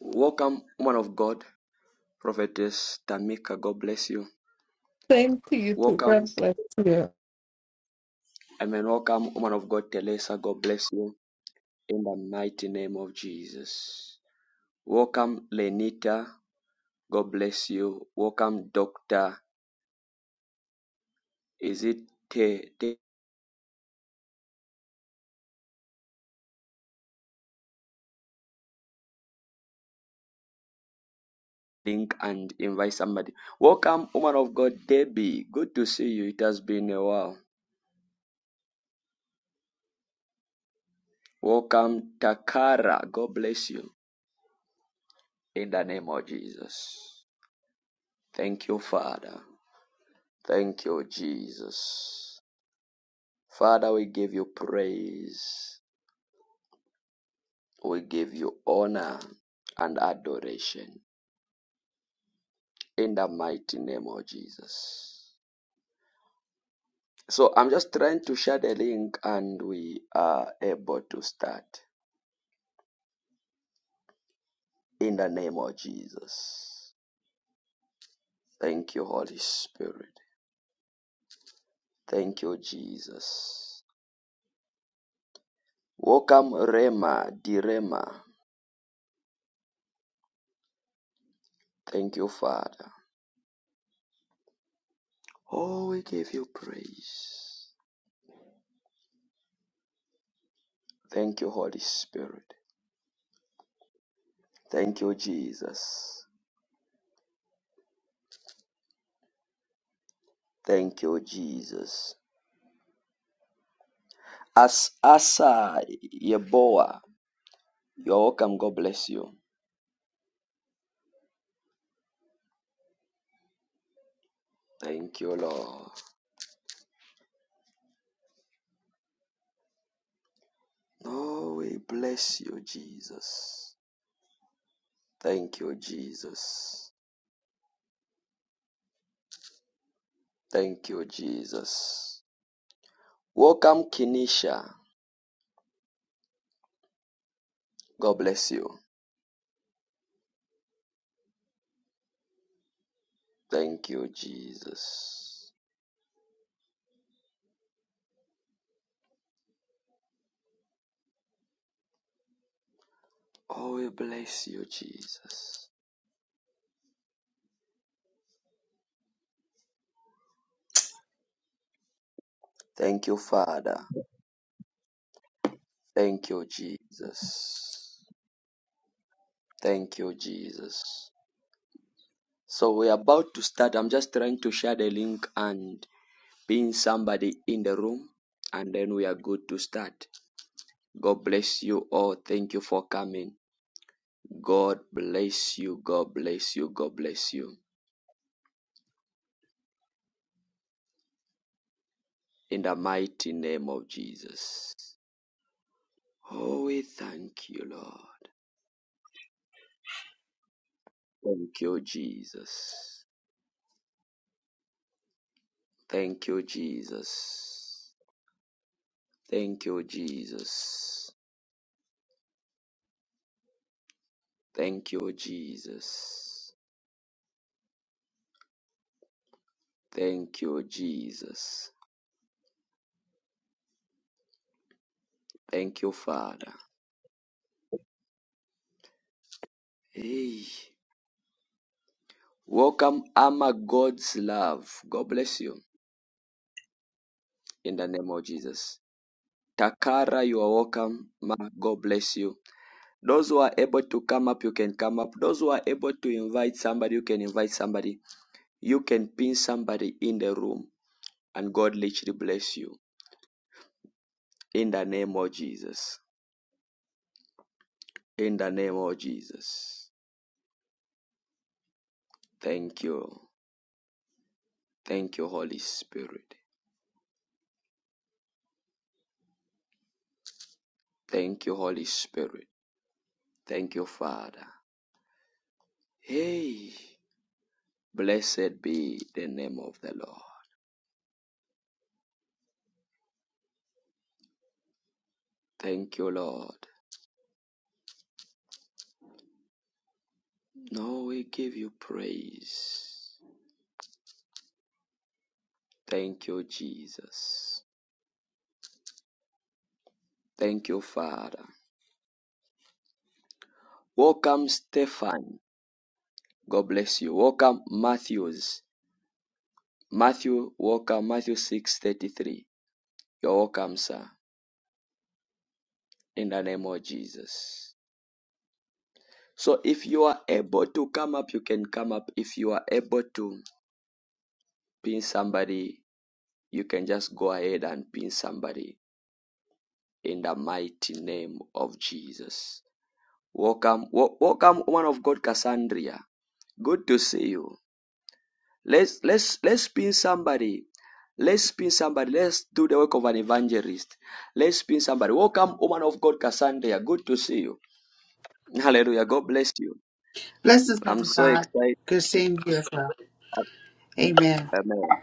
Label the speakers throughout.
Speaker 1: Welcome, woman of God, prophetess Tamika. God bless you.
Speaker 2: Same to you too. God
Speaker 1: Welcome,
Speaker 2: bless you.
Speaker 1: I mean, welcome, woman of God, Teresa. God bless you in the mighty name of Jesus. Welcome, Lenita. God bless you. Welcome, Doctor. Is it Te? Te- Link and invite somebody. Welcome, woman of God, Debbie. Good to see you. It has been a while. Welcome, Takara. God bless you in the name of Jesus. Thank you, Father. Thank you, Jesus. Father, we give you praise. We give you honor and adoration in the mighty name of Jesus. So I'm just trying to share the link and we are able to start in the name of Jesus. Thank you, Holy Spirit. Thank you, Jesus. Welcome, Rema, Direma. Thank you, Father. Oh, we give you praise. Thank you, Holy Spirit. Thank you, Jesus. Thank you, Jesus. As Asa Yeboah, you're welcome. God bless you. Thank you, Lord. Oh, we bless you, Jesus. Thank you, Jesus. Thank you, Jesus. Welcome, Kenisha. God bless you. Thank you, Jesus. Oh, we bless you, Jesus. Thank you, Father. Thank you, Jesus. Thank you, Jesus. So we're about to start. I'm just trying to share the link and pin somebody in the room, and then we are good to start. God bless you all. Thank you for coming. God bless you. God bless you. God bless you. In the mighty name of Jesus. Oh, we thank you, Lord. Thank you, Jesus. Thank you, Jesus. Thank you, Jesus. Thank you, Jesus. Thank you, Jesus. Thank you, Father. Hey. Welcome, Ama God's love. God bless you in the name of Jesus. Takara, you are welcome. Ma, God bless you. Those who are able to come up, you can come up. Those who are able to invite somebody, you can invite somebody. You can pin somebody in the room, and God literally bless you in the name of Jesus. In the name of Jesus. Thank you. Thank you, Holy Spirit. Thank you, Holy Spirit. Thank you, Father. Hey, blessed be the name of the Lord. Thank you, Lord. No, we give you praise. Thank you, Jesus. Thank you, Father. Welcome, Stefan. God bless you. Welcome, Matthews. Matthew, welcome, Matthew 6:33. You're welcome, sir, in the name of Jesus. So, if you are able to come up, you can come up. If you are able to pin somebody, you can just go ahead and pin somebody in the mighty name of Jesus. Welcome, welcome, woman of God, Cassandra. Good to see you. Let's let's let's pin somebody. Let's pin somebody. Let's do the work of an evangelist. Let's pin somebody. Welcome, woman of God, Cassandra. Good to see you. Hallelujah. God bless you.
Speaker 3: Bless this man
Speaker 1: I'm
Speaker 3: of
Speaker 1: so
Speaker 3: God.
Speaker 1: excited.
Speaker 3: Good seeing you as well. Amen.
Speaker 1: Amen.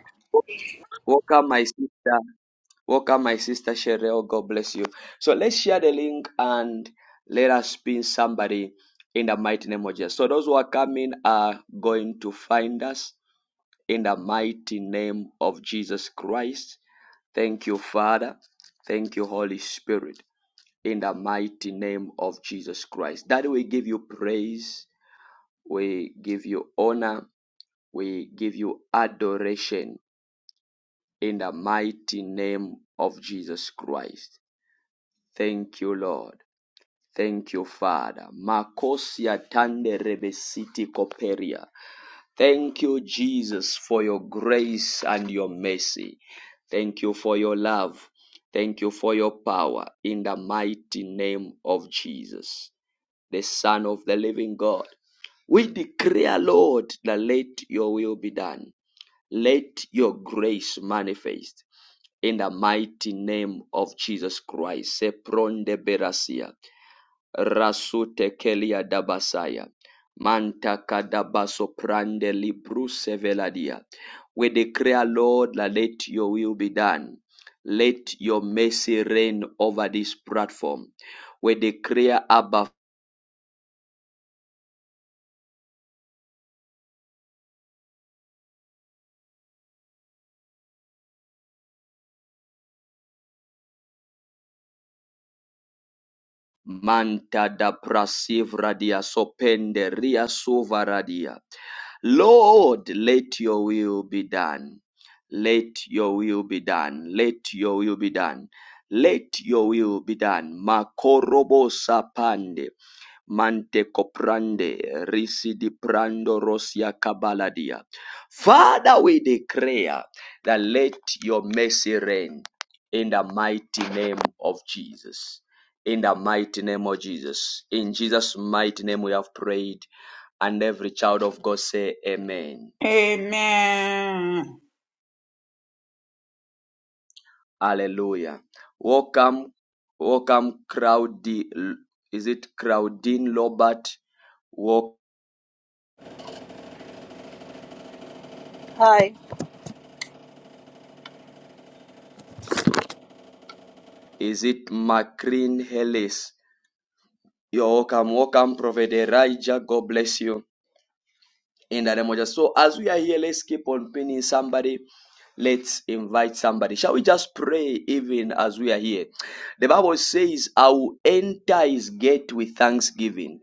Speaker 1: Welcome, my sister. Welcome, my sister Cheryl. God bless you. So let's share the link and let us pin somebody in the mighty name of Jesus. So those who are coming are going to find us in the mighty name of Jesus Christ. Thank you, Father. Thank you, Holy Spirit. In the mighty name of Jesus Christ. That we give you praise. We give you honor. We give you adoration in the mighty name of Jesus Christ. Thank you, Lord. Thank you, Father. Makosia tande rebesiti koperia. Thank you, Jesus, for your grace and your mercy. Thank you for your love. Thank you for your power in the mighty name of Jesus, the Son of the living God. We declare, Lord, that let your will be done. Let your grace manifest in the mighty name of Jesus Christ. Sepronde berasia. Rasute kelia dabasaya. Manta kadabaso prande libruse veladia. We declare, Lord, let your will be done. Let your mercy reign over this platform. We declare, Abba Manta da prasivradia sopende ria suvaradia. Lord, let your will be done. Let your will be done. Let your will be done. Let your will be done. Makorobo sapande. Mante coprande. Risidi prando rosia kabaladia. Father, we declare that let your mercy reign in the mighty name of Jesus in the mighty name of Jesus. In Jesus' mighty name we have prayed, and every child of God say amen.
Speaker 4: Amen.
Speaker 1: Hallelujah. Welcome, welcome, Crowdy. Is it Crowdine Lobart? Walk
Speaker 5: Hi,
Speaker 1: is it Macreen Hellis? You're welcome, welcome, Prophet Elijah. God bless you. In the name of Jesus. So as we are here, let's keep on pinning somebody. Let's invite somebody. Shall we just pray even as we are here? The Bible says, I will enter his gate with thanksgiving,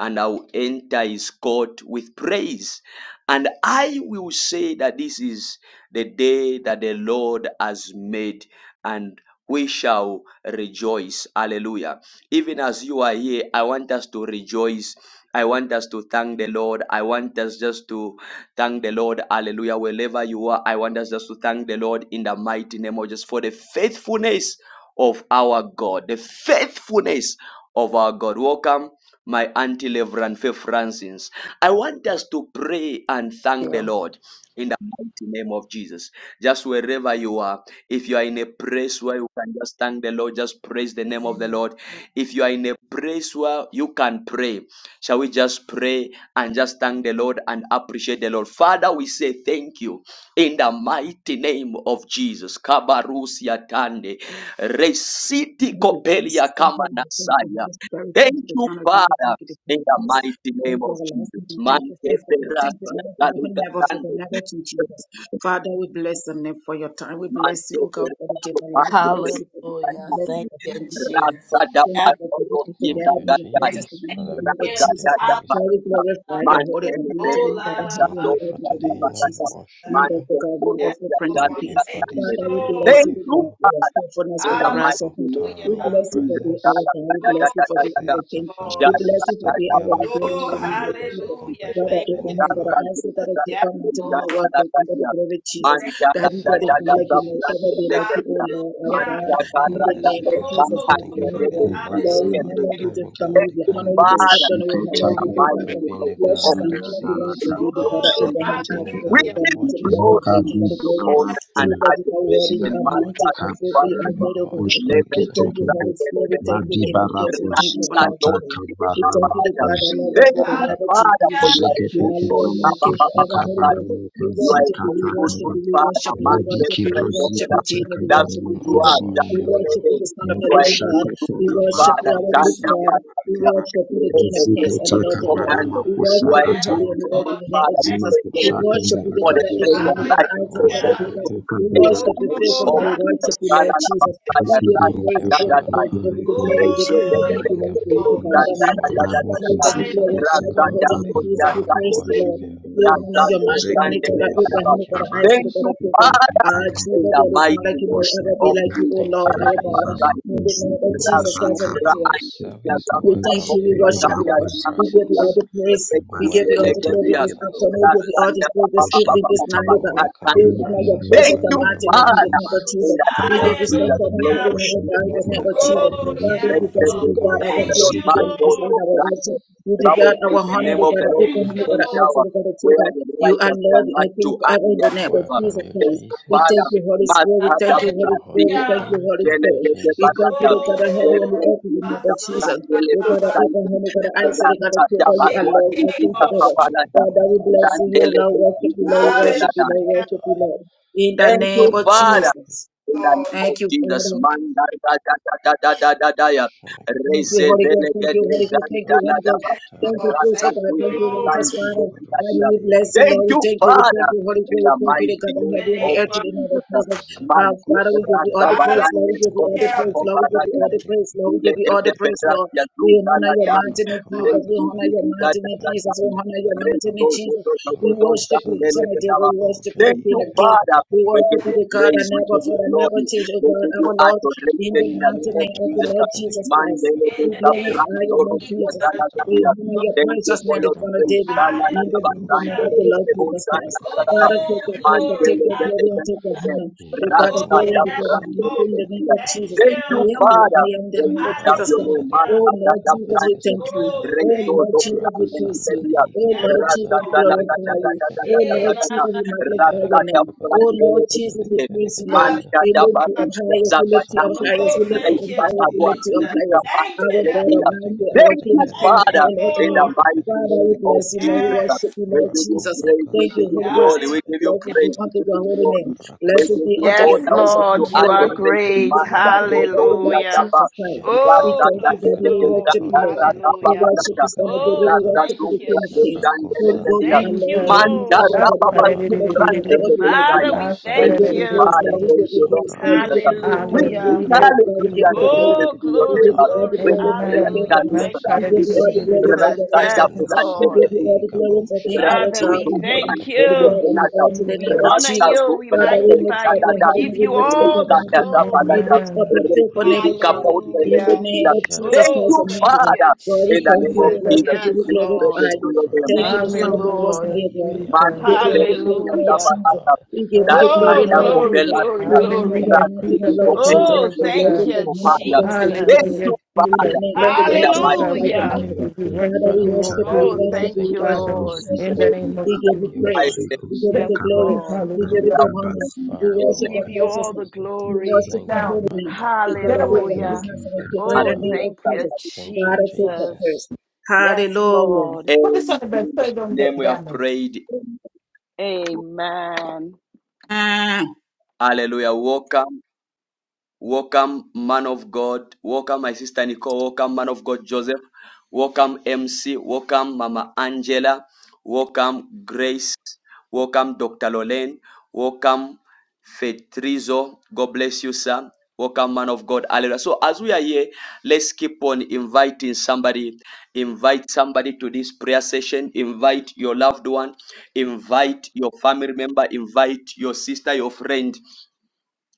Speaker 1: and I will enter his court with praise. And I will say that this is the day that the Lord has made, and we shall rejoice. Hallelujah. Even as you are here, I want us to rejoice. I want us to thank the Lord. I want us just to thank the Lord. Hallelujah. Wherever you are, I want us just to thank the Lord in the mighty name of just for the faithfulness of our God, the faithfulness of our God. Welcome, my auntie Reverend Faith Francis. I want us to pray and thank the
Speaker 6: you
Speaker 1: Lord in the mighty name of Jesus. Just wherever you are, if you are in a place where you can just thank the Lord, just praise the name of the Lord. If you are in a place where you can pray, shall we just pray and just thank the Lord and appreciate the Lord? Father, we say thank you in the mighty name of Jesus. Kabarusia tande. Resiti
Speaker 4: Thank you,
Speaker 1: kopelia
Speaker 4: Jesus. Thank
Speaker 1: kama
Speaker 4: you, Lord. Thank you,
Speaker 1: nasaya.
Speaker 4: Holy Spirit. Thank you,
Speaker 1: Thank
Speaker 4: the
Speaker 1: you,
Speaker 4: Son of Glory.
Speaker 1: Father,
Speaker 4: Thank you, the
Speaker 1: in
Speaker 4: King of
Speaker 1: the
Speaker 4: Peace.
Speaker 1: mighty name
Speaker 4: Thank
Speaker 1: of
Speaker 4: you, everlasting
Speaker 1: Jesus.
Speaker 4: God. Thank you,
Speaker 1: Mante
Speaker 4: faithful God. Thank you,
Speaker 1: perasia
Speaker 4: our God who never fail,
Speaker 1: kalikatande.
Speaker 4: never to Jesus. Father, we bless your name for your time. We
Speaker 1: Thank
Speaker 4: bless you,
Speaker 1: you,
Speaker 4: O God, for the gift of
Speaker 1: Father,
Speaker 4: life. Bless you for the time.
Speaker 7: Hallelujah.
Speaker 4: Bless you
Speaker 7: Thank
Speaker 4: for the
Speaker 7: you,
Speaker 4: time for life.
Speaker 7: Jesus.
Speaker 4: Thank you
Speaker 7: That's
Speaker 4: for
Speaker 7: what
Speaker 4: everything
Speaker 8: Thank
Speaker 4: together
Speaker 8: you,
Speaker 4: in the
Speaker 7: we
Speaker 4: presence of
Speaker 8: Jesus.
Speaker 4: the name
Speaker 8: Father,
Speaker 4: of the
Speaker 8: we
Speaker 4: Lord
Speaker 8: give
Speaker 7: give.
Speaker 8: you the
Speaker 4: Jesus.
Speaker 7: Hallelujah.
Speaker 8: praise.
Speaker 4: Glory, glorify your holy and
Speaker 7: Oh,
Speaker 4: and
Speaker 7: la,
Speaker 4: God of
Speaker 7: la,
Speaker 4: heaven
Speaker 8: Thank
Speaker 7: ba,
Speaker 4: and
Speaker 8: you
Speaker 4: earth
Speaker 8: for
Speaker 4: in the
Speaker 8: today,
Speaker 4: name of
Speaker 8: Lord. We
Speaker 4: Jesus.
Speaker 7: sa,
Speaker 8: worship
Speaker 7: la.
Speaker 8: you.
Speaker 4: Wonderful God,
Speaker 7: Yes,
Speaker 4: wonderful Prince of
Speaker 8: Thank
Speaker 7: Lord.
Speaker 8: you
Speaker 4: Peace.
Speaker 8: for
Speaker 7: Thank
Speaker 8: this
Speaker 7: you,
Speaker 4: Father, we
Speaker 8: day. Thank
Speaker 4: bless
Speaker 7: Lord.
Speaker 8: you
Speaker 4: you, O God,
Speaker 8: for
Speaker 4: for your faithfulness,
Speaker 1: in
Speaker 4: for
Speaker 1: the
Speaker 4: your
Speaker 1: mighty
Speaker 8: beautiful
Speaker 4: righteousness.
Speaker 1: name
Speaker 8: time
Speaker 7: Hallelujah.
Speaker 4: We
Speaker 8: in
Speaker 1: of
Speaker 8: your
Speaker 4: bless you for
Speaker 1: Jesus.
Speaker 4: being
Speaker 8: presence.
Speaker 4: our God. We bless
Speaker 7: Oh,
Speaker 4: you for being
Speaker 7: yes,
Speaker 8: Say
Speaker 4: our
Speaker 8: it's of
Speaker 4: King.
Speaker 8: your
Speaker 4: We
Speaker 7: Lord.
Speaker 4: bless
Speaker 8: mercies
Speaker 4: you for
Speaker 8: that
Speaker 4: being
Speaker 8: we are
Speaker 4: our
Speaker 8: not
Speaker 4: Redeemer in
Speaker 7: Oh,
Speaker 4: the
Speaker 8: consumed
Speaker 4: name of
Speaker 8: because your
Speaker 4: Jesus.
Speaker 7: hallelujah.
Speaker 4: God
Speaker 8: compassion
Speaker 4: of
Speaker 7: Thank you,
Speaker 8: faileth
Speaker 4: Abraham, God
Speaker 8: not.
Speaker 4: of Isaac, God
Speaker 7: Jesus.
Speaker 4: of
Speaker 7: Yes,
Speaker 4: Jacob, mountain and
Speaker 7: Lord.
Speaker 4: walk with you,
Speaker 1: Thank
Speaker 4: God of
Speaker 1: you.
Speaker 4: glory, Jesus.
Speaker 7: Thank
Speaker 1: Manjada
Speaker 4: God, you
Speaker 7: you,
Speaker 4: got
Speaker 8: Thank
Speaker 7: Lord.
Speaker 1: Raja
Speaker 8: you,
Speaker 4: it from like you
Speaker 1: Raja
Speaker 4: know, ever
Speaker 1: Brandi
Speaker 4: be
Speaker 8: Jesus.
Speaker 4: like you, oh
Speaker 1: Lekeria.
Speaker 4: Lord, our
Speaker 8: Thank
Speaker 7: Hallelujah.
Speaker 8: you
Speaker 4: God,
Speaker 8: for
Speaker 1: Manjada
Speaker 8: being a
Speaker 4: in the
Speaker 1: Raja
Speaker 4: name of
Speaker 8: merciful
Speaker 7: Oh,
Speaker 1: Raja
Speaker 4: Jesus,
Speaker 8: God.
Speaker 9: Mshika
Speaker 4: God,
Speaker 8: Thank
Speaker 4: the
Speaker 8: you for
Speaker 7: glory.
Speaker 4: mighty
Speaker 8: being
Speaker 9: tabaka
Speaker 8: a
Speaker 4: one.
Speaker 1: Brandi
Speaker 8: loving
Speaker 4: Lord,
Speaker 9: bazi
Speaker 7: Hallelujah.
Speaker 4: we
Speaker 8: God,
Speaker 9: ya
Speaker 8: a
Speaker 1: Lekeria.
Speaker 4: honor
Speaker 7: Thank you,
Speaker 4: you this
Speaker 8: caring
Speaker 4: time,
Speaker 9: ndarakaba.
Speaker 8: God,
Speaker 4: we
Speaker 1: Thank
Speaker 8: a
Speaker 1: you,
Speaker 8: kind
Speaker 4: honor you
Speaker 8: God.
Speaker 4: this
Speaker 1: Father,
Speaker 9: Moshika
Speaker 4: afternoon, we
Speaker 1: in
Speaker 4: honor
Speaker 7: Lord.
Speaker 1: the
Speaker 4: you,
Speaker 9: taka
Speaker 8: Thank you
Speaker 4: oh
Speaker 1: mighty
Speaker 8: for
Speaker 9: bara
Speaker 4: God.
Speaker 8: being
Speaker 1: name
Speaker 8: a
Speaker 4: Blessings
Speaker 1: of
Speaker 9: makozi
Speaker 8: God
Speaker 4: and
Speaker 9: ya
Speaker 8: that
Speaker 4: honor belong to
Speaker 8: sees it
Speaker 4: you,
Speaker 9: ndarakaba.
Speaker 4: the God
Speaker 8: all.
Speaker 4: of
Speaker 7: Oh,
Speaker 8: Thank
Speaker 1: Jesus.
Speaker 8: you
Speaker 9: Useke
Speaker 8: for
Speaker 4: Abraham,
Speaker 8: being a
Speaker 4: Isaac,
Speaker 9: teke
Speaker 4: God of
Speaker 1: We
Speaker 9: bo.
Speaker 8: God that
Speaker 7: hallelujah.
Speaker 4: Jacob,
Speaker 1: give you
Speaker 4: mountain
Speaker 8: watches
Speaker 4: and walk
Speaker 8: over
Speaker 9: Muka
Speaker 4: with
Speaker 1: glory
Speaker 4: you,
Speaker 9: di
Speaker 4: God of
Speaker 1: to
Speaker 8: us.
Speaker 4: glory.
Speaker 9: bara
Speaker 1: honor and
Speaker 4: Jesus, you
Speaker 8: We
Speaker 4: are
Speaker 8: give
Speaker 4: worthy, you
Speaker 8: you
Speaker 9: kozi
Speaker 1: adoration.
Speaker 4: are
Speaker 8: all the
Speaker 4: mighty,
Speaker 1: Master,
Speaker 4: and
Speaker 1: you
Speaker 8: praise.
Speaker 4: faithful,
Speaker 8: We
Speaker 4: you
Speaker 9: kabara
Speaker 1: are
Speaker 8: give
Speaker 4: are
Speaker 8: you
Speaker 1: the
Speaker 4: great, oh
Speaker 8: all
Speaker 4: God.
Speaker 8: the
Speaker 9: makosheke
Speaker 4: We
Speaker 1: level
Speaker 8: praise.
Speaker 1: of
Speaker 4: thank
Speaker 9: teke
Speaker 4: you, Holy
Speaker 1: Christ, the
Speaker 4: Spirit. We thank you,
Speaker 9: Madi
Speaker 4: King of
Speaker 9: bara
Speaker 1: of
Speaker 4: Kings. We thank
Speaker 9: kozi
Speaker 4: you,
Speaker 1: Rasta,
Speaker 4: Almighty
Speaker 1: Lord,
Speaker 9: kataka
Speaker 4: God.
Speaker 1: we give
Speaker 4: We
Speaker 1: you
Speaker 9: bara
Speaker 4: thank you, the God,
Speaker 9: makozi
Speaker 1: praise.
Speaker 9: ya
Speaker 4: another God,
Speaker 1: Thank you,
Speaker 4: another
Speaker 9: ndarakaba.
Speaker 4: King
Speaker 1: Father, for
Speaker 7: Hallelujah.
Speaker 1: you
Speaker 4: Jesus.
Speaker 8: Thank
Speaker 1: are
Speaker 8: you,
Speaker 1: a
Speaker 9: Zeke
Speaker 4: You
Speaker 1: good
Speaker 4: are
Speaker 9: teke
Speaker 1: God.
Speaker 9: bo
Speaker 4: Lord, you are
Speaker 1: Abba,
Speaker 4: King
Speaker 9: makoshi
Speaker 1: Abba,
Speaker 4: forever,
Speaker 1: Abba,
Speaker 8: Jesus.
Speaker 4: Holy
Speaker 9: kabara
Speaker 4: Ghost.
Speaker 1: Father.
Speaker 4: We
Speaker 1: You
Speaker 9: makozi
Speaker 1: are a
Speaker 4: worship you,
Speaker 1: good,
Speaker 4: we
Speaker 9: kataka
Speaker 1: good,
Speaker 4: worship
Speaker 1: good
Speaker 4: you, we
Speaker 1: Father.
Speaker 4: worship you, we
Speaker 1: Man,
Speaker 4: worship
Speaker 1: let's
Speaker 9: Radiki
Speaker 4: you, we worship
Speaker 9: Brozika
Speaker 4: you,
Speaker 1: recognize
Speaker 4: Jesus,
Speaker 9: Taka
Speaker 4: we
Speaker 1: that
Speaker 4: worship
Speaker 1: who
Speaker 9: Barama
Speaker 4: you,
Speaker 1: you
Speaker 8: Lord, we
Speaker 4: Jesus.
Speaker 1: are.
Speaker 9: Kozia
Speaker 1: That
Speaker 4: We
Speaker 8: worship
Speaker 9: Naraba
Speaker 4: worship
Speaker 8: you.
Speaker 4: you,
Speaker 1: level is.
Speaker 4: the Son of
Speaker 1: You
Speaker 4: the
Speaker 9: Moko
Speaker 1: are a
Speaker 4: Living God.
Speaker 9: Shaka
Speaker 1: good, good,
Speaker 4: We
Speaker 8: We
Speaker 9: Taka
Speaker 1: good
Speaker 8: give you
Speaker 4: worship you,
Speaker 9: Barama
Speaker 1: Father.
Speaker 4: our good
Speaker 8: praise.
Speaker 1: Danta,
Speaker 9: Kozia
Speaker 4: God.
Speaker 1: Father.
Speaker 4: We
Speaker 1: You are
Speaker 9: Narakaba
Speaker 4: worship you, the
Speaker 1: a
Speaker 4: King
Speaker 1: good,
Speaker 4: of
Speaker 9: Rezika
Speaker 1: good,
Speaker 4: Kings and the
Speaker 8: Thank you,
Speaker 1: good
Speaker 9: Taka
Speaker 4: Lord of Lords.
Speaker 9: Barama
Speaker 1: Father.
Speaker 8: Adonai.
Speaker 4: We worship
Speaker 9: Koshaka
Speaker 4: you,
Speaker 7: Yes,
Speaker 4: heavy and the
Speaker 9: Tarakaba
Speaker 4: earth in
Speaker 7: Lord.
Speaker 4: the name of
Speaker 1: We
Speaker 7: Thank
Speaker 9: Zima
Speaker 4: Jesus.
Speaker 1: say
Speaker 4: We
Speaker 1: thank
Speaker 7: you.
Speaker 8: Lord,
Speaker 1: you
Speaker 9: Koshaka
Speaker 8: we give
Speaker 4: worship
Speaker 8: you
Speaker 4: you, the
Speaker 1: for
Speaker 9: Naraka
Speaker 1: the
Speaker 4: Father,
Speaker 8: praise. We
Speaker 1: grace
Speaker 4: Abraham,
Speaker 1: of
Speaker 9: Brozika
Speaker 4: the
Speaker 7: Hallelujah.
Speaker 4: Father,
Speaker 8: worship
Speaker 1: life,
Speaker 8: you. We
Speaker 9: Taka
Speaker 4: Isaac,
Speaker 1: for
Speaker 4: the
Speaker 1: the
Speaker 4: Father,
Speaker 1: grace
Speaker 9: Shaka
Speaker 8: welcome
Speaker 4: Jacob.
Speaker 1: of
Speaker 8: you.
Speaker 9: Taka
Speaker 4: We
Speaker 1: faith, in the
Speaker 9: Barama
Speaker 4: worship you, faithful
Speaker 1: name
Speaker 7: Oh,
Speaker 4: God.
Speaker 1: of
Speaker 9: Kozia
Speaker 4: We
Speaker 9: ndaraba.
Speaker 1: Jesus.
Speaker 4: worship you,
Speaker 7: hallelujah.
Speaker 4: Lord Jesus. We give you
Speaker 9: Ikibara
Speaker 8: Thank
Speaker 4: praise,
Speaker 8: you,
Speaker 4: we give you
Speaker 9: koshaka
Speaker 4: praise, we
Speaker 8: Adonai.
Speaker 4: give
Speaker 9: kero
Speaker 4: you the glory, we give
Speaker 9: kodlozi
Speaker 4: you the
Speaker 7: Oh, yes,
Speaker 4: honor
Speaker 9: kumaya
Speaker 8: King
Speaker 4: belongs
Speaker 8: of
Speaker 4: to
Speaker 9: bara
Speaker 4: you,
Speaker 7: Lord.
Speaker 9: kuda
Speaker 4: God
Speaker 8: kings, the one
Speaker 4: Almighty.
Speaker 8: who
Speaker 9: rabo
Speaker 8: was, who
Speaker 4: Jesus, we
Speaker 8: is,
Speaker 9: kozilo
Speaker 8: and
Speaker 7: Hallelujah.
Speaker 8: is
Speaker 4: glorify
Speaker 8: to
Speaker 4: your
Speaker 9: koshaka
Speaker 8: come.
Speaker 4: holy name,
Speaker 9: taka
Speaker 8: Faithful
Speaker 4: Jesus.
Speaker 9: bara
Speaker 4: We
Speaker 8: God, we
Speaker 4: praise
Speaker 9: makura
Speaker 4: the
Speaker 8: worship
Speaker 4: Lord.
Speaker 9: vile
Speaker 8: you.
Speaker 4: We
Speaker 9: baraba
Speaker 4: honor your mighty
Speaker 9: zeke
Speaker 4: name, God
Speaker 9: tere
Speaker 4: of
Speaker 8: We
Speaker 9: kebro
Speaker 4: Abraham,
Speaker 8: Thank
Speaker 4: the
Speaker 8: you,
Speaker 4: God of
Speaker 9: kabana
Speaker 4: Isaac, the
Speaker 1: Thank
Speaker 8: Jesus.
Speaker 4: God
Speaker 1: you,
Speaker 4: of Jacob.
Speaker 9: kete
Speaker 1: Father
Speaker 4: Ah,
Speaker 9: kitara
Speaker 4: Jesus,
Speaker 1: in the
Speaker 9: kebro
Speaker 4: there is
Speaker 1: mighty
Speaker 4: none
Speaker 9: zile
Speaker 4: like you, nor
Speaker 1: name
Speaker 4: ever be
Speaker 9: koshaka
Speaker 1: of
Speaker 9: to
Speaker 4: like you, O
Speaker 1: Jesus.
Speaker 8: Thank you,
Speaker 4: Lord, our
Speaker 9: reko
Speaker 4: God.
Speaker 9: bama
Speaker 8: Jesus.
Speaker 1: Kalalabasai,
Speaker 4: In the name
Speaker 9: kozike
Speaker 4: of
Speaker 8: We
Speaker 4: Jesus
Speaker 9: bara
Speaker 8: welcome
Speaker 4: Christ of
Speaker 8: you
Speaker 1: Rasubra
Speaker 8: in
Speaker 4: Nazareth.
Speaker 9: kabama
Speaker 1: and
Speaker 8: this service.
Speaker 9: kozike
Speaker 8: We
Speaker 4: We
Speaker 9: to
Speaker 4: thank
Speaker 8: welcome
Speaker 4: you, we
Speaker 8: you. We
Speaker 1: the
Speaker 4: worship
Speaker 9: raba
Speaker 4: you,
Speaker 1: Kaya
Speaker 8: welcome
Speaker 4: Lord.
Speaker 8: your
Speaker 4: We
Speaker 9: koziye
Speaker 4: give you
Speaker 1: Namakia,
Speaker 4: all
Speaker 8: presence.
Speaker 4: the praise.
Speaker 8: We
Speaker 4: We
Speaker 1: Effective
Speaker 4: give you all
Speaker 8: welcome
Speaker 4: the
Speaker 9: Ribazekete
Speaker 8: your
Speaker 4: glory
Speaker 1: Delegaria,
Speaker 9: reke
Speaker 4: this
Speaker 8: presence.
Speaker 9: broka
Speaker 4: afternoon. We give you
Speaker 9: bazi
Speaker 4: all the
Speaker 1: Rasanda,
Speaker 4: glory this
Speaker 9: kosha
Speaker 4: evening, this
Speaker 9: pete
Speaker 4: night, oh
Speaker 8: We
Speaker 4: God.
Speaker 8: welcome
Speaker 4: We
Speaker 8: your
Speaker 4: honor
Speaker 9: reka
Speaker 4: your
Speaker 8: presence. We
Speaker 4: presence
Speaker 1: Thank
Speaker 4: and
Speaker 9: brazia
Speaker 1: you,
Speaker 8: welcome your
Speaker 4: margin in
Speaker 9: reka
Speaker 4: the
Speaker 1: Father,
Speaker 4: name of
Speaker 8: presence.
Speaker 1: in
Speaker 4: Jesus.
Speaker 9: barosi
Speaker 1: the name
Speaker 4: We
Speaker 9: kata
Speaker 1: of
Speaker 4: give you
Speaker 1: Jesus.
Speaker 4: special
Speaker 9: kabara
Speaker 4: and
Speaker 7: Hallelujah.
Speaker 4: holy
Speaker 1: Blessed
Speaker 4: name, oh
Speaker 9: makosha
Speaker 1: the
Speaker 4: God, in
Speaker 8: We
Speaker 4: the
Speaker 9: pete
Speaker 1: name
Speaker 4: name
Speaker 1: of
Speaker 4: of
Speaker 1: the
Speaker 8: welcome your
Speaker 1: Lord.
Speaker 4: Jesus.
Speaker 7: Oh,
Speaker 8: presence.
Speaker 4: Father,
Speaker 7: yes,
Speaker 8: Lord,
Speaker 1: Blessed
Speaker 8: we
Speaker 9: reke
Speaker 4: because you
Speaker 7: Lord.
Speaker 1: be the
Speaker 8: welcome
Speaker 9: bama
Speaker 4: deserve
Speaker 8: your
Speaker 1: name of
Speaker 4: our
Speaker 1: the
Speaker 7: Thank
Speaker 4: praise,
Speaker 1: Lord.
Speaker 7: you,
Speaker 4: you
Speaker 8: presence.
Speaker 9: kozike
Speaker 1: Man,
Speaker 4: deserve
Speaker 1: God,
Speaker 7: Lord.
Speaker 1: so
Speaker 4: our worship,
Speaker 1: granted.
Speaker 4: you
Speaker 1: The Bible
Speaker 4: deserve
Speaker 7: Thank you,
Speaker 1: says
Speaker 4: our
Speaker 1: the
Speaker 8: We
Speaker 4: honor,
Speaker 1: name
Speaker 7: thank
Speaker 4: oh
Speaker 7: you,
Speaker 1: of
Speaker 4: God,
Speaker 1: the
Speaker 8: welcome
Speaker 1: Lord
Speaker 8: your
Speaker 1: is the
Speaker 4: Abraham,
Speaker 7: thank you,
Speaker 4: oh
Speaker 1: strong
Speaker 4: God,
Speaker 7: Lord.
Speaker 8: presence.
Speaker 4: Isaac,
Speaker 1: tower
Speaker 4: oh God, oh
Speaker 1: where the
Speaker 4: You are
Speaker 1: righteous shall
Speaker 4: Lord, I
Speaker 1: not do
Speaker 4: think
Speaker 1: any
Speaker 4: forever in the
Speaker 1: and
Speaker 8: We
Speaker 4: name of
Speaker 1: ever.
Speaker 8: welcome
Speaker 4: Jesus
Speaker 8: you,
Speaker 4: Christ.
Speaker 1: Thank you,
Speaker 4: We
Speaker 1: Father,
Speaker 4: thank
Speaker 8: Jesus.
Speaker 4: you, Holy Spirit. We thank
Speaker 1: Masada
Speaker 4: you,
Speaker 8: Thank you,
Speaker 4: Holy Spirit.
Speaker 8: Holy
Speaker 4: We
Speaker 1: Brasilia,
Speaker 4: thank
Speaker 7: Hallelujah.
Speaker 4: you,
Speaker 8: Spirit.
Speaker 4: Holy
Speaker 8: Thank you,
Speaker 4: Spirit.
Speaker 1: Delegate
Speaker 4: We
Speaker 8: Jesus.
Speaker 4: thank you,
Speaker 1: Barata,
Speaker 4: Lord God, of heaven
Speaker 7: Oh,
Speaker 4: and the earth in the
Speaker 1: Delegate
Speaker 4: name of
Speaker 7: Rabaso,
Speaker 4: Jesus.
Speaker 1: Brandele
Speaker 4: Dear God of
Speaker 7: Rababasa.
Speaker 1: Saiti,
Speaker 4: Abraham, O God of Isaac, O God to
Speaker 1: Rasada
Speaker 4: Jacob, you
Speaker 7: In
Speaker 4: are
Speaker 1: Badua
Speaker 4: Lord,
Speaker 7: the
Speaker 8: Salabo
Speaker 4: I
Speaker 7: name
Speaker 4: think
Speaker 1: Tita
Speaker 7: of
Speaker 8: shandiga
Speaker 4: forever.
Speaker 7: Jesus.
Speaker 8: fidika
Speaker 1: Papalata,
Speaker 4: Father, we
Speaker 8: bombaro
Speaker 4: bless you, you
Speaker 1: Randele
Speaker 4: now
Speaker 8: sandiga
Speaker 4: worship
Speaker 8: anta
Speaker 4: you,
Speaker 1: Tita
Speaker 4: Lord, we
Speaker 8: bombaro
Speaker 4: worship you,
Speaker 1: Popelata,
Speaker 4: Lord, we
Speaker 8: sandiga
Speaker 7: Hallelujah.
Speaker 4: worship you,
Speaker 8: tai.
Speaker 4: Lord. In the
Speaker 1: Thank you,
Speaker 4: name of
Speaker 7: Oh,
Speaker 1: Father.
Speaker 8: Zendefendiga
Speaker 4: Jesus.
Speaker 1: In the
Speaker 7: Lord.
Speaker 1: name of
Speaker 4: Thank you,
Speaker 1: Jesus,
Speaker 4: Father.
Speaker 1: man, da da da da da da da da ya.
Speaker 4: Thank you,
Speaker 1: Raise
Speaker 4: Holy
Speaker 1: zele
Speaker 4: Ghost. Thank you,
Speaker 1: gede
Speaker 4: Holy Ghost. Thank
Speaker 1: zanda
Speaker 4: you,
Speaker 1: la
Speaker 4: Holy
Speaker 1: da
Speaker 4: Ghost.
Speaker 1: ba.
Speaker 7: Yes,
Speaker 4: Thank you,
Speaker 7: Lord.
Speaker 1: Rasa
Speaker 7: Thank
Speaker 4: faithful God. Thank
Speaker 7: you,
Speaker 1: juzo
Speaker 4: you,
Speaker 8: Kayanda
Speaker 7: Lord.
Speaker 4: righteous
Speaker 1: zande
Speaker 4: Father.
Speaker 1: zele da
Speaker 4: God,
Speaker 8: Bumbarus
Speaker 1: ya.
Speaker 8: and
Speaker 4: we
Speaker 8: the
Speaker 4: bless you,
Speaker 1: Thank
Speaker 4: Lord. We
Speaker 8: Kafelika
Speaker 1: you,
Speaker 4: thank you. We thank
Speaker 1: Father.
Speaker 4: you,
Speaker 8: Patikafatika
Speaker 4: Holy
Speaker 1: In the
Speaker 4: Ghost. We thank you, the
Speaker 8: Tikafelika
Speaker 1: mighty
Speaker 4: God of
Speaker 7: In
Speaker 1: name
Speaker 7: the
Speaker 4: heaven and
Speaker 1: of
Speaker 7: name
Speaker 4: the
Speaker 8: Polikatai
Speaker 4: earth, in
Speaker 7: of
Speaker 4: the name of
Speaker 1: Jesus,
Speaker 4: Jesus.
Speaker 1: my
Speaker 4: Uh, Father,
Speaker 1: dear
Speaker 8: Zabrakus
Speaker 4: we
Speaker 8: and
Speaker 4: give you
Speaker 8: the
Speaker 4: all
Speaker 1: Rasa
Speaker 4: the
Speaker 8: Ega
Speaker 4: praise,
Speaker 7: Hallelujah.
Speaker 4: Lord.
Speaker 8: Bush
Speaker 1: Baranes
Speaker 4: We give
Speaker 8: and
Speaker 4: you
Speaker 8: the
Speaker 4: all the
Speaker 1: Komina
Speaker 4: praise,
Speaker 7: Yes,
Speaker 8: Kafelika
Speaker 4: Lord. We give you
Speaker 1: Kombarania.
Speaker 4: all the
Speaker 8: Patikafatika
Speaker 4: praise, Lord. We
Speaker 1: Zile
Speaker 4: give you all the
Speaker 1: gede
Speaker 4: praise,
Speaker 8: Patikafatikata
Speaker 4: Lord.
Speaker 1: perasia
Speaker 4: We
Speaker 1: zuza
Speaker 4: honor
Speaker 1: la
Speaker 4: your
Speaker 1: dai.
Speaker 4: mighty
Speaker 8: Raka
Speaker 4: name,
Speaker 8: Papa
Speaker 7: Lord.
Speaker 4: Jesus. We
Speaker 1: Raise
Speaker 4: honor your
Speaker 8: Pakatafatika
Speaker 1: zuzu da
Speaker 4: mighty
Speaker 1: da
Speaker 4: name,
Speaker 1: da
Speaker 8: Patikafatika
Speaker 1: da.
Speaker 4: Jesus. We honor your
Speaker 8: Patikafatika
Speaker 4: mighty
Speaker 1: Raise
Speaker 8: Pam
Speaker 1: zo
Speaker 4: name,
Speaker 1: zo
Speaker 4: Jesus.
Speaker 1: zo
Speaker 4: We
Speaker 1: zo zo
Speaker 8: Rakus
Speaker 4: worship you,
Speaker 1: zande
Speaker 8: and
Speaker 1: le
Speaker 4: Son
Speaker 8: the
Speaker 4: of
Speaker 1: da
Speaker 4: David.
Speaker 8: Ega
Speaker 4: We worship
Speaker 8: Bush and
Speaker 4: you, the
Speaker 1: Thank
Speaker 8: the
Speaker 4: King
Speaker 1: you,
Speaker 4: of Kings.
Speaker 8: Kafelika
Speaker 1: Father.
Speaker 8: Papa
Speaker 4: We
Speaker 1: We give
Speaker 4: worship you,
Speaker 1: you
Speaker 4: the
Speaker 8: Pakatafatika
Speaker 4: God that
Speaker 1: praise. We
Speaker 4: never
Speaker 1: give you
Speaker 4: fail
Speaker 8: Sendikatai
Speaker 4: and never
Speaker 1: glory.
Speaker 4: change, O
Speaker 1: We
Speaker 4: God,
Speaker 1: give you
Speaker 4: our Lord,
Speaker 1: adoration
Speaker 4: in the
Speaker 1: in the
Speaker 4: mighty
Speaker 1: name of
Speaker 4: name
Speaker 8: Yadafatika
Speaker 4: of the
Speaker 1: Jesus.
Speaker 4: Lord
Speaker 8: Patikafatika
Speaker 4: Jesus
Speaker 8: Papa
Speaker 4: Christ.
Speaker 1: Mandele
Speaker 7: In
Speaker 1: de
Speaker 4: We
Speaker 7: the
Speaker 8: Pakatafatika
Speaker 7: name
Speaker 4: glorify
Speaker 7: of
Speaker 1: Sabrando
Speaker 8: Sendikata
Speaker 4: your name,
Speaker 1: Rusia
Speaker 4: Jesus.
Speaker 7: Jesus.
Speaker 1: Sala
Speaker 7: Yes,
Speaker 8: Patikafatikatai
Speaker 4: We
Speaker 1: Gabia.
Speaker 4: honor
Speaker 7: Lord.
Speaker 4: your
Speaker 1: Thank you
Speaker 4: precious
Speaker 1: for
Speaker 4: name this
Speaker 1: your
Speaker 4: one of
Speaker 1: grace.
Speaker 8: Zabrako
Speaker 4: David.
Speaker 1: Sala
Speaker 7: Hallelujah.
Speaker 8: sande
Speaker 1: la
Speaker 4: In
Speaker 1: la
Speaker 4: the
Speaker 8: elu
Speaker 4: mighty
Speaker 1: bastante
Speaker 4: name
Speaker 8: sandi
Speaker 4: of
Speaker 1: de
Speaker 4: the
Speaker 1: de
Speaker 4: Lord
Speaker 1: de
Speaker 8: kefende
Speaker 4: Jesus
Speaker 1: bolsa
Speaker 8: kepode
Speaker 1: la
Speaker 4: Christ.
Speaker 1: la
Speaker 8: kefende
Speaker 1: la la.
Speaker 4: Father,
Speaker 8: kefende
Speaker 4: take
Speaker 7: Oh,
Speaker 4: your peace,
Speaker 8: kepepe
Speaker 7: glory.
Speaker 8: kete
Speaker 4: take
Speaker 1: Mandele
Speaker 4: your
Speaker 8: fende
Speaker 1: de
Speaker 7: Hallelujah.
Speaker 1: de
Speaker 4: glory
Speaker 8: kete
Speaker 4: and
Speaker 1: de
Speaker 4: take your
Speaker 1: de de.
Speaker 4: honor. You God
Speaker 8: Yarabo
Speaker 4: of
Speaker 1: Rasta
Speaker 7: Oh,
Speaker 4: glory
Speaker 1: da
Speaker 4: and
Speaker 8: maru
Speaker 7: yes,
Speaker 4: God of
Speaker 8: sandi
Speaker 1: brande de
Speaker 4: mercy
Speaker 7: Lord.
Speaker 4: in
Speaker 1: de
Speaker 4: the
Speaker 8: kefende
Speaker 4: name
Speaker 1: de.
Speaker 4: of
Speaker 8: kepepe
Speaker 7: Thank
Speaker 4: Jesus.
Speaker 1: Thank
Speaker 8: kete
Speaker 4: I
Speaker 1: you,
Speaker 7: you.
Speaker 8: fende
Speaker 4: am
Speaker 8: kete
Speaker 4: the I
Speaker 1: Father.
Speaker 4: am the
Speaker 1: We
Speaker 4: name of
Speaker 8: Kayara
Speaker 1: lift up
Speaker 4: Jesus
Speaker 8: pora
Speaker 1: your
Speaker 4: Christ.
Speaker 1: name.
Speaker 8: kefende
Speaker 7: Hallelujah.
Speaker 4: Oh
Speaker 1: Masta
Speaker 8: kepepe
Speaker 1: da
Speaker 4: Lord
Speaker 1: da
Speaker 8: kete
Speaker 4: Jesus,
Speaker 8: fende
Speaker 4: we
Speaker 1: brande.
Speaker 4: thank
Speaker 8: kesende
Speaker 4: you.
Speaker 8: kete
Speaker 7: Oh,
Speaker 4: Oh
Speaker 1: Resto
Speaker 7: thank
Speaker 4: Lord
Speaker 1: do
Speaker 7: you.
Speaker 4: Jesus, we
Speaker 1: grande de
Speaker 4: praise
Speaker 1: de
Speaker 4: you.
Speaker 1: de.
Speaker 8: Rakasandani
Speaker 4: Oh
Speaker 7: Yes,
Speaker 8: kapura
Speaker 4: Lord
Speaker 1: Rasta
Speaker 4: Jesus,
Speaker 8: kasandi
Speaker 4: we
Speaker 7: Lord.
Speaker 1: da la
Speaker 8: kefende
Speaker 1: da
Speaker 8: kete
Speaker 1: da
Speaker 4: glorify
Speaker 8: di
Speaker 1: da
Speaker 4: you.
Speaker 1: da
Speaker 8: kefende
Speaker 1: da
Speaker 4: Oh
Speaker 1: da
Speaker 8: kete
Speaker 7: Yeah,
Speaker 1: da
Speaker 7: la,
Speaker 4: Lord
Speaker 1: da da.
Speaker 4: Jesus, we magnify
Speaker 8: Yara
Speaker 4: your
Speaker 1: Rakata
Speaker 8: kepepe
Speaker 4: name.
Speaker 8: kete
Speaker 4: Oh
Speaker 8: fende
Speaker 1: Brandele
Speaker 4: Lord Jesus,
Speaker 8: kesende
Speaker 4: we
Speaker 1: Ekite,
Speaker 4: praise you,
Speaker 7: la, la.
Speaker 4: Lord.
Speaker 1: Manta
Speaker 4: We lift you
Speaker 7: Hallelujah.
Speaker 1: Dabalu,
Speaker 4: up higher, we
Speaker 8: Mano
Speaker 4: lift you up
Speaker 1: Zakatande,
Speaker 8: Santa
Speaker 4: higher,
Speaker 7: Oh,
Speaker 8: e
Speaker 4: we lift you
Speaker 7: thank
Speaker 8: Capo
Speaker 4: up
Speaker 7: you,
Speaker 1: Reita
Speaker 4: higher, we
Speaker 8: Shadi
Speaker 1: Padua,
Speaker 4: lift
Speaker 7: Jesus.
Speaker 4: you up higher.
Speaker 1: Sita
Speaker 8: Cafetecapada
Speaker 7: Thank you,
Speaker 4: Our
Speaker 7: Daddy
Speaker 4: God Almighty, our
Speaker 7: Jesus.
Speaker 1: Thank
Speaker 4: King
Speaker 1: you,
Speaker 4: of
Speaker 7: Thank
Speaker 4: Kings, our
Speaker 1: Father,
Speaker 7: you,
Speaker 4: Lord of
Speaker 1: in the
Speaker 7: Lord.
Speaker 4: Lords.
Speaker 1: mighty
Speaker 4: Father, we
Speaker 1: name of
Speaker 4: bless you, Lord. We
Speaker 1: Jesus.
Speaker 8: Jatacatacatacatacatacatacatacatacatacatacatacatacata
Speaker 4: worship
Speaker 7: Yes.
Speaker 4: you,
Speaker 1: We
Speaker 4: Lord
Speaker 1: give you
Speaker 8: Raco
Speaker 4: Jesus.
Speaker 1: praise,
Speaker 8: Braca
Speaker 1: we
Speaker 4: Thank
Speaker 1: give
Speaker 4: you,
Speaker 1: you
Speaker 4: Holy
Speaker 8: Sandani
Speaker 1: glory,
Speaker 7: Hallelujah.
Speaker 4: Ghost.
Speaker 1: we give you
Speaker 4: Blessed be
Speaker 1: praise, we
Speaker 4: unto
Speaker 1: give
Speaker 8: Cafetecapapacatapa
Speaker 4: your
Speaker 1: you
Speaker 4: holy name.
Speaker 1: glory. We
Speaker 4: Blessed
Speaker 1: give
Speaker 4: be
Speaker 1: you
Speaker 4: unto
Speaker 7: Yes,
Speaker 4: your
Speaker 1: honor, we
Speaker 4: presence
Speaker 1: give
Speaker 7: Lord,
Speaker 1: you
Speaker 4: in
Speaker 7: you
Speaker 4: our
Speaker 7: are
Speaker 4: Lord.
Speaker 1: adoration.
Speaker 4: In
Speaker 7: great.
Speaker 4: the
Speaker 1: Manta
Speaker 4: mighty name of
Speaker 8: Racapapacatacatacatacatacatacatacatacatacata
Speaker 4: the
Speaker 1: Dodoria
Speaker 4: Lord
Speaker 7: Hallelujah.
Speaker 1: Daba,
Speaker 4: Jesus Christ. We
Speaker 7: Oh,
Speaker 4: thank
Speaker 1: Rakata
Speaker 4: you
Speaker 7: bless
Speaker 4: that we
Speaker 7: the
Speaker 1: Dede
Speaker 7: Lord.
Speaker 4: worship you,
Speaker 1: Danda,
Speaker 4: Lord.
Speaker 1: Rakata
Speaker 4: We
Speaker 7: Hallelujah.
Speaker 4: worship
Speaker 1: Babalata,
Speaker 4: you, Son of David. We
Speaker 7: Oh,
Speaker 8: Janicapedicapapacatacatacatacatacatacatacatacatacata
Speaker 1: Rakata
Speaker 4: worship
Speaker 7: thank
Speaker 4: you, the
Speaker 7: you,
Speaker 4: King
Speaker 1: Zubra
Speaker 4: of
Speaker 1: Dede
Speaker 8: Zebra
Speaker 4: Kings. Holy
Speaker 7: Jesus.
Speaker 4: Ghost,
Speaker 1: Danda,
Speaker 4: we
Speaker 8: Cosanda
Speaker 4: are
Speaker 7: Thank you,
Speaker 4: Lord, our King
Speaker 8: Lika
Speaker 7: Lord.
Speaker 4: forever,
Speaker 1: Mandala
Speaker 4: that we
Speaker 8: Zobra
Speaker 1: Papa
Speaker 4: get it from name
Speaker 8: Akayanda
Speaker 1: Grande
Speaker 4: ever
Speaker 2: Jesus.
Speaker 1: de
Speaker 4: be like you,
Speaker 7: Father,
Speaker 1: Messiah.
Speaker 8: Maro
Speaker 4: Lord.
Speaker 7: we
Speaker 4: We
Speaker 1: Thank
Speaker 7: thank
Speaker 4: give you
Speaker 1: you,
Speaker 4: praise,
Speaker 7: you.
Speaker 1: Father.
Speaker 4: Lord. We
Speaker 8: Elika
Speaker 4: give
Speaker 1: Thank
Speaker 4: you
Speaker 1: you, Lord
Speaker 4: praise,
Speaker 8: zumbra
Speaker 4: Lord. We
Speaker 1: Jesus.
Speaker 4: give you
Speaker 8: kusunda
Speaker 4: praise,
Speaker 1: We
Speaker 8: nika
Speaker 4: Lord. We give
Speaker 1: sing
Speaker 4: you
Speaker 7: Hallelujah.
Speaker 8: velika
Speaker 2: Hallelujah,
Speaker 8: papa
Speaker 4: praise, Lord. We
Speaker 8: pagata
Speaker 4: give
Speaker 1: hallelujah
Speaker 4: you
Speaker 1: and
Speaker 4: the
Speaker 8: velika
Speaker 2: Jesus.
Speaker 4: glory.
Speaker 1: praises
Speaker 7: Oh,
Speaker 8: selika
Speaker 1: to your
Speaker 4: We
Speaker 8: velika
Speaker 4: give
Speaker 7: glory,
Speaker 1: name.
Speaker 4: you
Speaker 8: taya.
Speaker 4: all the
Speaker 7: glory.
Speaker 1: Praises
Speaker 4: glory for
Speaker 1: to
Speaker 4: your
Speaker 2: Amen.
Speaker 1: your
Speaker 8: Libra
Speaker 7: Hallelujah.
Speaker 1: name
Speaker 4: faithfulness.
Speaker 1: for
Speaker 7: Thank
Speaker 8: dosa
Speaker 1: that
Speaker 4: We
Speaker 7: you,
Speaker 4: give
Speaker 2: Thank
Speaker 4: you
Speaker 8: nika
Speaker 1: season.
Speaker 4: all the glory for
Speaker 7: Jesus.
Speaker 4: your
Speaker 1: Rakata
Speaker 7: Yes,
Speaker 4: righteousness.
Speaker 1: Grande
Speaker 4: We
Speaker 7: Lord.
Speaker 1: de
Speaker 4: give
Speaker 8: Melusanda
Speaker 4: you all the
Speaker 8: ika
Speaker 1: Messiah.
Speaker 4: glory for
Speaker 8: osha
Speaker 4: being our
Speaker 1: Ratsu
Speaker 7: Father, we
Speaker 4: God in
Speaker 8: velika
Speaker 4: heaven,
Speaker 8: velika
Speaker 1: Grande
Speaker 7: thank
Speaker 1: de
Speaker 4: the
Speaker 8: taya.
Speaker 7: you.
Speaker 4: God of
Speaker 1: Messiah.
Speaker 2: you,
Speaker 4: the earth, in the
Speaker 7: We
Speaker 4: name
Speaker 2: Jesus.
Speaker 4: of
Speaker 7: honor
Speaker 1: Ratsa
Speaker 4: Jesus.
Speaker 7: you. We
Speaker 4: Father, we
Speaker 8: Yadika
Speaker 4: lift
Speaker 7: magnify
Speaker 8: tika
Speaker 4: up
Speaker 7: you.
Speaker 4: your
Speaker 7: We
Speaker 8: tika
Speaker 4: heaven,
Speaker 8: tika
Speaker 7: give
Speaker 4: we
Speaker 7: you
Speaker 8: velika
Speaker 4: lift up your
Speaker 7: all
Speaker 8: bulaga
Speaker 7: the
Speaker 4: mighty
Speaker 8: zulaga
Speaker 4: name. We
Speaker 8: taya.
Speaker 7: glory.
Speaker 4: lift up
Speaker 2: Amen.
Speaker 4: your
Speaker 1: Grande
Speaker 8: Libra
Speaker 4: faithful
Speaker 1: de
Speaker 4: name, O
Speaker 8: dosa
Speaker 4: God, in the
Speaker 7: Hallelujah.
Speaker 4: name
Speaker 1: Messiah.
Speaker 4: of
Speaker 8: Yada
Speaker 4: Jesus
Speaker 1: Thank
Speaker 8: papa
Speaker 7: Oh,
Speaker 1: you,
Speaker 4: Christ
Speaker 8: papa
Speaker 4: of
Speaker 7: thank
Speaker 8: katava.
Speaker 4: Nazareth.
Speaker 1: Father.
Speaker 7: you,
Speaker 4: God,
Speaker 1: In
Speaker 4: we
Speaker 1: the
Speaker 8: Lika
Speaker 4: thank
Speaker 1: name
Speaker 4: you,
Speaker 1: of
Speaker 7: Jesus.
Speaker 4: we
Speaker 8: yanda.
Speaker 2: Jesus.
Speaker 1: Jesus,
Speaker 4: worship you,
Speaker 7: Yes,
Speaker 1: we
Speaker 4: we
Speaker 1: sing
Speaker 8: Kayaka
Speaker 7: Lord.
Speaker 4: glorify
Speaker 1: praises to
Speaker 4: you.
Speaker 1: your
Speaker 8: zufra
Speaker 1: name.
Speaker 4: Thank you,
Speaker 7: Thank
Speaker 4: the
Speaker 7: you,
Speaker 4: Son of
Speaker 8: kazanda.
Speaker 4: the Most
Speaker 7: Lord.
Speaker 2: Hallelujah,
Speaker 4: High
Speaker 8: Lika
Speaker 4: God.
Speaker 1: Thank
Speaker 4: We
Speaker 8: yanda
Speaker 2: Jesus.
Speaker 1: you,
Speaker 4: give you all
Speaker 8: lika
Speaker 1: Father,
Speaker 4: the praise,
Speaker 8: zulaka
Speaker 4: Lord
Speaker 7: Hallelujah.
Speaker 8: velika
Speaker 4: Jesus.
Speaker 8: taya.
Speaker 4: We give you
Speaker 2: Thank
Speaker 4: the
Speaker 2: you,
Speaker 4: glory,
Speaker 7: Oh,
Speaker 4: Lord
Speaker 2: Lord.
Speaker 8: We
Speaker 7: glory,
Speaker 8: give
Speaker 4: Jesus.
Speaker 8: you
Speaker 7: glory,
Speaker 4: We
Speaker 8: praise. We
Speaker 4: honor
Speaker 7: glory.
Speaker 8: give
Speaker 4: your
Speaker 8: you
Speaker 2: Hallelujah,
Speaker 4: mighty
Speaker 8: praise.
Speaker 2: Jesus.
Speaker 4: name,
Speaker 8: We
Speaker 4: Lord
Speaker 8: give you
Speaker 2: Open
Speaker 4: Jesus.
Speaker 7: Oh,
Speaker 2: doors,
Speaker 8: praise.
Speaker 2: oh
Speaker 4: Lord,
Speaker 7: thank
Speaker 4: we
Speaker 2: God.
Speaker 7: you,
Speaker 4: have
Speaker 8: We
Speaker 4: minute against the
Speaker 8: welcome you.
Speaker 7: Jesus.
Speaker 4: beautiful.
Speaker 2: Hallelujah,
Speaker 8: We
Speaker 4: In the
Speaker 8: give
Speaker 2: Jesus.
Speaker 8: you
Speaker 4: name of
Speaker 2: Bless
Speaker 4: the
Speaker 1: in
Speaker 2: us,
Speaker 8: praise.
Speaker 4: Lord
Speaker 1: the
Speaker 8: And
Speaker 2: oh
Speaker 4: Jesus
Speaker 8: Lord,
Speaker 1: mighty
Speaker 8: we
Speaker 2: God. We
Speaker 4: Christ of
Speaker 1: name
Speaker 8: thank
Speaker 7: Hallelujah.
Speaker 1: of
Speaker 2: honor
Speaker 8: you.
Speaker 9: bama
Speaker 4: Nazareth.
Speaker 2: you. We worship
Speaker 4: Father,
Speaker 9: kozike
Speaker 8: Father,
Speaker 4: we
Speaker 8: we
Speaker 2: you, oh
Speaker 4: worship
Speaker 9: tana
Speaker 4: you, we
Speaker 2: God.
Speaker 7: Oh,
Speaker 2: We
Speaker 8: welcome you.
Speaker 9: kabro
Speaker 4: worship
Speaker 2: thank
Speaker 4: you,
Speaker 7: thank
Speaker 2: you,
Speaker 4: we
Speaker 8: Thank
Speaker 7: you,
Speaker 8: you,
Speaker 4: worship
Speaker 2: Father,
Speaker 8: sweet
Speaker 4: you, we
Speaker 7: Lord.
Speaker 1: praise, in
Speaker 4: worship
Speaker 2: in
Speaker 9: rozike
Speaker 8: Jesus.
Speaker 2: the
Speaker 4: you.
Speaker 2: name
Speaker 1: the
Speaker 2: of
Speaker 4: We
Speaker 9: bara
Speaker 4: give
Speaker 8: Thank
Speaker 4: you
Speaker 2: Jesus.
Speaker 8: you, Holy
Speaker 9: koshi
Speaker 4: praise.
Speaker 1: mighty
Speaker 4: We
Speaker 8: Ghost.
Speaker 4: give
Speaker 9: kata
Speaker 4: you
Speaker 7: Yes,
Speaker 2: Thank
Speaker 4: the
Speaker 9: kaba
Speaker 4: glory.
Speaker 2: you,
Speaker 7: Lord.
Speaker 4: We
Speaker 1: name
Speaker 4: give you
Speaker 2: hallelujah.
Speaker 4: the
Speaker 9: reka
Speaker 1: without
Speaker 4: honor.
Speaker 1: praise.
Speaker 4: We
Speaker 9: bazia
Speaker 8: Father,
Speaker 7: We
Speaker 8: we
Speaker 4: worship
Speaker 1: Amen.
Speaker 4: your
Speaker 7: give
Speaker 9: reka
Speaker 7: you
Speaker 8: worship
Speaker 7: all the
Speaker 4: preciousness.
Speaker 8: you.
Speaker 9: barosi
Speaker 4: We
Speaker 9: kata
Speaker 7: glory.
Speaker 4: worship
Speaker 9: reka
Speaker 8: Thank
Speaker 4: your
Speaker 8: you,
Speaker 9: bro
Speaker 4: holy
Speaker 2: Down.
Speaker 4: name.
Speaker 8: Adonai.
Speaker 4: The
Speaker 2: Get
Speaker 4: God of
Speaker 9: roma
Speaker 2: away.
Speaker 4: Abraham,
Speaker 7: Hallelujah.
Speaker 8: Thank you,
Speaker 4: Nazareth,
Speaker 9: kozike
Speaker 4: the
Speaker 8: faithful
Speaker 4: in the
Speaker 7: Oh,
Speaker 9: tara
Speaker 8: God.
Speaker 4: name
Speaker 1: Hallelujah.
Speaker 4: of
Speaker 7: thank you,
Speaker 4: Jesus.
Speaker 8: Thank you,
Speaker 4: Father, I take your
Speaker 7: Jesus.
Speaker 4: praise.
Speaker 8: Jesus.
Speaker 7: Yes,
Speaker 4: Hallelujah.
Speaker 7: Lord.
Speaker 2: Put this on
Speaker 1: In
Speaker 2: the bed
Speaker 1: Jesus'
Speaker 2: so it don't
Speaker 1: name
Speaker 2: get
Speaker 1: we have
Speaker 2: damaged.
Speaker 1: prayed. Amen.
Speaker 7: Amen.
Speaker 4: Ah,
Speaker 1: Hallelujah. Welcome, welcome, man of God. Welcome, my sister Nicole. Welcome, man of God, Joseph. Welcome, MC. Welcome, Mama Angela. Welcome, Grace. Welcome, Dr. Lolen. Welcome, Fetrizo. God bless you, sir. Welcome, man of God. Hallelujah. So, as we are here, let's keep on inviting somebody. Invite somebody to this prayer session. Invite your loved one. Invite your family member. Invite your sister, your friend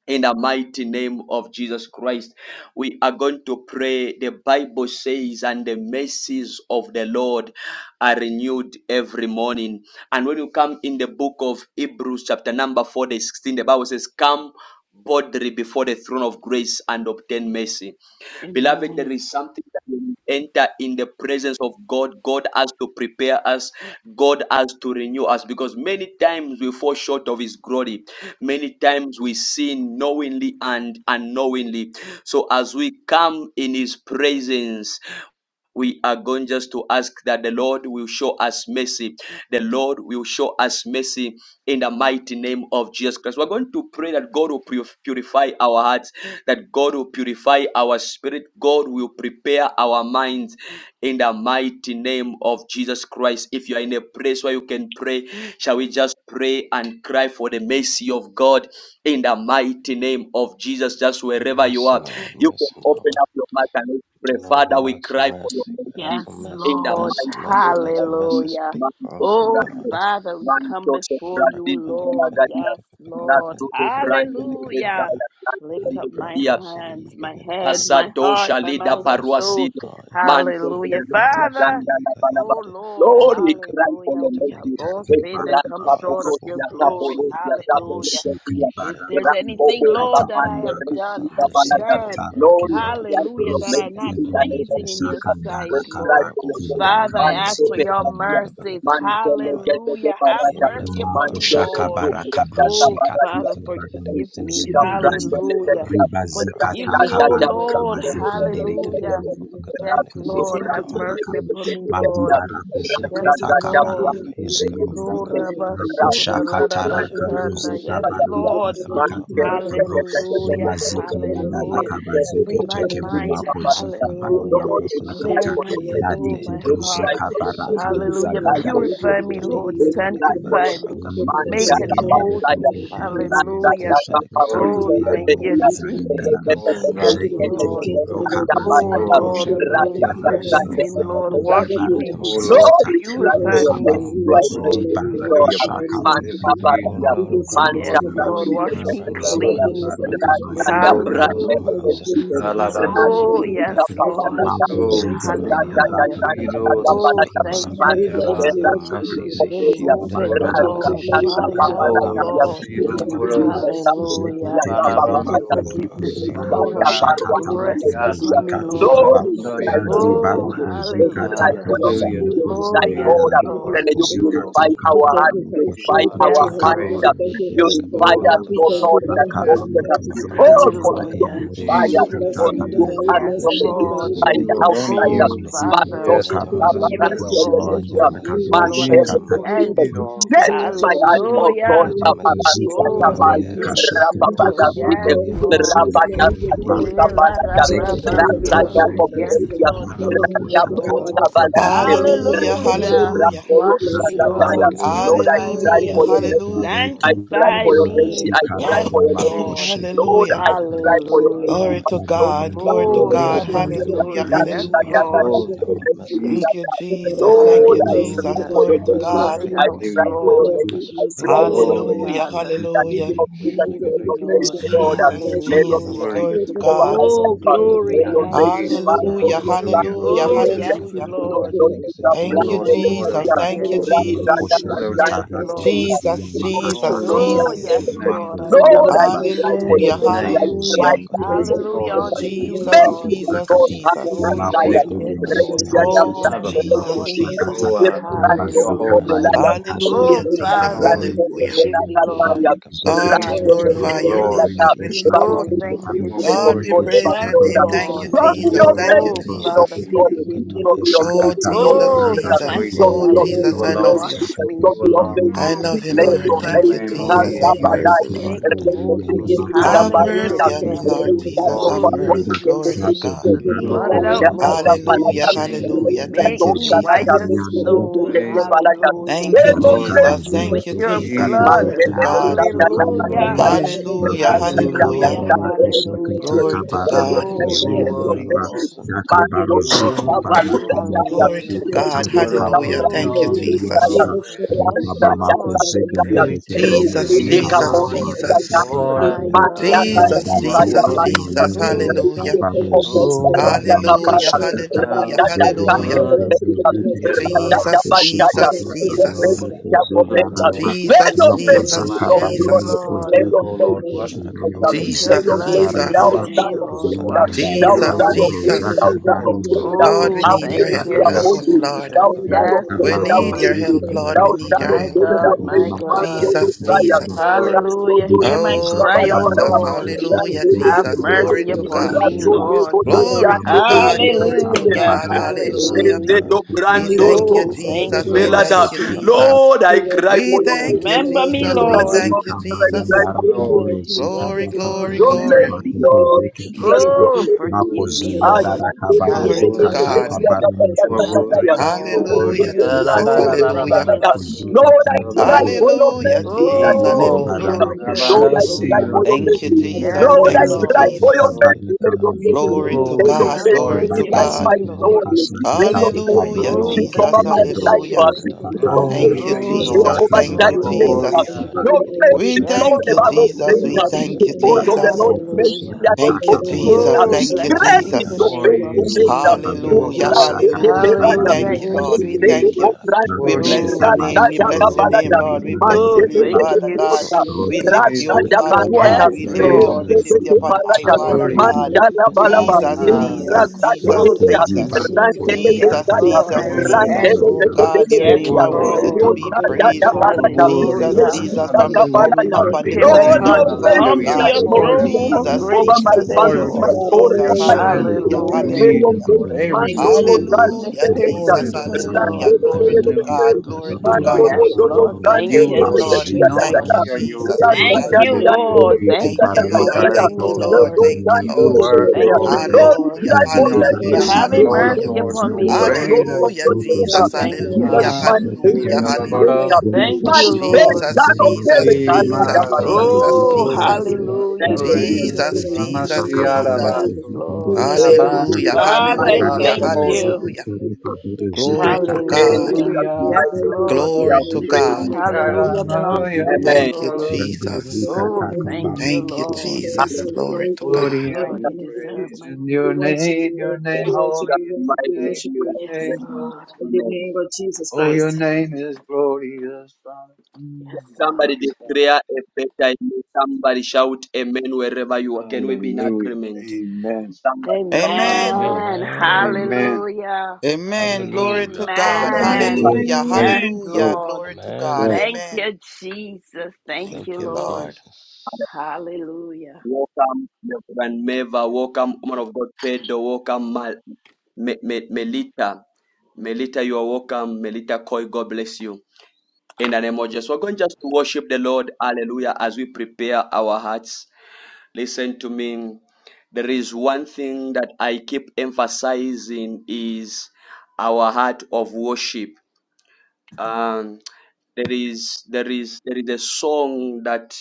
Speaker 1: in the mighty name of Jesus Christ. We are going to pray. The Bible says, and the mercies of the Lord are renewed every morning. And when you come in the book of Hebrews, chapter number 4, the 16, the Bible says, Come boldly before the throne of grace and obtain mercy. Beloved,
Speaker 7: Amen.
Speaker 1: there is something that when we enter in the presence of God. God has to prepare us, God has to renew us because many times we fall short of His glory. Many times we sin knowingly and unknowingly. So as we come in His presence, we are going just to ask that the Lord will show us mercy. The Lord will show us mercy in the mighty name of Jesus Christ. We're going to pray that God will purif- purify our hearts, that God will purify our spirit, God will prepare our minds in the mighty name of Jesus Christ. If you are in a place where you can pray, shall we just pray and cry for the mercy of God in the mighty name of Jesus, just wherever you
Speaker 8: Mercy,
Speaker 1: are?
Speaker 8: Lord,
Speaker 1: You can
Speaker 8: mercy,
Speaker 1: open
Speaker 8: Lord.
Speaker 1: up your mouth and let's pray.
Speaker 8: Lord, we
Speaker 1: Father, we
Speaker 8: ask for
Speaker 1: cry for your
Speaker 8: mercy. We ask
Speaker 7: Yes,
Speaker 1: mercy
Speaker 8: for mercy,
Speaker 1: in the
Speaker 7: Lord.
Speaker 8: mercy,
Speaker 1: mighty
Speaker 8: mercy.
Speaker 1: name
Speaker 8: Let
Speaker 1: of
Speaker 8: your mercy
Speaker 1: Jesus.
Speaker 7: Hallelujah.
Speaker 8: speak for
Speaker 1: Manto
Speaker 8: us, O
Speaker 7: Oh,
Speaker 8: God.
Speaker 1: grande,
Speaker 7: Father, we come
Speaker 1: manto
Speaker 7: before
Speaker 8: Librado
Speaker 7: you,
Speaker 1: soprati,
Speaker 7: Lord.
Speaker 1: galadia,
Speaker 7: Yes, Lord.
Speaker 1: grasso grande, le
Speaker 7: Hallelujah. Lift up my
Speaker 1: desala,
Speaker 7: hands,
Speaker 8: Sanika
Speaker 7: my
Speaker 8: Venika
Speaker 7: head, my
Speaker 8: Pedika
Speaker 7: heart,
Speaker 1: Asadosha
Speaker 7: my
Speaker 8: Pepekata
Speaker 1: Lida
Speaker 7: mind, and
Speaker 8: Venika
Speaker 7: soul.
Speaker 1: Paruasido,
Speaker 8: Sinikataya
Speaker 1: Manto
Speaker 7: Hallelujah.
Speaker 1: Perletia
Speaker 8: Librado
Speaker 7: Father,
Speaker 1: Zanda La
Speaker 8: Sanika
Speaker 1: Balaba.
Speaker 8: and
Speaker 7: oh, Lord.
Speaker 1: Lord, we
Speaker 8: Jereka
Speaker 1: cry for
Speaker 7: Hallelujah.
Speaker 1: your
Speaker 8: Pepekata
Speaker 7: We have
Speaker 1: mercy.
Speaker 8: Venika
Speaker 9: kata
Speaker 7: all
Speaker 1: We
Speaker 8: Sinika
Speaker 7: sinned
Speaker 1: cry
Speaker 7: and
Speaker 9: kabara
Speaker 7: come
Speaker 8: Punakataya
Speaker 7: short of
Speaker 9: makosi
Speaker 7: your
Speaker 1: Caporosia,
Speaker 8: Kabumbra
Speaker 7: glory.
Speaker 1: Caporosia,
Speaker 8: Usanikataya
Speaker 7: Hallelujah.
Speaker 9: Roshika
Speaker 1: Caporosia,
Speaker 7: If there's
Speaker 9: Barabako
Speaker 7: anything,
Speaker 1: Rambobo,
Speaker 8: Yadakatakatakatakata,
Speaker 7: Lord, that
Speaker 9: Kataku
Speaker 7: I
Speaker 1: Papande,
Speaker 7: have done,
Speaker 1: Rita
Speaker 9: Baraku
Speaker 7: have
Speaker 8: Rakasanda
Speaker 1: Balata.
Speaker 9: Zika
Speaker 8: Eka
Speaker 7: said,
Speaker 1: Lord, we
Speaker 9: Tarukibo
Speaker 8: Ubrakasa,
Speaker 1: cry for
Speaker 7: hallelujah,
Speaker 1: your
Speaker 7: that are
Speaker 1: mercy
Speaker 9: Rosiki
Speaker 7: not
Speaker 1: in the
Speaker 9: Bono
Speaker 1: name of
Speaker 7: pleasing in your
Speaker 1: Jesus.
Speaker 8: Zekatakatakatakatakasi,
Speaker 9: Kusaka
Speaker 7: sight,
Speaker 1: We
Speaker 9: Daraka
Speaker 1: cry
Speaker 7: Lord.
Speaker 1: for your
Speaker 9: Baraki
Speaker 1: mercy,
Speaker 9: Daka
Speaker 7: Father,
Speaker 8: Zabrakusanika
Speaker 7: I
Speaker 1: Manto
Speaker 7: ask for
Speaker 9: Meziki
Speaker 7: your
Speaker 1: Perletia,
Speaker 7: mercies.
Speaker 1: Manto
Speaker 8: Yadakatakatakatakatakatakasundakataya,
Speaker 1: Legete de
Speaker 7: Hallelujah. Have
Speaker 8: Kayenda
Speaker 7: mercy upon me,
Speaker 1: Manto
Speaker 9: Rumakushaka
Speaker 7: Lord.
Speaker 1: Rezo
Speaker 8: Bombarusanika,
Speaker 9: baraka
Speaker 1: Pirata
Speaker 7: Oh,
Speaker 9: brozika
Speaker 1: Tabaradia.
Speaker 7: Father,
Speaker 9: teke
Speaker 1: Thank
Speaker 7: forgive
Speaker 1: you,
Speaker 9: baronokozi
Speaker 7: me.
Speaker 4: we
Speaker 1: Jesus,
Speaker 4: thank
Speaker 8: Yadakatakatakatakatakatakasindakafandika,
Speaker 4: you,
Speaker 9: yandaraba
Speaker 1: Brandon
Speaker 4: Jesus.
Speaker 7: Hallelujah.
Speaker 1: Legete
Speaker 9: ribazika
Speaker 4: We
Speaker 8: Rakabombra
Speaker 7: Forgive
Speaker 4: thank you,
Speaker 7: me,
Speaker 9: taka
Speaker 7: oh
Speaker 4: Heavenly and
Speaker 8: Kusinta,
Speaker 4: earth.
Speaker 9: baraka
Speaker 4: We
Speaker 7: Lord.
Speaker 8: and
Speaker 4: thank you,
Speaker 9: mazege
Speaker 4: Jesus,
Speaker 8: Lusanika
Speaker 4: and
Speaker 9: ndereke
Speaker 4: we
Speaker 8: Fendika
Speaker 4: thank
Speaker 7: Hallelujah.
Speaker 4: you, Holy
Speaker 9: brozika
Speaker 4: Ghost.
Speaker 7: Yes,
Speaker 9: barike
Speaker 8: Pupakatafendika
Speaker 4: We
Speaker 7: Lord.
Speaker 4: thank
Speaker 9: brozika
Speaker 4: you,
Speaker 7: Have
Speaker 4: King
Speaker 8: Sindakataya.
Speaker 4: of
Speaker 7: mercy
Speaker 4: Kings.
Speaker 9: tarakaba
Speaker 4: We
Speaker 7: upon
Speaker 4: thank
Speaker 7: me,
Speaker 4: you,
Speaker 9: madi
Speaker 7: Lord.
Speaker 4: Blessed God.
Speaker 9: barakoshaka
Speaker 7: Yes,
Speaker 4: Blessed
Speaker 8: Zabrakov
Speaker 4: and
Speaker 9: taka
Speaker 4: humble
Speaker 7: Lord.
Speaker 4: and
Speaker 8: ka
Speaker 4: for your
Speaker 9: baramokozi
Speaker 8: Elika
Speaker 4: grace, as
Speaker 7: Oh,
Speaker 9: yandaraba
Speaker 4: Father in the
Speaker 8: Popakatapalika
Speaker 4: name of
Speaker 8: Santa
Speaker 7: Rabasura,
Speaker 4: Jesus.
Speaker 9: makoshaka taraka
Speaker 4: Father, we look
Speaker 8: Zabrakov
Speaker 7: Larabasanda.
Speaker 4: unto
Speaker 9: brozika
Speaker 7: Yes,
Speaker 4: heaven,
Speaker 8: Salika
Speaker 4: we look
Speaker 7: Lord.
Speaker 4: for
Speaker 8: Taya
Speaker 4: the
Speaker 9: baramokoshaka
Speaker 4: mountain of
Speaker 8: Kalambra
Speaker 4: the
Speaker 9: taraka
Speaker 4: God,
Speaker 9: bro
Speaker 4: which you
Speaker 7: Hallelujah,
Speaker 4: have
Speaker 9: romazika
Speaker 4: chosen,
Speaker 8: Akasuntandi
Speaker 4: the Lord, the
Speaker 7: hallelujah.
Speaker 4: Lord,
Speaker 9: yandaraka
Speaker 4: the God,
Speaker 9: bazeke
Speaker 7: Free
Speaker 4: another
Speaker 7: my
Speaker 4: God,
Speaker 9: teke
Speaker 8: Yedepepekatapalika
Speaker 4: another
Speaker 7: mind,
Speaker 8: Sandika
Speaker 4: Jesus.
Speaker 8: Taya
Speaker 9: bromakozika
Speaker 4: We are
Speaker 7: hallelujah.
Speaker 8: Kalabubra
Speaker 4: your son,
Speaker 9: baramokoshaka
Speaker 8: Akasa
Speaker 4: we
Speaker 7: Clear my
Speaker 4: are your
Speaker 7: soul,
Speaker 9: Radiki
Speaker 4: King
Speaker 7: my
Speaker 4: of
Speaker 8: Yetete
Speaker 7: heart,
Speaker 8: Pumbra
Speaker 4: Kings,
Speaker 9: Brozika
Speaker 4: we
Speaker 9: Baraka
Speaker 4: give
Speaker 8: Akasanda
Speaker 4: you the
Speaker 7: hallelujah.
Speaker 4: praise,
Speaker 9: Mazagada
Speaker 4: Lord. We
Speaker 9: Reka
Speaker 4: give
Speaker 7: Purify
Speaker 4: you the
Speaker 7: me,
Speaker 4: glory,
Speaker 7: Lord.
Speaker 9: Brozika
Speaker 8: Mekasultalika
Speaker 4: Lord. We give you
Speaker 8: Felika
Speaker 4: the
Speaker 9: Tarakaba
Speaker 7: Sanctify
Speaker 4: honor.
Speaker 8: Pumbra
Speaker 7: me.
Speaker 4: Open
Speaker 9: Yamako
Speaker 4: the
Speaker 7: Make
Speaker 4: doors
Speaker 8: Akasuntandika
Speaker 4: and
Speaker 7: and
Speaker 8: kata.
Speaker 4: open the
Speaker 7: mold
Speaker 9: Zegendereke
Speaker 4: hearts
Speaker 7: me,
Speaker 4: of every
Speaker 9: Breka
Speaker 10: Thank
Speaker 4: day in
Speaker 10: you,
Speaker 8: Jereka
Speaker 4: the name
Speaker 9: Bazine
Speaker 10: Jesus.
Speaker 7: hallelujah.
Speaker 9: Koshaka
Speaker 8: Pepekatapalika
Speaker 4: Thank
Speaker 10: Glory
Speaker 9: Taka
Speaker 4: you,
Speaker 7: Oh,
Speaker 4: the
Speaker 10: to
Speaker 8: Sulaka
Speaker 10: you,
Speaker 4: Lord,
Speaker 9: Bara
Speaker 4: for
Speaker 7: thank
Speaker 1: Thank
Speaker 10: Father.
Speaker 4: our
Speaker 1: you.
Speaker 7: you,
Speaker 8: Ikabosha
Speaker 4: people, the
Speaker 7: Jesus.
Speaker 1: Lord,
Speaker 4: praise of
Speaker 1: we
Speaker 9: Makazayandaraba
Speaker 4: us.
Speaker 10: Oh,
Speaker 1: cry
Speaker 7: Yes,
Speaker 4: Thank
Speaker 10: run
Speaker 4: you,
Speaker 10: to
Speaker 4: the
Speaker 9: Jeke
Speaker 10: you.
Speaker 8: Ekasandandika
Speaker 4: King of
Speaker 7: Lord.
Speaker 9: Teke
Speaker 4: Kings and the
Speaker 8: Pura
Speaker 9: Broka
Speaker 4: Lord of Heaven.
Speaker 8: Akasandika
Speaker 9: Bazine
Speaker 7: Oh,
Speaker 4: God,
Speaker 8: Ta
Speaker 4: we
Speaker 10: glory.
Speaker 7: Lord,
Speaker 4: go to
Speaker 9: Koshaka
Speaker 8: Let
Speaker 4: the
Speaker 7: erase
Speaker 10: Hallelujah.
Speaker 8: your
Speaker 4: people,
Speaker 7: that
Speaker 9: Taraka
Speaker 10: Praise
Speaker 8: mercy,
Speaker 10: the
Speaker 4: Lord.
Speaker 10: living
Speaker 8: O
Speaker 7: sin,
Speaker 9: Bazine
Speaker 10: God.
Speaker 8: God
Speaker 7: Lord.
Speaker 4: Never
Speaker 9: Kodi
Speaker 4: ever
Speaker 7: Wash
Speaker 4: be
Speaker 8: let
Speaker 7: me,
Speaker 4: like
Speaker 8: our
Speaker 9: Baraka
Speaker 4: you,
Speaker 10: Oh,
Speaker 8: mercy
Speaker 10: Lord,
Speaker 4: Jesus.
Speaker 9: Shakata
Speaker 10: thank
Speaker 8: speak.
Speaker 10: you,
Speaker 4: We
Speaker 1: for
Speaker 10: Father.
Speaker 7: purify
Speaker 1: your
Speaker 4: worship
Speaker 9: Reka
Speaker 8: We've
Speaker 7: me.
Speaker 4: you,
Speaker 1: mercy.
Speaker 4: Lord.
Speaker 8: come
Speaker 4: We
Speaker 1: You
Speaker 9: Bazine
Speaker 1: are
Speaker 4: worship you,
Speaker 8: boldly
Speaker 10: Glory.
Speaker 9: Kodi
Speaker 1: mercy to
Speaker 4: Lord. We
Speaker 8: before
Speaker 9: Baraka
Speaker 8: the
Speaker 1: God.
Speaker 4: worship
Speaker 10: Hallelujah.
Speaker 4: you,
Speaker 8: throne of
Speaker 4: Lord. We
Speaker 10: Praise the
Speaker 1: Man,
Speaker 9: Shakata
Speaker 4: worship
Speaker 8: grace.
Speaker 4: you,
Speaker 10: living
Speaker 1: Papa,
Speaker 4: Lord.
Speaker 8: O
Speaker 9: Kabara
Speaker 10: Jesus.
Speaker 1: yeah.
Speaker 4: We
Speaker 9: Mako
Speaker 8: Lord,
Speaker 4: give
Speaker 10: Glory,
Speaker 4: you
Speaker 8: grant
Speaker 1: Man,
Speaker 4: praise,
Speaker 8: us
Speaker 7: Yes,
Speaker 10: glory,
Speaker 4: God. We
Speaker 1: Papa,
Speaker 9: Ziyandaraba
Speaker 4: give
Speaker 10: glory.
Speaker 7: Lord,
Speaker 4: you
Speaker 8: mercy.
Speaker 4: glory,
Speaker 1: Jesus,
Speaker 7: wash
Speaker 1: Jesus,
Speaker 4: Lord.
Speaker 7: me
Speaker 10: master,
Speaker 9: Mako
Speaker 8: Grant
Speaker 4: For
Speaker 8: us
Speaker 10: Masulaba.
Speaker 1: Jesus,
Speaker 4: your
Speaker 1: yeah.
Speaker 9: Zika
Speaker 7: clean.
Speaker 8: mercy.
Speaker 4: goodness and
Speaker 8: Grant
Speaker 9: Baraka
Speaker 8: us
Speaker 4: mercy,
Speaker 1: Rasta,
Speaker 4: Lord, in the
Speaker 1: yeah,
Speaker 8: mercy. Grant
Speaker 4: people.
Speaker 10: Iboto.
Speaker 1: brand,
Speaker 8: us
Speaker 9: Mazagandaraka
Speaker 1: yeah,
Speaker 4: For
Speaker 1: Jesus,
Speaker 4: your
Speaker 7: Hallelujah.
Speaker 8: mercy.
Speaker 4: goodness
Speaker 9: Brozika
Speaker 1: Jesus.
Speaker 4: and
Speaker 8: Let your
Speaker 10: Sintulalaba.
Speaker 4: mercy,
Speaker 9: Bara
Speaker 1: Rasta,
Speaker 8: mercy
Speaker 4: Lord, in
Speaker 9: Mako
Speaker 4: the
Speaker 7: Oh,
Speaker 1: Jesus,
Speaker 8: speak.
Speaker 4: people.
Speaker 10: Tolama.
Speaker 7: yes,
Speaker 1: yeah,
Speaker 4: For
Speaker 8: Let
Speaker 1: Papa,
Speaker 4: your
Speaker 8: your
Speaker 7: Lord.
Speaker 1: yeah,
Speaker 8: mercy
Speaker 9: Manco
Speaker 4: faithfulness
Speaker 1: Sandy.
Speaker 4: and
Speaker 8: speak
Speaker 10: Siboto.
Speaker 9: ziga
Speaker 4: answers,
Speaker 8: on our
Speaker 4: Lord, in
Speaker 1: Rasta,
Speaker 4: the
Speaker 8: behalf.
Speaker 1: yeah,
Speaker 7: Hallelujah.
Speaker 9: mandaraka
Speaker 1: Sandy,
Speaker 8: Let
Speaker 1: yeah,
Speaker 8: your mercy
Speaker 10: Siroto.
Speaker 1: Papa,
Speaker 9: baraziki
Speaker 4: people.
Speaker 7: Oh,
Speaker 8: speak
Speaker 1: yeah.
Speaker 8: on
Speaker 7: thank
Speaker 8: our
Speaker 9: brozika
Speaker 4: Father,
Speaker 1: Man,
Speaker 7: you,
Speaker 8: behalf.
Speaker 4: even
Speaker 1: yeah, yeah,
Speaker 4: as
Speaker 10: Nasiaba.
Speaker 4: we
Speaker 9: baramako
Speaker 8: Your
Speaker 7: Jesus.
Speaker 1: Rasta,
Speaker 4: worship you,
Speaker 8: mercy
Speaker 1: Jesus,
Speaker 8: is
Speaker 4: Lord,
Speaker 9: shakata
Speaker 8: a
Speaker 4: we
Speaker 1: Jesus,
Speaker 4: praise
Speaker 1: yeah.
Speaker 9: ya
Speaker 4: you.
Speaker 8: shield.
Speaker 7: Remove it,
Speaker 4: We
Speaker 8: Let your
Speaker 4: give
Speaker 10: Dalodolabo.
Speaker 4: you
Speaker 9: mandaraka
Speaker 1: Rasta,
Speaker 8: mercy
Speaker 4: the
Speaker 7: Lord.
Speaker 1: yeah,
Speaker 4: glory,
Speaker 8: shield
Speaker 7: Blot
Speaker 4: Lord, we
Speaker 7: it
Speaker 9: brozika
Speaker 8: us,
Speaker 4: give
Speaker 1: Papa,
Speaker 4: you
Speaker 8: O
Speaker 7: out,
Speaker 4: the honor.
Speaker 10: Ora
Speaker 8: God,
Speaker 9: baramako
Speaker 7: Lord.
Speaker 1: yeah,
Speaker 10: si
Speaker 8: in
Speaker 4: We
Speaker 8: the
Speaker 4: give
Speaker 8: name
Speaker 4: you
Speaker 9: shakata
Speaker 8: of
Speaker 4: this
Speaker 10: boro
Speaker 9: kaba
Speaker 4: glory and
Speaker 8: Jesus.
Speaker 4: the
Speaker 10: bosa
Speaker 1: Sandy.
Speaker 4: honor,
Speaker 10: na
Speaker 9: zeke
Speaker 10: la
Speaker 4: Lord,
Speaker 7: Hallelujah.
Speaker 4: that's
Speaker 9: teke
Speaker 10: bara
Speaker 4: what we
Speaker 7: Let your
Speaker 4: do.
Speaker 9: bromako
Speaker 10: banto lo
Speaker 8: Kapombra
Speaker 9: zika
Speaker 4: We
Speaker 7: forgiveness
Speaker 4: are
Speaker 10: si
Speaker 8: Sali
Speaker 4: loyal and
Speaker 9: baramako
Speaker 7: power
Speaker 4: true
Speaker 10: bora
Speaker 4: for all
Speaker 9: shakata
Speaker 4: the name
Speaker 9: neko
Speaker 4: of
Speaker 7: rest
Speaker 4: people.
Speaker 7: upon
Speaker 10: yasta
Speaker 9: brozika
Speaker 8: Yelikatikatikafenikata
Speaker 7: me,
Speaker 4: Lord, if we
Speaker 7: Lord.
Speaker 9: tekeba
Speaker 4: take
Speaker 8: Jabrako
Speaker 4: that
Speaker 10: pushakunda
Speaker 4: prayer, we take
Speaker 9: radi
Speaker 10: yalaba.
Speaker 4: that
Speaker 7: Oh,
Speaker 4: glory
Speaker 8: Salikafeta
Speaker 4: and
Speaker 9: barako
Speaker 4: take your
Speaker 9: zika
Speaker 4: honor.
Speaker 9: taka
Speaker 7: hallelujah.
Speaker 4: Because of
Speaker 10: Hallelujah,
Speaker 4: who
Speaker 8: Yabrakasand
Speaker 10: the
Speaker 4: you
Speaker 9: baramako
Speaker 4: are
Speaker 10: blood of
Speaker 4: and
Speaker 7: Oh,
Speaker 4: who
Speaker 9: ziya
Speaker 4: you
Speaker 7: yes,
Speaker 4: are,
Speaker 10: Jesus,
Speaker 4: we
Speaker 9: daraba
Speaker 8: Manubra
Speaker 4: honor
Speaker 1: Can
Speaker 10: glory
Speaker 4: you,
Speaker 7: Lord.
Speaker 10: to
Speaker 1: you
Speaker 4: Lord,
Speaker 8: Kapombra
Speaker 4: that's
Speaker 10: you,
Speaker 9: zika
Speaker 4: what we
Speaker 10: Lord.
Speaker 1: purify
Speaker 4: do.
Speaker 9: taka
Speaker 8: Kasant
Speaker 1: our
Speaker 4: We thank
Speaker 1: hearts,
Speaker 10: Mm,
Speaker 4: you,
Speaker 9: baramako
Speaker 4: Holy
Speaker 10: Thank you,
Speaker 1: purify
Speaker 4: Spirit,
Speaker 10: Father.
Speaker 4: thank
Speaker 1: our
Speaker 7: Yes,
Speaker 9: shakata
Speaker 4: you,
Speaker 10: We
Speaker 8: Fenikapakatafelikata
Speaker 4: Holy
Speaker 1: minds,
Speaker 10: praise
Speaker 7: Lord.
Speaker 4: Spirit,
Speaker 1: uh,
Speaker 10: you,
Speaker 4: thank you,
Speaker 10: Lord.
Speaker 9: kabaramako
Speaker 4: Holy
Speaker 9: ziya
Speaker 1: purify
Speaker 4: Spirit.
Speaker 10: Oh,
Speaker 1: us,
Speaker 10: Lord,
Speaker 9: daraba.
Speaker 4: We
Speaker 1: O
Speaker 8: Yarakapapatakatafeli
Speaker 4: thank you,
Speaker 10: hallelujah.
Speaker 1: Lord, in
Speaker 4: God,
Speaker 1: that
Speaker 4: and heaven
Speaker 10: Yes,
Speaker 4: and
Speaker 1: moment.
Speaker 10: Lord.
Speaker 9: Rakabanaka
Speaker 4: earth, in the
Speaker 10: Thank
Speaker 1: uh,
Speaker 4: name
Speaker 9: Zaga
Speaker 4: of
Speaker 8: Rakapapapapra
Speaker 10: you,
Speaker 1: Oh,
Speaker 10: Father.
Speaker 4: Jesus,
Speaker 9: Baraka
Speaker 4: God,
Speaker 7: Hallelujah.
Speaker 1: consuming
Speaker 7: Thank
Speaker 8: Kayandezi
Speaker 1: fire,
Speaker 4: we
Speaker 10: Jesus,
Speaker 9: Borozika
Speaker 7: you,
Speaker 4: bless
Speaker 10: King
Speaker 4: the name of
Speaker 8: Kaikata
Speaker 1: consume
Speaker 7: Jesus.
Speaker 4: God.
Speaker 10: Jesus.
Speaker 4: We
Speaker 1: us
Speaker 7: Yes,
Speaker 9: Takabanamako
Speaker 4: bless
Speaker 1: from
Speaker 4: the
Speaker 8: Let
Speaker 1: the
Speaker 4: name
Speaker 8: your
Speaker 4: of
Speaker 1: inside
Speaker 7: Lord.
Speaker 4: God.
Speaker 10: Oh
Speaker 8: message
Speaker 4: We
Speaker 1: and
Speaker 4: bless
Speaker 8: speak,
Speaker 4: the
Speaker 9: Sheketerekebro
Speaker 4: name
Speaker 10: Lord,
Speaker 8: let
Speaker 4: of
Speaker 10: only
Speaker 8: your
Speaker 4: God.
Speaker 1: outside.
Speaker 7: Oh,
Speaker 1: uh,
Speaker 8: message
Speaker 10: you,
Speaker 8: speak,
Speaker 10: Lord.
Speaker 9: Romazika
Speaker 1: Man,
Speaker 4: Rabba,
Speaker 7: Father,
Speaker 4: we
Speaker 1: Lord,
Speaker 4: thank
Speaker 10: Yes,
Speaker 8: let your
Speaker 4: you,
Speaker 10: Father.
Speaker 8: message
Speaker 10: Let's
Speaker 1: Father,
Speaker 9: Takabarama
Speaker 4: we
Speaker 7: forgive
Speaker 1: I
Speaker 7: us,
Speaker 10: pour it
Speaker 8: speak,
Speaker 4: worship
Speaker 10: out,
Speaker 1: tell
Speaker 4: you,
Speaker 1: you,
Speaker 10: Father.
Speaker 9: Kozia
Speaker 7: Lord.
Speaker 8: let
Speaker 4: Jesus.
Speaker 8: your
Speaker 10: So
Speaker 1: uh,
Speaker 7: Forgive
Speaker 8: message
Speaker 4: We
Speaker 7: me,
Speaker 10: we
Speaker 1: man,
Speaker 8: speak,
Speaker 4: worship
Speaker 7: Lord.
Speaker 4: you,
Speaker 7: I
Speaker 8: let
Speaker 10: need
Speaker 1: tell
Speaker 8: your
Speaker 1: you,
Speaker 10: you,
Speaker 4: Jesus.
Speaker 1: uh,
Speaker 9: and
Speaker 10: Lord.
Speaker 4: We
Speaker 8: message
Speaker 10: We
Speaker 7: repent.
Speaker 1: Jesus,
Speaker 4: worship
Speaker 10: need
Speaker 8: speak,
Speaker 4: you,
Speaker 10: all,
Speaker 4: Jesus. We
Speaker 1: Cleanse
Speaker 8: let your
Speaker 10: Father.
Speaker 4: worship
Speaker 1: my
Speaker 4: you,
Speaker 8: message
Speaker 1: heart, O
Speaker 4: Jesus.
Speaker 8: speak,
Speaker 10: Mm,
Speaker 7: Hallelujah.
Speaker 1: Lord,
Speaker 4: We
Speaker 10: Thank
Speaker 8: let your
Speaker 10: you,
Speaker 4: worship you,
Speaker 8: message
Speaker 1: Father,
Speaker 4: Jesus.
Speaker 9: Kuzika
Speaker 8: speak
Speaker 4: We
Speaker 7: Oh,
Speaker 8: on our
Speaker 4: worship you,
Speaker 7: thank
Speaker 9: barame
Speaker 8: behalf.
Speaker 7: you,
Speaker 4: Jesus.
Speaker 10: Hallelujah, the
Speaker 9: kasheke
Speaker 4: We give
Speaker 10: Lord.
Speaker 7: Jesus.
Speaker 9: taka
Speaker 4: you praise,
Speaker 8: Azuka
Speaker 7: Yes,
Speaker 4: Lord. We
Speaker 9: barame
Speaker 4: give
Speaker 8: yanda
Speaker 4: you
Speaker 7: Lord.
Speaker 9: kuzuya
Speaker 4: praise,
Speaker 8: ika
Speaker 4: Lord. We
Speaker 10: Jesus,
Speaker 8: bausha
Speaker 4: give you
Speaker 9: ndaramba
Speaker 8: dike
Speaker 10: Lord,
Speaker 4: praise,
Speaker 7: Eh,
Speaker 10: yeah,
Speaker 4: Lord.
Speaker 8: fenda.
Speaker 7: la,
Speaker 10: yeah.
Speaker 7: ra,
Speaker 4: God
Speaker 7: ra,
Speaker 4: of
Speaker 7: ba,
Speaker 4: heaven
Speaker 9: Zeketere
Speaker 4: and
Speaker 8: Zebra
Speaker 4: the
Speaker 7: so,
Speaker 4: earth,
Speaker 8: kosa
Speaker 4: we
Speaker 7: ra.
Speaker 9: kebrema
Speaker 4: have a
Speaker 8: dika
Speaker 7: Yes,
Speaker 9: kuzi
Speaker 10: Hallelujah.
Speaker 4: Jesus.
Speaker 8: ida
Speaker 7: Lord.
Speaker 4: I
Speaker 8: bausha
Speaker 9: kabarama
Speaker 4: will
Speaker 8: dike
Speaker 7: Forgive
Speaker 4: not
Speaker 7: me,
Speaker 10: Master,
Speaker 4: ever
Speaker 8: feda
Speaker 4: God, I
Speaker 7: Lord.
Speaker 9: koshakata
Speaker 4: will
Speaker 8: umbra
Speaker 4: pray for you,
Speaker 9: kabarama
Speaker 8: akosanta.
Speaker 9: kuzi
Speaker 11: Hallelujah,
Speaker 7: Hallelujah.
Speaker 9: yandindo
Speaker 11: hallelujah,
Speaker 7: Wash me,
Speaker 8: Jara
Speaker 9: rakabama
Speaker 7: Lord.
Speaker 8: felika
Speaker 10: Hallelujah.
Speaker 9: kuzi
Speaker 1: Lord,
Speaker 8: santa
Speaker 1: I
Speaker 10: Praise
Speaker 7: Purify
Speaker 10: the
Speaker 8: dika
Speaker 1: cry
Speaker 11: hallelujah,
Speaker 7: me.
Speaker 10: living
Speaker 1: for your
Speaker 9: katarata
Speaker 8: yanda.
Speaker 10: Jesus,
Speaker 1: mercy.
Speaker 11: hallelujah,
Speaker 10: glory.
Speaker 1: I
Speaker 9: baruki
Speaker 8: Kalubra
Speaker 1: cry
Speaker 7: Sanctify
Speaker 1: for your
Speaker 8: akosa
Speaker 1: mercy.
Speaker 9: dozi
Speaker 7: me.
Speaker 1: I
Speaker 8: ika
Speaker 1: cry
Speaker 7: Yes,
Speaker 8: bausha.
Speaker 1: for your
Speaker 9: kabarama
Speaker 1: mercy.
Speaker 10: Hallelujah.
Speaker 7: Lord.
Speaker 8: Jara ka
Speaker 1: Lord,
Speaker 9: koshakata
Speaker 11: hallelujah.
Speaker 10: Mm,
Speaker 1: I
Speaker 8: pepepekata
Speaker 9: rakaba
Speaker 1: cry
Speaker 10: thank
Speaker 8: felika
Speaker 10: you,
Speaker 1: for your
Speaker 8: sindika
Speaker 10: Father.
Speaker 1: mercy.
Speaker 7: Hallelujah.
Speaker 11: Glory
Speaker 1: My
Speaker 8: taya.
Speaker 11: to
Speaker 1: soul
Speaker 9: rakabama
Speaker 1: is
Speaker 11: God, glory
Speaker 8: Libra
Speaker 11: to
Speaker 7: Oh,
Speaker 9: kuzi
Speaker 10: What
Speaker 4: We
Speaker 1: suffering.
Speaker 11: God,
Speaker 10: is
Speaker 4: bless
Speaker 8: kosanda.
Speaker 10: his
Speaker 9: kabarama
Speaker 11: hallelujah,
Speaker 4: you,
Speaker 7: Rabasura.
Speaker 4: Lord.
Speaker 7: Yes,
Speaker 10: name?
Speaker 9: koshakata
Speaker 11: hallelujah.
Speaker 8: Massinod,
Speaker 10: Yes,
Speaker 7: Lord.
Speaker 4: We
Speaker 10: Lord. Thank
Speaker 8: Massinod,
Speaker 10: you,
Speaker 11: Thank
Speaker 8: Massinod,
Speaker 10: Jesus,
Speaker 11: you,
Speaker 10: the
Speaker 11: Jesus,
Speaker 10: warrior.
Speaker 11: thank
Speaker 9: Zima
Speaker 11: you,
Speaker 1: Lord, I
Speaker 8: Massinod.
Speaker 1: cry
Speaker 11: Jesus,
Speaker 7: Hallelujah.
Speaker 8: Let
Speaker 1: for your
Speaker 8: your
Speaker 11: glory to
Speaker 1: mercy.
Speaker 8: message
Speaker 7: Blot
Speaker 4: bless
Speaker 11: God,
Speaker 4: you,
Speaker 7: it
Speaker 4: Lord.
Speaker 1: I
Speaker 8: speak.
Speaker 7: out,
Speaker 1: cry
Speaker 10: Hallelujah.
Speaker 4: We
Speaker 1: for
Speaker 8: Let
Speaker 1: your
Speaker 7: Lord.
Speaker 8: your
Speaker 4: bless
Speaker 1: mercy.
Speaker 4: you,
Speaker 8: message
Speaker 1: I
Speaker 4: bless you,
Speaker 8: speak.
Speaker 1: cry
Speaker 4: bless
Speaker 1: for
Speaker 7: Oh,
Speaker 4: you,
Speaker 1: your
Speaker 4: Lord.
Speaker 10: Glory,
Speaker 1: mercy
Speaker 4: Worship
Speaker 11: hallelujah,
Speaker 4: you.
Speaker 10: hallelujah.
Speaker 7: Father.
Speaker 1: that
Speaker 4: We
Speaker 1: you
Speaker 11: hallelujah.
Speaker 4: give
Speaker 1: know, you
Speaker 4: you
Speaker 1: that
Speaker 4: praise,
Speaker 8: Messinod,
Speaker 10: Mm,
Speaker 4: we
Speaker 7: Forgive
Speaker 1: you
Speaker 4: give
Speaker 7: me,
Speaker 1: know,
Speaker 10: thank
Speaker 4: you
Speaker 10: you,
Speaker 1: there is
Speaker 4: glory,
Speaker 7: Lord.
Speaker 4: we
Speaker 10: Father.
Speaker 4: give
Speaker 1: no
Speaker 4: you
Speaker 1: other.
Speaker 4: praise,
Speaker 11: Jesus,
Speaker 4: Lord
Speaker 1: May Lord
Speaker 4: Jesus.
Speaker 11: Jesus,
Speaker 1: make
Speaker 7: Hallelujah.
Speaker 1: you
Speaker 10: Glory
Speaker 11: glory
Speaker 4: Pray
Speaker 11: to
Speaker 10: you,
Speaker 1: keep
Speaker 4: for the
Speaker 1: over
Speaker 10: Lord.
Speaker 1: my
Speaker 11: God,
Speaker 4: awareness of
Speaker 7: Oh,
Speaker 1: effort.
Speaker 4: God,
Speaker 10: Mm,
Speaker 4: every
Speaker 1: May
Speaker 7: glory,
Speaker 4: God,
Speaker 10: thank
Speaker 4: I'm
Speaker 10: you,
Speaker 1: Lord
Speaker 4: not
Speaker 1: make
Speaker 4: God,
Speaker 1: you
Speaker 4: I'm not
Speaker 10: Jesus.
Speaker 1: back,
Speaker 4: God,
Speaker 7: hallelujah.
Speaker 4: of
Speaker 11: hallelujah,
Speaker 1: don't look
Speaker 4: Jesus.
Speaker 1: back,
Speaker 10: Hallelujah.
Speaker 1: may
Speaker 4: We
Speaker 10: We
Speaker 11: hallelujah,
Speaker 4: are
Speaker 1: Lord
Speaker 7: Oh,
Speaker 10: need
Speaker 1: make
Speaker 10: your
Speaker 4: Lord,
Speaker 1: you
Speaker 4: we
Speaker 7: yes,
Speaker 11: hallelujah.
Speaker 4: give
Speaker 10: strength.
Speaker 1: May
Speaker 4: our
Speaker 1: Lord
Speaker 7: Lord.
Speaker 1: don't
Speaker 4: Lord.
Speaker 1: take that
Speaker 10: Lord. Oh,
Speaker 11: Thank
Speaker 1: black,
Speaker 4: We
Speaker 11: you,
Speaker 10: Lord,
Speaker 1: may
Speaker 4: honor
Speaker 7: Oh,
Speaker 1: Lord
Speaker 10: pour
Speaker 4: you.
Speaker 1: make
Speaker 10: out
Speaker 11: Jesus,
Speaker 1: you
Speaker 7: thank
Speaker 10: your
Speaker 11: thank
Speaker 7: you,
Speaker 10: power,
Speaker 11: you,
Speaker 4: Hallelujah,
Speaker 10: Lord.
Speaker 1: run,
Speaker 4: hallelujah,
Speaker 1: that,
Speaker 11: Jesus,
Speaker 4: mighty
Speaker 1: that,
Speaker 7: Jesus.
Speaker 10: Pour
Speaker 1: that,
Speaker 4: name,
Speaker 10: out
Speaker 1: that,
Speaker 7: Yes,
Speaker 10: your
Speaker 4: hallelujah,
Speaker 10: help,
Speaker 1: that,
Speaker 4: precious
Speaker 1: that,
Speaker 10: Father.
Speaker 4: name.
Speaker 7: Lord.
Speaker 1: that.
Speaker 11: Jesus,
Speaker 4: We
Speaker 1: May
Speaker 4: can
Speaker 1: Lord
Speaker 4: make
Speaker 10: Oh,
Speaker 1: stop
Speaker 11: Jesus,
Speaker 4: prayers
Speaker 1: your
Speaker 4: and the
Speaker 10: Lord,
Speaker 7: Oh,
Speaker 1: lack,
Speaker 4: Lord of
Speaker 1: may
Speaker 10: the
Speaker 7: yes,
Speaker 4: you.
Speaker 11: Jesus.
Speaker 1: Lord make you-
Speaker 10: name
Speaker 7: Lord.
Speaker 10: of
Speaker 7: I
Speaker 4: And we
Speaker 7: lift
Speaker 4: get
Speaker 10: Lord,
Speaker 1: Lord,
Speaker 4: us
Speaker 7: up
Speaker 1: I
Speaker 7: my
Speaker 4: near to
Speaker 1: cry
Speaker 4: the
Speaker 1: for
Speaker 7: hands,
Speaker 1: your
Speaker 11: Hallelujah,
Speaker 4: Lord
Speaker 10: the
Speaker 7: my
Speaker 4: God
Speaker 1: mercy, I
Speaker 10: name
Speaker 7: hands.
Speaker 4: Almighty.
Speaker 10: of
Speaker 1: cry
Speaker 11: hallelujah.
Speaker 10: Jesus.
Speaker 4: We
Speaker 1: for the
Speaker 10: We
Speaker 1: name of
Speaker 4: worship you,
Speaker 7: Hallelujah
Speaker 1: Jesus.
Speaker 4: Father
Speaker 10: glorify
Speaker 4: God,
Speaker 7: unto
Speaker 10: you.
Speaker 4: we
Speaker 10: We
Speaker 7: you,
Speaker 4: worship
Speaker 11: Jesus,
Speaker 4: you,
Speaker 10: thank
Speaker 4: the
Speaker 10: you,
Speaker 1: Mercy,
Speaker 7: Lord.
Speaker 4: King
Speaker 1: my
Speaker 10: Father.
Speaker 4: of
Speaker 11: Jesus,
Speaker 1: God,
Speaker 4: Kings.
Speaker 1: I'm
Speaker 4: We
Speaker 11: Jesus.
Speaker 1: not
Speaker 7: Oh,
Speaker 10: We
Speaker 4: worship you,
Speaker 7: thank
Speaker 1: liar.
Speaker 9: Nemakoze
Speaker 10: lift up
Speaker 4: Lord,
Speaker 7: you,
Speaker 10: your
Speaker 4: we
Speaker 9: gendeke
Speaker 10: holy
Speaker 1: Raise
Speaker 10: name.
Speaker 1: the
Speaker 4: worship you,
Speaker 8: Messinod,
Speaker 1: other
Speaker 7: Jesus.
Speaker 9: brozike
Speaker 4: Lord.
Speaker 11: Oh,
Speaker 7: Yes,
Speaker 10: Abba,
Speaker 8: Messinod,
Speaker 10: Father.
Speaker 9: berumako
Speaker 11: Jesus,
Speaker 7: Lord.
Speaker 4: God,
Speaker 1: black,
Speaker 4: I give
Speaker 9: shakata
Speaker 4: us
Speaker 10: Oh,
Speaker 4: now,
Speaker 11: Jesus.
Speaker 1: Thank
Speaker 4: if you know,
Speaker 10: Adonai,
Speaker 4: we will be
Speaker 9: rabazika
Speaker 4: with
Speaker 10: Jehovah,
Speaker 4: you,
Speaker 7: Hallelujah.
Speaker 10: Nissi.
Speaker 9: bayana
Speaker 4: Jesus.
Speaker 8: Messinod.
Speaker 4: You
Speaker 9: kashata
Speaker 4: are
Speaker 11: Hallelujah,
Speaker 7: Oh,
Speaker 4: worthy,
Speaker 9: taka
Speaker 11: Jesus,
Speaker 4: Father
Speaker 7: Father,
Speaker 4: God,
Speaker 10: glory
Speaker 9: berumo
Speaker 4: we
Speaker 10: to
Speaker 4: are
Speaker 11: hallelujah.
Speaker 10: you.
Speaker 7: forgive
Speaker 4: worthy,
Speaker 9: koziye
Speaker 4: the
Speaker 7: me,
Speaker 4: King of
Speaker 9: mba
Speaker 7: Lord.
Speaker 10: Thank
Speaker 4: Kings.
Speaker 10: you,
Speaker 4: You
Speaker 9: zeke
Speaker 11: Lord,
Speaker 4: are
Speaker 11: we
Speaker 10: Jesus.
Speaker 4: worthy,
Speaker 9: tereke
Speaker 10: You
Speaker 4: Father
Speaker 11: glorify
Speaker 10: are
Speaker 9: broke
Speaker 4: God,
Speaker 8: Yalakapapapapasunakapumbra
Speaker 11: your
Speaker 4: we
Speaker 7: Hallelujah.
Speaker 4: are
Speaker 11: name.
Speaker 10: glory.
Speaker 9: bazime
Speaker 11: Lord,
Speaker 8: usali
Speaker 4: worthy,
Speaker 11: we
Speaker 4: the
Speaker 11: lift
Speaker 4: Lord
Speaker 11: you
Speaker 7: Oh,
Speaker 11: up.
Speaker 9: koshakata
Speaker 4: God
Speaker 7: thank
Speaker 8: kavelikataya.
Speaker 4: Almighty, the
Speaker 9: rekabe
Speaker 7: you,
Speaker 10: You are
Speaker 4: name of
Speaker 11: Lord, we
Speaker 10: worthy of
Speaker 7: Jesus.
Speaker 4: Jesus.
Speaker 10: it all.
Speaker 11: praise
Speaker 9: nikoshika
Speaker 7: Yes,
Speaker 11: your
Speaker 8: Yerekumbra
Speaker 4: What a
Speaker 11: name.
Speaker 9: barumo
Speaker 4: good
Speaker 11: Thank
Speaker 4: one,
Speaker 11: you,
Speaker 7: Lord.
Speaker 4: what
Speaker 10: Your
Speaker 4: a
Speaker 8: akusanta
Speaker 9: kaziya
Speaker 11: Jesus.
Speaker 4: good one,
Speaker 10: glory,
Speaker 4: what a
Speaker 9: bereke
Speaker 11: Thank you,
Speaker 10: we
Speaker 4: good
Speaker 7: Oh,
Speaker 4: one.
Speaker 8: kairebo
Speaker 7: Father,
Speaker 9: brozike
Speaker 11: Jesus.
Speaker 4: We
Speaker 10: praise
Speaker 4: give
Speaker 8: shani
Speaker 9: teke
Speaker 4: you
Speaker 10: you.
Speaker 7: forgive
Speaker 4: praise, we
Speaker 9: berumo
Speaker 4: give you
Speaker 7: me.
Speaker 8: kataya
Speaker 4: praise, we give
Speaker 11: Oh,
Speaker 4: you
Speaker 8: kapumbra
Speaker 9: koshakata
Speaker 10: Oh
Speaker 4: glory,
Speaker 10: Lord,
Speaker 4: Lord.
Speaker 11: Jesus,
Speaker 10: we
Speaker 7: Oh,
Speaker 8: aukasanta
Speaker 9: rabaka
Speaker 8: vede.
Speaker 11: Jesus.
Speaker 10: rejoice in
Speaker 9: zime
Speaker 4: Thank
Speaker 11: Oh,
Speaker 7: sanctify
Speaker 4: you,
Speaker 9: kobe
Speaker 7: me,
Speaker 10: you.
Speaker 4: Lord
Speaker 11: Jesus,
Speaker 10: You
Speaker 11: I
Speaker 7: Lord.
Speaker 9: beraka
Speaker 11: love
Speaker 4: Jesus.
Speaker 10: alone,
Speaker 11: you.
Speaker 4: Thank
Speaker 8: Yerekapapapakata
Speaker 10: Lord.
Speaker 7: Wash
Speaker 9: shakata
Speaker 7: me.
Speaker 10: You
Speaker 9: teke
Speaker 8: velikasuta
Speaker 10: alone. We
Speaker 9: berumo
Speaker 11: I
Speaker 7: Oh,
Speaker 11: love
Speaker 8: kapudakataya
Speaker 11: you,
Speaker 9: koziye
Speaker 11: Lord.
Speaker 9: mba
Speaker 8: kairebo.
Speaker 7: purify
Speaker 11: Thank you,
Speaker 7: me,
Speaker 10: claim
Speaker 7: Lord.
Speaker 11: Jesus.
Speaker 10: only
Speaker 9: zeke
Speaker 10: in
Speaker 11: Have
Speaker 4: Hallelujah.
Speaker 8: Yepumbra
Speaker 10: you,
Speaker 4: We give you
Speaker 11: mercy,
Speaker 9: bariki
Speaker 10: Lord.
Speaker 4: thanks,
Speaker 11: Lord.
Speaker 7: Make
Speaker 9: meko
Speaker 10: We
Speaker 7: and
Speaker 8: akusanta
Speaker 4: Lord.
Speaker 7: mold
Speaker 9: ziya
Speaker 4: We give
Speaker 7: me.
Speaker 9: mba
Speaker 10: trust
Speaker 4: you
Speaker 10: in
Speaker 8: kairebo
Speaker 4: thanks,
Speaker 10: you,
Speaker 11: Have
Speaker 8: shani
Speaker 4: Lord. We
Speaker 10: Father.
Speaker 9: kabereka
Speaker 4: give
Speaker 11: mercy
Speaker 4: you
Speaker 11: on me,
Speaker 7: Hallelujah.
Speaker 4: thanks,
Speaker 10: Jesus,
Speaker 4: Lord.
Speaker 9: kaberiki
Speaker 4: We
Speaker 10: you
Speaker 11: Lord
Speaker 10: are
Speaker 4: give you
Speaker 9: meko
Speaker 8: kairekapudakataya.
Speaker 11: Jesus.
Speaker 4: thanks,
Speaker 10: glorious.
Speaker 7: Oh,
Speaker 11: Have
Speaker 9: ziya
Speaker 4: Lord.
Speaker 1: you.
Speaker 4: We
Speaker 9: mba
Speaker 4: give
Speaker 11: mercy.
Speaker 4: you
Speaker 7: thank
Speaker 8: Libra
Speaker 7: you,
Speaker 4: thanks,
Speaker 11: Glory
Speaker 4: Lord.
Speaker 11: to
Speaker 9: Rako
Speaker 8: anse
Speaker 11: God.
Speaker 9: di
Speaker 4: We
Speaker 7: Jesus.
Speaker 4: give you the
Speaker 7: Blot
Speaker 9: barako
Speaker 7: it
Speaker 4: glory
Speaker 10: Glorious.
Speaker 4: and
Speaker 8: mekusa
Speaker 7: out,
Speaker 9: zaka
Speaker 4: honor.
Speaker 7: Lord.
Speaker 4: We
Speaker 8: kaire
Speaker 9: barako
Speaker 4: honor
Speaker 11: Hallelujah,
Speaker 4: you,
Speaker 9: shaka
Speaker 10: Thank
Speaker 4: Father,
Speaker 10: you.
Speaker 4: in the
Speaker 11: hallelujah.
Speaker 4: name
Speaker 9: barako
Speaker 8: kashandeli
Speaker 4: of
Speaker 11: Thank
Speaker 7: Make
Speaker 11: you,
Speaker 7: me
Speaker 4: Jesus.
Speaker 10: Oh,
Speaker 9: brozika
Speaker 8: kapumbra
Speaker 7: white
Speaker 4: We
Speaker 11: Jesus.
Speaker 7: as
Speaker 4: lift
Speaker 9: mayane
Speaker 4: up your
Speaker 9: ra.
Speaker 8: akusanta.
Speaker 7: snow.
Speaker 4: holy name. We
Speaker 10: praise the
Speaker 4: lift up your
Speaker 10: Holy.
Speaker 8: Likapo.
Speaker 4: mighty
Speaker 7: Hallelujah.
Speaker 4: name,
Speaker 11: Thank
Speaker 1: There's
Speaker 11: you,
Speaker 1: no
Speaker 4: Jesus.
Speaker 9: Baraka
Speaker 10: Glory. to
Speaker 11: Jesus.
Speaker 7: Wash
Speaker 1: mercy.
Speaker 8: Rakapa
Speaker 7: me
Speaker 4: Now
Speaker 9: bazime
Speaker 4: that
Speaker 7: with
Speaker 11: Thank you,
Speaker 4: we
Speaker 9: kusu
Speaker 7: your
Speaker 4: pray that
Speaker 11: Jesus.
Speaker 4: you,
Speaker 10: Jesus.
Speaker 9: katari
Speaker 7: blood.
Speaker 11: Glory
Speaker 4: Lord,
Speaker 8: Kayara
Speaker 11: to
Speaker 9: kima
Speaker 4: you
Speaker 11: God.
Speaker 4: are
Speaker 8: katatata
Speaker 4: the
Speaker 9: kuzuka
Speaker 4: Lord. You are the
Speaker 8: kafraku
Speaker 7: Hallelujah.
Speaker 10: Glory
Speaker 9: yandaraba
Speaker 4: King
Speaker 10: is.
Speaker 8: sali
Speaker 4: forever, the name
Speaker 11: Hallelujah.
Speaker 10: Thank
Speaker 4: of
Speaker 10: you,
Speaker 8: kapelikata
Speaker 4: Jesus.
Speaker 9: makuzika
Speaker 7: Hallelujah.
Speaker 11: Hallelujah.
Speaker 10: Lord.
Speaker 9: barama
Speaker 4: Father, there
Speaker 10: Thank
Speaker 4: is no
Speaker 10: you,
Speaker 9: kasaka
Speaker 4: like
Speaker 10: Father.
Speaker 4: you,
Speaker 7: Hallelujah.
Speaker 4: O
Speaker 9: taka
Speaker 11: Glory to
Speaker 4: Lord.
Speaker 9: barama
Speaker 8: zare
Speaker 11: God.
Speaker 4: Now
Speaker 7: Oh,
Speaker 4: we
Speaker 10: You
Speaker 9: kuzi
Speaker 8: kaya
Speaker 10: are
Speaker 4: ever
Speaker 7: yes,
Speaker 4: be
Speaker 8: bombra
Speaker 4: like
Speaker 10: worthy,
Speaker 4: you,
Speaker 9: yandaraba
Speaker 10: Lord.
Speaker 7: Lord.
Speaker 4: Jesus.
Speaker 8: akusanta
Speaker 9: daka
Speaker 4: We give you
Speaker 10: You
Speaker 4: thanks,
Speaker 10: are
Speaker 9: baruzika
Speaker 8: Jadeka
Speaker 4: Lord.
Speaker 10: worthy,
Speaker 4: We
Speaker 8: Papa
Speaker 4: give
Speaker 9: baraka
Speaker 4: you
Speaker 10: Lord.
Speaker 8: Pacata
Speaker 4: thanks,
Speaker 8: Felica
Speaker 4: Jesus.
Speaker 11: Glory
Speaker 4: We
Speaker 11: to
Speaker 7: Hallelujah.
Speaker 9: mekushika
Speaker 4: give you
Speaker 11: God.
Speaker 4: thanks,
Speaker 10: You
Speaker 9: tanga
Speaker 8: Santandika
Speaker 10: are
Speaker 4: Jesus. We
Speaker 8: Pompa
Speaker 10: all
Speaker 4: give
Speaker 11: Hallelujah.
Speaker 4: you
Speaker 10: in
Speaker 8: Oco
Speaker 7: Oh,
Speaker 11: Thank you,
Speaker 9: kabruzika
Speaker 4: glory,
Speaker 10: all,
Speaker 7: thank
Speaker 4: Lord.
Speaker 10: you
Speaker 7: you,
Speaker 10: are
Speaker 4: We
Speaker 11: Jesus.
Speaker 9: mayandaraba
Speaker 10: all
Speaker 8: Santandigata
Speaker 4: lift
Speaker 7: Jesus.
Speaker 4: up your
Speaker 9: reka
Speaker 7: Thank
Speaker 4: mighty
Speaker 10: everything.
Speaker 7: you,
Speaker 4: name,
Speaker 9: bama
Speaker 8: Zepa
Speaker 4: Jesus.
Speaker 7: Lord.
Speaker 8: Papa
Speaker 9: kuzi
Speaker 8: Papa
Speaker 4: Hallelujah.
Speaker 9: gendere
Speaker 7: Yes,
Speaker 10: Everything
Speaker 4: Father
Speaker 10: we
Speaker 9: kebromo
Speaker 8: Raka
Speaker 11: Jesus,
Speaker 7: Lord.
Speaker 4: Abraham
Speaker 9: zika
Speaker 10: need,
Speaker 4: and
Speaker 8: Santa
Speaker 11: Jesus,
Speaker 10: Lord,
Speaker 4: Isaac
Speaker 9: barama
Speaker 8: and
Speaker 4: and
Speaker 10: you
Speaker 4: Jacob.
Speaker 11: Jesus.
Speaker 9: kusuka
Speaker 10: poured
Speaker 8: Lusandika
Speaker 4: You
Speaker 10: out
Speaker 7: My
Speaker 4: are
Speaker 9: takaba
Speaker 10: your
Speaker 8: Fenta
Speaker 4: worthy, of
Speaker 7: God,
Speaker 10: glory.
Speaker 4: God,
Speaker 8: Popra
Speaker 7: my
Speaker 4: and
Speaker 11: Jesus,
Speaker 10: You
Speaker 8: Uca
Speaker 7: God.
Speaker 10: are
Speaker 4: mercy
Speaker 9: Rabazika
Speaker 11: Jesus,
Speaker 8: Inta
Speaker 4: every
Speaker 10: worthy,
Speaker 11: Jesus.
Speaker 4: one of
Speaker 8: Bonacata
Speaker 10: Lord.
Speaker 7: Oh,
Speaker 9: mayandara
Speaker 4: us.
Speaker 11: Hallelujah.
Speaker 4: I
Speaker 7: thank
Speaker 4: thank
Speaker 7: you,
Speaker 4: you,
Speaker 8: Jadeka
Speaker 4: Holy
Speaker 9: kabaruzika
Speaker 8: teka teka
Speaker 4: Spirit. I
Speaker 8: teka
Speaker 10: Oh,
Speaker 7: Jesus.
Speaker 4: thank
Speaker 8: teka
Speaker 9: barama
Speaker 4: you,
Speaker 8: teka
Speaker 4: Holy
Speaker 8: teka
Speaker 10: nothing
Speaker 11: Hallelujah.
Speaker 10: but
Speaker 4: Spirit. I
Speaker 10: the
Speaker 9: Kasakata
Speaker 4: thank you,
Speaker 10: power
Speaker 11: Hallelujah.
Speaker 4: Holy
Speaker 10: of
Speaker 8: Rakobra
Speaker 10: the
Speaker 4: Spirit.
Speaker 7: My
Speaker 11: Hallelujah.
Speaker 4: I
Speaker 8: Acasalica
Speaker 10: blood
Speaker 7: God.
Speaker 9: Zegendarote
Speaker 10: of the
Speaker 4: worship
Speaker 8: Felica
Speaker 4: you. I
Speaker 10: Lamb.
Speaker 9: bozite
Speaker 8: Tetica
Speaker 4: worship
Speaker 10: Yes,
Speaker 4: you. I
Speaker 8: Felica
Speaker 10: Father,
Speaker 9: barama
Speaker 4: worship you.
Speaker 11: Jesus,
Speaker 10: nothing
Speaker 8: Pombra
Speaker 10: but the
Speaker 9: koshika
Speaker 4: You got
Speaker 10: power
Speaker 11: Jesus,
Speaker 10: of
Speaker 8: Casanta
Speaker 4: to
Speaker 10: the
Speaker 9: taka
Speaker 4: open head,
Speaker 1: Raja
Speaker 10: Lord,
Speaker 4: you
Speaker 11: Jesus.
Speaker 9: barama
Speaker 4: got to our eyes
Speaker 8: Libra
Speaker 9: kozi
Speaker 4: and
Speaker 10: blood of
Speaker 4: our children you got to
Speaker 10: the
Speaker 8: Cobra
Speaker 4: Jacob.
Speaker 10: Lord,
Speaker 9: yagarama
Speaker 8: Cascanta
Speaker 10: the
Speaker 11: Jesus,
Speaker 4: Nothing,
Speaker 10: blood
Speaker 9: mako
Speaker 4: no
Speaker 10: of
Speaker 8: Pomba
Speaker 10: the
Speaker 4: one,
Speaker 11: Jesus,
Speaker 9: zaka
Speaker 8: Russa
Speaker 4: nothing,
Speaker 10: Lamb.
Speaker 7: Yes,
Speaker 4: no
Speaker 8: Dica
Speaker 4: one,
Speaker 9: barama
Speaker 11: Jesus.
Speaker 4: nothing, no
Speaker 7: Lord.
Speaker 9: kozi
Speaker 4: one,
Speaker 8: Felicata
Speaker 10: Oh,
Speaker 4: nothing, no
Speaker 10: Lord,
Speaker 9: kataka
Speaker 4: one,
Speaker 10: wash,
Speaker 8: Jadeka
Speaker 4: nothing,
Speaker 9: barama
Speaker 4: no
Speaker 8: Papa papa,
Speaker 4: one.
Speaker 7: Let
Speaker 10: purify,
Speaker 7: your
Speaker 9: kozi
Speaker 8: Pacata
Speaker 4: In
Speaker 11: Jesus,
Speaker 4: the
Speaker 7: blood
Speaker 8: Felica
Speaker 9: katara
Speaker 4: name
Speaker 7: speak
Speaker 4: of
Speaker 11: Jesus.
Speaker 8: Puraca
Speaker 10: sanctify.
Speaker 9: kaba
Speaker 7: for me,
Speaker 4: Jesus
Speaker 8: Pamba
Speaker 7: Lord.
Speaker 4: Christ.
Speaker 8: Rusanta
Speaker 10: Only in
Speaker 7: Wash
Speaker 9: ziyandara
Speaker 7: me,
Speaker 4: Thank
Speaker 10: you,
Speaker 4: you, Holy
Speaker 11: Jesus,
Speaker 10: Lord
Speaker 7: Lord.
Speaker 8: Alika
Speaker 4: Ghost.
Speaker 9: kabaro
Speaker 4: Thank you,
Speaker 8: fanta
Speaker 11: Jesus.
Speaker 9: zaka
Speaker 4: Holy
Speaker 10: Jesus,
Speaker 4: Ghost.
Speaker 10: cover
Speaker 4: Thank you,
Speaker 10: by
Speaker 8: pumbarusa,
Speaker 4: Holy
Speaker 10: the
Speaker 9: darima
Speaker 4: Ghost.
Speaker 11: Lord,
Speaker 10: blood.
Speaker 11: we
Speaker 7: Oh,
Speaker 4: And
Speaker 11: need
Speaker 9: koshaka
Speaker 4: the
Speaker 8: alika
Speaker 11: your
Speaker 7: thank
Speaker 4: Holy
Speaker 11: help.
Speaker 9: taka
Speaker 7: you,
Speaker 10: We
Speaker 4: Ghost,
Speaker 8: velika
Speaker 9: ba
Speaker 10: are
Speaker 11: Help
Speaker 4: and the
Speaker 8: ika
Speaker 11: us,
Speaker 10: covered by
Speaker 8: pausha,
Speaker 11: Lord.
Speaker 10: the
Speaker 7: Jesus.
Speaker 8: alika
Speaker 10: blood
Speaker 4: Holy
Speaker 10: of the
Speaker 4: Ghost,
Speaker 8: velika
Speaker 7: Yes,
Speaker 10: Lamb.
Speaker 4: and the Holy Ghost, and
Speaker 8: ta,
Speaker 4: the
Speaker 11: We
Speaker 9: yama
Speaker 4: Holy
Speaker 11: need your
Speaker 9: kozi
Speaker 7: Lord.
Speaker 11: help,
Speaker 8: raka
Speaker 10: Mm,
Speaker 4: Ghost, and
Speaker 11: Lord.
Speaker 9: bandara
Speaker 8: papa,
Speaker 11: We
Speaker 4: the Holy
Speaker 10: Thank you,
Speaker 11: need
Speaker 4: Ghost, and the Holy
Speaker 11: your
Speaker 4: Ghost.
Speaker 9: kabaro
Speaker 7: My
Speaker 10: Jesus.
Speaker 11: help.
Speaker 4: We
Speaker 9: zika
Speaker 7: God,
Speaker 4: give you
Speaker 7: my
Speaker 9: barama
Speaker 8: rabombrausa,
Speaker 4: the
Speaker 7: God.
Speaker 9: koshika
Speaker 4: glory,
Speaker 8: eka
Speaker 4: we
Speaker 11: Jesus,
Speaker 4: give you the
Speaker 9: taka
Speaker 10: Hallelujah.
Speaker 4: glory,
Speaker 9: ba
Speaker 11: Jesus.
Speaker 4: Lord. We
Speaker 8: pumbarusa,
Speaker 10: Pour out your
Speaker 8: anta
Speaker 4: worship
Speaker 7: Hallelujah.
Speaker 8: velika
Speaker 4: you,
Speaker 10: Lord.
Speaker 7: Hear
Speaker 8: papa
Speaker 4: Father, in
Speaker 7: my
Speaker 4: the
Speaker 8: papa ta
Speaker 11: Oh,
Speaker 4: name of
Speaker 9: Dibakuzeka
Speaker 7: cry,
Speaker 8: velika
Speaker 7: O
Speaker 4: Jesus.
Speaker 10: Pour
Speaker 9: bareka
Speaker 11: Jesus.
Speaker 10: out
Speaker 8: polika
Speaker 10: your
Speaker 8: ta,
Speaker 4: We
Speaker 7: Lord.
Speaker 4: thank
Speaker 10: strength,
Speaker 4: you for
Speaker 9: makushike
Speaker 10: Lord.
Speaker 11: Hallelujah,
Speaker 4: your
Speaker 9: tereke
Speaker 7: Have
Speaker 4: ministers,
Speaker 11: Jesus.
Speaker 4: we
Speaker 10: Pour
Speaker 4: thank
Speaker 10: out
Speaker 4: you
Speaker 11: Glory
Speaker 7: mercy
Speaker 10: your
Speaker 4: for
Speaker 11: to
Speaker 4: your
Speaker 7: upon
Speaker 9: makuziga
Speaker 10: understanding
Speaker 11: God.
Speaker 4: ministers,
Speaker 7: me,
Speaker 9: ndara
Speaker 10: and
Speaker 8: shipa
Speaker 4: Jesus.
Speaker 7: Lord.
Speaker 10: wisdom,
Speaker 8: papa
Speaker 4: Father,
Speaker 9: raka
Speaker 8: papa,
Speaker 4: we
Speaker 11: Glory
Speaker 10: divine
Speaker 4: thank
Speaker 11: to
Speaker 4: you, we
Speaker 10: power,
Speaker 11: God.
Speaker 10: Lord,
Speaker 8: raka
Speaker 4: thank
Speaker 9: bamakuzika
Speaker 4: you, we
Speaker 11: Glory
Speaker 8: papa
Speaker 11: to
Speaker 9: taka
Speaker 4: thank
Speaker 10: strength,
Speaker 4: you,
Speaker 8: papa
Speaker 4: we
Speaker 7: Hallelujah.
Speaker 10: Lord.
Speaker 8: ta
Speaker 11: God.
Speaker 9: bara
Speaker 4: thank you, we
Speaker 8: velika
Speaker 4: thank
Speaker 9: makuziga
Speaker 4: you,
Speaker 8: selika
Speaker 4: we
Speaker 11: Hallelujah.
Speaker 8: ta,
Speaker 9: ndara
Speaker 4: thank
Speaker 7: Hallelujah.
Speaker 4: you.
Speaker 10: Hallelujah.
Speaker 11: We
Speaker 4: We
Speaker 10: Praise
Speaker 9: kubuzika
Speaker 11: thank
Speaker 10: the
Speaker 8: ayanda
Speaker 4: worship
Speaker 11: you,
Speaker 1: Brando
Speaker 7: Oh,
Speaker 4: you,
Speaker 10: Lord,
Speaker 4: Son
Speaker 9: taka
Speaker 4: of
Speaker 7: thank
Speaker 4: God.
Speaker 11: Jesus.
Speaker 4: We
Speaker 9: bara
Speaker 11: We
Speaker 7: you,
Speaker 8: bombarusa,
Speaker 4: worship you,
Speaker 11: thank
Speaker 10: Jesus.
Speaker 11: you,
Speaker 8: alika
Speaker 4: King of
Speaker 8: ta,
Speaker 9: makushika
Speaker 4: Kings.
Speaker 11: Jesus.
Speaker 7: Jesus.
Speaker 10: Hallelujah.
Speaker 1: Lord,
Speaker 4: We
Speaker 1: I cry
Speaker 4: worship
Speaker 8: jaka
Speaker 11: We
Speaker 4: your
Speaker 1: for
Speaker 8: papa
Speaker 1: your
Speaker 4: life.
Speaker 8: papa
Speaker 11: thank
Speaker 4: We
Speaker 8: ta
Speaker 11: you,
Speaker 1: mercy.
Speaker 7: Remember
Speaker 8: velika
Speaker 4: worship
Speaker 7: me,
Speaker 11: Jesus.
Speaker 1: In
Speaker 4: your
Speaker 8: polika
Speaker 1: the
Speaker 11: We
Speaker 8: ta,
Speaker 4: life.
Speaker 1: name
Speaker 7: Lord.
Speaker 8: teka
Speaker 11: thank
Speaker 1: of
Speaker 11: you,
Speaker 9: Rabazika
Speaker 8: teka
Speaker 1: Jesus,
Speaker 10: Hallelujah.
Speaker 1: I
Speaker 4: We
Speaker 8: velika
Speaker 1: cry
Speaker 4: give
Speaker 8: ta,
Speaker 11: Jesus.
Speaker 9: Mayandara
Speaker 1: for your
Speaker 4: you praise,
Speaker 1: mercy.
Speaker 4: Lord
Speaker 9: Kaboro
Speaker 10: Glory to
Speaker 4: Jesus.
Speaker 10: you,
Speaker 8: yaka
Speaker 9: Zika
Speaker 4: We
Speaker 7: Yes,
Speaker 10: Lord.
Speaker 11: Glory,
Speaker 4: give you
Speaker 9: Baka
Speaker 7: Lord,
Speaker 4: praise,
Speaker 11: glory,
Speaker 8: bombarusa,
Speaker 1: Don't
Speaker 4: Lord
Speaker 10: Mm,
Speaker 4: Jesus.
Speaker 1: let
Speaker 8: anta
Speaker 7: remember
Speaker 9: Katura
Speaker 11: glory.
Speaker 1: me,
Speaker 10: Thank
Speaker 7: me.
Speaker 4: We
Speaker 10: you,
Speaker 4: give
Speaker 9: Kabo
Speaker 8: eka
Speaker 4: you,
Speaker 1: Lord,
Speaker 10: Father.
Speaker 4: Lord.
Speaker 9: Zeke
Speaker 8: pausha,
Speaker 4: We
Speaker 8: alika
Speaker 1: Jesus,
Speaker 4: give you
Speaker 9: Tekebo
Speaker 1: don't
Speaker 8: velika
Speaker 7: Oh,
Speaker 4: praise,
Speaker 8: ta,
Speaker 1: let
Speaker 4: King of
Speaker 1: me.
Speaker 9: Bako
Speaker 7: forgive
Speaker 4: Kings,
Speaker 10: Worthy.
Speaker 4: and
Speaker 7: me,
Speaker 4: the
Speaker 1: I
Speaker 4: Lord of
Speaker 11: Jesus.
Speaker 9: Ziyandara
Speaker 7: Lord.
Speaker 1: can't
Speaker 4: Lords.
Speaker 1: do it,
Speaker 10: You
Speaker 9: Kabaro
Speaker 10: are
Speaker 1: do
Speaker 4: In
Speaker 11: Glory
Speaker 4: the
Speaker 1: it,
Speaker 11: to
Speaker 1: do
Speaker 9: Zika
Speaker 1: it, do
Speaker 4: name
Speaker 10: worthy.
Speaker 4: of
Speaker 1: it,
Speaker 11: God.
Speaker 9: Taka
Speaker 7: Hallelujah.
Speaker 1: yeah,
Speaker 4: Jesus
Speaker 8: Zeliuka
Speaker 4: the
Speaker 1: yeah, yeah,
Speaker 9: Barone
Speaker 8: and
Speaker 4: Christ
Speaker 1: yeah,
Speaker 8: the
Speaker 4: of
Speaker 10: You are
Speaker 7: Yes,
Speaker 1: yeah, yeah,
Speaker 9: Kozika
Speaker 4: Nazareth.
Speaker 1: yeah.
Speaker 10: worthy.
Speaker 9: Ta
Speaker 8: Bombarus and
Speaker 10: You
Speaker 1: Run,
Speaker 10: are
Speaker 7: Lord.
Speaker 1: do
Speaker 9: Reba
Speaker 11: Hallelujah,
Speaker 1: it,
Speaker 8: Ikafelikata,
Speaker 4: Hallelujah.
Speaker 1: run,
Speaker 11: Jesus.
Speaker 1: do
Speaker 9: Kozika
Speaker 7: Oh,
Speaker 1: it,
Speaker 7: thank
Speaker 1: yeah,
Speaker 11: Hallelujah.
Speaker 1: yeah,
Speaker 9: Barama
Speaker 7: you,
Speaker 1: yeah.
Speaker 9: Kozika
Speaker 1: Lord, I
Speaker 4: Thank
Speaker 7: Jesus.
Speaker 9: Tara
Speaker 4: you,
Speaker 1: cry
Speaker 4: Holy
Speaker 9: Kabo
Speaker 1: for
Speaker 4: Ghost.
Speaker 10: worthy.
Speaker 1: your
Speaker 11: Hallelujah,
Speaker 9: Rema
Speaker 8: Zekapepepecatefelikapapapacatefelicata,
Speaker 1: mercy. Thank
Speaker 11: Jesus,
Speaker 1: you, Lord,
Speaker 9: Kozika
Speaker 4: Thank
Speaker 7: Oh,
Speaker 4: you,
Speaker 10: Imos
Speaker 4: Holy
Speaker 11: hallelujah.
Speaker 9: Barama
Speaker 1: Jesus.
Speaker 4: Ghost, and
Speaker 7: glory.
Speaker 4: the earth, the
Speaker 1: Lord,
Speaker 9: Koshika
Speaker 1: I
Speaker 4: name
Speaker 8: Rakapombarus
Speaker 4: of
Speaker 8: and
Speaker 1: cry
Speaker 7: Hallelujah.
Speaker 4: Jesus.
Speaker 9: Barama
Speaker 1: for your
Speaker 11: Thank
Speaker 10: Rabarasiroto
Speaker 11: you,
Speaker 1: mercy.
Speaker 4: Our
Speaker 8: Yedeveca
Speaker 9: Koziyandara
Speaker 7: Yes,
Speaker 11: Jesus,
Speaker 4: Father, we
Speaker 1: Lord, I
Speaker 11: thank
Speaker 4: bless
Speaker 11: you,
Speaker 4: you,
Speaker 9: Brozaka
Speaker 1: cry
Speaker 7: Lord.
Speaker 4: Lord.
Speaker 10: Nanto
Speaker 1: for
Speaker 8: Ikafopacus
Speaker 9: Taka
Speaker 1: your
Speaker 8: and
Speaker 11: Jesus.
Speaker 10: so
Speaker 1: mercy.
Speaker 9: Baraka
Speaker 1: May
Speaker 8: Felicata,
Speaker 1: your
Speaker 4: Thank you,
Speaker 9: Mazika
Speaker 1: mercy,
Speaker 4: Holy
Speaker 11: Glory
Speaker 9: Bara
Speaker 4: Ghost.
Speaker 11: to
Speaker 1: may
Speaker 9: Patro
Speaker 1: your
Speaker 10: holy
Speaker 11: God,
Speaker 7: Have
Speaker 1: mercy
Speaker 10: glory
Speaker 11: glory
Speaker 4: Thank
Speaker 10: to
Speaker 7: mercy
Speaker 11: to
Speaker 4: you,
Speaker 9: Rebaka
Speaker 4: Holy
Speaker 1: relight
Speaker 10: you,
Speaker 7: upon
Speaker 4: Ghost.
Speaker 7: me,
Speaker 11: God.
Speaker 1: my
Speaker 9: Zika
Speaker 10: Jesus.
Speaker 4: Thank you, Holy
Speaker 7: Lord.
Speaker 4: Ghost. Thank you, Holy
Speaker 1: story.
Speaker 4: Ghost.
Speaker 10: Mm,
Speaker 9: Makasaka
Speaker 1: May your
Speaker 9: Tara
Speaker 4: We
Speaker 8: Jadakafelicata,
Speaker 4: got up
Speaker 1: mercy
Speaker 10: Thank
Speaker 4: with
Speaker 11: Hallelujah,
Speaker 10: you,
Speaker 9: Kabaro
Speaker 4: the
Speaker 7: Oh,
Speaker 4: hand
Speaker 10: Lord.
Speaker 4: of
Speaker 1: speak
Speaker 9: Zike
Speaker 4: the
Speaker 7: thank
Speaker 1: over
Speaker 11: Jesus,
Speaker 4: Lord,
Speaker 1: my
Speaker 4: so
Speaker 7: you,
Speaker 4: we got
Speaker 9: Tekebo
Speaker 4: up
Speaker 1: life.
Speaker 4: to
Speaker 11: hallelujah.
Speaker 4: God,
Speaker 7: Jesus.
Speaker 4: we
Speaker 8: Rakapapacatefelicata,
Speaker 4: got
Speaker 9: Kozika
Speaker 1: May
Speaker 4: our
Speaker 1: your
Speaker 9: Tara
Speaker 4: word, we
Speaker 11: Thank
Speaker 4: keep
Speaker 10: Glory
Speaker 1: mercy
Speaker 11: you,
Speaker 4: on
Speaker 10: are
Speaker 4: the
Speaker 10: you,
Speaker 7: Oh,
Speaker 1: speak
Speaker 10: Lord
Speaker 11: Jesus,
Speaker 7: yes,
Speaker 1: over
Speaker 9: Zemakanda
Speaker 8: Ikapopracofelicata,
Speaker 10: Jesus.
Speaker 11: thank
Speaker 1: that
Speaker 11: you,
Speaker 10: You
Speaker 7: Lord.
Speaker 4: are
Speaker 10: are
Speaker 9: rakabda
Speaker 1: name.
Speaker 4: worthy,
Speaker 10: worthy.
Speaker 4: Son
Speaker 9: zika
Speaker 11: Jesus.
Speaker 4: of
Speaker 10: Hallelujah.
Speaker 4: God. We are
Speaker 1: Your
Speaker 9: baramako
Speaker 8: Yadagadagadagadi.
Speaker 11: We
Speaker 4: indeed a
Speaker 1: you
Speaker 9: shika
Speaker 7: Yes,
Speaker 4: king.
Speaker 1: know
Speaker 10: Praise
Speaker 11: thank
Speaker 1: the
Speaker 11: you,
Speaker 9: teke
Speaker 7: Lord.
Speaker 1: Bible
Speaker 10: to
Speaker 4: We
Speaker 11: Jesus,
Speaker 1: says
Speaker 10: you,
Speaker 4: are
Speaker 8: Rakapumbra
Speaker 9: baramako
Speaker 11: we
Speaker 1: that
Speaker 10: God.
Speaker 4: worthy,
Speaker 9: ziya
Speaker 11: thank
Speaker 1: the
Speaker 4: heavy,
Speaker 11: you,
Speaker 4: and
Speaker 8: usadika
Speaker 4: we
Speaker 9: baraba
Speaker 4: are
Speaker 1: voice
Speaker 4: out
Speaker 1: of
Speaker 10: Mm,
Speaker 1: the
Speaker 4: the
Speaker 11: Jesus.
Speaker 10: Thank
Speaker 1: Lord
Speaker 8: felikapumbra
Speaker 4: of
Speaker 10: you,
Speaker 9: mako
Speaker 1: makes
Speaker 4: Jesus.
Speaker 1: me
Speaker 9: shaka
Speaker 7: Hallelujah.
Speaker 1: a
Speaker 8: kasanta
Speaker 1: not
Speaker 4: We
Speaker 11: Thank
Speaker 4: bow
Speaker 1: so
Speaker 9: taka
Speaker 11: you,
Speaker 10: Holy
Speaker 1: smooth.
Speaker 11: Jesus,
Speaker 9: baramako
Speaker 4: the
Speaker 10: Spirit.
Speaker 7: Oh,
Speaker 8: kaikabau.
Speaker 4: name
Speaker 11: thank
Speaker 4: of
Speaker 11: you,
Speaker 4: King
Speaker 7: blessed
Speaker 1: Great
Speaker 8: Lord
Speaker 4: Jesus.
Speaker 7: be
Speaker 1: is
Speaker 7: the
Speaker 11: Jesus.
Speaker 9: barakaba
Speaker 1: your
Speaker 8: mercy,
Speaker 4: For
Speaker 7: name
Speaker 10: Glory are
Speaker 4: your
Speaker 7: of
Speaker 10: you,
Speaker 1: faithfulness.
Speaker 10: Lord.
Speaker 4: faithfulness
Speaker 9: bozika
Speaker 8: mercy,
Speaker 4: and your
Speaker 7: Jesus.
Speaker 1: Who
Speaker 10: You are
Speaker 4: faithfulness in
Speaker 9: baramaka
Speaker 11: Hallelujah,
Speaker 8: mercy,
Speaker 1: has
Speaker 4: every
Speaker 10: glorious.
Speaker 9: shaka
Speaker 4: place.
Speaker 1: taken the
Speaker 11: hallelujah.
Speaker 8: mercy,
Speaker 9: taka
Speaker 4: We
Speaker 11: We
Speaker 1: right
Speaker 4: give
Speaker 1: up?
Speaker 4: you
Speaker 7: Hallelujah
Speaker 4: the
Speaker 11: thank
Speaker 10: Mm,
Speaker 11: you,
Speaker 9: baramako
Speaker 1: And
Speaker 10: Thank
Speaker 8: mercy.
Speaker 4: honor,
Speaker 1: then
Speaker 4: we
Speaker 11: Lord.
Speaker 10: you,
Speaker 11: We
Speaker 9: ziya
Speaker 4: give you
Speaker 1: they
Speaker 4: the
Speaker 7: indeed.
Speaker 10: Jesus.
Speaker 11: thank
Speaker 1: take
Speaker 9: baraba
Speaker 4: glory.
Speaker 11: you.
Speaker 1: up
Speaker 4: Lord.
Speaker 1: right.
Speaker 11: We
Speaker 9: mako
Speaker 10: Worthy
Speaker 4: Thank you,
Speaker 10: is
Speaker 11: bless
Speaker 7: Oh,
Speaker 10: the
Speaker 11: your
Speaker 9: shika
Speaker 10: Lamb.
Speaker 4: Holy
Speaker 7: bless
Speaker 1: Rasta
Speaker 4: Ghost.
Speaker 11: name. We
Speaker 9: bariki
Speaker 4: Thank
Speaker 7: the
Speaker 8: Yadagapapapakatafelikasanta.
Speaker 4: you,
Speaker 11: bless
Speaker 4: Holy
Speaker 11: your
Speaker 4: Ghost.
Speaker 7: Lord.
Speaker 9: brozike
Speaker 11: name,
Speaker 1: Yakabalata.
Speaker 4: Thank you,
Speaker 11: Lord.
Speaker 8: Rabu,
Speaker 11: We
Speaker 4: Holy
Speaker 1: Man,
Speaker 9: makanda
Speaker 4: Ghost.
Speaker 11: bless
Speaker 7: Oh,
Speaker 8: rabu,
Speaker 11: your
Speaker 1: they
Speaker 11: name,
Speaker 4: The
Speaker 9: Rakaba
Speaker 7: thank
Speaker 10: Praise,
Speaker 1: take
Speaker 8: rabu,
Speaker 4: God
Speaker 1: the
Speaker 4: in
Speaker 11: Father
Speaker 7: you,
Speaker 4: heaven,
Speaker 8: rabu.
Speaker 4: the
Speaker 11: God.
Speaker 1: Piota.
Speaker 4: God of the
Speaker 11: We
Speaker 4: earth.
Speaker 7: Jesus.
Speaker 11: lift
Speaker 10: praise
Speaker 11: you
Speaker 1: Rasta
Speaker 10: the
Speaker 8: Yet
Speaker 4: We
Speaker 9: Rochester
Speaker 11: up,
Speaker 10: Lord,
Speaker 4: are
Speaker 11: Father
Speaker 8: fent
Speaker 4: Lord,
Speaker 10: Jesus.
Speaker 4: and
Speaker 1: Yabanuata.
Speaker 4: we
Speaker 11: God.
Speaker 7: Yes,
Speaker 11: We
Speaker 4: are
Speaker 9: Cabrera
Speaker 11: lift
Speaker 4: all
Speaker 10: Praise
Speaker 11: you
Speaker 10: the
Speaker 4: the
Speaker 8: dumbrans,
Speaker 11: up.
Speaker 10: Lord,
Speaker 7: Lord.
Speaker 4: name
Speaker 11: We
Speaker 1: Rasta
Speaker 4: of
Speaker 11: lift you
Speaker 10: God.
Speaker 11: up
Speaker 9: Mazika
Speaker 4: Jesus.
Speaker 11: on high,
Speaker 1: Yabalata.
Speaker 7: Let
Speaker 9: Papa
Speaker 4: Father,
Speaker 7: the
Speaker 11: Father
Speaker 8: mecasant
Speaker 4: God,
Speaker 10: Worthy
Speaker 1: Man,
Speaker 10: is
Speaker 11: God.
Speaker 9: Berana
Speaker 10: your
Speaker 4: acknowledge Jesus.
Speaker 8: league
Speaker 10: name.
Speaker 8: fent,
Speaker 1: Yakabalaba.
Speaker 11: Jesus,
Speaker 1: In
Speaker 9: Ziyandara
Speaker 7: hallelujah.
Speaker 11: Jesus,
Speaker 10: Hallelujah.
Speaker 1: Rasta
Speaker 8: mapracosant,
Speaker 11: Jesus,
Speaker 7: Oh,
Speaker 9: Banco
Speaker 1: Yakabala.
Speaker 7: thank
Speaker 9: di
Speaker 7: you,
Speaker 11: Jesus.
Speaker 10: Mm, thank
Speaker 8: league
Speaker 9: Banco
Speaker 1: Rasta
Speaker 10: you,
Speaker 7: Jesus.
Speaker 10: Lord.
Speaker 9: de
Speaker 7: Yes,
Speaker 11: Jesus,
Speaker 8: velicapumba,
Speaker 1: Yakabala.
Speaker 9: Cabrera
Speaker 7: Lord, I
Speaker 11: Jesus,
Speaker 10: Worthy
Speaker 9: Camazaga
Speaker 10: is
Speaker 11: Jesus.
Speaker 7: repent.
Speaker 10: the name.
Speaker 11: Oh
Speaker 9: Maracaba
Speaker 8: racasunta,
Speaker 1: Rasta
Speaker 11: God, your
Speaker 7: Yes,
Speaker 9: Reke
Speaker 11: name are
Speaker 8: league
Speaker 10: Worthy
Speaker 4: Thank
Speaker 10: are
Speaker 11: worthy
Speaker 4: you,
Speaker 1: Yakabala.
Speaker 9: Rosita
Speaker 8: feca
Speaker 11: to
Speaker 7: Lord.
Speaker 10: you.
Speaker 11: be
Speaker 4: Father
Speaker 9: Marco
Speaker 4: God. Thank you,
Speaker 11: praised.
Speaker 8: icabosha,
Speaker 4: Lord.
Speaker 10: You are
Speaker 4: Thank
Speaker 8: league
Speaker 1: Rasta
Speaker 10: worthy,
Speaker 4: you,
Speaker 1: Yabalata.
Speaker 11: Jesus,
Speaker 4: God. I
Speaker 8: velicata,
Speaker 10: Lord.
Speaker 7: Hallelujah.
Speaker 4: have
Speaker 9: Zika
Speaker 1: Lord,
Speaker 11: Jesus,
Speaker 4: had
Speaker 1: your
Speaker 4: it.
Speaker 11: from the
Speaker 10: Hallelujah.
Speaker 4: We
Speaker 10: We
Speaker 11: going up
Speaker 10: lift
Speaker 4: thank
Speaker 10: up
Speaker 11: and
Speaker 9: Marco
Speaker 4: you,
Speaker 11: the
Speaker 10: your
Speaker 7: Prepare
Speaker 4: Lord
Speaker 7: my
Speaker 9: Zika
Speaker 11: going
Speaker 10: name.
Speaker 4: Jesus.
Speaker 7: heart
Speaker 11: down,
Speaker 4: We
Speaker 7: to
Speaker 9: Mandala
Speaker 4: thank
Speaker 8: zelecaparicapepecatifant,
Speaker 1: grace
Speaker 4: you,
Speaker 11: Father
Speaker 7: come
Speaker 1: in
Speaker 10: Hallelujah.
Speaker 7: to
Speaker 9: Cabrera
Speaker 4: Lord
Speaker 1: the
Speaker 11: God.
Speaker 7: your
Speaker 1: name
Speaker 9: Zika
Speaker 4: Jesus.
Speaker 1: of
Speaker 4: We
Speaker 10: Pour out
Speaker 7: throne
Speaker 4: thank
Speaker 10: your
Speaker 4: you,
Speaker 7: room of
Speaker 8: mecasunta
Speaker 1: Jesus
Speaker 4: Lord
Speaker 9: Tetoro
Speaker 10: glory.
Speaker 11: Jesus,
Speaker 1: over
Speaker 4: Jesus.
Speaker 7: grace
Speaker 8: league
Speaker 9: Koshka
Speaker 1: my
Speaker 11: Jesus,
Speaker 7: today,
Speaker 10: Pour
Speaker 9: Tetoro
Speaker 1: family,
Speaker 10: out
Speaker 1: my
Speaker 10: your
Speaker 7: Lord.
Speaker 11: Jesus,
Speaker 1: soul,
Speaker 10: power,
Speaker 8: velicapolicatae,
Speaker 10: your
Speaker 11: Jesus.
Speaker 1: and
Speaker 9: Zika
Speaker 1: my
Speaker 4: Hallelujah. Thank
Speaker 9: Madi
Speaker 10: strength,
Speaker 4: you,
Speaker 11: Hallelujah,
Speaker 1: ministry.
Speaker 10: Lord. We
Speaker 9: Barako
Speaker 4: Father.
Speaker 7: Hallelujah.
Speaker 1: May
Speaker 8: ecabosa
Speaker 10: need
Speaker 1: your
Speaker 10: you,
Speaker 11: hallelujah.
Speaker 8: league
Speaker 1: grace,
Speaker 10: Lord.
Speaker 9: Barana
Speaker 8: fent,
Speaker 7: Let
Speaker 1: man,
Speaker 4: Thank you,
Speaker 10: Everything
Speaker 7: your
Speaker 9: Kazaga
Speaker 1: Lord,
Speaker 10: of
Speaker 1: your
Speaker 4: Jesus.
Speaker 10: you,
Speaker 9: Mara
Speaker 1: grace,
Speaker 10: Father.
Speaker 8: elucas
Speaker 7: forgiveness
Speaker 1: in the
Speaker 11: Hallelujah,
Speaker 7: spirit
Speaker 1: name
Speaker 10: Pour
Speaker 1: of
Speaker 11: Jesus,
Speaker 10: it
Speaker 9: Rake
Speaker 7: speak for
Speaker 10: out.
Speaker 7: me,
Speaker 8: lecapolicatae,
Speaker 9: Kazaga
Speaker 7: Lord.
Speaker 11: hallelujah.
Speaker 9: Baraka
Speaker 11: Glory
Speaker 8: mercy
Speaker 11: to
Speaker 10: Hallelujah,
Speaker 8: Lord,
Speaker 9: Bereshika
Speaker 11: God,
Speaker 10: Lord.
Speaker 11: glory
Speaker 4: Thank
Speaker 8: mercy
Speaker 4: you,
Speaker 11: to
Speaker 1: Man,
Speaker 9: Tetoro
Speaker 8: Lord,
Speaker 4: heaven
Speaker 10: Light
Speaker 1: Lord,
Speaker 4: and
Speaker 11: God.
Speaker 7: Yes,
Speaker 10: our
Speaker 8: mercy
Speaker 4: earth.
Speaker 1: your grace,
Speaker 10: hearts,
Speaker 1: your
Speaker 7: Lord.
Speaker 8: Lord,
Speaker 10: Lord,
Speaker 9: Kazaga
Speaker 10: for
Speaker 11: We
Speaker 7: Thank
Speaker 1: grace,
Speaker 10: you,
Speaker 4: We
Speaker 11: thank
Speaker 1: in the name
Speaker 7: you,
Speaker 11: you,
Speaker 1: of
Speaker 10: Lord.
Speaker 4: give
Speaker 9: Marco
Speaker 4: you
Speaker 10: Lord.
Speaker 1: Jesus.
Speaker 10: We
Speaker 11: Lord.
Speaker 8: mercy,
Speaker 11: We
Speaker 9: Zika
Speaker 4: praise,
Speaker 10: know that
Speaker 4: Lord.
Speaker 11: thank
Speaker 7: Jesus.
Speaker 11: you,
Speaker 10: we
Speaker 9: Parana
Speaker 8: mercy.
Speaker 10: are yours.
Speaker 9: Kateka
Speaker 11: Jesus.
Speaker 4: We
Speaker 1: ra
Speaker 11: We
Speaker 4: give you
Speaker 1: ta
Speaker 8: Mercy.
Speaker 4: all
Speaker 7: Thank
Speaker 9: Paraka
Speaker 1: ta
Speaker 4: the
Speaker 11: thank
Speaker 7: you,
Speaker 11: you.
Speaker 9: Bo,
Speaker 1: ta
Speaker 4: praise,
Speaker 10: Hallelujah,
Speaker 1: ta
Speaker 4: Lord.
Speaker 7: Lord.
Speaker 9: Revita
Speaker 7: Thank you
Speaker 10: Jesus.
Speaker 11: Thank
Speaker 7: for
Speaker 11: you,
Speaker 4: We
Speaker 1: ta
Speaker 9: Barana
Speaker 10: You
Speaker 4: give you
Speaker 11: Lord.
Speaker 1: ta
Speaker 4: all
Speaker 1: ta
Speaker 10: are
Speaker 4: the
Speaker 9: Kateka
Speaker 7: forgiving
Speaker 11: Thank
Speaker 7: me,
Speaker 11: you,
Speaker 4: praise,
Speaker 9: Taka
Speaker 1: Lord,
Speaker 4: Lord.
Speaker 10: glorious.
Speaker 11: Lord.
Speaker 7: Lord.
Speaker 1: your
Speaker 11: Thank you,
Speaker 1: grace,
Speaker 9: Barana
Speaker 1: in the
Speaker 4: We
Speaker 9: Ko
Speaker 10: You
Speaker 11: Lord.
Speaker 4: give
Speaker 1: name of
Speaker 4: you
Speaker 10: are
Speaker 4: all
Speaker 9: Zika
Speaker 4: the
Speaker 7: Thank you,
Speaker 4: glory, Lord.
Speaker 10: glorious,
Speaker 9: Parakade,
Speaker 1: Lord, we
Speaker 10: the
Speaker 7: Lord,
Speaker 11: Hallelujah,
Speaker 4: We
Speaker 1: for
Speaker 10: King
Speaker 9: Reviti
Speaker 10: of
Speaker 4: give you
Speaker 9: Bara
Speaker 4: all
Speaker 7: for
Speaker 11: hallelujah,
Speaker 1: mercy.
Speaker 10: kings,
Speaker 9: Zika
Speaker 10: the
Speaker 1: May
Speaker 7: having
Speaker 4: the
Speaker 1: we
Speaker 4: honor,
Speaker 10: Lord of
Speaker 11: hallelujah.
Speaker 1: thank
Speaker 7: mercy
Speaker 9: Barakana
Speaker 10: lords.
Speaker 1: you
Speaker 7: upon
Speaker 1: take it
Speaker 10: How
Speaker 9: Zaga
Speaker 7: me,
Speaker 1: in your
Speaker 7: Lord.
Speaker 10: great
Speaker 1: glory
Speaker 9: Barakade,
Speaker 10: are
Speaker 1: of
Speaker 11: Hallelujah,
Speaker 10: you,
Speaker 1: your
Speaker 9: Marco
Speaker 10: Lord.
Speaker 11: Jesus,
Speaker 9: Zika
Speaker 7: Thank you,
Speaker 1: Jesus,
Speaker 11: hallelujah,
Speaker 9: Barana
Speaker 1: man,
Speaker 9: Kateka
Speaker 1: thank
Speaker 10: Hallelujah.
Speaker 7: Jesus.
Speaker 11: hallelujah,
Speaker 10: Da,
Speaker 1: you.
Speaker 10: da,
Speaker 9: Paraka
Speaker 10: da,
Speaker 9: Ba,
Speaker 1: Thank
Speaker 10: da,
Speaker 11: hallelujah.
Speaker 1: you.
Speaker 9: Vena
Speaker 7: Thank
Speaker 9: Ko
Speaker 1: Man,
Speaker 7: you,
Speaker 10: si, da,
Speaker 9: Shika
Speaker 1: faith
Speaker 10: da.
Speaker 7: Lord.
Speaker 9: Taka
Speaker 1: God
Speaker 11: Jesus,
Speaker 9: Barana
Speaker 1: okay
Speaker 9: Ko
Speaker 1: with
Speaker 11: Jesus,
Speaker 10: Di,
Speaker 1: that. but
Speaker 10: ma,
Speaker 1: that
Speaker 11: Jesus,
Speaker 9: Zika Baraka
Speaker 10: la,
Speaker 9: Bara
Speaker 10: ma,
Speaker 11: Jesus,
Speaker 9: Zika
Speaker 7: Oh,
Speaker 10: so,
Speaker 11: Jesus.
Speaker 10: pu, lo,
Speaker 9: Parakade,
Speaker 1: Thank
Speaker 7: hallelujah.
Speaker 1: you,
Speaker 9: Yaji
Speaker 10: ando,
Speaker 7: Thank
Speaker 10: ya.
Speaker 1: Jesus.
Speaker 9: Barako
Speaker 7: you,
Speaker 11: Jesus,
Speaker 10: Ma,
Speaker 9: Zika
Speaker 10: ma,
Speaker 11: Jesus,
Speaker 10: si,
Speaker 9: Taka
Speaker 7: Jesus.
Speaker 10: ara,
Speaker 9: Barana Ko
Speaker 7: Yes,
Speaker 11: Jesus.
Speaker 9: Zika
Speaker 7: Lord.
Speaker 9: Barakade,
Speaker 1: In
Speaker 11: Hallelujah,
Speaker 9: Marco
Speaker 1: Jesus'
Speaker 9: Shika
Speaker 7: Father, I
Speaker 1: mighty
Speaker 11: hallelujah,
Speaker 9: Baraka
Speaker 1: name.
Speaker 7: thank
Speaker 10: so.
Speaker 7: you.
Speaker 9: Mazika
Speaker 11: hallelujah.
Speaker 9: Paraka Bara Zika
Speaker 11: Glory to
Speaker 9: Taka
Speaker 1: In
Speaker 11: God.
Speaker 7: Hallelujah.
Speaker 1: Jesus'
Speaker 9: Thank
Speaker 10: Hallelujah.
Speaker 9: you.
Speaker 7: Yes,
Speaker 1: mighty name.
Speaker 7: Lord.
Speaker 1: We
Speaker 11: Glory
Speaker 1: are
Speaker 11: to
Speaker 7: My
Speaker 11: God.
Speaker 1: praying.
Speaker 7: hallelujah belongs to
Speaker 10: Viharamaya
Speaker 7: you,
Speaker 1: Amen.
Speaker 11: Thank you,
Speaker 7: Lord.
Speaker 10: Maharaspuram.
Speaker 11: Jesus.
Speaker 7: Oh, thank you,
Speaker 11: Thank you,
Speaker 7: Lord.
Speaker 11: Jesus.
Speaker 1: Hallelujah.
Speaker 11: Glory to
Speaker 1: In
Speaker 7: Yes,
Speaker 11: God.
Speaker 10: Worthy are
Speaker 7: Lord.
Speaker 1: Jesus'
Speaker 7: You
Speaker 10: you
Speaker 7: deserve
Speaker 10: praise
Speaker 7: my.
Speaker 10: in your
Speaker 4: We worship
Speaker 10: name, your
Speaker 4: you,
Speaker 1: name,
Speaker 10: name
Speaker 4: we worship
Speaker 10: holy
Speaker 4: you,
Speaker 1: Jesus'
Speaker 4: worship
Speaker 10: is
Speaker 1: mighty
Speaker 4: you,
Speaker 10: your
Speaker 1: name.
Speaker 10: name,
Speaker 4: worship
Speaker 1: We
Speaker 4: you,
Speaker 1: are
Speaker 10: your
Speaker 4: worship
Speaker 7: Yes,
Speaker 4: you.
Speaker 10: name
Speaker 1: praying.
Speaker 10: Lord.
Speaker 7: Lord.
Speaker 4: In the
Speaker 1: Amen.
Speaker 4: name of Jesus
Speaker 10: Oh,
Speaker 4: Christ.
Speaker 10: your name is glorious, Father. Mm,
Speaker 7: Yes,
Speaker 10: Thank
Speaker 1: Somebody
Speaker 7: Lord.
Speaker 10: you, Father.
Speaker 1: declare a better amen. Somebody shout amen wherever you are. Can we be in
Speaker 10: Hallelujah.
Speaker 1: agreement?
Speaker 10: Amen.
Speaker 1: Somebody shout
Speaker 11: Amen.
Speaker 1: amen.
Speaker 10: Hallelujah.
Speaker 7: Amen.
Speaker 8: Amen.
Speaker 10: Amen.
Speaker 7: Hallelujah.
Speaker 11: Amen. Glory to
Speaker 8: Hallelujah.
Speaker 1: You
Speaker 11: God.
Speaker 1: know,
Speaker 7: Amen.
Speaker 8: Amen.
Speaker 11: Hallelujah.
Speaker 7: Yes,
Speaker 4: Amen.
Speaker 11: Hallelujah.
Speaker 7: Lord.
Speaker 11: Glory to God.
Speaker 8: Amen.
Speaker 7: Thank
Speaker 11: Amen.
Speaker 7: you, Jesus. Thank
Speaker 11: Thank
Speaker 8: Thank
Speaker 7: you,
Speaker 11: you,
Speaker 8: you,
Speaker 7: Lord.
Speaker 11: Lord.
Speaker 8: Jesus.
Speaker 7: Hallelujah.
Speaker 1: welcome, Reverend Meva. Welcome, woman of God, Pedro. Welcome, Mal. Me- Me- Melita. Melita, you are welcome. Melita Koi, God bless you. In the name of Jesus, we're going just to worship the Lord. Hallelujah. As we prepare our hearts, listen to me. There is one thing that I keep emphasizing is our heart of worship. Um, there is there is there is a song that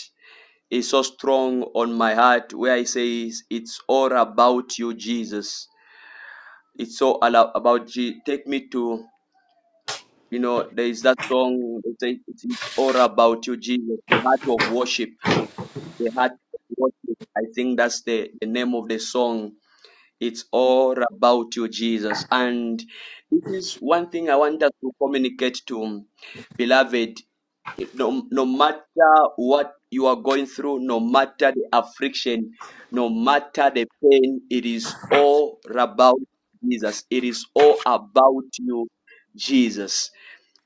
Speaker 1: is so strong on my heart where it says, "It's all about you, Jesus." It's so all ala- about you. Take me to You know, there is that song They say it's it's all about you, Jesus, the heart of worship, the heart of worship. I think that's the, the name of the song. It's all about you, Jesus. And this is one thing I want us to communicate to beloved. No, no matter what you are going through, no matter the affliction, no matter the pain, it is all about Jesus. It is all about you, Jesus.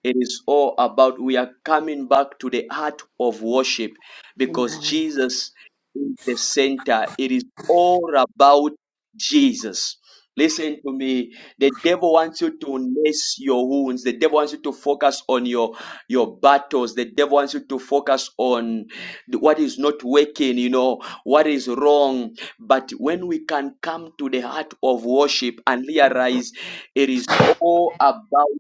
Speaker 1: It is all about we are coming back to the heart of worship because
Speaker 7: Amen.
Speaker 1: Jesus is the center. It is all about Jesus. Listen to me. The devil wants you to nurse your wounds. The devil wants you to focus on your your battles. The devil wants you to focus on the- what is not working, you know, what is wrong. But when we can come to the heart of worship and realize it is all about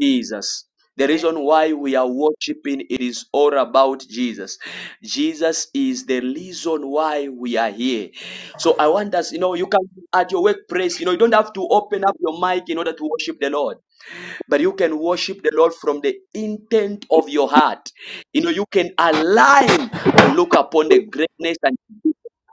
Speaker 1: Jesus. The
Speaker 12: Yes,
Speaker 1: reason why we are worshiping it is all about Jesus. Jesus is the reason why we are here. So I want us, you know, you can at your workplace, you know, you don't have to open up your mic in order to worship the Lord but you can worship the Lord from the intent of your heart. You know, you can align and look upon the greatness and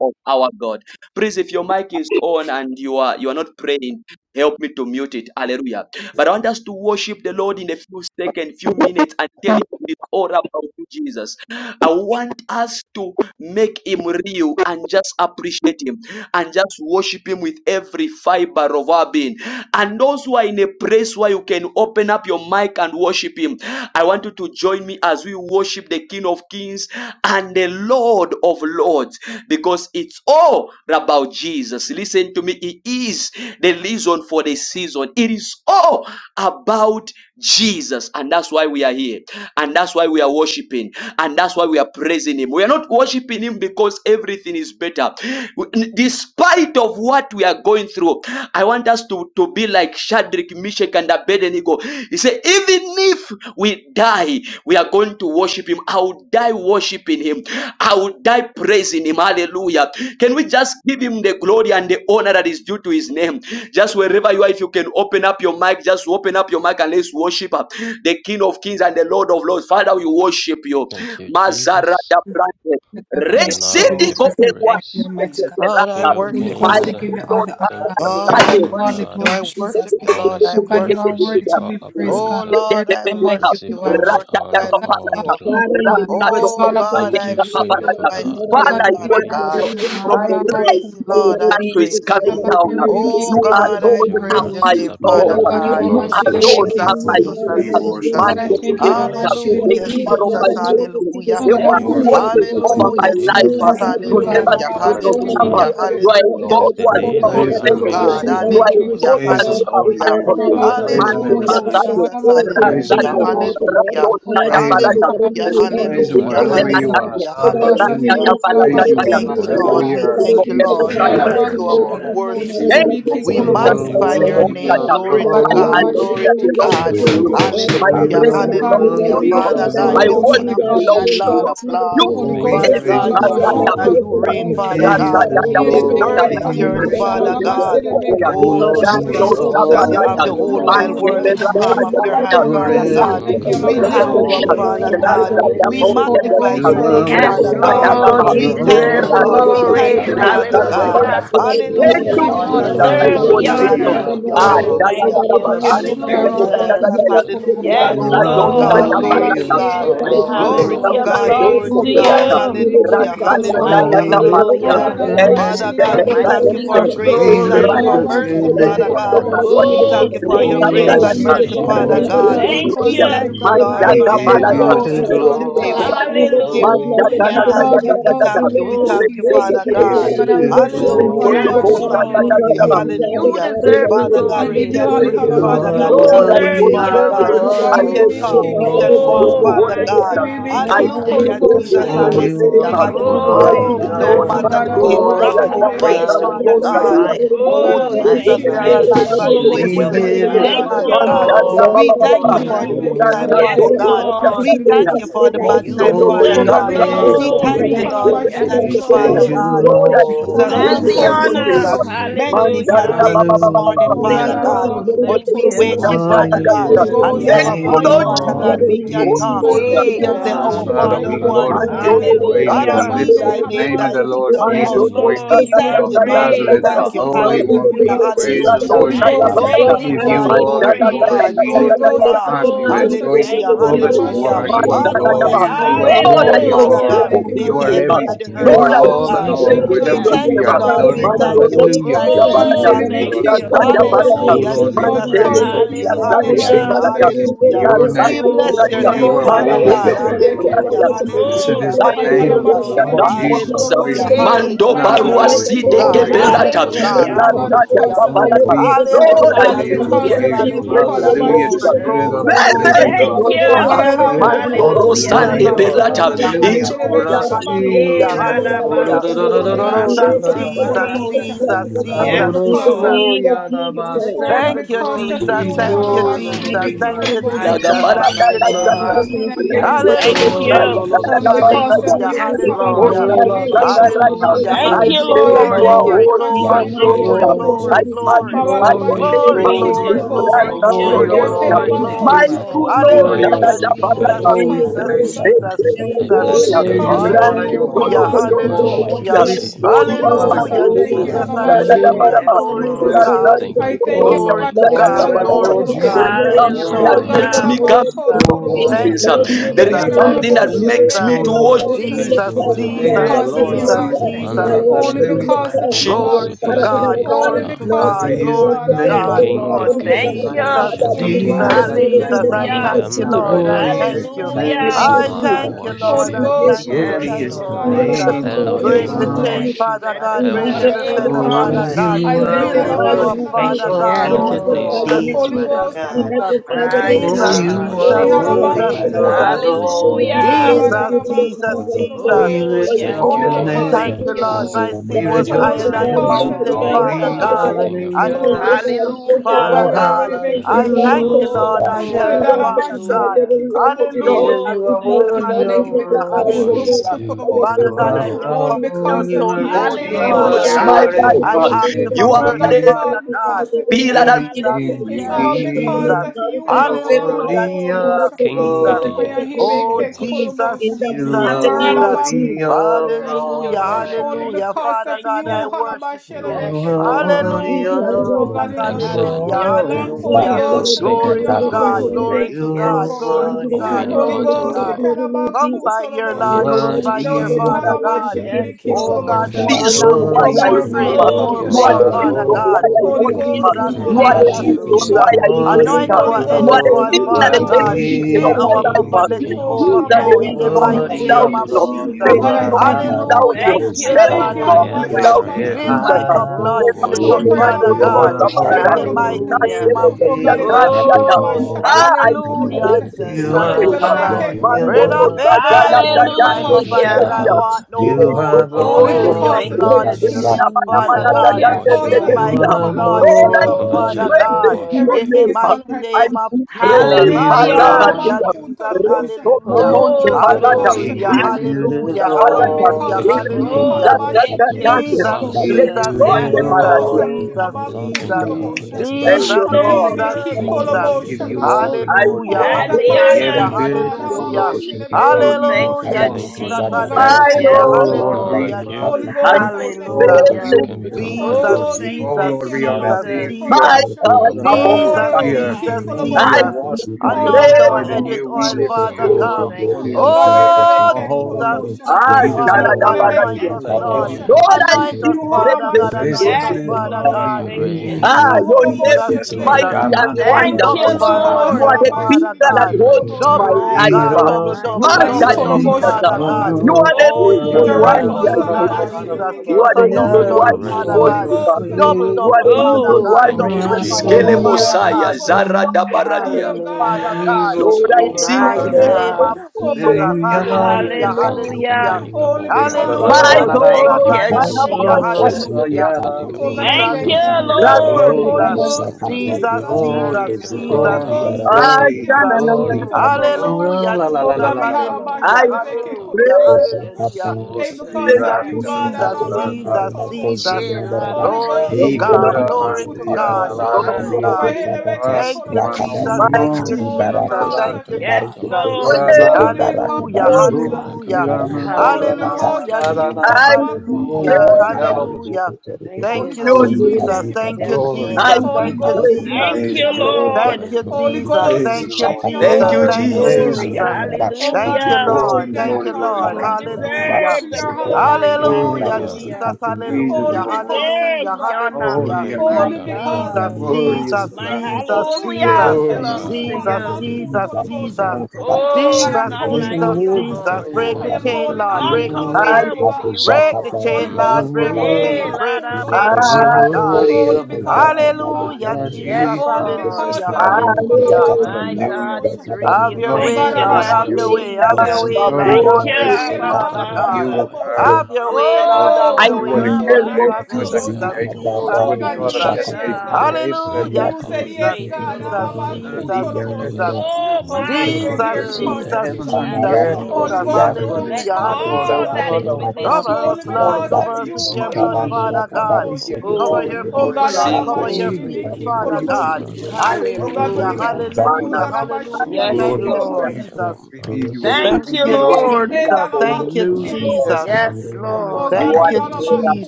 Speaker 1: of our God. Please, if your mic is on and you are you are not praying, help me to mute it. Hallelujah. But I want us to worship the Lord in a few seconds, few minutes, and tell him it's all about you, Jesus. I want us to make him real and just appreciate him and just worship him with every fiber of our being and those who are in a place where you can open up your mic and worship Him, I want you to join me as we worship the King of Kings and the Lord of Lords because it's all about Jesus. Listen to me, He is the reason for the season. It is all about exalt Jesus. And that's why we are here. And that's why we are worshiping. And that's why we are praising him. We are not worshiping him because everything is better. We- Despite of what we are going through, I want us to, to be like Shadrach, Meshach, and Abednego. He said, even if we die, we are going to worship Him. I will die worshiping Him. I will die praising Him. Hallelujah. Can we just give Him the glory and the honor that is due to His name? Just wherever you are, if you can open up your mic, just open up your mic and let's worship uh, the King of Kings and the Lord of Lords. Father, we worship you.
Speaker 8: Thank you,
Speaker 1: Mazara
Speaker 8: Jesus.
Speaker 1: da
Speaker 13: We
Speaker 1: brande.
Speaker 13: thank you, God,
Speaker 12: yes,
Speaker 13: for the
Speaker 8: Adonai,
Speaker 13: for
Speaker 8: we
Speaker 13: your
Speaker 1: Residi
Speaker 12: Lord.
Speaker 8: give
Speaker 1: go
Speaker 8: you
Speaker 13: presence this
Speaker 12: Thank you,
Speaker 8: praise.
Speaker 13: afternoon, mighty
Speaker 12: Jesus.
Speaker 13: God.
Speaker 12: We
Speaker 11: Lord, I
Speaker 8: King of
Speaker 12: thank you,
Speaker 13: Holy
Speaker 11: worship
Speaker 1: My
Speaker 13: Ghost, we
Speaker 8: kings,
Speaker 11: you.
Speaker 12: Father.
Speaker 13: give you all the honor,
Speaker 8: thank
Speaker 13: God.
Speaker 8: you,
Speaker 11: Lord,
Speaker 12: Hallelujah.
Speaker 13: We
Speaker 11: I
Speaker 13: give
Speaker 8: faithful
Speaker 13: you all the
Speaker 11: worship
Speaker 8: God.
Speaker 11: you.
Speaker 13: glory,
Speaker 11: I
Speaker 12: Father, we
Speaker 13: Jesus.
Speaker 11: worship you,
Speaker 12: worship
Speaker 8: Holy
Speaker 11: Lord.
Speaker 12: you,
Speaker 11: I
Speaker 13: Oh God,
Speaker 12: Father.
Speaker 8: Spirit,
Speaker 13: you
Speaker 11: worship
Speaker 13: are
Speaker 11: you.
Speaker 13: worthy
Speaker 8: receive
Speaker 13: to
Speaker 8: all
Speaker 13: be
Speaker 12: Father,
Speaker 8: our
Speaker 12: we
Speaker 1: Lord,
Speaker 13: praised,
Speaker 12: give you
Speaker 11: Oh
Speaker 13: God.
Speaker 8: praise.
Speaker 1: Father,
Speaker 12: praise.
Speaker 13: There's
Speaker 11: Lord, I
Speaker 13: no like you,
Speaker 11: worship
Speaker 8: Receive
Speaker 11: you. I
Speaker 8: all
Speaker 13: Father.
Speaker 8: the
Speaker 11: worship you.
Speaker 13: Oh
Speaker 11: I
Speaker 8: honor,
Speaker 13: God, it's
Speaker 11: lift
Speaker 8: all
Speaker 11: you
Speaker 8: the
Speaker 11: up.
Speaker 13: all about
Speaker 4: Father,
Speaker 13: you,
Speaker 8: glory.
Speaker 4: in the
Speaker 13: God.
Speaker 4: name of
Speaker 12: Thank
Speaker 13: It's
Speaker 11: Oh
Speaker 12: you,
Speaker 13: all
Speaker 4: Jesus Christ,
Speaker 11: God,
Speaker 13: about
Speaker 8: Thank
Speaker 11: I
Speaker 13: you,
Speaker 8: you,
Speaker 4: in the
Speaker 12: Jesus.
Speaker 11: lift
Speaker 4: name of the
Speaker 13: Jesus.
Speaker 11: you up.
Speaker 8: faithful
Speaker 4: Lord, the
Speaker 11: I
Speaker 8: God.
Speaker 12: Thank
Speaker 4: God
Speaker 11: lift
Speaker 4: of
Speaker 13: Oh
Speaker 11: you up,
Speaker 13: God,
Speaker 1: I
Speaker 13: we
Speaker 8: Thank you,
Speaker 13: give
Speaker 11: Father
Speaker 4: Father,
Speaker 13: you all
Speaker 1: worship
Speaker 4: God,
Speaker 11: God.
Speaker 1: you
Speaker 13: the
Speaker 4: we
Speaker 13: honor,
Speaker 8: Jesus.
Speaker 13: God.
Speaker 4: worship
Speaker 1: from
Speaker 4: you
Speaker 11: I
Speaker 1: the
Speaker 4: because
Speaker 13: Alabaku
Speaker 1: right
Speaker 11: praise you,
Speaker 12: you,
Speaker 1: of
Speaker 4: it
Speaker 1: the
Speaker 11: Lord.
Speaker 12: Lord.
Speaker 13: tolobo.
Speaker 4: gotta
Speaker 11: I
Speaker 1: sun to
Speaker 4: be you,
Speaker 1: its
Speaker 4: it
Speaker 11: praise
Speaker 4: gotta, it
Speaker 1: coming
Speaker 11: you.
Speaker 4: gotta be
Speaker 1: down.
Speaker 4: you, Holy
Speaker 13: Abakerebeki
Speaker 11: Oh
Speaker 1: You
Speaker 4: Spirit, it
Speaker 13: kolobo.
Speaker 4: gotta
Speaker 11: God,
Speaker 8: It's
Speaker 4: be
Speaker 8: of
Speaker 11: I
Speaker 4: you,
Speaker 1: alone
Speaker 8: your
Speaker 4: the King
Speaker 1: are
Speaker 11: praise
Speaker 4: of
Speaker 11: your
Speaker 1: my
Speaker 13: Hallelujah.
Speaker 8: mercies
Speaker 4: Kings,
Speaker 11: name,
Speaker 8: that
Speaker 4: it
Speaker 8: we are
Speaker 13: Oh
Speaker 11: Father
Speaker 4: gotta be
Speaker 8: not
Speaker 13: God,
Speaker 1: God.
Speaker 4: you,
Speaker 10: Oh,
Speaker 11: God.
Speaker 1: You
Speaker 10: Lord,
Speaker 4: everlasting
Speaker 8: consumed.
Speaker 10: thank you,
Speaker 4: God,
Speaker 8: Lord,
Speaker 4: it
Speaker 8: we
Speaker 1: alone
Speaker 10: Father.
Speaker 4: gotta
Speaker 8: give
Speaker 13: alabashilebeki
Speaker 12: You
Speaker 4: be
Speaker 8: you
Speaker 1: are
Speaker 12: are
Speaker 4: you,
Speaker 11: Jesus,
Speaker 1: my
Speaker 4: the
Speaker 13: kolobo.
Speaker 12: good,
Speaker 8: praise.
Speaker 4: God
Speaker 1: King.
Speaker 4: that
Speaker 10: We
Speaker 11: Jesus,
Speaker 12: Lord.
Speaker 4: never fail,
Speaker 8: We
Speaker 10: worship
Speaker 13: Oh
Speaker 1: My
Speaker 4: that
Speaker 11: Jesus.
Speaker 10: you,
Speaker 13: God, I
Speaker 4: never
Speaker 10: Lord.
Speaker 8: thank you,
Speaker 13: thank you,
Speaker 1: Creator,
Speaker 4: changes,
Speaker 8: Father.
Speaker 1: the
Speaker 8: We
Speaker 4: We're going
Speaker 8: thank
Speaker 4: to
Speaker 8: you,
Speaker 11: Hallelujah,
Speaker 4: be
Speaker 13: alabashilebeki
Speaker 1: Keeper
Speaker 4: the
Speaker 1: of
Speaker 4: God
Speaker 1: my
Speaker 11: Jesus.
Speaker 4: that
Speaker 8: Jesus.
Speaker 13: kolobo.
Speaker 4: never
Speaker 1: destiny,
Speaker 11: Hallelujah.
Speaker 13: Oh
Speaker 4: precedes
Speaker 1: the
Speaker 13: God,
Speaker 8: Thank
Speaker 12: Thank
Speaker 13: I
Speaker 4: speaker,
Speaker 10: We
Speaker 1: one
Speaker 8: you
Speaker 13: will
Speaker 1: who
Speaker 4: Father,
Speaker 12: you,
Speaker 10: worship
Speaker 4: the
Speaker 13: invoke
Speaker 8: for
Speaker 10: you,
Speaker 1: watches
Speaker 8: this
Speaker 13: you,
Speaker 4: People,
Speaker 10: Father.
Speaker 1: over
Speaker 4: Jesus.
Speaker 8: faithful
Speaker 1: my
Speaker 13: Tolobo,
Speaker 11: Hallelujah,
Speaker 8: day.
Speaker 13: Shiri
Speaker 10: Mm,
Speaker 4: All
Speaker 1: life.
Speaker 11: Jesus.
Speaker 8: Thank
Speaker 13: Kasa,
Speaker 12: thank
Speaker 8: you
Speaker 10: thank
Speaker 4: about
Speaker 12: you,
Speaker 10: you,
Speaker 8: for
Speaker 13: you
Speaker 4: you,
Speaker 1: You
Speaker 8: your
Speaker 4: oh
Speaker 13: God,
Speaker 12: Lord.
Speaker 1: never
Speaker 8: loving
Speaker 10: Jesus.
Speaker 4: God,
Speaker 11: Hallelujah.
Speaker 8: kind
Speaker 4: is
Speaker 1: no
Speaker 8: upon
Speaker 4: all
Speaker 13: Arabashiri
Speaker 8: our
Speaker 12: You
Speaker 10: Hallelujah.
Speaker 4: about
Speaker 8: life.
Speaker 11: Hallelujah.
Speaker 4: you,
Speaker 12: are
Speaker 13: Biki,
Speaker 4: our
Speaker 13: Kolobo,
Speaker 1: You
Speaker 10: Praise
Speaker 1: are
Speaker 10: the
Speaker 1: a
Speaker 4: Father and
Speaker 11: Hallelujah.
Speaker 8: This
Speaker 10: Lord.
Speaker 4: our
Speaker 8: is
Speaker 1: God
Speaker 8: the
Speaker 1: who has
Speaker 12: Father.
Speaker 4: God.
Speaker 8: day
Speaker 13: Holy
Speaker 1: never
Speaker 12: You
Speaker 8: that
Speaker 12: are
Speaker 4: In
Speaker 13: Ghost,
Speaker 8: you
Speaker 11: Glory
Speaker 10: Praise
Speaker 8: have
Speaker 4: every
Speaker 10: the
Speaker 12: my
Speaker 11: to
Speaker 1: forsaken
Speaker 10: Lord.
Speaker 8: made, and
Speaker 11: God.
Speaker 12: life.
Speaker 8: we
Speaker 4: situation,
Speaker 1: me.
Speaker 13: Alabashiri
Speaker 8: will
Speaker 1: You
Speaker 4: every
Speaker 1: are a
Speaker 13: Biki,
Speaker 12: You
Speaker 8: rejoice
Speaker 13: Kolobo,
Speaker 12: are
Speaker 4: condition,
Speaker 11: Hallelujah.
Speaker 1: God
Speaker 8: and be
Speaker 1: who
Speaker 10: Praise
Speaker 1: has
Speaker 12: Lord,
Speaker 10: his
Speaker 4: Father,
Speaker 8: glad.
Speaker 1: never
Speaker 4: is
Speaker 10: holy
Speaker 11: Hallelujah.
Speaker 4: all
Speaker 12: my life.
Speaker 10: name.
Speaker 4: about
Speaker 12: Lord.
Speaker 1: abandoned
Speaker 4: you,
Speaker 1: me.
Speaker 8: Father,
Speaker 4: our
Speaker 8: we
Speaker 13: Rabaku,
Speaker 10: Praise him
Speaker 8: give
Speaker 4: Lord
Speaker 8: you
Speaker 10: in
Speaker 4: and
Speaker 10: the
Speaker 4: our
Speaker 11: Hallelujah,
Speaker 13: Tolobo,
Speaker 8: praise.
Speaker 4: God.
Speaker 1: Man,
Speaker 10: sanctuary.
Speaker 11: Jesus.
Speaker 13: Shaharabashiri
Speaker 4: Oh, King
Speaker 12: Thank
Speaker 8: Thank
Speaker 4: of
Speaker 10: Praise
Speaker 8: you,
Speaker 10: him
Speaker 13: Biki,
Speaker 11: Hallelujah.
Speaker 4: Kings
Speaker 10: in the
Speaker 1: Rato,
Speaker 4: and
Speaker 8: Holy
Speaker 4: the
Speaker 13: Kolobo,
Speaker 4: Lord
Speaker 10: morning.
Speaker 4: of
Speaker 8: Spirit.
Speaker 4: Lord.
Speaker 12: you,
Speaker 11: Hallelujah.
Speaker 1: Rato,
Speaker 13: Holy
Speaker 4: Ah,
Speaker 1: Tata
Speaker 13: Ghost,
Speaker 10: Praise
Speaker 4: Jesus,
Speaker 10: him.
Speaker 4: we got to be
Speaker 11: Hallelujah.
Speaker 4: you,
Speaker 13: Halabashiri
Speaker 4: every
Speaker 10: Praise him
Speaker 13: Biki,
Speaker 11: Hallelujah.
Speaker 4: situation,
Speaker 8: Welcome
Speaker 10: wherever
Speaker 4: oh
Speaker 8: you,
Speaker 10: you
Speaker 13: Kolobo,
Speaker 4: God.
Speaker 8: Holy
Speaker 10: are.
Speaker 11: Hallelujah.
Speaker 4: We
Speaker 8: Spirit.
Speaker 4: got to
Speaker 13: because
Speaker 4: be
Speaker 13: of
Speaker 4: you,
Speaker 10: Hallelujah.
Speaker 11: Hallelujah.
Speaker 4: Holy
Speaker 10: We
Speaker 13: you,
Speaker 4: Spirit, got
Speaker 13: Halabashiri
Speaker 12: Lord.
Speaker 10: praise
Speaker 4: to
Speaker 11: We
Speaker 10: you
Speaker 8: Welcome
Speaker 4: be
Speaker 8: you,
Speaker 4: you,
Speaker 11: thank
Speaker 4: oh
Speaker 11: you,
Speaker 8: Holy
Speaker 12: Father
Speaker 13: Biki,
Speaker 10: wherever
Speaker 4: God.
Speaker 11: Lord.
Speaker 10: we
Speaker 8: Ghost.
Speaker 11: We
Speaker 12: God.
Speaker 4: We
Speaker 10: are.
Speaker 4: got to
Speaker 13: Kolobo,
Speaker 11: thank
Speaker 4: be
Speaker 11: you,
Speaker 4: you,
Speaker 12: There
Speaker 4: oh
Speaker 12: is
Speaker 10: Jesus,
Speaker 11: Lord.
Speaker 1: Parata,
Speaker 4: God,
Speaker 11: We
Speaker 10: you
Speaker 8: Welcome
Speaker 12: none
Speaker 4: got
Speaker 8: you,
Speaker 10: are
Speaker 4: to
Speaker 12: like
Speaker 11: lift
Speaker 10: the
Speaker 4: be
Speaker 11: you
Speaker 8: Holy
Speaker 12: you,
Speaker 11: up.
Speaker 13: Ayalabako,
Speaker 4: you, oh
Speaker 11: We
Speaker 12: Lord.
Speaker 10: Lord.
Speaker 8: Spirit.
Speaker 12: I
Speaker 4: God. In
Speaker 13: Tolobo,
Speaker 11: worship
Speaker 12: bless
Speaker 4: our
Speaker 12: you.
Speaker 13: Shiri
Speaker 11: you.
Speaker 1: Thank
Speaker 12: You
Speaker 1: you,
Speaker 12: might
Speaker 13: Biki,
Speaker 4: celebration,
Speaker 11: We
Speaker 4: in the
Speaker 10: You
Speaker 12: my God.
Speaker 1: Jesus.
Speaker 4: days
Speaker 8: Welcome
Speaker 4: of
Speaker 10: are
Speaker 1: for
Speaker 8: you,
Speaker 13: Kolobo,
Speaker 4: our
Speaker 11: magnify
Speaker 12: I
Speaker 1: the
Speaker 8: Holy
Speaker 11: your
Speaker 4: service,
Speaker 1: Lord
Speaker 13: Hallelujah.
Speaker 10: worthy
Speaker 12: am
Speaker 1: that
Speaker 11: name.
Speaker 4: Father,
Speaker 10: of
Speaker 8: Ghost.
Speaker 1: helps.
Speaker 4: we
Speaker 11: Glory
Speaker 13: Oh
Speaker 12: great.
Speaker 4: got
Speaker 11: to
Speaker 13: God,
Speaker 4: to
Speaker 1: My
Speaker 4: be you,
Speaker 11: God.
Speaker 4: Holy
Speaker 10: love.
Speaker 12: Praise
Speaker 11: Glory
Speaker 12: the
Speaker 13: Alabashiri
Speaker 1: hallelujah
Speaker 4: Spirit,
Speaker 11: to
Speaker 4: we
Speaker 13: Biki,
Speaker 1: belongs
Speaker 4: worship
Speaker 11: God.
Speaker 4: you,
Speaker 1: to
Speaker 4: we
Speaker 8: Welcome
Speaker 13: Kolobo,
Speaker 1: you.
Speaker 8: you,
Speaker 4: give you
Speaker 12: name
Speaker 8: Holy
Speaker 4: all the
Speaker 1: My
Speaker 10: Oh,
Speaker 13: the
Speaker 4: praise,
Speaker 8: Spirit.
Speaker 4: oh
Speaker 11: Hallelujah,
Speaker 10: you
Speaker 12: of
Speaker 1: praise
Speaker 10: are
Speaker 13: present
Speaker 4: God.
Speaker 13: God
Speaker 4: We
Speaker 13: will
Speaker 1: belongs
Speaker 12: the
Speaker 4: God,
Speaker 1: to
Speaker 11: hallelujah.
Speaker 4: you
Speaker 13: be
Speaker 1: you.
Speaker 10: worthy of
Speaker 11: Father
Speaker 4: deserve that
Speaker 11: God,
Speaker 8: Welcome
Speaker 11: you
Speaker 1: My
Speaker 8: you,
Speaker 11: is
Speaker 4: worship,
Speaker 13: Kolobo, because
Speaker 4: you
Speaker 10: love.
Speaker 12: Lord this
Speaker 11: King
Speaker 8: Holy
Speaker 11: of
Speaker 1: worship
Speaker 4: deserve
Speaker 13: of
Speaker 11: King
Speaker 4: that
Speaker 8: Ghost.
Speaker 1: belongs
Speaker 11: and
Speaker 12: evening.
Speaker 4: praise,
Speaker 13: you,
Speaker 1: to
Speaker 13: God.
Speaker 11: Lord
Speaker 4: Lord
Speaker 1: you.
Speaker 11: of
Speaker 4: Jesus
Speaker 1: You
Speaker 11: Lord.
Speaker 4: Christ of
Speaker 13: Holy
Speaker 10: Oh, we
Speaker 8: Thank
Speaker 13: Ghost
Speaker 12: Hallelujah.
Speaker 8: you,
Speaker 4: Nazareth.
Speaker 11: Father
Speaker 1: deserve
Speaker 13: is
Speaker 1: it.
Speaker 10: praise
Speaker 12: You
Speaker 4: You
Speaker 11: God,
Speaker 1: My
Speaker 11: you
Speaker 8: faithful
Speaker 12: deserve
Speaker 13: Salama
Speaker 10: you,
Speaker 4: deserve
Speaker 12: the
Speaker 8: God.
Speaker 11: rule
Speaker 1: Rasta
Speaker 4: that
Speaker 9: Zika
Speaker 11: and
Speaker 13: Shalama
Speaker 12: glory.
Speaker 10: Lord.
Speaker 4: praise, O
Speaker 11: you
Speaker 1: Pisa.
Speaker 9: Barana
Speaker 11: reign,
Speaker 10: We
Speaker 4: Lord.
Speaker 12: You
Speaker 9: Krishna
Speaker 4: You
Speaker 11: Father
Speaker 8: We
Speaker 10: give
Speaker 13: Kutulobose.
Speaker 12: deserve
Speaker 8: give
Speaker 1: Rasta
Speaker 8: you
Speaker 12: the,
Speaker 10: you
Speaker 11: God.
Speaker 4: deserve
Speaker 9: Kabana
Speaker 10: the
Speaker 4: our
Speaker 1: Dada
Speaker 8: all the
Speaker 4: glory,
Speaker 11: This
Speaker 4: O
Speaker 1: Bosa
Speaker 12: you
Speaker 9: Kazana
Speaker 8: praise,
Speaker 4: God.
Speaker 13: Yerebeke
Speaker 11: world
Speaker 1: Dada.
Speaker 8: give you
Speaker 11: is
Speaker 12: deserve the
Speaker 4: You
Speaker 13: Kolobo
Speaker 8: all
Speaker 10: glory.
Speaker 11: yours,
Speaker 8: the
Speaker 9: Kashkaras
Speaker 4: deserve
Speaker 1: Rasta
Speaker 12: praise,
Speaker 4: our
Speaker 11: Father
Speaker 8: praise,
Speaker 12: oh
Speaker 13: Shahalama
Speaker 4: honor, O
Speaker 12: God.
Speaker 1: Dada
Speaker 11: God.
Speaker 1: Dada
Speaker 4: God.
Speaker 1: Dada.
Speaker 12: I
Speaker 13: Selebeke
Speaker 10: Oh,
Speaker 4: The
Speaker 9: Kabana
Speaker 8: give
Speaker 12: lift
Speaker 8: you
Speaker 11: Oh,
Speaker 4: God of
Speaker 10: Lord,
Speaker 12: my
Speaker 8: all
Speaker 10: you
Speaker 4: heaven
Speaker 8: the
Speaker 13: Kolobose.
Speaker 4: and
Speaker 1: Rasta
Speaker 12: praise
Speaker 4: the
Speaker 10: are
Speaker 11: Jesus,
Speaker 9: Kazana
Speaker 12: to
Speaker 4: earth,
Speaker 8: praise,
Speaker 12: you.
Speaker 4: the
Speaker 1: Dada
Speaker 8: give
Speaker 11: Jesus,
Speaker 8: you
Speaker 11: you
Speaker 4: name of
Speaker 9: Zika
Speaker 11: have
Speaker 1: Rasta.
Speaker 8: all
Speaker 11: the
Speaker 12: God,
Speaker 7: There's
Speaker 8: the
Speaker 4: Jesus
Speaker 12: I lift
Speaker 11: whole
Speaker 13: Oh
Speaker 10: all.
Speaker 13: God,
Speaker 4: Christ of
Speaker 13: I
Speaker 8: praise.
Speaker 11: wide
Speaker 7: no
Speaker 12: my
Speaker 1: Bante
Speaker 11: world
Speaker 4: Nazareth.
Speaker 13: thank
Speaker 1: de
Speaker 7: one
Speaker 13: you,
Speaker 11: in the
Speaker 12: voice
Speaker 13: God.
Speaker 12: to
Speaker 4: Lord,
Speaker 1: Rasta
Speaker 11: palm
Speaker 7: else
Speaker 4: we
Speaker 12: you,
Speaker 11: of
Speaker 12: oh
Speaker 4: lift
Speaker 11: your
Speaker 1: Dada
Speaker 4: up
Speaker 12: God.
Speaker 7: like
Speaker 11: hand,
Speaker 1: Dada.
Speaker 4: your
Speaker 10: You
Speaker 13: Holy
Speaker 10: are
Speaker 9: Barana
Speaker 4: mountain,
Speaker 11: Father
Speaker 13: Ghost,
Speaker 4: O
Speaker 13: I
Speaker 7: you.
Speaker 11: God.
Speaker 9: Kabana
Speaker 1: Rasta
Speaker 8: None
Speaker 4: God.
Speaker 13: thank you,
Speaker 8: can be
Speaker 4: Lord,
Speaker 10: everything,
Speaker 11: We
Speaker 12: Hallelujah.
Speaker 4: we
Speaker 13: Alaba
Speaker 1: Dada Dada
Speaker 10: oh,
Speaker 11: lift
Speaker 4: say
Speaker 12: Hallelujah.
Speaker 8: compared
Speaker 4: thank
Speaker 11: you
Speaker 8: to
Speaker 4: you,
Speaker 11: up,
Speaker 9: Krishna
Speaker 4: O
Speaker 1: Dada.
Speaker 10: Lord.
Speaker 13: Shelebeke
Speaker 8: you.
Speaker 12: You
Speaker 4: God.
Speaker 11: Father
Speaker 8: You
Speaker 7: Hallelujah.
Speaker 9: Kabana
Speaker 4: O
Speaker 12: are
Speaker 13: Kolobose.
Speaker 11: God.
Speaker 4: God,
Speaker 1: Rasta
Speaker 12: worthy.
Speaker 4: it
Speaker 8: alone
Speaker 1: Dada
Speaker 8: be
Speaker 4: be
Speaker 11: We
Speaker 4: you, O
Speaker 8: all
Speaker 1: Bosa
Speaker 9: Kazana
Speaker 8: the
Speaker 13: Holy
Speaker 1: Dada.
Speaker 7: Hallelujah.
Speaker 4: God.
Speaker 11: magnify
Speaker 8: praise.
Speaker 4: O
Speaker 1: Rasta
Speaker 13: Ghost,
Speaker 11: your
Speaker 10: You
Speaker 8: You
Speaker 4: God, it
Speaker 10: are
Speaker 11: name,
Speaker 1: Dada
Speaker 4: be
Speaker 8: alone
Speaker 13: Araba
Speaker 9: Zika
Speaker 4: you,
Speaker 12: You
Speaker 7: Yes,
Speaker 4: O
Speaker 8: deserve
Speaker 11: Father
Speaker 12: are
Speaker 4: God.
Speaker 12: worthy,
Speaker 10: worthy
Speaker 8: all
Speaker 11: God.
Speaker 8: the
Speaker 4: O
Speaker 10: of
Speaker 9: Barana
Speaker 7: Lord.
Speaker 4: God,
Speaker 1: Dada.
Speaker 13: Kutulobose.
Speaker 4: it
Speaker 10: it
Speaker 7: You
Speaker 8: glory.
Speaker 4: be
Speaker 11: We
Speaker 12: Lord.
Speaker 9: Zima
Speaker 4: you,
Speaker 11: thank
Speaker 4: Holy
Speaker 7: deserve
Speaker 12: You
Speaker 11: you,
Speaker 7: the
Speaker 12: are
Speaker 9: Krishna
Speaker 13: Oh
Speaker 4: Spirit.
Speaker 11: Lord.
Speaker 13: God,
Speaker 1: Rasta
Speaker 11: We
Speaker 10: all.
Speaker 12: worthy
Speaker 4: O
Speaker 13: Alaba
Speaker 12: to
Speaker 4: God,
Speaker 9: Kabana
Speaker 12: be
Speaker 4: it
Speaker 7: glory.
Speaker 11: thank
Speaker 4: be
Speaker 11: you,
Speaker 9: Kara
Speaker 4: you,
Speaker 12: praised,
Speaker 4: the
Speaker 8: Adonai,
Speaker 11: Father
Speaker 4: King
Speaker 13: Shelebeke
Speaker 4: of
Speaker 1: Dada
Speaker 9: Nadi
Speaker 8: thank
Speaker 1: Rasta
Speaker 11: God.
Speaker 4: Kings.
Speaker 12: Father.
Speaker 9: Barana
Speaker 7: Hallelujah.
Speaker 1: Yada.
Speaker 8: you.
Speaker 4: O
Speaker 13: Kolobose.
Speaker 4: God, it
Speaker 9: Krishna
Speaker 4: be you,
Speaker 1: Thank
Speaker 12: Glory
Speaker 13: I
Speaker 11: Hallelujah,
Speaker 12: and
Speaker 1: you,
Speaker 13: give you
Speaker 8: Thank
Speaker 4: everlasting
Speaker 7: You
Speaker 13: all
Speaker 8: you,
Speaker 13: the
Speaker 12: honor
Speaker 11: Jesus,
Speaker 10: You
Speaker 12: and
Speaker 4: God.
Speaker 9: Kabana
Speaker 1: Jesus.
Speaker 4: O
Speaker 10: are
Speaker 13: honor,
Speaker 1: I
Speaker 7: deserve
Speaker 4: God,
Speaker 8: Jesus.
Speaker 12: dominion
Speaker 4: it be
Speaker 7: the
Speaker 11: hallelujah,
Speaker 4: you,
Speaker 13: Halaba
Speaker 1: worship
Speaker 4: the
Speaker 12: belongs
Speaker 1: you.
Speaker 10: worthy
Speaker 12: to
Speaker 9: Kazana
Speaker 4: God
Speaker 7: honor.
Speaker 12: you,
Speaker 4: that
Speaker 10: of it
Speaker 11: hallelujah,
Speaker 13: Shelebeke
Speaker 4: never
Speaker 8: Kalabo
Speaker 1: Ah,
Speaker 7: Oh,
Speaker 12: Father.
Speaker 4: fails.
Speaker 1: da
Speaker 8: shandika
Speaker 1: la
Speaker 4: O
Speaker 13: Kolobose.
Speaker 7: thank
Speaker 1: la
Speaker 11: hallelujah,
Speaker 10: all.
Speaker 4: God,
Speaker 1: la
Speaker 4: it
Speaker 8: velika
Speaker 4: be
Speaker 1: ba
Speaker 7: you,
Speaker 12: God
Speaker 4: you,
Speaker 1: sa
Speaker 12: do
Speaker 4: my
Speaker 8: velika
Speaker 13: Oh
Speaker 1: da
Speaker 13: God,
Speaker 4: God,
Speaker 8: velika
Speaker 1: da da
Speaker 11: hallelujah,
Speaker 1: da da da
Speaker 13: Araba
Speaker 4: God
Speaker 12: miracles.
Speaker 7: Jesus.
Speaker 4: in
Speaker 11: Jesus,
Speaker 1: da da.
Speaker 4: heaven.
Speaker 8: tapapapakatapele.
Speaker 12: Oh
Speaker 4: The
Speaker 13: Kutulobose.
Speaker 11: hallelujah.
Speaker 1: La
Speaker 4: God
Speaker 12: God,
Speaker 7: Yes,
Speaker 4: that
Speaker 12: there is
Speaker 10: You
Speaker 1: sa
Speaker 11: Glory
Speaker 4: never
Speaker 1: do
Speaker 11: to
Speaker 10: are
Speaker 12: none
Speaker 4: lead
Speaker 8: Alika
Speaker 1: sa
Speaker 4: your
Speaker 7: Lord.
Speaker 11: God,
Speaker 1: da ba
Speaker 4: people,
Speaker 8: santa
Speaker 4: oh
Speaker 11: glory
Speaker 13: Amalaba
Speaker 1: la
Speaker 10: worthy
Speaker 11: to
Speaker 1: da.
Speaker 10: of
Speaker 4: God.
Speaker 10: it
Speaker 12: great
Speaker 4: We
Speaker 11: God.
Speaker 12: are
Speaker 8: bumraka
Speaker 7: My
Speaker 4: gotta
Speaker 1: Re
Speaker 13: Shelebeke
Speaker 12: you,
Speaker 4: be you,
Speaker 12: Lord.
Speaker 4: oh
Speaker 1: si
Speaker 11: Glory
Speaker 8: santa.
Speaker 1: da
Speaker 11: to
Speaker 10: all.
Speaker 4: God.
Speaker 7: hallelujah
Speaker 13: Kolobose.
Speaker 1: la
Speaker 4: We
Speaker 11: God,
Speaker 1: do
Speaker 4: gotta
Speaker 7: belongs
Speaker 11: glory
Speaker 12: Great
Speaker 4: be
Speaker 1: sa
Speaker 12: are
Speaker 7: to
Speaker 11: to
Speaker 12: you,
Speaker 4: you,
Speaker 13: Holy
Speaker 1: da
Speaker 4: oh
Speaker 1: la
Speaker 11: God.
Speaker 12: and
Speaker 1: da.
Speaker 9: Dara
Speaker 4: God.
Speaker 13: Ghost,
Speaker 12: greatly
Speaker 4: We
Speaker 7: you.
Speaker 12: to be
Speaker 4: will
Speaker 1: Ra
Speaker 4: give
Speaker 13: Rebeke
Speaker 8: We
Speaker 11: Hallelujah,
Speaker 1: sa
Speaker 4: God
Speaker 8: give
Speaker 4: a
Speaker 12: praised,
Speaker 1: da
Speaker 8: you
Speaker 12: Father
Speaker 9: Dara
Speaker 4: song.
Speaker 13: Kolobose.
Speaker 1: da
Speaker 10: Oh,
Speaker 1: da
Speaker 11: hallelujah,
Speaker 12: God.
Speaker 4: We
Speaker 10: we
Speaker 8: all
Speaker 1: da
Speaker 4: will
Speaker 1: ba
Speaker 8: the
Speaker 4: give
Speaker 1: la
Speaker 10: lift
Speaker 13: O
Speaker 1: da.
Speaker 9: Thank
Speaker 10: up
Speaker 4: God
Speaker 11: hallelujah.
Speaker 4: a
Speaker 13: God,
Speaker 12: Oh,
Speaker 7: Hallelujah.
Speaker 8: glory.
Speaker 10: your
Speaker 1: E
Speaker 12: thank
Speaker 13: Alaba
Speaker 1: re
Speaker 4: celebration.
Speaker 11: Father
Speaker 10: name.
Speaker 1: ke
Speaker 12: you,
Speaker 11: God,
Speaker 1: ke
Speaker 4: God,
Speaker 12: thank
Speaker 11: we
Speaker 4: we
Speaker 13: Shilibiki
Speaker 1: sa
Speaker 7: My
Speaker 4: gotta
Speaker 11: thank
Speaker 1: de
Speaker 11: you
Speaker 4: be
Speaker 12: you,
Speaker 7: King
Speaker 12: Jesus.
Speaker 8: We
Speaker 4: you,
Speaker 1: se.
Speaker 11: for
Speaker 7: of
Speaker 4: oh
Speaker 8: give you
Speaker 13: Kolobosha.
Speaker 4: God.
Speaker 11: grace.
Speaker 12: Thank
Speaker 11: We
Speaker 10: We
Speaker 8: all
Speaker 1: E
Speaker 4: We
Speaker 8: the
Speaker 11: thank
Speaker 1: ra
Speaker 11: you
Speaker 10: lift
Speaker 4: gotta
Speaker 7: glory.
Speaker 11: for
Speaker 1: ke.
Speaker 4: be
Speaker 10: up
Speaker 8: glory.
Speaker 4: you,
Speaker 13: Alaba
Speaker 12: you,
Speaker 8: We
Speaker 12: Lord.
Speaker 8: give
Speaker 10: your
Speaker 11: mercy,
Speaker 8: you
Speaker 1: Le
Speaker 13: Kot
Speaker 4: Savior.
Speaker 12: Hallelujah,
Speaker 11: Father
Speaker 8: all
Speaker 1: so
Speaker 8: the
Speaker 10: name.
Speaker 1: do
Speaker 4: We
Speaker 12: Father.
Speaker 11: God.
Speaker 1: ka
Speaker 4: gotta be
Speaker 1: ro
Speaker 13: Holoboshi.
Speaker 4: you,
Speaker 1: da.
Speaker 11: We
Speaker 4: the
Speaker 12: Hallelujah.
Speaker 8: praise.
Speaker 4: King
Speaker 7: Oh,
Speaker 11: thank you
Speaker 4: of
Speaker 1: Re
Speaker 11: for
Speaker 4: Kings.
Speaker 11: your
Speaker 10: Oh
Speaker 7: thank
Speaker 1: sa
Speaker 4: We
Speaker 7: you,
Speaker 1: da
Speaker 11: grace
Speaker 4: gotta
Speaker 12: I
Speaker 1: la
Speaker 10: Lord,
Speaker 4: be
Speaker 8: We
Speaker 11: and
Speaker 12: just
Speaker 4: you,
Speaker 13: Amilibiki
Speaker 1: da.
Speaker 8: give
Speaker 10: we
Speaker 4: the
Speaker 8: you
Speaker 11: mercy,
Speaker 12: bless
Speaker 4: God
Speaker 12: the
Speaker 4: that
Speaker 10: give
Speaker 1: Re
Speaker 8: all
Speaker 12: name,
Speaker 11: Father
Speaker 8: the
Speaker 7: Jesus.
Speaker 4: never
Speaker 13: Kolobosha,
Speaker 1: ke
Speaker 12: Father,
Speaker 11: God.
Speaker 4: leaves
Speaker 1: ke
Speaker 13: God,
Speaker 4: the
Speaker 8: honor.
Speaker 12: Father.
Speaker 1: ko
Speaker 10: you,
Speaker 1: ro
Speaker 4: people,
Speaker 7: Thank
Speaker 4: oh
Speaker 11: We
Speaker 13: because
Speaker 1: da.
Speaker 13: of
Speaker 7: you,
Speaker 4: God.
Speaker 11: thank
Speaker 13: you,
Speaker 11: you,
Speaker 1: Ma
Speaker 12: Thank
Speaker 4: Holy
Speaker 13: God.
Speaker 12: you,
Speaker 1: da
Speaker 11: Lord. We
Speaker 10: we
Speaker 1: da
Speaker 7: Abba
Speaker 4: we
Speaker 12: thank
Speaker 8: We
Speaker 1: ba
Speaker 11: thank
Speaker 4: look
Speaker 12: you.
Speaker 10: give
Speaker 11: you,
Speaker 8: give
Speaker 1: la
Speaker 4: to
Speaker 13: Holy
Speaker 8: you
Speaker 4: you,
Speaker 1: da.
Speaker 11: Lord.
Speaker 10: you
Speaker 4: we
Speaker 11: We
Speaker 13: Ghost,
Speaker 8: all
Speaker 10: the
Speaker 12: Lord,
Speaker 8: the
Speaker 7: Father.
Speaker 13: it's
Speaker 4: bless
Speaker 1: Re
Speaker 4: the
Speaker 11: bless
Speaker 13: all
Speaker 11: your
Speaker 4: name of
Speaker 1: ke
Speaker 11: name.
Speaker 1: ke
Speaker 13: because
Speaker 4: God.
Speaker 11: We
Speaker 13: of
Speaker 1: ra
Speaker 8: praise.
Speaker 13: you,
Speaker 4: We
Speaker 1: ke.
Speaker 11: bless your
Speaker 4: look to
Speaker 13: Father.
Speaker 4: you,
Speaker 1: Ma
Speaker 11: name.
Speaker 4: we
Speaker 8: We
Speaker 1: da
Speaker 4: bless
Speaker 10: glory.
Speaker 4: the
Speaker 1: da
Speaker 8: give
Speaker 11: We
Speaker 1: da
Speaker 8: you
Speaker 13: It's
Speaker 4: mighty
Speaker 1: da
Speaker 7: Hallelujah.
Speaker 4: name
Speaker 13: all
Speaker 1: da
Speaker 4: of
Speaker 11: thank
Speaker 8: all
Speaker 11: you.
Speaker 4: God.
Speaker 1: da
Speaker 11: We
Speaker 1: da
Speaker 8: the
Speaker 13: because
Speaker 1: da.
Speaker 4: We
Speaker 13: of
Speaker 11: thank you.
Speaker 4: look
Speaker 11: We
Speaker 4: to
Speaker 13: you,
Speaker 8: glory.
Speaker 4: you,
Speaker 1: Re
Speaker 7: Oh,
Speaker 4: we
Speaker 11: thank you,
Speaker 1: ke
Speaker 13: Jesus.
Speaker 10: We
Speaker 1: ke
Speaker 12: I
Speaker 4: worship
Speaker 7: thank
Speaker 11: Father
Speaker 4: you,
Speaker 7: you,
Speaker 1: ke
Speaker 4: oh
Speaker 10: give
Speaker 1: ke
Speaker 11: God.
Speaker 13: Oh
Speaker 1: ke
Speaker 12: thank
Speaker 4: God.
Speaker 1: ke
Speaker 13: God,
Speaker 10: you
Speaker 13: I
Speaker 1: ke.
Speaker 12: you
Speaker 4: We
Speaker 12: for
Speaker 10: the
Speaker 8: We
Speaker 4: look to you,
Speaker 13: worship
Speaker 4: we
Speaker 8: give
Speaker 7: Jesus.
Speaker 13: you.
Speaker 8: you
Speaker 11: Hallelujah,
Speaker 4: honor you,
Speaker 7: Yes,
Speaker 13: Alaba
Speaker 4: oh
Speaker 11: Jesus.
Speaker 4: God.
Speaker 12: everything
Speaker 8: honor.
Speaker 7: Lord.
Speaker 13: Shilibiki
Speaker 4: Because
Speaker 11: Hallelujah.
Speaker 4: We
Speaker 13: Kolobosha.
Speaker 10: glory.
Speaker 4: desire,
Speaker 12: that
Speaker 4: oh
Speaker 7: You
Speaker 11: Hallelujah.
Speaker 4: God, in
Speaker 12: you have done,
Speaker 4: the
Speaker 7: deserve the
Speaker 4: name
Speaker 11: Father
Speaker 4: of
Speaker 8: We
Speaker 13: I
Speaker 11: God, we
Speaker 12: that
Speaker 4: Jesus.
Speaker 13: give
Speaker 8: give
Speaker 12: you
Speaker 7: glory.
Speaker 13: you
Speaker 12: have
Speaker 11: can
Speaker 8: you
Speaker 12: done.
Speaker 13: all the
Speaker 4: Holy
Speaker 11: breathe.
Speaker 4: Ghost, in
Speaker 10: You
Speaker 8: all
Speaker 13: Alaba
Speaker 12: Oh,
Speaker 4: the
Speaker 11: Father
Speaker 8: the
Speaker 4: name
Speaker 10: are
Speaker 11: God,
Speaker 4: of
Speaker 13: Kot
Speaker 7: You
Speaker 11: we
Speaker 1: Lord,
Speaker 11: have
Speaker 12: hallelujah.
Speaker 8: glory.
Speaker 4: Jesus.
Speaker 1: I
Speaker 11: breath.
Speaker 13: Holobosha.
Speaker 7: deserve
Speaker 10: worthy
Speaker 4: Holy
Speaker 7: the
Speaker 1: worship
Speaker 11: Father
Speaker 4: Ghost,
Speaker 10: of
Speaker 1: you.
Speaker 4: in
Speaker 10: it
Speaker 11: God,
Speaker 4: the
Speaker 7: honor.
Speaker 13: Oh
Speaker 4: name of
Speaker 13: God,
Speaker 1: I
Speaker 12: Thank
Speaker 11: we
Speaker 12: you,
Speaker 4: Jesus.
Speaker 11: can
Speaker 12: Jesus.
Speaker 1: worship
Speaker 8: We
Speaker 4: Dear
Speaker 8: give
Speaker 11: talk.
Speaker 1: you
Speaker 13: Ilibiki
Speaker 11: We
Speaker 12: Thank
Speaker 4: Father,
Speaker 1: with
Speaker 11: can
Speaker 12: you, Lord,
Speaker 8: you
Speaker 11: walk.
Speaker 4: Abraham
Speaker 7: Oh,
Speaker 13: Kolobosha.
Speaker 1: your
Speaker 10: all.
Speaker 4: asked
Speaker 1: holy
Speaker 11: Father
Speaker 4: the
Speaker 12: Lord.
Speaker 7: my
Speaker 8: honor.
Speaker 11: God.
Speaker 4: Jacob,
Speaker 1: nature.
Speaker 7: God.
Speaker 1: I
Speaker 4: Mighty
Speaker 13: Ilibiki
Speaker 12: Oh,
Speaker 4: man of
Speaker 1: see
Speaker 12: thank you
Speaker 4: God,
Speaker 11: Hallelujah,
Speaker 4: go
Speaker 12: for the
Speaker 1: great
Speaker 4: to
Speaker 1: is
Speaker 13: Kolobosha.
Speaker 4: the
Speaker 11: Jesus.
Speaker 7: Hallelujah.
Speaker 10: Oh,
Speaker 12: rising
Speaker 1: your
Speaker 13: Alaba
Speaker 4: glory.
Speaker 12: of the
Speaker 10: you
Speaker 4: The
Speaker 11: Hallelujah.
Speaker 12: sun.
Speaker 1: favor.
Speaker 10: are
Speaker 13: Shilibiki
Speaker 4: mighty man of
Speaker 1: My
Speaker 11: Hallelujah.
Speaker 13: Kolobosha.
Speaker 8: We
Speaker 4: God,
Speaker 12: Go
Speaker 4: in
Speaker 7: Oh,
Speaker 10: worthy
Speaker 4: the
Speaker 8: give
Speaker 4: name
Speaker 12: down,
Speaker 11: No
Speaker 7: bless
Speaker 4: of
Speaker 8: you
Speaker 1: Lord,
Speaker 10: of
Speaker 13: Oh
Speaker 12: Lord.
Speaker 1: my
Speaker 4: Jesus.
Speaker 11: matter
Speaker 7: the
Speaker 10: it
Speaker 13: God,
Speaker 11: the
Speaker 12: You
Speaker 9: you.
Speaker 8: all
Speaker 4: God,
Speaker 11: pain,
Speaker 12: are
Speaker 8: the
Speaker 4: we
Speaker 1: Lord,
Speaker 13: Alaba
Speaker 7: Lord.
Speaker 4: like
Speaker 12: ready
Speaker 11: rock
Speaker 4: to
Speaker 12: to
Speaker 4: give
Speaker 12: be
Speaker 1: that
Speaker 4: you
Speaker 11: our
Speaker 10: all,
Speaker 8: glory.
Speaker 1: you
Speaker 4: glory,
Speaker 13: Shilibiki
Speaker 11: body,
Speaker 12: praised,
Speaker 1: have
Speaker 12: to
Speaker 4: God,
Speaker 10: my
Speaker 12: be
Speaker 4: and
Speaker 11: Father
Speaker 1: shown
Speaker 7: Hallelujah.
Speaker 4: from
Speaker 13: Kolobosha.
Speaker 1: that
Speaker 4: this
Speaker 1: you
Speaker 11: God.
Speaker 10: Father.
Speaker 1: have.
Speaker 4: hour
Speaker 12: glorified,
Speaker 4: to
Speaker 13: Oh
Speaker 4: God.
Speaker 12: to
Speaker 13: God,
Speaker 11: Oh,
Speaker 12: be
Speaker 7: Oh,
Speaker 4: Uh,
Speaker 13: I
Speaker 8: We
Speaker 13: be
Speaker 4: it is
Speaker 11: Jesus,
Speaker 7: thank
Speaker 4: a
Speaker 11: we
Speaker 13: shilly
Speaker 8: give
Speaker 11: are
Speaker 13: be
Speaker 4: great
Speaker 7: you,
Speaker 12: magnified,
Speaker 8: you
Speaker 13: key
Speaker 11: alive
Speaker 4: God,
Speaker 12: to
Speaker 11: and
Speaker 12: be
Speaker 4: this
Speaker 11: doing
Speaker 4: is
Speaker 12: lifted
Speaker 10: We
Speaker 13: kolobosa,
Speaker 4: this
Speaker 11: well,
Speaker 12: up
Speaker 8: honor.
Speaker 12: on
Speaker 13: God.
Speaker 7: Jesus.
Speaker 11: same
Speaker 10: give
Speaker 4: morning,
Speaker 10: you
Speaker 11: way,
Speaker 4: yet it
Speaker 12: high.
Speaker 13: Alaba
Speaker 7: Thank
Speaker 4: was
Speaker 10: the
Speaker 4: a
Speaker 7: you,
Speaker 11: Father
Speaker 4: God.
Speaker 11: God.
Speaker 12: Oh,
Speaker 13: kotolobose.
Speaker 7: Lord.
Speaker 4: Lord,
Speaker 12: hallelujah,
Speaker 11: We
Speaker 4: God,
Speaker 8: We
Speaker 4: if
Speaker 11: thank
Speaker 4: you
Speaker 11: you
Speaker 13: Oh
Speaker 4: would
Speaker 13: God,
Speaker 8: give
Speaker 11: for
Speaker 13: I
Speaker 11: the
Speaker 8: you
Speaker 4: Jesus,
Speaker 13: thank
Speaker 11: good
Speaker 13: you,
Speaker 12: hallelujah.
Speaker 13: God.
Speaker 11: time,
Speaker 4: God,
Speaker 13: I
Speaker 8: all
Speaker 4: if
Speaker 7: Yes,
Speaker 4: you
Speaker 8: the
Speaker 11: Father
Speaker 13: thank
Speaker 4: would
Speaker 13: you,
Speaker 4: God, if you
Speaker 10: glory.
Speaker 11: God.
Speaker 8: glory.
Speaker 13: Halaba
Speaker 12: Thank
Speaker 7: Lord.
Speaker 11: We
Speaker 13: shilly
Speaker 4: would
Speaker 13: be
Speaker 12: you,
Speaker 11: thank
Speaker 13: key
Speaker 4: God,
Speaker 11: you
Speaker 12: Jesus.
Speaker 11: for
Speaker 4: if
Speaker 11: the
Speaker 4: God,
Speaker 13: kolobosa.
Speaker 4: if
Speaker 1: Most
Speaker 12: Thank
Speaker 11: bad
Speaker 12: you,
Speaker 4: you would
Speaker 7: You
Speaker 1: of
Speaker 11: time,
Speaker 4: Holy
Speaker 10: Oh,
Speaker 12: Jesus.
Speaker 8: We
Speaker 11: Father
Speaker 8: give
Speaker 13: Oh
Speaker 10: we
Speaker 7: deserve the
Speaker 13: God,
Speaker 4: Spirit,
Speaker 11: God.
Speaker 12: Thank you,
Speaker 8: you
Speaker 10: praise
Speaker 13: because
Speaker 4: God,
Speaker 13: of
Speaker 11: We
Speaker 4: if you
Speaker 12: Lord.
Speaker 4: would
Speaker 11: thank
Speaker 13: you,
Speaker 11: you,
Speaker 8: honor.
Speaker 10: you.
Speaker 4: God,
Speaker 12: Thank you for
Speaker 7: glory.
Speaker 11: Lord.
Speaker 13: Halaba
Speaker 12: your
Speaker 11: We
Speaker 7: Yes,
Speaker 13: shilly
Speaker 11: thank
Speaker 13: be
Speaker 10: We
Speaker 11: you,
Speaker 12: goodness.
Speaker 13: key
Speaker 4: if God,
Speaker 12: Thank
Speaker 1: those
Speaker 11: Father
Speaker 10: praise
Speaker 4: if
Speaker 12: you.
Speaker 10: you,
Speaker 7: Lord.
Speaker 4: you
Speaker 11: God.
Speaker 13: kolobose.
Speaker 4: would
Speaker 1: Lord,
Speaker 12: Thank
Speaker 1: I
Speaker 4: God,
Speaker 12: you for
Speaker 1: give
Speaker 4: in
Speaker 12: your
Speaker 4: the
Speaker 1: you
Speaker 11: Jesus,
Speaker 9: Matiki
Speaker 13: Halaba
Speaker 7: And
Speaker 4: name
Speaker 12: grace.
Speaker 7: the
Speaker 4: of
Speaker 12: Thank
Speaker 1: in
Speaker 10: Lord.
Speaker 12: you,
Speaker 11: Jesus,
Speaker 1: your
Speaker 12: for your
Speaker 4: Jesus
Speaker 9: bozika
Speaker 1: name.
Speaker 7: honor.
Speaker 11: Jesus.
Speaker 13: kotolobose,
Speaker 12: mercy,
Speaker 8: We
Speaker 13: hele
Speaker 11: Many
Speaker 13: be
Speaker 12: Lord.
Speaker 8: give
Speaker 11: did
Speaker 13: key
Speaker 8: you
Speaker 11: not
Speaker 7: Hallelujah.
Speaker 1: Mandala
Speaker 13: kaya.
Speaker 11: wake
Speaker 1: ba ba ba
Speaker 8: all
Speaker 11: this
Speaker 1: ba
Speaker 8: the
Speaker 1: ba ba.
Speaker 11: morning,
Speaker 13: Oh
Speaker 4: Pare
Speaker 13: God,
Speaker 11: Father
Speaker 8: glory.
Speaker 4: apoya
Speaker 11: God,
Speaker 7: Oh,
Speaker 13: Alaba
Speaker 10: Hallelujah.
Speaker 4: horo
Speaker 11: but
Speaker 7: thank
Speaker 11: we
Speaker 4: bokosi
Speaker 7: you,
Speaker 11: wake
Speaker 4: yone
Speaker 11: up,
Speaker 13: kutolobose.
Speaker 10: What
Speaker 8: We
Speaker 4: para
Speaker 11: Father God,
Speaker 8: give
Speaker 13: Holy
Speaker 10: is
Speaker 8: you
Speaker 4: udare
Speaker 10: the
Speaker 7: Jesus.
Speaker 11: and we
Speaker 13: Ghost,
Speaker 4: dinge
Speaker 11: have
Speaker 1: Thank
Speaker 11: a
Speaker 7: Yes,
Speaker 1: you,
Speaker 13: Alaba
Speaker 4: spede
Speaker 11: voice,
Speaker 1: Lord
Speaker 8: honor.
Speaker 10: name
Speaker 4: kanta
Speaker 11: Father
Speaker 7: Lord.
Speaker 4: in
Speaker 1: Jesus.
Speaker 11: God.
Speaker 10: of
Speaker 13: kutolobose.
Speaker 4: the
Speaker 11: We
Speaker 1: Thank
Speaker 4: name of
Speaker 1: you,
Speaker 11: can
Speaker 1: Holy
Speaker 11: talk.
Speaker 13: I
Speaker 4: Jesus.
Speaker 1: Ghost.
Speaker 11: We
Speaker 13: thank
Speaker 7: Hey,
Speaker 13: you,
Speaker 11: can
Speaker 4: Udare
Speaker 11: say,
Speaker 4: dinge
Speaker 13: Halaba
Speaker 10: Jesus?
Speaker 11: Our
Speaker 8: We
Speaker 7: God.
Speaker 13: shilly
Speaker 4: spede
Speaker 10: Father,
Speaker 13: be
Speaker 8: give
Speaker 11: Father
Speaker 4: spede
Speaker 10: we
Speaker 11: who
Speaker 13: key
Speaker 8: you
Speaker 4: kanta
Speaker 11: art
Speaker 1: Man
Speaker 11: in
Speaker 10: glorify,
Speaker 8: all
Speaker 10: we
Speaker 11: heaven,
Speaker 13: kolobose.
Speaker 1: dodo
Speaker 8: the
Speaker 4: udare
Speaker 10: praise you,
Speaker 4: dinge
Speaker 11: Hallowed
Speaker 10: we
Speaker 8: glory.
Speaker 7: Hallelujah.
Speaker 11: be
Speaker 4: spede
Speaker 10: lift up
Speaker 13: Labande,
Speaker 11: thy
Speaker 10: the
Speaker 4: kanta
Speaker 11: name,
Speaker 10: name
Speaker 13: Halaba
Speaker 10: of
Speaker 11: thy
Speaker 10: the
Speaker 4: Father, we
Speaker 10: Lord
Speaker 11: kingdom
Speaker 1: man
Speaker 8: We
Speaker 4: are
Speaker 7: Yes,
Speaker 8: give
Speaker 10: Jesus
Speaker 11: come.
Speaker 4: doing
Speaker 13: kutolobose.
Speaker 1: dodo
Speaker 4: cannot
Speaker 10: Christ
Speaker 8: you
Speaker 7: Lord,
Speaker 11: We
Speaker 4: bless
Speaker 7: you
Speaker 4: you,
Speaker 7: are
Speaker 11: thank
Speaker 10: of
Speaker 11: you,
Speaker 4: cannot
Speaker 8: all
Speaker 4: do
Speaker 11: Lord.
Speaker 4: nothing,
Speaker 11: We
Speaker 13: Oh
Speaker 4: O
Speaker 10: Nazareth,
Speaker 7: great.
Speaker 10: the
Speaker 13: God,
Speaker 8: the
Speaker 4: God.
Speaker 11: thank
Speaker 13: it's
Speaker 11: you.
Speaker 10: Holy
Speaker 4: Lord,
Speaker 13: because
Speaker 4: in
Speaker 13: of
Speaker 4: the
Speaker 10: One.
Speaker 13: you,
Speaker 11: Hallelujah.
Speaker 4: name
Speaker 10: We
Speaker 13: God.
Speaker 4: of
Speaker 10: praise
Speaker 4: Jesus,
Speaker 10: and
Speaker 8: honor.
Speaker 4: God
Speaker 11: Hallelujah.
Speaker 4: of
Speaker 13: Holy
Speaker 10: worship
Speaker 7: and
Speaker 8: Thank
Speaker 10: you.
Speaker 4: Nazareth,
Speaker 13: Ghost,
Speaker 1: Lord,
Speaker 13: it's
Speaker 8: you,
Speaker 10: We
Speaker 4: O
Speaker 11: Glory
Speaker 13: all
Speaker 7: greatly
Speaker 11: to
Speaker 10: give
Speaker 4: Father,
Speaker 7: to
Speaker 13: about
Speaker 11: God.
Speaker 10: you
Speaker 13: you,
Speaker 8: Lord
Speaker 4: Father
Speaker 7: be
Speaker 13: God.
Speaker 10: all the
Speaker 4: God
Speaker 11: Glory
Speaker 4: in
Speaker 11: to
Speaker 4: heaven,
Speaker 10: glory.
Speaker 11: God.
Speaker 8: Jesus.
Speaker 7: praised.
Speaker 10: We
Speaker 13: Holy
Speaker 11: Glory
Speaker 10: lift
Speaker 4: Jesus,
Speaker 10: up
Speaker 4: we
Speaker 11: to
Speaker 13: Ghost,
Speaker 10: our
Speaker 4: lift
Speaker 13: it's
Speaker 11: God.
Speaker 4: up
Speaker 13: all
Speaker 10: hearts.
Speaker 4: your
Speaker 10: We
Speaker 4: mountain of
Speaker 7: Oh,
Speaker 13: because
Speaker 4: the
Speaker 13: of
Speaker 10: rejoice at
Speaker 4: God.
Speaker 11: Hallelujah.
Speaker 9: Zika
Speaker 7: thank
Speaker 13: you.
Speaker 4: We
Speaker 10: all
Speaker 7: you,
Speaker 10: that
Speaker 4: lift
Speaker 10: you
Speaker 4: up your
Speaker 11: Hallelujah.
Speaker 10: are.
Speaker 8: Thank
Speaker 7: Lord.
Speaker 10: You
Speaker 4: mountain
Speaker 10: are
Speaker 13: halabashilibiki
Speaker 4: of the
Speaker 8: you,
Speaker 11: All our
Speaker 4: God.
Speaker 11: helps
Speaker 10: glorious.
Speaker 4: God,
Speaker 11: come
Speaker 10: You
Speaker 4: we bless
Speaker 8: Lord.
Speaker 10: are
Speaker 4: you,
Speaker 11: from
Speaker 4: Lord,
Speaker 11: you,
Speaker 1: I
Speaker 8: Lord.
Speaker 13: Holy
Speaker 10: worthy of
Speaker 13: Ghost,
Speaker 11: Father
Speaker 13: I
Speaker 10: all.
Speaker 1: praise
Speaker 7: Hallelujah.
Speaker 1: you
Speaker 4: because
Speaker 11: God,
Speaker 4: of
Speaker 13: thank
Speaker 11: who
Speaker 13: you,
Speaker 4: who
Speaker 1: in
Speaker 4: you
Speaker 10: You
Speaker 11: make
Speaker 1: your
Speaker 11: the
Speaker 13: God.
Speaker 10: are
Speaker 4: are, O
Speaker 1: name. Lord,
Speaker 11: heaven
Speaker 4: God,
Speaker 11: and
Speaker 7: Thank
Speaker 11: the
Speaker 10: everything.
Speaker 7: you,
Speaker 4: and
Speaker 10: You
Speaker 11: earth,
Speaker 4: who
Speaker 10: are
Speaker 13: Holy
Speaker 4: you
Speaker 1: I
Speaker 4: will
Speaker 11: Father
Speaker 4: be
Speaker 13: Ghost,
Speaker 10: all in
Speaker 13: I
Speaker 8: We
Speaker 11: God.
Speaker 4: forever in
Speaker 10: all.
Speaker 1: praise
Speaker 4: the
Speaker 8: sing
Speaker 7: Jesus.
Speaker 13: thank
Speaker 1: you
Speaker 13: you.
Speaker 4: name
Speaker 11: We
Speaker 1: in
Speaker 4: of
Speaker 10: Without
Speaker 1: your
Speaker 7: Yes,
Speaker 10: you,
Speaker 8: thank
Speaker 11: thank
Speaker 4: Jesus.
Speaker 10: we
Speaker 1: name.
Speaker 11: you,
Speaker 8: you,
Speaker 10: are
Speaker 11: Lord.
Speaker 7: Lord.
Speaker 11: We
Speaker 4: Probably
Speaker 10: nothing.
Speaker 1: Man,
Speaker 4: take a
Speaker 11: thank
Speaker 1: your
Speaker 13: Halabashilibiki-kulobose.
Speaker 8: Lord
Speaker 11: you.
Speaker 4: glory
Speaker 11: We
Speaker 4: to
Speaker 10: Hallelujah.
Speaker 11: thank
Speaker 4: take a
Speaker 11: you.
Speaker 10: Praise
Speaker 8: Jesus.
Speaker 10: the
Speaker 4: hand
Speaker 11: We
Speaker 1: Shabbataka,
Speaker 7: Oh,
Speaker 4: out of
Speaker 11: thank
Speaker 10: living
Speaker 4: us.
Speaker 11: you.
Speaker 7: thank
Speaker 10: God.
Speaker 4: We
Speaker 7: you,
Speaker 1: Rasa
Speaker 4: can have the
Speaker 7: Lord.
Speaker 13: Amshilibiki-kulobose.
Speaker 4: King
Speaker 1: Jabbataka,
Speaker 10: Oh
Speaker 4: of
Speaker 8: Thank
Speaker 11: Hallelujah,
Speaker 8: you,
Speaker 4: Kings
Speaker 10: Lord,
Speaker 4: in
Speaker 10: we
Speaker 1: Man,
Speaker 4: the
Speaker 13: All
Speaker 11: Jesus.
Speaker 4: name
Speaker 1: say
Speaker 4: of
Speaker 1: it,
Speaker 10: praise.
Speaker 8: Lord
Speaker 10: you.
Speaker 13: because of
Speaker 4: Jesus.
Speaker 1: Rasa
Speaker 8: God.
Speaker 11: Hallelujah.
Speaker 13: you.
Speaker 4: Oh,
Speaker 1: Jabbataka,
Speaker 10: We
Speaker 4: Holy Ghost,
Speaker 10: sing
Speaker 11: Hallelujah.
Speaker 7: Hallelujah.
Speaker 4: Holy Ghost,
Speaker 10: praises to
Speaker 11: Hallelujah.
Speaker 4: Holy Ghost, Holy
Speaker 10: your
Speaker 4: Ghost.
Speaker 1: Rasa
Speaker 13: Halabashilibiki-kulobose.
Speaker 11: We
Speaker 10: name,
Speaker 4: I
Speaker 8: We
Speaker 10: Lord,
Speaker 7: Oh,
Speaker 11: bless
Speaker 4: worship you,
Speaker 11: your
Speaker 10: because
Speaker 8: give
Speaker 13: Holy
Speaker 1: Jabbataka,
Speaker 4: I
Speaker 8: you
Speaker 7: bless
Speaker 10: you
Speaker 11: name,
Speaker 10: are
Speaker 13: Ghost,
Speaker 4: worship
Speaker 7: the
Speaker 1: Man,
Speaker 4: you, I
Speaker 11: Father
Speaker 1: say
Speaker 8: all
Speaker 10: worthy
Speaker 8: the
Speaker 4: worship
Speaker 11: God.
Speaker 1: it,
Speaker 10: of
Speaker 7: Lord.
Speaker 4: you, I
Speaker 10: it all,
Speaker 4: worship you, I
Speaker 10: Lord.
Speaker 8: glory.
Speaker 11: Hallelujah,
Speaker 1: Rasa.
Speaker 4: worship you.
Speaker 13: Halabashilibiki-kulobose.
Speaker 10: Blessed
Speaker 4: In a
Speaker 7: Oh,
Speaker 11: hallelujah,
Speaker 10: is the
Speaker 4: place
Speaker 7: thank
Speaker 4: of
Speaker 10: name
Speaker 7: you,
Speaker 4: holy
Speaker 10: of
Speaker 8: We
Speaker 13: Ayalaba
Speaker 4: name
Speaker 11: hallelujah,
Speaker 10: the
Speaker 4: of
Speaker 8: give
Speaker 4: God,
Speaker 8: you
Speaker 10: Lord
Speaker 7: Lord.
Speaker 4: in a
Speaker 13: shilibiki
Speaker 10: Jesus
Speaker 4: place of
Speaker 11: hallelujah,
Speaker 10: Christ,
Speaker 13: kolobosa.
Speaker 4: mountain
Speaker 8: honor.
Speaker 4: name
Speaker 10: Lord
Speaker 4: of
Speaker 10: of
Speaker 7: Hey,
Speaker 4: God,
Speaker 1: Mando
Speaker 13: My
Speaker 11: hallelujah.
Speaker 4: in a
Speaker 1: Barua
Speaker 10: Nazareth,
Speaker 7: God.
Speaker 13: helaba
Speaker 4: place
Speaker 11: Glory
Speaker 10: the
Speaker 9: Thank
Speaker 4: of
Speaker 1: si
Speaker 11: to
Speaker 13: ku
Speaker 4: faith
Speaker 1: de
Speaker 4: name
Speaker 11: God,
Speaker 8: We
Speaker 4: of
Speaker 10: glory
Speaker 9: you.
Speaker 8: give
Speaker 13: kolobosha.
Speaker 4: God,
Speaker 11: glory
Speaker 1: Gebelata,
Speaker 10: that
Speaker 8: you
Speaker 11: to
Speaker 4: I
Speaker 10: shed
Speaker 11: God,
Speaker 4: lift
Speaker 10: his
Speaker 4: you
Speaker 13: Oh
Speaker 7: Hallelujah.
Speaker 8: all
Speaker 13: God,
Speaker 10: blood
Speaker 8: the
Speaker 1: Rata
Speaker 10: for
Speaker 11: hallelujah,
Speaker 13: because of
Speaker 8: glory.
Speaker 13: you,
Speaker 10: all.
Speaker 1: Yabalata.
Speaker 10: We
Speaker 13: God.
Speaker 1: Lord, I
Speaker 10: glorify
Speaker 13: Only
Speaker 11: hallelujah,
Speaker 10: you,
Speaker 13: because
Speaker 7: Hallelujah.
Speaker 8: We
Speaker 11: Jesus,
Speaker 13: of
Speaker 10: praise
Speaker 8: give
Speaker 7: Thank
Speaker 10: you.
Speaker 13: you,
Speaker 8: you
Speaker 7: you,
Speaker 11: hallelujah.
Speaker 13: halaba
Speaker 10: Hallelujah, the
Speaker 11: Glory,
Speaker 8: honor.
Speaker 7: Jesus.
Speaker 10: Spirit
Speaker 13: shilibiki
Speaker 4: God,
Speaker 10: of
Speaker 11: glory,
Speaker 10: the
Speaker 4: I
Speaker 13: kolobosa.
Speaker 4: never, it,
Speaker 10: living
Speaker 11: glory.
Speaker 10: God.
Speaker 4: I
Speaker 7: Thank
Speaker 4: never it,
Speaker 13: Oh
Speaker 10: The
Speaker 7: you.
Speaker 13: God, I
Speaker 4: Jesus,
Speaker 13: have
Speaker 4: God,
Speaker 10: Spirit
Speaker 4: I need
Speaker 13: hulubu
Speaker 1: Mando
Speaker 4: it.
Speaker 11: Hallelujah,
Speaker 10: of the
Speaker 7: Hallelujah.
Speaker 4: Lord,
Speaker 11: Jesus,
Speaker 4: we
Speaker 10: living
Speaker 1: Rosande
Speaker 7: Thank you,
Speaker 13: tolobosa.
Speaker 10: God.
Speaker 4: worship you
Speaker 1: Belata.
Speaker 4: because
Speaker 7: Lord.
Speaker 4: of
Speaker 13: My
Speaker 4: who
Speaker 1: It's
Speaker 10: Hallelujah,
Speaker 4: you are,
Speaker 13: telebe
Speaker 11: hallelujah, hallelujah,
Speaker 4: God.
Speaker 13: shalaba
Speaker 4: We
Speaker 13: ku
Speaker 4: worship
Speaker 7: Eh,
Speaker 11: hallelujah,
Speaker 4: you for
Speaker 7: la
Speaker 10: Borasi.
Speaker 4: your
Speaker 7: da
Speaker 13: tolobosa.
Speaker 7: ba
Speaker 4: righteousness
Speaker 11: hallelujah.
Speaker 4: and
Speaker 7: so,
Speaker 13: Only
Speaker 4: holiness.
Speaker 7: ra
Speaker 13: of
Speaker 4: We
Speaker 7: ba
Speaker 13: me
Speaker 11: Jesus,
Speaker 4: worship
Speaker 7: ba
Speaker 13: ki
Speaker 4: you for
Speaker 7: ba
Speaker 4: your
Speaker 7: ra
Speaker 11: Jesus,
Speaker 7: ta
Speaker 4: matchless
Speaker 7: ta.
Speaker 4: blessings,
Speaker 11: Jesus,
Speaker 10: La
Speaker 4: God.
Speaker 13: Only
Speaker 11: Jesus,
Speaker 7: Yes,
Speaker 4: In the
Speaker 13: because of
Speaker 11: Jesus.
Speaker 7: Lord.
Speaker 13: you,
Speaker 4: name of
Speaker 13: God.
Speaker 4: Jesus
Speaker 7: You
Speaker 4: Christ.
Speaker 10: Borosoya
Speaker 13: Only
Speaker 7: deserve the
Speaker 11: Thank you,
Speaker 13: because
Speaker 8: Thank
Speaker 7: glory.
Speaker 9: Zika
Speaker 13: of
Speaker 7: You
Speaker 8: you,
Speaker 13: you,
Speaker 11: Jesus.
Speaker 7: deserve
Speaker 10: Miro
Speaker 11: Thank
Speaker 7: the
Speaker 11: you,
Speaker 13: halaba
Speaker 10: lo
Speaker 7: honor.
Speaker 8: Jesus.
Speaker 4: Thank
Speaker 11: Jesus.
Speaker 4: you,
Speaker 13: shilibiki
Speaker 11: Thank
Speaker 4: Father.
Speaker 11: you,
Speaker 10: borimasa,
Speaker 1: I
Speaker 4: Thank
Speaker 7: My
Speaker 4: you,
Speaker 1: say
Speaker 8: Thank
Speaker 13: kolobosa.
Speaker 8: you,
Speaker 11: Jesus.
Speaker 1: you
Speaker 4: Jesus.
Speaker 7: God,
Speaker 10: moro
Speaker 11: Thank
Speaker 7: my
Speaker 11: you,
Speaker 8: Jesus.
Speaker 10: toro
Speaker 4: We
Speaker 7: God.
Speaker 11: Jesus.
Speaker 4: say
Speaker 13: Oh
Speaker 10: masa,
Speaker 13: God,
Speaker 4: thank you,
Speaker 13: I'm here
Speaker 4: Lord.
Speaker 7: I
Speaker 13: to
Speaker 4: We say
Speaker 13: pray,
Speaker 10: moro
Speaker 4: thank
Speaker 7: thank
Speaker 4: you,
Speaker 13: God.
Speaker 10: lo
Speaker 8: Thank
Speaker 10: lo
Speaker 8: you,
Speaker 11: Hallelujah,
Speaker 4: Jesus.
Speaker 10: lo
Speaker 7: you.
Speaker 10: lo lo lo
Speaker 11: Jesus.
Speaker 4: We
Speaker 13: Only
Speaker 4: say thank
Speaker 13: because
Speaker 4: you,
Speaker 8: Jesus.
Speaker 13: of
Speaker 4: Jesus.
Speaker 11: Hallelujah.
Speaker 4: We
Speaker 7: Yes,
Speaker 13: you,
Speaker 4: say
Speaker 10: lo
Speaker 4: thank you,
Speaker 7: Lord.
Speaker 11: Hallelujah.
Speaker 10: moro
Speaker 4: Jesus. We
Speaker 10: la
Speaker 4: say
Speaker 13: Halabashilibiki
Speaker 4: thank
Speaker 8: Thank
Speaker 4: you,
Speaker 8: you,
Speaker 10: masa
Speaker 4: Son
Speaker 13: Kolobo.
Speaker 4: of
Speaker 8: Jesus.
Speaker 4: Jesus.
Speaker 11: Hallelujah.
Speaker 4: We
Speaker 8: You
Speaker 10: namato
Speaker 8: are
Speaker 4: say
Speaker 7: Thank
Speaker 4: thank
Speaker 7: you,
Speaker 4: you, the
Speaker 13: Oh
Speaker 8: faithful.
Speaker 13: God,
Speaker 4: King
Speaker 11: Hallelujah.
Speaker 4: of
Speaker 13: I
Speaker 7: Lord.
Speaker 4: Kings.
Speaker 10: namo
Speaker 1: are
Speaker 13: thank you,
Speaker 11: Glory,
Speaker 1: old
Speaker 4: May
Speaker 8: You
Speaker 4: the
Speaker 8: are
Speaker 11: glory,
Speaker 1: and Lord,
Speaker 4: mighty
Speaker 13: Halabashilibiki
Speaker 11: glory,
Speaker 4: name of
Speaker 8: faithful.
Speaker 4: the
Speaker 10: glorious,
Speaker 13: Kolobosha.
Speaker 4: Lord
Speaker 11: glory,
Speaker 1: I
Speaker 4: Jesus
Speaker 11: glory.
Speaker 4: Christ.
Speaker 13: Baba
Speaker 8: You
Speaker 1: magnify
Speaker 8: are
Speaker 1: your
Speaker 10: glorious
Speaker 4: We
Speaker 1: name.
Speaker 11: Glory,
Speaker 8: faithful.
Speaker 4: thank
Speaker 7: Thank
Speaker 10: Lord
Speaker 13: Labashilibiki
Speaker 4: you,
Speaker 11: glory,
Speaker 1: It
Speaker 7: you.
Speaker 10: Jesus,
Speaker 4: Father.
Speaker 10: you
Speaker 1: was
Speaker 13: Kolobose.
Speaker 10: are
Speaker 11: glory,
Speaker 7: Thank
Speaker 1: not
Speaker 4: We
Speaker 7: you.
Speaker 10: worthy
Speaker 8: Lord,
Speaker 13: They
Speaker 11: glory,
Speaker 10: of
Speaker 8: you
Speaker 4: bless
Speaker 10: it
Speaker 13: are
Speaker 8: are
Speaker 4: your
Speaker 10: all,
Speaker 11: glory,
Speaker 4: holy
Speaker 10: Lord
Speaker 12: Thank
Speaker 7: Yes,
Speaker 4: name.
Speaker 8: faithful.
Speaker 1: My
Speaker 12: you,
Speaker 13: Pelabako
Speaker 11: glory.
Speaker 10: Jesus,
Speaker 12: Father.
Speaker 10: you
Speaker 1: good Lord,
Speaker 10: are
Speaker 7: Lord.
Speaker 13: Tolobosha,
Speaker 4: Thank
Speaker 1: Lord,
Speaker 4: you,
Speaker 13: God.
Speaker 8: I
Speaker 10: worthy
Speaker 4: Holy
Speaker 10: of it
Speaker 11: Hallelujah,
Speaker 8: judge
Speaker 10: all.
Speaker 8: you
Speaker 4: Ghost.
Speaker 13: Only
Speaker 11: Jesus,
Speaker 12: worship
Speaker 10: Oh,
Speaker 12: you,
Speaker 4: Thank
Speaker 8: faithful.
Speaker 10: we
Speaker 4: you,
Speaker 13: because of
Speaker 4: Holy
Speaker 12: Father.
Speaker 11: Jesus,
Speaker 12: I
Speaker 13: you,
Speaker 10: praise
Speaker 4: Ghost.
Speaker 13: God.
Speaker 10: you.
Speaker 12: worship
Speaker 10: Lord.
Speaker 12: you.
Speaker 11: Jesus,
Speaker 4: Thank
Speaker 12: You
Speaker 8: I
Speaker 4: you,
Speaker 11: Jesus.
Speaker 10: We
Speaker 4: Holy
Speaker 13: Only
Speaker 12: created
Speaker 8: bless your
Speaker 12: me
Speaker 4: Spirit.
Speaker 10: praise
Speaker 12: to
Speaker 10: you,
Speaker 13: because
Speaker 10: we
Speaker 13: of
Speaker 8: name.
Speaker 12: worship
Speaker 10: honor
Speaker 4: Thank you,
Speaker 12: you,
Speaker 10: you,
Speaker 13: you,
Speaker 4: the
Speaker 12: Lord.
Speaker 10: Lord.
Speaker 4: King of
Speaker 10: We
Speaker 11: Hallelujah,
Speaker 10: give
Speaker 8: I
Speaker 4: Kings.
Speaker 10: you
Speaker 12: And I
Speaker 13: Halabako
Speaker 4: Thank you, the
Speaker 10: all,
Speaker 8: worship
Speaker 4: Lord of
Speaker 12: worship
Speaker 8: your
Speaker 11: hallelujah.
Speaker 12: you
Speaker 13: Tolobosha.
Speaker 4: Lords.
Speaker 12: this
Speaker 10: everything,
Speaker 7: Thank you,
Speaker 8: name.
Speaker 10: Lord.
Speaker 12: evening,
Speaker 1: you
Speaker 13: Holy
Speaker 1: are
Speaker 4: Jesus,
Speaker 12: Father.
Speaker 10: Father,
Speaker 4: you
Speaker 13: Ghost,
Speaker 4: are
Speaker 13: I
Speaker 7: Jesus.
Speaker 11: Hallelujah,
Speaker 10: God,
Speaker 8: I
Speaker 13: thank
Speaker 4: worthy. You
Speaker 10: Lord.
Speaker 13: you,
Speaker 12: Father,
Speaker 4: are
Speaker 11: Jesus,
Speaker 12: I
Speaker 8: glorify
Speaker 4: mighty,
Speaker 8: your
Speaker 4: O
Speaker 12: worship you.
Speaker 8: name.
Speaker 10: Hallelujah,
Speaker 4: God.
Speaker 11: hallelujah.
Speaker 12: I
Speaker 13: Halabashilibiki
Speaker 10: Lord.
Speaker 7: Yes,
Speaker 10: Your
Speaker 12: adore
Speaker 11: Glory
Speaker 13: Kolobosha.
Speaker 12: you,
Speaker 11: to
Speaker 4: Jesus, you
Speaker 7: Lord.
Speaker 12: Lord.
Speaker 4: are
Speaker 12: There
Speaker 10: presence.
Speaker 11: God.
Speaker 12: is
Speaker 4: worthy to
Speaker 8: Thank
Speaker 12: none
Speaker 13: I
Speaker 4: be
Speaker 8: you,
Speaker 12: like
Speaker 13: thank
Speaker 10: Oh,
Speaker 8: King
Speaker 13: you,
Speaker 8: of
Speaker 4: praised.
Speaker 12: you.
Speaker 10: Lord,
Speaker 11: Glory to
Speaker 12: I
Speaker 4: Lord
Speaker 8: Kings.
Speaker 10: pour
Speaker 9: Zika
Speaker 10: it
Speaker 12: bow
Speaker 11: God.
Speaker 4: Jesus, you
Speaker 10: out,
Speaker 1: my
Speaker 4: are
Speaker 13: Halabashilabaku
Speaker 12: before
Speaker 11: Glory
Speaker 12: you
Speaker 10: Lord
Speaker 11: to
Speaker 4: worthy to
Speaker 12: this
Speaker 4: be
Speaker 13: Tolobosha.
Speaker 10: Jesus.
Speaker 8: Thank
Speaker 1: there
Speaker 11: God.
Speaker 8: you,
Speaker 1: is
Speaker 10: You
Speaker 12: evening,
Speaker 10: are
Speaker 4: praised.
Speaker 12: O
Speaker 11: Thank you,
Speaker 1: something
Speaker 10: worthy
Speaker 8: awesome
Speaker 1: that
Speaker 10: of
Speaker 13: Oh
Speaker 4: Lord
Speaker 10: it
Speaker 11: Lord.
Speaker 12: God.
Speaker 13: God,
Speaker 12: I
Speaker 8: God.
Speaker 11: Thank
Speaker 1: makes
Speaker 4: Jesus,
Speaker 7: Hallelujah.
Speaker 4: you
Speaker 11: you,
Speaker 1: me
Speaker 4: are
Speaker 12: bow
Speaker 1: come
Speaker 4: worthy to
Speaker 10: all.
Speaker 12: before
Speaker 13: Malabako
Speaker 1: to
Speaker 4: be
Speaker 11: Jesus.
Speaker 12: you,
Speaker 10: Oh,
Speaker 1: your
Speaker 4: praised.
Speaker 10: Lord,
Speaker 13: Tolobosha.
Speaker 8: Thank
Speaker 11: Thank
Speaker 1: presence.
Speaker 12: Father.
Speaker 10: thank
Speaker 8: you,
Speaker 11: you,
Speaker 1: uh.
Speaker 4: Lord
Speaker 10: you.
Speaker 8: I
Speaker 12: I give
Speaker 4: Jesus,
Speaker 1: There
Speaker 8: am
Speaker 12: you
Speaker 4: you
Speaker 1: is
Speaker 8: that
Speaker 11: Jesus.
Speaker 10: We
Speaker 4: are
Speaker 8: I
Speaker 4: worthy
Speaker 8: am.
Speaker 10: thank
Speaker 11: Thank
Speaker 1: something
Speaker 4: to
Speaker 10: you.
Speaker 13: Chiganorolobo
Speaker 11: you,
Speaker 1: that
Speaker 4: be
Speaker 12: praise. I give
Speaker 4: praised.
Speaker 1: makes me
Speaker 10: Oh,
Speaker 11: Jesus.
Speaker 4: You
Speaker 13: Shelebeke
Speaker 1: to
Speaker 12: you
Speaker 4: are
Speaker 12: all
Speaker 10: Lord,
Speaker 4: worthy
Speaker 10: we
Speaker 4: to
Speaker 13: Kolobosa.
Speaker 4: be
Speaker 12: glory,
Speaker 10: lift
Speaker 12: all
Speaker 10: up
Speaker 4: lifted
Speaker 8: Faithful
Speaker 11: Jesus,
Speaker 4: up.
Speaker 10: the
Speaker 12: honor,
Speaker 4: You
Speaker 13: Only
Speaker 8: God,
Speaker 10: name
Speaker 4: are
Speaker 10: of
Speaker 12: Lord.
Speaker 10: the
Speaker 11: Jesus,
Speaker 7: Yes,
Speaker 4: worthy
Speaker 13: because
Speaker 4: to
Speaker 13: of
Speaker 10: Lord
Speaker 4: be
Speaker 12: You
Speaker 13: you,
Speaker 12: are
Speaker 11: Jesus,
Speaker 13: God.
Speaker 4: lifted
Speaker 7: Lord.
Speaker 10: Jesus.
Speaker 8: the
Speaker 4: up.
Speaker 12: holy.
Speaker 7: Thank
Speaker 4: You
Speaker 11: Jesus.
Speaker 12: You
Speaker 4: are
Speaker 12: are
Speaker 7: you,
Speaker 8: one
Speaker 4: worthy
Speaker 13: Only
Speaker 4: to be
Speaker 12: righteous.
Speaker 10: Hallelujah.
Speaker 12: You
Speaker 4: lifted
Speaker 13: because
Speaker 7: Jesus.
Speaker 12: are
Speaker 13: of
Speaker 4: up.
Speaker 8: who
Speaker 13: you,
Speaker 1: worship.
Speaker 8: was,
Speaker 4: Our
Speaker 13: God.
Speaker 8: who
Speaker 11: Glory to
Speaker 12: you are
Speaker 4: Father
Speaker 8: is,
Speaker 12: the
Speaker 4: in
Speaker 12: king
Speaker 8: and
Speaker 4: our
Speaker 11: God.
Speaker 8: is to
Speaker 12: of
Speaker 4: God.
Speaker 13: Only
Speaker 11: Glory
Speaker 8: come.
Speaker 12: the
Speaker 11: to
Speaker 4: Lord
Speaker 13: because
Speaker 10: For
Speaker 13: of
Speaker 11: God.
Speaker 10: he
Speaker 4: Jesus,
Speaker 12: thousand, you
Speaker 13: you,
Speaker 4: we
Speaker 10: is
Speaker 12: are
Speaker 10: the
Speaker 11: Glory
Speaker 13: God.
Speaker 4: worship
Speaker 11: to
Speaker 12: the
Speaker 4: you.
Speaker 7: Yes,
Speaker 12: perfect
Speaker 11: God.
Speaker 10: name
Speaker 4: Lord, in
Speaker 8: King
Speaker 4: our
Speaker 7: Lord.
Speaker 8: of
Speaker 12: God.
Speaker 7: Thank
Speaker 8: kings,
Speaker 12: You
Speaker 4: God.
Speaker 8: the
Speaker 12: are the
Speaker 7: you.
Speaker 11: Jesus,
Speaker 10: of
Speaker 12: lily
Speaker 4: Father,
Speaker 12: of
Speaker 8: Ancient
Speaker 4: we
Speaker 12: the
Speaker 8: of
Speaker 13: Holy
Speaker 4: give you
Speaker 12: valley,
Speaker 4: the
Speaker 8: days,
Speaker 11: Jesus,
Speaker 12: you
Speaker 10: Jesus.
Speaker 13: Ghost,
Speaker 12: are
Speaker 13: we
Speaker 12: the
Speaker 4: glory in
Speaker 13: thank
Speaker 12: bright
Speaker 13: you,
Speaker 11: Jesus,
Speaker 4: the
Speaker 12: and
Speaker 8: the
Speaker 11: I
Speaker 13: God.
Speaker 8: I
Speaker 4: name
Speaker 12: morning
Speaker 7: Hallelujah.
Speaker 4: of
Speaker 11: thank you,
Speaker 8: am
Speaker 12: star,
Speaker 8: that I
Speaker 4: Jesus.
Speaker 11: Lord.
Speaker 13: Holy
Speaker 12: you
Speaker 10: For
Speaker 11: I
Speaker 12: are the
Speaker 8: am.
Speaker 10: he
Speaker 13: Ghost, we
Speaker 10: is
Speaker 11: thank
Speaker 12: parents
Speaker 10: the
Speaker 13: give
Speaker 12: of
Speaker 11: you.
Speaker 13: you all
Speaker 12: ten
Speaker 13: the
Speaker 4: The
Speaker 10: name.
Speaker 4: name
Speaker 7: Hallelujah.
Speaker 13: honor,
Speaker 4: of
Speaker 12: thousand,
Speaker 11: I
Speaker 13: God.
Speaker 8: Adonai, we
Speaker 4: Jesus.
Speaker 11: thank
Speaker 12: Father.
Speaker 11: you,
Speaker 8: worship
Speaker 12: There is
Speaker 13: Holy
Speaker 11: Lord.
Speaker 4: We
Speaker 11: I
Speaker 8: you.
Speaker 12: none to
Speaker 4: praise
Speaker 12: be
Speaker 13: Ghost,
Speaker 11: thank
Speaker 13: we
Speaker 4: you,
Speaker 11: you.
Speaker 10: For
Speaker 7: Yes,
Speaker 4: Lord.
Speaker 10: he
Speaker 11: Thank
Speaker 12: compared
Speaker 13: worship
Speaker 10: is
Speaker 12: or
Speaker 13: you,
Speaker 11: you,
Speaker 13: God.
Speaker 4: We
Speaker 10: the
Speaker 7: Lord.
Speaker 12: likened
Speaker 11: Jesus.
Speaker 4: worship you,
Speaker 10: name
Speaker 12: unto
Speaker 10: of
Speaker 12: you.
Speaker 4: Lord.
Speaker 10: the
Speaker 12: There
Speaker 4: We
Speaker 8: Elohim,
Speaker 11: Break
Speaker 12: is
Speaker 8: we
Speaker 11: the
Speaker 4: honor you,
Speaker 12: none
Speaker 11: chain,
Speaker 12: like
Speaker 10: Son.
Speaker 4: Jesus.
Speaker 8: worship
Speaker 12: you,
Speaker 11: Father
Speaker 8: you.
Speaker 7: Blessed
Speaker 12: Father
Speaker 11: God.
Speaker 4: We
Speaker 7: be
Speaker 8: El
Speaker 13: Oh
Speaker 7: the
Speaker 11: Break
Speaker 13: God,
Speaker 12: God.
Speaker 13: I
Speaker 11: every
Speaker 4: magnify
Speaker 13: thank
Speaker 8: Shaddai,
Speaker 4: your
Speaker 7: name
Speaker 13: you,
Speaker 8: we
Speaker 11: fetter,
Speaker 12: Ah
Speaker 4: name,
Speaker 13: God.
Speaker 7: of
Speaker 10: Oh,
Speaker 11: Father
Speaker 8: worship
Speaker 4: Jesus.
Speaker 12: God,
Speaker 8: you.
Speaker 11: God.
Speaker 10: you
Speaker 13: I
Speaker 12: you
Speaker 4: We
Speaker 12: are the
Speaker 11: We
Speaker 13: thank you,
Speaker 10: are
Speaker 12: God
Speaker 11: lift
Speaker 12: of
Speaker 7: Jesus.
Speaker 4: magnify
Speaker 11: you
Speaker 12: all
Speaker 4: your
Speaker 11: up,
Speaker 10: worthy
Speaker 4: name,
Speaker 10: of
Speaker 12: flesh,
Speaker 11: Father
Speaker 4: Jesus.
Speaker 12: you are
Speaker 13: Alabashalabaku
Speaker 12: the
Speaker 11: God.
Speaker 7: Yes,
Speaker 4: We
Speaker 11: Oh,
Speaker 8: Jehovah
Speaker 13: Tolobosa.
Speaker 12: ancient of
Speaker 4: magnify
Speaker 10: love.
Speaker 8: Nissi,
Speaker 4: your
Speaker 8: we
Speaker 7: Lord.
Speaker 11: Jesus,
Speaker 4: name,
Speaker 12: days,
Speaker 13: Holy
Speaker 8: worship
Speaker 4: Jesus.
Speaker 12: Father
Speaker 11: Jesus,
Speaker 13: Ghost,
Speaker 8: you.
Speaker 4: We
Speaker 12: God.
Speaker 11: Jesus,
Speaker 13: Alabaku
Speaker 4: magnify
Speaker 12: Oh I
Speaker 4: your name,
Speaker 7: My
Speaker 13: Tolobosa.
Speaker 12: bless
Speaker 10: Oh,
Speaker 11: Jesus,
Speaker 12: your
Speaker 4: Jesus.
Speaker 9: Thank
Speaker 12: name, I
Speaker 7: God.
Speaker 10: you
Speaker 8: Jehovah
Speaker 4: Oh,
Speaker 13: We
Speaker 10: are
Speaker 11: Jesus,
Speaker 12: bless
Speaker 8: Shammah,
Speaker 4: oh,
Speaker 12: your
Speaker 8: we
Speaker 4: our
Speaker 12: name,
Speaker 11: Jesus,
Speaker 4: Lord
Speaker 8: worship
Speaker 10: worthy
Speaker 4: and
Speaker 13: Alabaku
Speaker 12: Father.
Speaker 4: our
Speaker 8: you.
Speaker 10: of
Speaker 11: Jesus,
Speaker 4: God.
Speaker 13: Kolobosa.
Speaker 4: To you be
Speaker 10: love.
Speaker 4: the
Speaker 13: Oh
Speaker 7: Hallelujah.
Speaker 4: glory,
Speaker 13: God,
Speaker 4: to
Speaker 11: Jesus,
Speaker 4: you be the honor,
Speaker 11: Jesus,
Speaker 4: Holy
Speaker 13: Alabaku
Speaker 4: Spirit.
Speaker 11: Jesus.
Speaker 10: We
Speaker 7: Oh,
Speaker 8: We
Speaker 4: For
Speaker 10: lift
Speaker 4: your
Speaker 7: yes,
Speaker 10: up
Speaker 8: thank you,
Speaker 13: Only
Speaker 4: goodness
Speaker 10: your
Speaker 11: Oh,
Speaker 4: and
Speaker 8: King
Speaker 11: we
Speaker 7: Lord.
Speaker 8: of
Speaker 13: because
Speaker 4: mercy in
Speaker 13: of
Speaker 10: name.
Speaker 7: Thank
Speaker 11: thank you,
Speaker 13: you,
Speaker 7: you,
Speaker 4: Jesus'
Speaker 13: God.
Speaker 11: Lord.
Speaker 8: kings.
Speaker 4: name.
Speaker 11: My
Speaker 7: Lord.
Speaker 10: We
Speaker 11: sin
Speaker 4: God, we
Speaker 11: was
Speaker 4: thank you,
Speaker 13: Only
Speaker 11: higher
Speaker 10: rejoice
Speaker 11: than
Speaker 7: My
Speaker 4: God.
Speaker 11: the
Speaker 10: in
Speaker 4: We
Speaker 13: because
Speaker 10: your
Speaker 4: thank
Speaker 13: of
Speaker 4: you,
Speaker 7: God,
Speaker 11: mountain,
Speaker 4: God.
Speaker 7: my
Speaker 13: you,
Speaker 4: We
Speaker 11: Father
Speaker 4: thank
Speaker 10: glory.
Speaker 4: you,
Speaker 8: Thank
Speaker 7: God.
Speaker 8: you,
Speaker 11: God,
Speaker 13: Halabashili
Speaker 4: God.
Speaker 8: King of
Speaker 13: Biki
Speaker 4: We
Speaker 11: and you
Speaker 4: thank you,
Speaker 10: Hallelujah.
Speaker 13: Kolobosa.
Speaker 4: God.
Speaker 11: rescue
Speaker 4: We
Speaker 8: kings.
Speaker 4: thank
Speaker 11: me,
Speaker 4: you,
Speaker 13: Oh
Speaker 7: Hallelujah.
Speaker 10: Oh,
Speaker 11: Father
Speaker 13: God,
Speaker 4: God.
Speaker 13: whenever
Speaker 11: God.
Speaker 4: We
Speaker 13: they make
Speaker 4: thank you,
Speaker 11: I
Speaker 8: Jehovah
Speaker 4: God. We
Speaker 11: thank
Speaker 8: Shammah,
Speaker 11: you,
Speaker 4: thank you,
Speaker 13: Kulobosha,
Speaker 8: we
Speaker 7: Oh,
Speaker 11: Lord.
Speaker 4: God.
Speaker 11: I
Speaker 8: worship
Speaker 13: the
Speaker 4: We
Speaker 11: thank
Speaker 7: glory.
Speaker 8: you.
Speaker 11: you,
Speaker 10: hallelujah.
Speaker 4: worship you,
Speaker 11: Father
Speaker 13: Dalabashili
Speaker 11: God.
Speaker 4: Father.
Speaker 7: Hallelujah.
Speaker 13: Biki
Speaker 4: We worship you,
Speaker 13: Kolobosa.
Speaker 4: Lord.
Speaker 10: Jesus,
Speaker 11: Hallelujah,
Speaker 7: Oh,
Speaker 10: you
Speaker 4: We
Speaker 10: are
Speaker 4: like
Speaker 11: Jesus.
Speaker 7: thank
Speaker 4: the
Speaker 7: you,
Speaker 10: worthy
Speaker 4: God
Speaker 13: And they
Speaker 10: of
Speaker 4: and
Speaker 13: give me
Speaker 4: like the
Speaker 7: Lord.
Speaker 11: Hallelujah.
Speaker 8: We
Speaker 4: God,
Speaker 10: love.
Speaker 4: you Holy
Speaker 8: worship
Speaker 4: Ghost,
Speaker 11: Hallelujah.
Speaker 8: you.
Speaker 4: let your
Speaker 13: Kulobosha,
Speaker 11: Father
Speaker 10: You
Speaker 4: faith
Speaker 7: Yes,
Speaker 4: and
Speaker 11: God,
Speaker 4: make
Speaker 10: are
Speaker 4: a
Speaker 11: I can
Speaker 4: life
Speaker 7: Lord.
Speaker 13: All
Speaker 11: come
Speaker 4: in
Speaker 11: to
Speaker 4: the
Speaker 11: your
Speaker 4: name
Speaker 10: powerful.
Speaker 13: because
Speaker 4: of
Speaker 13: of
Speaker 10: You
Speaker 11: throne
Speaker 10: are
Speaker 13: you,
Speaker 4: Jesus.
Speaker 8: The
Speaker 11: boldly,
Speaker 4: Father,
Speaker 8: Lord
Speaker 4: we
Speaker 8: of
Speaker 11: Father
Speaker 10: redeemer.
Speaker 13: Hulobosha.
Speaker 1: It's
Speaker 4: thank
Speaker 13: the
Speaker 4: you,
Speaker 10: You
Speaker 1: my
Speaker 4: we
Speaker 11: God,
Speaker 10: are
Speaker 8: hosts,
Speaker 7: Hallelujah.
Speaker 8: we
Speaker 4: thank you
Speaker 1: life.
Speaker 13: Biki.
Speaker 4: for
Speaker 11: and
Speaker 1: uh.
Speaker 4: your
Speaker 8: worship
Speaker 11: ask you
Speaker 10: everything
Speaker 8: you.
Speaker 11: for
Speaker 1: You
Speaker 10: we
Speaker 13: Oh
Speaker 1: are
Speaker 4: deliverance.
Speaker 11: mercy,
Speaker 13: God,
Speaker 1: the
Speaker 13: it's
Speaker 4: We
Speaker 10: need.
Speaker 13: all
Speaker 4: thank
Speaker 11: Father
Speaker 4: you, Father,
Speaker 11: God.
Speaker 13: because
Speaker 4: we
Speaker 13: of
Speaker 4: thank
Speaker 13: you,
Speaker 4: you,
Speaker 1: pillar
Speaker 7: Hallelujah.
Speaker 4: thank
Speaker 13: God.
Speaker 4: you,
Speaker 1: that
Speaker 4: King of
Speaker 11: Jesus,
Speaker 10: Everything
Speaker 4: Kings.
Speaker 8: We
Speaker 13: It's
Speaker 10: we
Speaker 4: We
Speaker 7: Hallelujah.
Speaker 11: Jesus,
Speaker 13: all
Speaker 4: thank
Speaker 8: worship
Speaker 4: you, our
Speaker 8: you.
Speaker 13: because
Speaker 11: Jesus.
Speaker 4: living
Speaker 13: of
Speaker 10: need,
Speaker 4: God, we
Speaker 10: you
Speaker 13: you,
Speaker 4: thank you,
Speaker 10: are
Speaker 7: Thank you,
Speaker 4: faithful God.
Speaker 13: Halabakut
Speaker 11: Hallelujah,
Speaker 10: worthy
Speaker 7: Lord.
Speaker 13: Hulobosha.
Speaker 4: Father,
Speaker 10: of
Speaker 11: Jesus,
Speaker 4: take
Speaker 10: it
Speaker 4: your
Speaker 8: King
Speaker 4: place
Speaker 8: of
Speaker 11: Jesus.
Speaker 8: the
Speaker 4: and take
Speaker 10: all.
Speaker 4: your glory,
Speaker 8: universe, we
Speaker 11: Oh,
Speaker 4: Lord Jesus.
Speaker 8: worship you,
Speaker 4: In
Speaker 11: Jesus,
Speaker 13: Ayahibekekholobosha.
Speaker 4: the
Speaker 10: You
Speaker 11: Jesus,
Speaker 4: mighty
Speaker 7: Lord.
Speaker 10: are
Speaker 4: name of
Speaker 11: Jesus.
Speaker 10: worthy
Speaker 4: Jesus.
Speaker 10: of it
Speaker 7: Thank
Speaker 13: Maralabakutolobosha.
Speaker 7: you,
Speaker 8: we
Speaker 11: Hallelujah,
Speaker 7: Lord. I
Speaker 8: worship
Speaker 10: all.
Speaker 13: Only
Speaker 8: you,
Speaker 7: thank
Speaker 11: hallelujah.
Speaker 7: you. I
Speaker 13: because
Speaker 11: Father
Speaker 13: of
Speaker 7: thank
Speaker 11: God, I
Speaker 13: you,
Speaker 7: you.
Speaker 11: worship
Speaker 8: we
Speaker 11: you.
Speaker 7: Yes,
Speaker 10: You
Speaker 8: worship
Speaker 10: are
Speaker 8: you.
Speaker 13: halabashelebekekholobosha.
Speaker 7: Lord.
Speaker 10: worthy
Speaker 4: Thank you,
Speaker 10: of
Speaker 11: Hallelujah,
Speaker 4: Holy
Speaker 13: Oh
Speaker 4: Ghost.
Speaker 11: Jesus,
Speaker 13: God, we
Speaker 7: My
Speaker 13: love
Speaker 10: it
Speaker 13: you, God.
Speaker 8: Excellent
Speaker 11: hallelujah,
Speaker 7: hallelujah
Speaker 8: God,
Speaker 7: belongs
Speaker 10: all.
Speaker 7: to
Speaker 4: Thank
Speaker 13: Holy
Speaker 4: you,
Speaker 11: hallelujah.
Speaker 4: Holy
Speaker 13: Ghost,
Speaker 4: Ghost.
Speaker 7: you.
Speaker 13: I
Speaker 4: Thank you,
Speaker 13: love you,
Speaker 11: Glory
Speaker 8: faithful
Speaker 4: Holy
Speaker 11: to
Speaker 4: Ghost.
Speaker 8: God,
Speaker 4: Thank you,
Speaker 11: God,
Speaker 7: Oh,
Speaker 4: Holy
Speaker 9: you.
Speaker 4: Ghost.
Speaker 11: glory
Speaker 7: thank
Speaker 11: to
Speaker 10: You
Speaker 7: you,
Speaker 11: God,
Speaker 10: are
Speaker 11: glory
Speaker 13: halabashelebekekholobosha.
Speaker 4: Thank you
Speaker 11: to
Speaker 4: that
Speaker 10: worthy
Speaker 4: you
Speaker 11: God,
Speaker 4: may
Speaker 7: Jesus.
Speaker 4: have
Speaker 13: Holy
Speaker 10: of
Speaker 4: and
Speaker 11: glory
Speaker 10: it
Speaker 4: that
Speaker 11: to
Speaker 4: you
Speaker 8: omnipotent
Speaker 13: Ghost,
Speaker 4: let
Speaker 13: we
Speaker 4: it
Speaker 10: all.
Speaker 11: God.
Speaker 4: be
Speaker 8: God,
Speaker 4: the Lord
Speaker 11: Come
Speaker 4: Jesus.
Speaker 11: by here,
Speaker 4: You
Speaker 10: You
Speaker 13: kalabakutolobosha.
Speaker 11: Lord,
Speaker 4: are
Speaker 10: are
Speaker 11: come
Speaker 4: worthy,
Speaker 11: by
Speaker 8: omniscience
Speaker 4: Father,
Speaker 13: Without
Speaker 11: here,
Speaker 13: you,
Speaker 10: Jesus,
Speaker 8: God,
Speaker 4: you
Speaker 11: Father
Speaker 9: Ba-
Speaker 4: are worthy to
Speaker 11: God.
Speaker 4: give
Speaker 7: Yes,
Speaker 9: Yana
Speaker 4: it peace.
Speaker 8: we
Speaker 11: Oh
Speaker 9: kuzada
Speaker 7: Lord.
Speaker 11: God,
Speaker 4: You
Speaker 13: halabashelebekekholobosha.
Speaker 8: worship
Speaker 4: are
Speaker 11: more
Speaker 9: mara
Speaker 1: leads
Speaker 8: you,
Speaker 4: worthy
Speaker 1: on
Speaker 4: of the
Speaker 9: kubara
Speaker 1: why
Speaker 13: Oh
Speaker 11: anointing,
Speaker 10: worthy
Speaker 1: I
Speaker 4: last
Speaker 13: God,
Speaker 4: day,
Speaker 11: more
Speaker 10: of
Speaker 13: it's
Speaker 9: chika
Speaker 10: it
Speaker 13: all
Speaker 4: you
Speaker 1: live.
Speaker 4: are
Speaker 11: grace,
Speaker 9: bara
Speaker 1: uh.
Speaker 10: all.
Speaker 13: because
Speaker 8: we
Speaker 9: na
Speaker 7: Oh,
Speaker 4: worthy
Speaker 11: more
Speaker 4: to
Speaker 13: of
Speaker 1: You
Speaker 10: You
Speaker 13: you,
Speaker 1: are
Speaker 11: power,
Speaker 9: kuzi
Speaker 7: thank
Speaker 1: the
Speaker 13: God.
Speaker 8: worship
Speaker 10: are
Speaker 4: give
Speaker 9: ya
Speaker 7: you,
Speaker 4: it
Speaker 8: you,
Speaker 11: Father
Speaker 1: reason
Speaker 9: bara
Speaker 11: God.
Speaker 7: Lord.
Speaker 1: why
Speaker 4: We're
Speaker 1: I
Speaker 4: glad
Speaker 10: Lord,
Speaker 9: na
Speaker 13: Holy
Speaker 1: worship.
Speaker 4: in
Speaker 9: kuzi
Speaker 4: the
Speaker 10: Lord.
Speaker 13: Ghost,
Speaker 1: uh.
Speaker 13: it's
Speaker 11: Jesus,
Speaker 8: we
Speaker 4: into the
Speaker 13: all
Speaker 1: You
Speaker 9: kataka
Speaker 1: are
Speaker 4: name of
Speaker 1: the
Speaker 13: because
Speaker 9: bara na
Speaker 11: Jesus,
Speaker 8: worship
Speaker 13: of
Speaker 4: Jesus.
Speaker 1: reason
Speaker 13: you,
Speaker 9: kuzi
Speaker 1: why
Speaker 11: Jesus.
Speaker 13: God.
Speaker 8: you,
Speaker 7: Hallelujah.
Speaker 1: I
Speaker 9: kebe
Speaker 4: Thank you,
Speaker 1: praise.
Speaker 10: worthy
Speaker 11: Anoint
Speaker 9: kuzaka
Speaker 1: uh.
Speaker 4: faithful
Speaker 10: of
Speaker 13: Holy
Speaker 11: our
Speaker 4: God,
Speaker 10: it
Speaker 9: bara
Speaker 4: thank
Speaker 11: head
Speaker 1: You
Speaker 4: you,
Speaker 11: with
Speaker 1: are
Speaker 13: Ghost,
Speaker 9: bara
Speaker 1: the
Speaker 13: it's
Speaker 10: all.
Speaker 11: oil,
Speaker 4: faithful
Speaker 13: all
Speaker 1: reason
Speaker 10: You
Speaker 4: God,
Speaker 8: we
Speaker 1: that
Speaker 11: Father
Speaker 10: are
Speaker 9: diki
Speaker 4: thank you,
Speaker 1: the
Speaker 13: because of
Speaker 11: God.
Speaker 4: faithful
Speaker 13: you,
Speaker 8: worship
Speaker 9: kuzuka
Speaker 4: God,
Speaker 1: death
Speaker 11: Fill
Speaker 1: of
Speaker 8: you,
Speaker 10: King
Speaker 4: thank
Speaker 1: my
Speaker 13: Father.
Speaker 9: bara
Speaker 4: you,
Speaker 11: our
Speaker 10: of
Speaker 11: cup
Speaker 8: King
Speaker 9: kuma
Speaker 1: life.
Speaker 10: Kings.
Speaker 4: righteous
Speaker 11: and
Speaker 1: uh.
Speaker 8: of
Speaker 11: let
Speaker 9: zida
Speaker 4: God.
Speaker 11: it
Speaker 13: Oh,
Speaker 8: kings,
Speaker 9: bara
Speaker 1: Jesus,
Speaker 4: In
Speaker 7: Yes,
Speaker 4: the
Speaker 11: overflow
Speaker 1: there
Speaker 9: kubara
Speaker 11: in
Speaker 4: name
Speaker 1: is
Speaker 4: of
Speaker 11: the
Speaker 8: we
Speaker 7: Lord.
Speaker 1: no
Speaker 9: kusaka
Speaker 4: Jesus,
Speaker 11: mighty
Speaker 4: in
Speaker 10: Worthy
Speaker 7: Thank
Speaker 8: worship
Speaker 4: the
Speaker 11: name
Speaker 13: halabakutolobosha.
Speaker 10: of
Speaker 4: name
Speaker 7: you,
Speaker 8: you.
Speaker 11: of
Speaker 10: it
Speaker 4: of
Speaker 1: doubt.
Speaker 10: all,
Speaker 4: Jesus, in
Speaker 1: There
Speaker 13: Oh
Speaker 11: Jesus.
Speaker 4: the
Speaker 10: you
Speaker 9: ya
Speaker 13: God,
Speaker 1: is
Speaker 4: name
Speaker 7: Jesus.
Speaker 10: are
Speaker 13: I
Speaker 4: of
Speaker 13: thank
Speaker 1: nothing
Speaker 13: you,
Speaker 4: Jesus.
Speaker 10: high,
Speaker 13: God.
Speaker 9: kumandara
Speaker 1: without you.
Speaker 11: Hallelujah,
Speaker 7: Thank you,
Speaker 13: I
Speaker 9: kabuzi
Speaker 11: Jesus,
Speaker 1: There is
Speaker 8: The
Speaker 13: thank you,
Speaker 9: kabara
Speaker 8: I
Speaker 7: Lord.
Speaker 9: na
Speaker 1: nothing
Speaker 13: Halaba
Speaker 8: am
Speaker 11: hallelujah.
Speaker 8: that
Speaker 1: without
Speaker 8: I
Speaker 13: Shalaba
Speaker 1: you,
Speaker 9: kushiki
Speaker 10: lifted
Speaker 8: am,
Speaker 11: Fill
Speaker 1: Jesus.
Speaker 11: my
Speaker 9: kuzi
Speaker 11: cup,
Speaker 13: Kutolobose.
Speaker 9: kata
Speaker 10: high,
Speaker 8: we
Speaker 11: Lord,
Speaker 7: Oh,
Speaker 11: fill
Speaker 1: Never
Speaker 11: it
Speaker 1: so
Speaker 13: Our
Speaker 8: worship
Speaker 11: up,
Speaker 9: yuko
Speaker 7: glory,
Speaker 13: prayer,
Speaker 1: many
Speaker 9: na
Speaker 8: you,
Speaker 11: Father
Speaker 7: glory,
Speaker 13: Halaba
Speaker 10: you
Speaker 9: dibara
Speaker 1: Yorubas
Speaker 11: God,
Speaker 10: are
Speaker 13: Shilibi
Speaker 7: glory.
Speaker 1: about
Speaker 9: kushaka
Speaker 11: in
Speaker 1: that.
Speaker 11: the
Speaker 9: bara
Speaker 13: Kikolobose.
Speaker 9: na
Speaker 11: mighty
Speaker 10: holy,
Speaker 7: Hallelujah.
Speaker 11: name
Speaker 9: kazi ya
Speaker 11: of
Speaker 13: Oh
Speaker 8: we
Speaker 9: bara
Speaker 13: God,
Speaker 11: Jesus.
Speaker 9: na
Speaker 13: everything,
Speaker 8: worship you,
Speaker 9: kuzi
Speaker 13: Halaba
Speaker 7: Oh,
Speaker 9: bara
Speaker 10: Lord.
Speaker 7: thank
Speaker 1: Ah,
Speaker 13: Shalaba
Speaker 1: I
Speaker 7: you,
Speaker 9: kushaka
Speaker 1: see
Speaker 9: bara
Speaker 1: great
Speaker 13: Kutolobose.
Speaker 11: Hallelujah,
Speaker 9: na
Speaker 1: things
Speaker 7: Jesus.
Speaker 1: in the
Speaker 9: kuzi
Speaker 10: You
Speaker 8: we
Speaker 1: Lord
Speaker 11: Jesus,
Speaker 7: Yes,
Speaker 13: When
Speaker 10: are
Speaker 13: will
Speaker 1: Elena.
Speaker 13: it
Speaker 8: worship
Speaker 13: make
Speaker 11: Jesus.
Speaker 13: a
Speaker 7: Lord.
Speaker 8: you.
Speaker 1: Mando
Speaker 11: Bread
Speaker 13: kolobosha?
Speaker 11: of
Speaker 10: higher,
Speaker 1: Zagala
Speaker 11: heaven,
Speaker 13: Only
Speaker 11: fill my
Speaker 1: Zagande
Speaker 8: El
Speaker 13: because
Speaker 11: cup
Speaker 13: of you,
Speaker 7: Hallelujah.
Speaker 11: until I
Speaker 13: God.
Speaker 1: Zekia.
Speaker 8: Shaddai,
Speaker 11: want
Speaker 9: Thank
Speaker 11: no
Speaker 10: you
Speaker 1: Resto
Speaker 10: are
Speaker 11: more.
Speaker 8: we
Speaker 13: Only
Speaker 11: Fill
Speaker 1: Toto.
Speaker 7: Oh,
Speaker 8: worship
Speaker 11: me
Speaker 8: you,
Speaker 11: up,
Speaker 13: because of
Speaker 7: thank
Speaker 10: glorious,
Speaker 13: you,
Speaker 11: Lord,
Speaker 7: you,
Speaker 1: Resto
Speaker 11: fill me
Speaker 13: Jesus.
Speaker 11: up,
Speaker 1: Namana
Speaker 11: Father
Speaker 1: Mana
Speaker 7: Jesus.
Speaker 8: we
Speaker 13: Only
Speaker 11: God.
Speaker 7: Yes,
Speaker 1: Zagande
Speaker 8: worship
Speaker 13: because
Speaker 11: Fill
Speaker 13: of
Speaker 8: you.
Speaker 10: you
Speaker 11: my
Speaker 7: Lord.
Speaker 1: Zekia.
Speaker 13: you,
Speaker 11: cup,
Speaker 10: are
Speaker 11: Lord,
Speaker 13: Halaba
Speaker 11: fill
Speaker 1: Lord,
Speaker 11: it
Speaker 1: I
Speaker 11: up,
Speaker 8: Jehovah
Speaker 1: see
Speaker 13: Kutolobose.
Speaker 11: Father
Speaker 8: Jireh,
Speaker 1: Praise
Speaker 8: we
Speaker 1: to
Speaker 11: God.
Speaker 8: worship
Speaker 10: glorious.
Speaker 1: your
Speaker 8: you.
Speaker 11: In the
Speaker 13: Everything
Speaker 1: name.
Speaker 13: is all
Speaker 11: mighty
Speaker 13: right,
Speaker 1: I
Speaker 13: God.
Speaker 11: name of
Speaker 1: sing
Speaker 11: Jesus.
Speaker 10: Oh,
Speaker 8: Jehovah
Speaker 1: praises.
Speaker 9: you.
Speaker 10: we
Speaker 8: Nissi,
Speaker 13: Everything is
Speaker 8: we
Speaker 13: all
Speaker 7: Hallelujah.
Speaker 8: worship
Speaker 10: worship
Speaker 11: Hallelujah,
Speaker 13: about
Speaker 1: Marabatia.
Speaker 8: you.
Speaker 11: Jesus,
Speaker 1: Rento
Speaker 13: Kutolobosha.
Speaker 9: Thank
Speaker 11: hallelujah.
Speaker 10: you,
Speaker 1: menon de
Speaker 7: Oh,
Speaker 13: Just
Speaker 8: We
Speaker 1: baraka.
Speaker 13: because
Speaker 10: we
Speaker 8: worship
Speaker 7: glory.
Speaker 13: of you,
Speaker 11: Hallelujah,
Speaker 13: God.
Speaker 8: you.
Speaker 10: give you the
Speaker 1: Ilibita
Speaker 11: hallelujah,
Speaker 7: Hallelujah.
Speaker 13: Only
Speaker 1: baraka.
Speaker 11: hallelujah,
Speaker 13: because of
Speaker 8: Faithful
Speaker 13: you,
Speaker 10: glory.
Speaker 1: Ilibita
Speaker 8: God,
Speaker 7: Oh,
Speaker 11: hallelujah.
Speaker 7: thank you,
Speaker 13: Halabashilibiki
Speaker 1: baraka.
Speaker 11: Jesus,
Speaker 10: We
Speaker 13: Kolobo.
Speaker 8: awesome
Speaker 10: give
Speaker 7: Jesus.
Speaker 10: you
Speaker 1: Rento
Speaker 11: Jesus,
Speaker 8: God,
Speaker 10: the
Speaker 7: Yes,
Speaker 1: de
Speaker 13: Holy
Speaker 11: Jesus,
Speaker 13: Ghost,
Speaker 1: baraka.
Speaker 7: Lord.
Speaker 13: I'm
Speaker 10: glory.
Speaker 11: Jesus,
Speaker 13: Silabaku
Speaker 8: loving
Speaker 11: Jesus,
Speaker 8: God.
Speaker 13: Tolobosha.
Speaker 10: Yes,
Speaker 7: You
Speaker 10: Father,
Speaker 1: Thank
Speaker 10: we
Speaker 1: you,
Speaker 11: Jesus,
Speaker 13: I'm
Speaker 10: give
Speaker 7: deserve
Speaker 10: you the
Speaker 1: Lord.
Speaker 7: the
Speaker 11: Jesus,
Speaker 10: glory.
Speaker 13: Hilibiki
Speaker 8: Thank
Speaker 7: glory
Speaker 8: you,
Speaker 11: Jesus.
Speaker 10: We give
Speaker 13: Kolobosha,
Speaker 10: you
Speaker 13: God.
Speaker 10: all
Speaker 8: Jesus.
Speaker 10: the
Speaker 1: I
Speaker 10: glory,
Speaker 11: Hallelujah,
Speaker 1: sing
Speaker 13: Only
Speaker 10: all the
Speaker 7: and the
Speaker 10: glory,
Speaker 13: because of
Speaker 8: Thank
Speaker 1: praises
Speaker 10: every
Speaker 11: hallelujah,
Speaker 7: honor.
Speaker 8: you,
Speaker 13: you,
Speaker 1: to
Speaker 10: bit.
Speaker 13: God,
Speaker 10: Oh
Speaker 1: your
Speaker 11: hallelujah.
Speaker 10: Lord,
Speaker 1: name.
Speaker 10: we
Speaker 8: Jesus.
Speaker 10: give
Speaker 13: Halabashilibiki
Speaker 10: you,
Speaker 7: Oh,
Speaker 10: we
Speaker 7: thank
Speaker 10: lift
Speaker 13: Kolobosha.
Speaker 11: Hallelujah,
Speaker 7: you,
Speaker 10: you on
Speaker 8: Thank
Speaker 10: high,
Speaker 8: you,
Speaker 11: Jesus,
Speaker 10: Lord.
Speaker 13: Oh, God, I
Speaker 7: Jesus.
Speaker 1: I,
Speaker 13: thank
Speaker 8: Jesus.
Speaker 13: you.
Speaker 11: hallelujah,
Speaker 7: Yes,
Speaker 10: Oh
Speaker 1: Lord,
Speaker 8: There's
Speaker 10: Lord,
Speaker 8: none
Speaker 7: Lord.
Speaker 10: we,
Speaker 11: hallelujah,
Speaker 8: like you.
Speaker 10: Father,
Speaker 13: Holy
Speaker 1: I
Speaker 10: God,
Speaker 11: Jesus,
Speaker 13: Ghost, I
Speaker 10: Lord,
Speaker 1: sing
Speaker 13: thank you,
Speaker 10: fall
Speaker 11: Jesus,
Speaker 13: God.
Speaker 10: into
Speaker 8: None
Speaker 7: Hallelujah.
Speaker 1: praises
Speaker 10: your
Speaker 8: can
Speaker 1: to
Speaker 8: be
Speaker 10: presence, Lord.
Speaker 13: Holy
Speaker 8: compared
Speaker 1: you.
Speaker 11: Jesus,
Speaker 7: Oh,
Speaker 8: to
Speaker 13: Ghost,
Speaker 8: you.
Speaker 9: you.
Speaker 13: we
Speaker 7: thank
Speaker 10: Oh
Speaker 7: you,
Speaker 11: Jesus,
Speaker 13: thank
Speaker 10: Lord,
Speaker 13: you,
Speaker 10: we are
Speaker 11: Jesus,
Speaker 9: Karate,
Speaker 7: Jesus.
Speaker 10: redeemed. We are,
Speaker 1: My
Speaker 11: Jesus,
Speaker 13: Labakutolabosha.
Speaker 9: Moko
Speaker 1: God,
Speaker 8: None
Speaker 10: Father,
Speaker 8: can
Speaker 1: Abba,
Speaker 8: be
Speaker 9: Jibara
Speaker 1: Lord,
Speaker 9: Kata
Speaker 11: Jesus,
Speaker 10: we
Speaker 8: compared
Speaker 7: Oh,
Speaker 8: to
Speaker 9: Kateri
Speaker 10: are
Speaker 8: you.
Speaker 11: Jesus,
Speaker 10: cleansed. We
Speaker 1: I
Speaker 10: are
Speaker 9: Kebere
Speaker 13: Bakarinibikikolabosha.
Speaker 11: Jesus.
Speaker 7: hallelujah.
Speaker 10: washed.
Speaker 9: Kezi
Speaker 10: We
Speaker 1: sing
Speaker 10: are
Speaker 13: Oh,
Speaker 7: Praise
Speaker 9: Kalama
Speaker 11: Anoint
Speaker 1: praises.
Speaker 7: the
Speaker 11: our
Speaker 10: purified
Speaker 9: Nora,
Speaker 10: in
Speaker 11: head with
Speaker 10: you.
Speaker 7: Lord.
Speaker 10: We
Speaker 11: oil,
Speaker 10: lift
Speaker 9: Jete
Speaker 13: Balabakukolabosha,
Speaker 11: Father,
Speaker 8: Thank
Speaker 9: Kere
Speaker 8: you,
Speaker 10: you,
Speaker 7: Oh,
Speaker 13: God.
Speaker 10: our
Speaker 11: cup.
Speaker 9: Kebere
Speaker 7: thank
Speaker 10: holy,
Speaker 7: you,
Speaker 9: Kebe
Speaker 13: Oh, God,
Speaker 9: Zine
Speaker 7: Lord.
Speaker 8: Jesus.
Speaker 9: Kete
Speaker 11: Oh,
Speaker 10: our
Speaker 9: Kebere
Speaker 10: holy
Speaker 11: Jesus,
Speaker 9: Kere,
Speaker 10: one,
Speaker 13: Rininibikikolabosha.
Speaker 10: Lord
Speaker 1: Ah,
Speaker 11: Jesus,
Speaker 9: Yoma
Speaker 10: Jesus. You
Speaker 11: Father
Speaker 1: jara
Speaker 10: are
Speaker 1: da
Speaker 9: Kendera
Speaker 11: God,
Speaker 10: worthy.
Speaker 7: Oh,
Speaker 9: Kebe
Speaker 11: anoint
Speaker 1: baraka.
Speaker 7: yes,
Speaker 11: us,
Speaker 9: Zika
Speaker 8: Thank you,
Speaker 9: Bara
Speaker 11: Lord.
Speaker 10: Hallelujah.
Speaker 7: Lord.
Speaker 13: Bakarinibikikolabosha.
Speaker 9: Nate
Speaker 1: Lord, I
Speaker 9: Kete
Speaker 11: Anoint
Speaker 8: Jesus.
Speaker 9: Kere
Speaker 11: us,
Speaker 13: You
Speaker 1: sing
Speaker 9: Kere,
Speaker 11: Father
Speaker 1: praises
Speaker 11: God,
Speaker 13: holabosha,
Speaker 1: to
Speaker 9: Dine
Speaker 10: Praise
Speaker 1: your
Speaker 10: the
Speaker 11: anoint
Speaker 9: Kezi
Speaker 11: us,
Speaker 7: Yes,
Speaker 1: name.
Speaker 9: Keme
Speaker 11: Father
Speaker 10: living
Speaker 13: Lebekikolabosha,
Speaker 9: Nora
Speaker 7: Lord.
Speaker 11: God.
Speaker 8: You
Speaker 13: God.
Speaker 9: Kebe
Speaker 7: Thank you,
Speaker 9: Zika
Speaker 8: reign.
Speaker 13: You
Speaker 1: Ah,
Speaker 9: Kere
Speaker 10: Jesus.
Speaker 11: Jesus,
Speaker 1: your
Speaker 9: Kere Kere
Speaker 11: Jesus,
Speaker 1: name
Speaker 13: holabosha,
Speaker 1: is
Speaker 7: Jesus.
Speaker 10: Yes,
Speaker 8: You
Speaker 9: Kete
Speaker 10: Lord.
Speaker 11: Jesus.
Speaker 1: mighty
Speaker 8: reign.
Speaker 9: Kere
Speaker 1: and
Speaker 13: Lebekikolabosha.
Speaker 11: Give
Speaker 9: Kebe
Speaker 11: us
Speaker 10: Yamantura
Speaker 7: Thank
Speaker 9: Zine
Speaker 7: you,
Speaker 11: double
Speaker 13: Come
Speaker 1: wonderful.
Speaker 11: for
Speaker 8: You
Speaker 10: basi
Speaker 13: true
Speaker 9: Kezi
Speaker 13: for
Speaker 10: na
Speaker 11: our
Speaker 10: na
Speaker 13: us,
Speaker 1: You
Speaker 8: reign.
Speaker 7: Lord.
Speaker 10: na
Speaker 9: Kere
Speaker 1: are
Speaker 11: trouble,
Speaker 1: the
Speaker 9: Kere,
Speaker 10: na.
Speaker 11: Father
Speaker 1: pizza that
Speaker 8: You
Speaker 11: God.
Speaker 9: Yoma
Speaker 8: reign
Speaker 1: holds
Speaker 13: Alabashilibikikolabosha.
Speaker 1: my
Speaker 11: Double,
Speaker 9: Kendera
Speaker 8: forever.
Speaker 11: oh
Speaker 7: My
Speaker 1: life
Speaker 9: Kebere
Speaker 11: God,
Speaker 1: up.
Speaker 7: God,
Speaker 11: double,
Speaker 10: Dios
Speaker 9: Zika
Speaker 7: my
Speaker 13: Oh,
Speaker 11: double,
Speaker 9: Kere
Speaker 13: God,
Speaker 8: You
Speaker 13: you
Speaker 7: God.
Speaker 1: Master
Speaker 11: double,
Speaker 9: Kere,
Speaker 8: reign
Speaker 11: double,
Speaker 10: masti
Speaker 9: Kete
Speaker 1: Jesus, ah,
Speaker 10: no
Speaker 11: Father
Speaker 8: forever.
Speaker 11: God.
Speaker 13: tolabosha,
Speaker 1: you
Speaker 10: no no
Speaker 1: are
Speaker 9: Kebere
Speaker 1: the
Speaker 11: Oh
Speaker 10: na
Speaker 13: Things
Speaker 8: You
Speaker 1: reason
Speaker 10: na
Speaker 13: are
Speaker 1: why
Speaker 9: Kere
Speaker 7: Oh,
Speaker 13: around
Speaker 11: Jesus,
Speaker 10: ya
Speaker 8: reign
Speaker 10: ra
Speaker 13: for
Speaker 1: we
Speaker 13: us,
Speaker 9: Kere
Speaker 10: ra
Speaker 1: are
Speaker 10: ra
Speaker 7: glory.
Speaker 10: ra
Speaker 11: Jesus,
Speaker 1: here.
Speaker 13: Salaba,
Speaker 8: forever.
Speaker 9: Kere
Speaker 10: ra
Speaker 9: Kere
Speaker 10: ra
Speaker 11: Jesus.
Speaker 10: ra
Speaker 11: Give
Speaker 13: Shilibiki,
Speaker 1: You
Speaker 7: Hallelujah.
Speaker 11: us
Speaker 1: are
Speaker 10: ra
Speaker 11: a
Speaker 1: the
Speaker 7: Thank
Speaker 1: reason
Speaker 11: double,
Speaker 13: Kolobosa.
Speaker 7: you,
Speaker 9: Thank
Speaker 10: ya
Speaker 8: You
Speaker 1: why
Speaker 11: double,
Speaker 1: we
Speaker 10: so
Speaker 11: Father
Speaker 8: reign
Speaker 13: Holy
Speaker 11: God.
Speaker 1: worship.
Speaker 7: Jesus.
Speaker 8: forever.
Speaker 1: ah.
Speaker 13: Ghost,
Speaker 11: Double,
Speaker 13: Salaba,
Speaker 10: you
Speaker 1: You are
Speaker 11: double,
Speaker 13: Ku,
Speaker 1: the
Speaker 11: Father
Speaker 1: reason
Speaker 7: Oh,
Speaker 13: Tolobosha.
Speaker 1: why
Speaker 11: God.
Speaker 1: we
Speaker 8: Thank
Speaker 11: Double
Speaker 8: you,
Speaker 7: praise
Speaker 10: Glory,
Speaker 7: the
Speaker 1: praise.
Speaker 11: anointing,
Speaker 1: Kele
Speaker 13: Yulobo,
Speaker 7: Lord.
Speaker 13: Ko,
Speaker 11: Father
Speaker 10: glory,
Speaker 1: Mosiah,
Speaker 11: God.
Speaker 8: Jesus.
Speaker 13: Tolobosha.
Speaker 1: Zara
Speaker 11: Double up
Speaker 13: Oh,
Speaker 1: Dabaradia.
Speaker 13: your
Speaker 11: everything,
Speaker 13: God,
Speaker 11: Father
Speaker 7: Hallelujah.
Speaker 13: Alaba,
Speaker 11: God.
Speaker 1: Lord, I
Speaker 11: In
Speaker 13: Shilibiki,
Speaker 8: Rakasutabo
Speaker 11: the
Speaker 1: sing
Speaker 7: My
Speaker 11: mighty
Speaker 13: Kolobosa.
Speaker 11: name
Speaker 8: fraikatai.
Speaker 1: praises
Speaker 7: God.
Speaker 11: of
Speaker 1: to
Speaker 13: Oh, God,
Speaker 1: you.
Speaker 11: Jesus.
Speaker 13: only because of
Speaker 8: Alika
Speaker 13: you,
Speaker 11: Hallelujah,
Speaker 13: God.
Speaker 8: santa
Speaker 7: Hallelujah.
Speaker 11: hallelujah.
Speaker 8: lika
Speaker 13: Only
Speaker 8: bo
Speaker 13: because of
Speaker 1: My
Speaker 7: Oh,
Speaker 11: Hallelujah,
Speaker 13: you,
Speaker 7: thank
Speaker 11: Jesus,
Speaker 8: fraiselikata.
Speaker 1: God,
Speaker 13: Alaba,
Speaker 7: you,
Speaker 1: my
Speaker 13: Shilibiki,
Speaker 11: hallelujah,
Speaker 1: God,
Speaker 7: Jesus.
Speaker 1: my
Speaker 13: Kolobosa.
Speaker 11: hallelujah.
Speaker 8: Shalebelika velika
Speaker 13: Oh, God, I
Speaker 11: Jesus,
Speaker 7: Thank
Speaker 13: thank you,
Speaker 7: you,
Speaker 8: burakasande.
Speaker 13: God.
Speaker 1: God, my
Speaker 11: Jesus,
Speaker 7: Lord.
Speaker 13: Holy
Speaker 1: God,
Speaker 8: Eka
Speaker 11: Jesus.
Speaker 13: Ghost,
Speaker 8: sunta
Speaker 13: we
Speaker 1: my God.
Speaker 13: thank you,
Speaker 11: Jesus,
Speaker 8: lika
Speaker 13: God.
Speaker 8: bo
Speaker 11: Jesus,
Speaker 8: shalika
Speaker 13: Holy
Speaker 11: Jesus,
Speaker 7: Hallelujah.
Speaker 10: glory,
Speaker 13: Ghost,
Speaker 8: velikataya.
Speaker 13: we
Speaker 11: Jesus,
Speaker 1: I
Speaker 13: thank you,
Speaker 10: glory.
Speaker 1: can
Speaker 11: Jesus.
Speaker 13: Lord,
Speaker 10: glory.
Speaker 7: Oh,
Speaker 13: for the
Speaker 9: you.
Speaker 8: Zelebum
Speaker 7: praise
Speaker 10: Oh,
Speaker 13: motion.
Speaker 7: the
Speaker 10: la
Speaker 11: Hallelujah,
Speaker 10: la la
Speaker 8: rakasanda
Speaker 13: Oh
Speaker 10: la
Speaker 7: Lord.
Speaker 10: la
Speaker 11: Jesus,
Speaker 13: God,
Speaker 10: la
Speaker 13: we
Speaker 8: lika
Speaker 13: have
Speaker 10: la la
Speaker 13: about
Speaker 1: I
Speaker 8: sutabo
Speaker 11: hallelujah,
Speaker 13: Shelebeke
Speaker 8: prakatai.
Speaker 7: Oh,
Speaker 11: hallelujah,
Speaker 9: Zika
Speaker 7: thank
Speaker 13: Kolobosa.
Speaker 1: praise
Speaker 7: you,
Speaker 11: hallelujah.
Speaker 13: God, say
Speaker 8: Shalika
Speaker 7: Jesus.
Speaker 13: because of
Speaker 11: Jesus,
Speaker 7: Yes,
Speaker 13: you,
Speaker 1: you.
Speaker 13: God,
Speaker 7: Lord.
Speaker 11: Jesus,
Speaker 13: Alaba
Speaker 11: Jesus,
Speaker 13: Kutolobosha.
Speaker 10: la
Speaker 11: Jesus.
Speaker 7: Hey,
Speaker 10: la.
Speaker 13: Holy
Speaker 11: Glory
Speaker 8: Kayarabo
Speaker 13: Ghost,
Speaker 11: to
Speaker 13: we
Speaker 1: And
Speaker 13: have
Speaker 7: so,
Speaker 11: God,
Speaker 8: Shanika
Speaker 1: belong
Speaker 13: Rubo
Speaker 8: and
Speaker 11: glory to
Speaker 10: Ikuramati
Speaker 11: God,
Speaker 10: yara
Speaker 8: Bumbrao
Speaker 13: Kutolobosha.
Speaker 1: to
Speaker 11: glory to
Speaker 8: Kasanda
Speaker 13: Over
Speaker 10: labobusu
Speaker 11: God.
Speaker 1: you.
Speaker 13: here,
Speaker 7: Hallelujah.
Speaker 13: Lebeke
Speaker 7: Thank
Speaker 11: Thank
Speaker 10: masti
Speaker 11: you,
Speaker 7: you,
Speaker 13: Kolobose.
Speaker 11: Jesus, thank you,
Speaker 7: Jesus.
Speaker 10: mamomomosu
Speaker 1: Mighty,
Speaker 13: Only
Speaker 8: Shalika
Speaker 11: Jesus,
Speaker 13: because
Speaker 8: Felika
Speaker 10: namalatu
Speaker 13: of
Speaker 11: thank you,
Speaker 13: you,
Speaker 7: Yes,
Speaker 13: God.
Speaker 8: Pelikataya
Speaker 11: Jesus.
Speaker 1: your
Speaker 7: Lord.
Speaker 1: name
Speaker 13: Only
Speaker 10: sulamasta
Speaker 13: because
Speaker 1: is
Speaker 13: of
Speaker 11: Hallelujah,
Speaker 13: you, God.
Speaker 10: lambusi
Speaker 1: glorious.
Speaker 11: hallelujah,
Speaker 8: Rekapuraka
Speaker 10: ramantu
Speaker 13: Only
Speaker 10: ramasta
Speaker 7: Hallelujah.
Speaker 13: because of
Speaker 11: hallelujah,
Speaker 8: Sandanikataya
Speaker 13: you,
Speaker 10: laralantu
Speaker 11: Jesus,
Speaker 1: I
Speaker 13: Halaba
Speaker 10: Oh,
Speaker 11: hallelujah,
Speaker 1: praise
Speaker 13: Kutolobosha.
Speaker 8: Yerebosha
Speaker 11: hallelujah.
Speaker 7: Thank
Speaker 13: Holy
Speaker 11: Thank
Speaker 7: you,
Speaker 11: you,
Speaker 1: your
Speaker 13: Ghost, we
Speaker 10: Hallelujah.
Speaker 1: name.
Speaker 11: Jesus,
Speaker 13: thank you.
Speaker 7: Jesus.
Speaker 8: Kalubra
Speaker 11: thank you,
Speaker 7: Yes,
Speaker 10: Glory.
Speaker 1: I
Speaker 7: Lord.
Speaker 11: Jesus,
Speaker 8: Kaselekata
Speaker 13: Holy
Speaker 11: thank you,
Speaker 13: Ghost, we
Speaker 1: praise
Speaker 11: Jesus.
Speaker 13: thank
Speaker 7: Thank
Speaker 13: you,
Speaker 1: you.
Speaker 10: Praise
Speaker 7: you,
Speaker 10: the
Speaker 13: God.
Speaker 10: Lord.
Speaker 11: Thank
Speaker 7: Lord.
Speaker 11: you,
Speaker 8: Faithful
Speaker 13: Holy
Speaker 9: Zuka
Speaker 8: God,
Speaker 11: Jesus.
Speaker 13: Ghost,
Speaker 10: Praise
Speaker 13: we
Speaker 10: the
Speaker 11: Thank you,
Speaker 13: thank
Speaker 10: Lord.
Speaker 13: you,
Speaker 1: Thank
Speaker 11: Jesus.
Speaker 1: you,
Speaker 7: Oh,
Speaker 11: Thank you,
Speaker 8: faithful
Speaker 10: Praise
Speaker 1: Jesus.
Speaker 10: the
Speaker 7: glory.
Speaker 13: Alabakutolabosha.
Speaker 8: God,
Speaker 11: Jesus.
Speaker 10: Lord.
Speaker 13: Oh God,
Speaker 11: Thank
Speaker 13: we
Speaker 11: you,
Speaker 7: Hallelujah.
Speaker 13: could have been
Speaker 11: Lord.
Speaker 10: Glory,
Speaker 13: dead
Speaker 11: Thank
Speaker 13: and
Speaker 11: you,
Speaker 10: glory,
Speaker 13: gone,
Speaker 10: glory,
Speaker 11: Lord.
Speaker 13: God.
Speaker 7: You
Speaker 10: glory, glory, glory,
Speaker 11: Hallelujah.
Speaker 13: But
Speaker 7: deserve
Speaker 10: glory.
Speaker 13: we
Speaker 7: the
Speaker 13: are
Speaker 7: glory.
Speaker 8: faithful
Speaker 10: Worthy
Speaker 11: Hallelujah,
Speaker 10: is the
Speaker 8: God,
Speaker 13: Halabakutolabosha.
Speaker 7: Hallelujah.
Speaker 10: Lamb.
Speaker 11: Jesus.
Speaker 10: Jesus,
Speaker 13: Only
Speaker 7: You
Speaker 11: Hallelujah.
Speaker 10: you are worthy.
Speaker 13: because of
Speaker 7: deserve
Speaker 13: you,
Speaker 11: Hallelujah.
Speaker 7: the
Speaker 13: God.
Speaker 7: honor.
Speaker 11: Hallelujah.
Speaker 9: Zeta
Speaker 10: Holy are
Speaker 8: faithful
Speaker 7: My
Speaker 10: you,
Speaker 13: Only
Speaker 10: Lord.
Speaker 9: Baba
Speaker 8: God,
Speaker 13: because
Speaker 11: Jesus,
Speaker 13: of
Speaker 7: God.
Speaker 9: Barone,
Speaker 13: you,
Speaker 9: the
Speaker 10: Worthy
Speaker 13: God.
Speaker 10: is the
Speaker 9: Vito
Speaker 11: Jesus,
Speaker 7: My
Speaker 10: Lamb.
Speaker 9: in the
Speaker 11: Jesus,
Speaker 13: Only
Speaker 7: hallelujah
Speaker 9: Roma
Speaker 11: Jesus,
Speaker 13: because of
Speaker 8: faithful
Speaker 10: Worthy is
Speaker 7: belongs
Speaker 10: the
Speaker 9: Pasita,
Speaker 13: you,
Speaker 8: God,
Speaker 7: to
Speaker 10: Lamb.
Speaker 9: the
Speaker 11: Jesus,
Speaker 7: you.
Speaker 9: Roma, the
Speaker 10: Mm,
Speaker 11: Jesus,
Speaker 10: Thank you,
Speaker 9: Babu, the
Speaker 13: Halabakutolabosha.
Speaker 11: Jesus,
Speaker 10: Father.
Speaker 9: Lakaba,
Speaker 13: Oh God,
Speaker 7: Oh,
Speaker 13: I'm
Speaker 11: Jesus,
Speaker 9: Zito, the
Speaker 7: none
Speaker 10: Praise
Speaker 13: holding
Speaker 7: like
Speaker 10: and
Speaker 11: Jesus,
Speaker 9: Rota,
Speaker 13: on,
Speaker 7: you,
Speaker 9: the
Speaker 10: live,
Speaker 13: God.
Speaker 11: Jesus.
Speaker 7: Lord.
Speaker 8: faithful
Speaker 11: Break
Speaker 13: I
Speaker 11: the
Speaker 10: Lord.
Speaker 13: am
Speaker 8: God.
Speaker 9: Lano,
Speaker 11: chain,
Speaker 9: the
Speaker 13: holding
Speaker 11: Lord.
Speaker 10: You
Speaker 13: on
Speaker 7: None
Speaker 11: Break the
Speaker 13: because
Speaker 9: Lano,
Speaker 10: are
Speaker 13: of
Speaker 11: chain.
Speaker 13: you,
Speaker 7: comparable
Speaker 1: Hallelujah.
Speaker 10: worthy,
Speaker 7: to
Speaker 9: Mato
Speaker 7: you,
Speaker 13: God.
Speaker 9: Zata
Speaker 11: Break the
Speaker 7: Lord.
Speaker 9: Barone,
Speaker 13: Holy
Speaker 11: chain,
Speaker 8: Mm.
Speaker 10: you are
Speaker 11: Lord.
Speaker 9: the
Speaker 13: Ghost,
Speaker 8: We
Speaker 13: we are
Speaker 11: Break the
Speaker 9: Lano,
Speaker 13: holding
Speaker 10: worthy,
Speaker 7: Eh,
Speaker 11: chain.
Speaker 13: on,
Speaker 7: la
Speaker 11: Break the
Speaker 9: the
Speaker 7: da
Speaker 9: Mato
Speaker 11: chain,
Speaker 7: ba
Speaker 10: you
Speaker 8: give
Speaker 10: are
Speaker 13: Halabakutolabosha.
Speaker 8: you
Speaker 11: Father
Speaker 9: Zika
Speaker 7: so
Speaker 9: the
Speaker 1: Hallelujah.
Speaker 11: God.
Speaker 9: Lako,
Speaker 10: worthy
Speaker 8: praise.
Speaker 13: Only
Speaker 10: of
Speaker 9: the
Speaker 10: it
Speaker 13: because
Speaker 9: Vato,
Speaker 13: of
Speaker 10: all.
Speaker 13: you,
Speaker 8: We give
Speaker 9: the
Speaker 13: God.
Speaker 10: You
Speaker 8: you
Speaker 11: Hallelujah,
Speaker 10: are
Speaker 9: Lano,
Speaker 7: Yes,
Speaker 11: Jesus,
Speaker 10: Jesus.
Speaker 8: praise.
Speaker 13: Only
Speaker 9: Mato
Speaker 7: Lord.
Speaker 10: Yes,
Speaker 13: because
Speaker 9: Sita,
Speaker 11: hallelujah,
Speaker 9: the
Speaker 13: of
Speaker 10: Father.
Speaker 9: Lano,
Speaker 13: you,
Speaker 8: Kabo
Speaker 9: the
Speaker 11: hallelujah.
Speaker 1: Hallelujah.
Speaker 9: Zakatu,
Speaker 8: Shanika
Speaker 7: My
Speaker 10: Hallelujah,
Speaker 7: God
Speaker 9: the
Speaker 13: Alabakutolobosha.
Speaker 7: is
Speaker 10: Lord.
Speaker 9: Cabana,
Speaker 11: Have
Speaker 7: real.
Speaker 11: your
Speaker 9: the
Speaker 13: Oh
Speaker 10: Nothing
Speaker 7: Thank
Speaker 11: way,
Speaker 13: God,
Speaker 7: you,
Speaker 9: Zika, the
Speaker 11: Lord,
Speaker 10: compares to
Speaker 8: Etabosha
Speaker 11: have
Speaker 7: Daddy
Speaker 11: your
Speaker 10: you,
Speaker 9: Lano,
Speaker 10: Lord.
Speaker 11: way,
Speaker 9: the
Speaker 11: have your
Speaker 7: Jesus.
Speaker 9: Zika,
Speaker 13: Alabakutolobosha.
Speaker 11: way,
Speaker 9: the
Speaker 10: Nothing
Speaker 11: Lord,
Speaker 8: Andabobra
Speaker 7: Thank you,
Speaker 11: have
Speaker 9: Lano,
Speaker 13: When
Speaker 11: your
Speaker 9: the
Speaker 10: compares
Speaker 13: the
Speaker 10: to
Speaker 11: way,
Speaker 10: you,
Speaker 9: Saka,
Speaker 7: Abba
Speaker 11: Father
Speaker 10: Father.
Speaker 11: God.
Speaker 10: You
Speaker 9: the
Speaker 7: Father.
Speaker 8: okusuntanikataye.
Speaker 10: are,
Speaker 13: Helabakutolobosha.
Speaker 11: Have
Speaker 9: Roma.
Speaker 11: your
Speaker 10: Father,
Speaker 11: way,
Speaker 13: Say
Speaker 10: our
Speaker 11: Lord,
Speaker 13: no,
Speaker 11: have
Speaker 10: God.
Speaker 1: I
Speaker 7: Oh,
Speaker 11: your
Speaker 10: You are the
Speaker 11: way.
Speaker 1: hear
Speaker 10: God of
Speaker 1: what
Speaker 11: Jesus,
Speaker 10: Abraham,
Speaker 13: Halabashelebeke
Speaker 1: you
Speaker 10: Isaac, and
Speaker 1: say.
Speaker 13: Kolobosa.
Speaker 11: Jesus,
Speaker 7: Rabasura.
Speaker 9: Kazika
Speaker 10: Jacob, Lord.
Speaker 11: Jesus,
Speaker 10: You are
Speaker 13: Oh
Speaker 9: barana
Speaker 10: the
Speaker 13: God,
Speaker 8: Kayalabosanika
Speaker 10: God
Speaker 13: you
Speaker 10: of
Speaker 11: Jesus.
Speaker 7: Hey,
Speaker 13: said
Speaker 9: kashaka
Speaker 10: yesterday,
Speaker 13: yes,
Speaker 8: esabumbra
Speaker 9: kabara
Speaker 7: God.
Speaker 13: God.
Speaker 10: today, and forever. You are
Speaker 9: ziya
Speaker 11: Hallelujah,
Speaker 10: the
Speaker 13: You said
Speaker 10: God
Speaker 8: okasilikataye.
Speaker 10: who
Speaker 13: yes,
Speaker 11: Jesus,
Speaker 9: kazika
Speaker 7: Praise
Speaker 10: created
Speaker 7: the
Speaker 13: God.
Speaker 10: the
Speaker 11: Jesus,
Speaker 10: heavens
Speaker 7: Lord.
Speaker 9: kabarana
Speaker 10: and
Speaker 11: Jesus,
Speaker 10: the
Speaker 8: Jalaveleka
Speaker 10: earth.
Speaker 13: Alabakutolobosha.
Speaker 11: Jesus.
Speaker 9: kaziyangara
Speaker 8: pulakasanda
Speaker 7: Oh,
Speaker 10: Lord,
Speaker 13: Oh
Speaker 10: you are
Speaker 9: zika
Speaker 10: the
Speaker 8: nibra
Speaker 7: my
Speaker 13: God, we are
Speaker 10: God that
Speaker 11: Jesus,
Speaker 9: boko
Speaker 13: here
Speaker 10: created
Speaker 9: saka
Speaker 10: the
Speaker 13: because
Speaker 8: okasante.
Speaker 7: soul.
Speaker 13: of
Speaker 11: Jesus,
Speaker 13: you,
Speaker 10: heavens
Speaker 9: tika
Speaker 13: God.
Speaker 10: and
Speaker 7: Yes,
Speaker 10: the
Speaker 11: Jesus,
Speaker 9: barana
Speaker 10: earth, Lord
Speaker 13: Holy
Speaker 7: Lord.
Speaker 11: Jesus.
Speaker 8: Zikabobra
Speaker 13: Ghost,
Speaker 10: Jesus. You
Speaker 9: kaziyangara
Speaker 10: are
Speaker 13: only
Speaker 10: the
Speaker 7: Let
Speaker 11: Hallelujah,
Speaker 8: akasanda
Speaker 10: God,
Speaker 13: because
Speaker 9: moko
Speaker 13: of
Speaker 10: Lord,
Speaker 13: you,
Speaker 10: our
Speaker 7: all
Speaker 11: hallelujah.
Speaker 9: zaka
Speaker 7: that
Speaker 13: God.
Speaker 10: God,
Speaker 7: is
Speaker 10: our
Speaker 9: barana
Speaker 8: nikavelikataye.
Speaker 7: within
Speaker 10: Father.
Speaker 11: Cover
Speaker 9: kazika
Speaker 10: We
Speaker 7: me
Speaker 13: Only
Speaker 11: us, Lord.
Speaker 13: because
Speaker 9: tarakara
Speaker 10: glorify,
Speaker 7: bless
Speaker 13: of
Speaker 10: you,
Speaker 11: Cover
Speaker 10: we
Speaker 11: us
Speaker 7: his
Speaker 11: with
Speaker 13: you,
Speaker 11: your
Speaker 7: holy
Speaker 9: zika
Speaker 10: praise
Speaker 11: blood,
Speaker 10: you, we
Speaker 9: bandara
Speaker 13: Halabaku
Speaker 7: name.
Speaker 11: Father
Speaker 10: thank you,
Speaker 11: God.
Speaker 9: kabare
Speaker 10: we
Speaker 8: Jaragapapapakatafelikasulakayikabo.
Speaker 10: give
Speaker 13: Tolobosha.
Speaker 9: seke
Speaker 10: you
Speaker 7: Oh,
Speaker 11: Cover
Speaker 10: all
Speaker 9: tere
Speaker 10: the
Speaker 11: your
Speaker 7: ye
Speaker 9: tere
Speaker 13: Oh
Speaker 10: glory.
Speaker 11: people,
Speaker 13: God,
Speaker 7: King
Speaker 10: We
Speaker 7: of
Speaker 11: Lord.
Speaker 1: Sing,
Speaker 9: moko
Speaker 11: Cover
Speaker 8: Mekasantanika
Speaker 11: your
Speaker 10: praise
Speaker 9: sika
Speaker 10: you,
Speaker 7: glory.
Speaker 8: and
Speaker 11: people,
Speaker 10: praise
Speaker 13: Alabashilibiki
Speaker 10: you,
Speaker 9: barana
Speaker 10: praise
Speaker 11: Father
Speaker 10: you, praise
Speaker 11: God.
Speaker 10: you,
Speaker 13: Kolobosa.
Speaker 10: praise you, praise you.
Speaker 9: kaziyangara
Speaker 13: Oh
Speaker 9: ziki
Speaker 13: God, when
Speaker 11: Hallelujah,
Speaker 13: we get
Speaker 10: Ah,
Speaker 9: boko
Speaker 7: Hallelujah.
Speaker 8: Rakapapapagatafelikasali.
Speaker 13: and
Speaker 9: zaka
Speaker 1: man,
Speaker 10: Father.
Speaker 13: use
Speaker 11: hallelujah,
Speaker 9: tere
Speaker 11: hallelujah.
Speaker 10: Oh
Speaker 7: Yes,
Speaker 8: kasa
Speaker 13: Alabashilibiki
Speaker 11: Thank
Speaker 10: Lord, we
Speaker 11: you,
Speaker 7: Lord.
Speaker 13: Kolobosa.
Speaker 10: praise you, Lord.
Speaker 11: Jesus.
Speaker 10: We
Speaker 8: elebombra
Speaker 10: need you,
Speaker 8: akasa.
Speaker 13: And
Speaker 10: Lord.
Speaker 7: Thank
Speaker 11: Thank
Speaker 13: we
Speaker 10: We
Speaker 7: you,
Speaker 10: need
Speaker 11: you,
Speaker 13: think
Speaker 1: You
Speaker 13: it
Speaker 1: are
Speaker 10: all
Speaker 1: the
Speaker 13: is
Speaker 10: of
Speaker 13: the
Speaker 7: Lord.
Speaker 10: you.
Speaker 13: end
Speaker 11: Jesus.
Speaker 1: miracle
Speaker 11: Thank you,
Speaker 1: working
Speaker 10: Hallelujah.
Speaker 1: God.
Speaker 9: Rekabelo
Speaker 10: Yes,
Speaker 13: Alabakutolobosha.
Speaker 11: Jesus.
Speaker 8: Rikabobra
Speaker 10: Lord.
Speaker 7: Yes,
Speaker 10: Pour out
Speaker 13: Oh
Speaker 7: Lord.
Speaker 1: You
Speaker 13: God,
Speaker 10: your
Speaker 8: Thank
Speaker 11: Thank
Speaker 13: we
Speaker 1: are
Speaker 8: you,
Speaker 11: you,
Speaker 1: the
Speaker 10: holy,
Speaker 1: miracle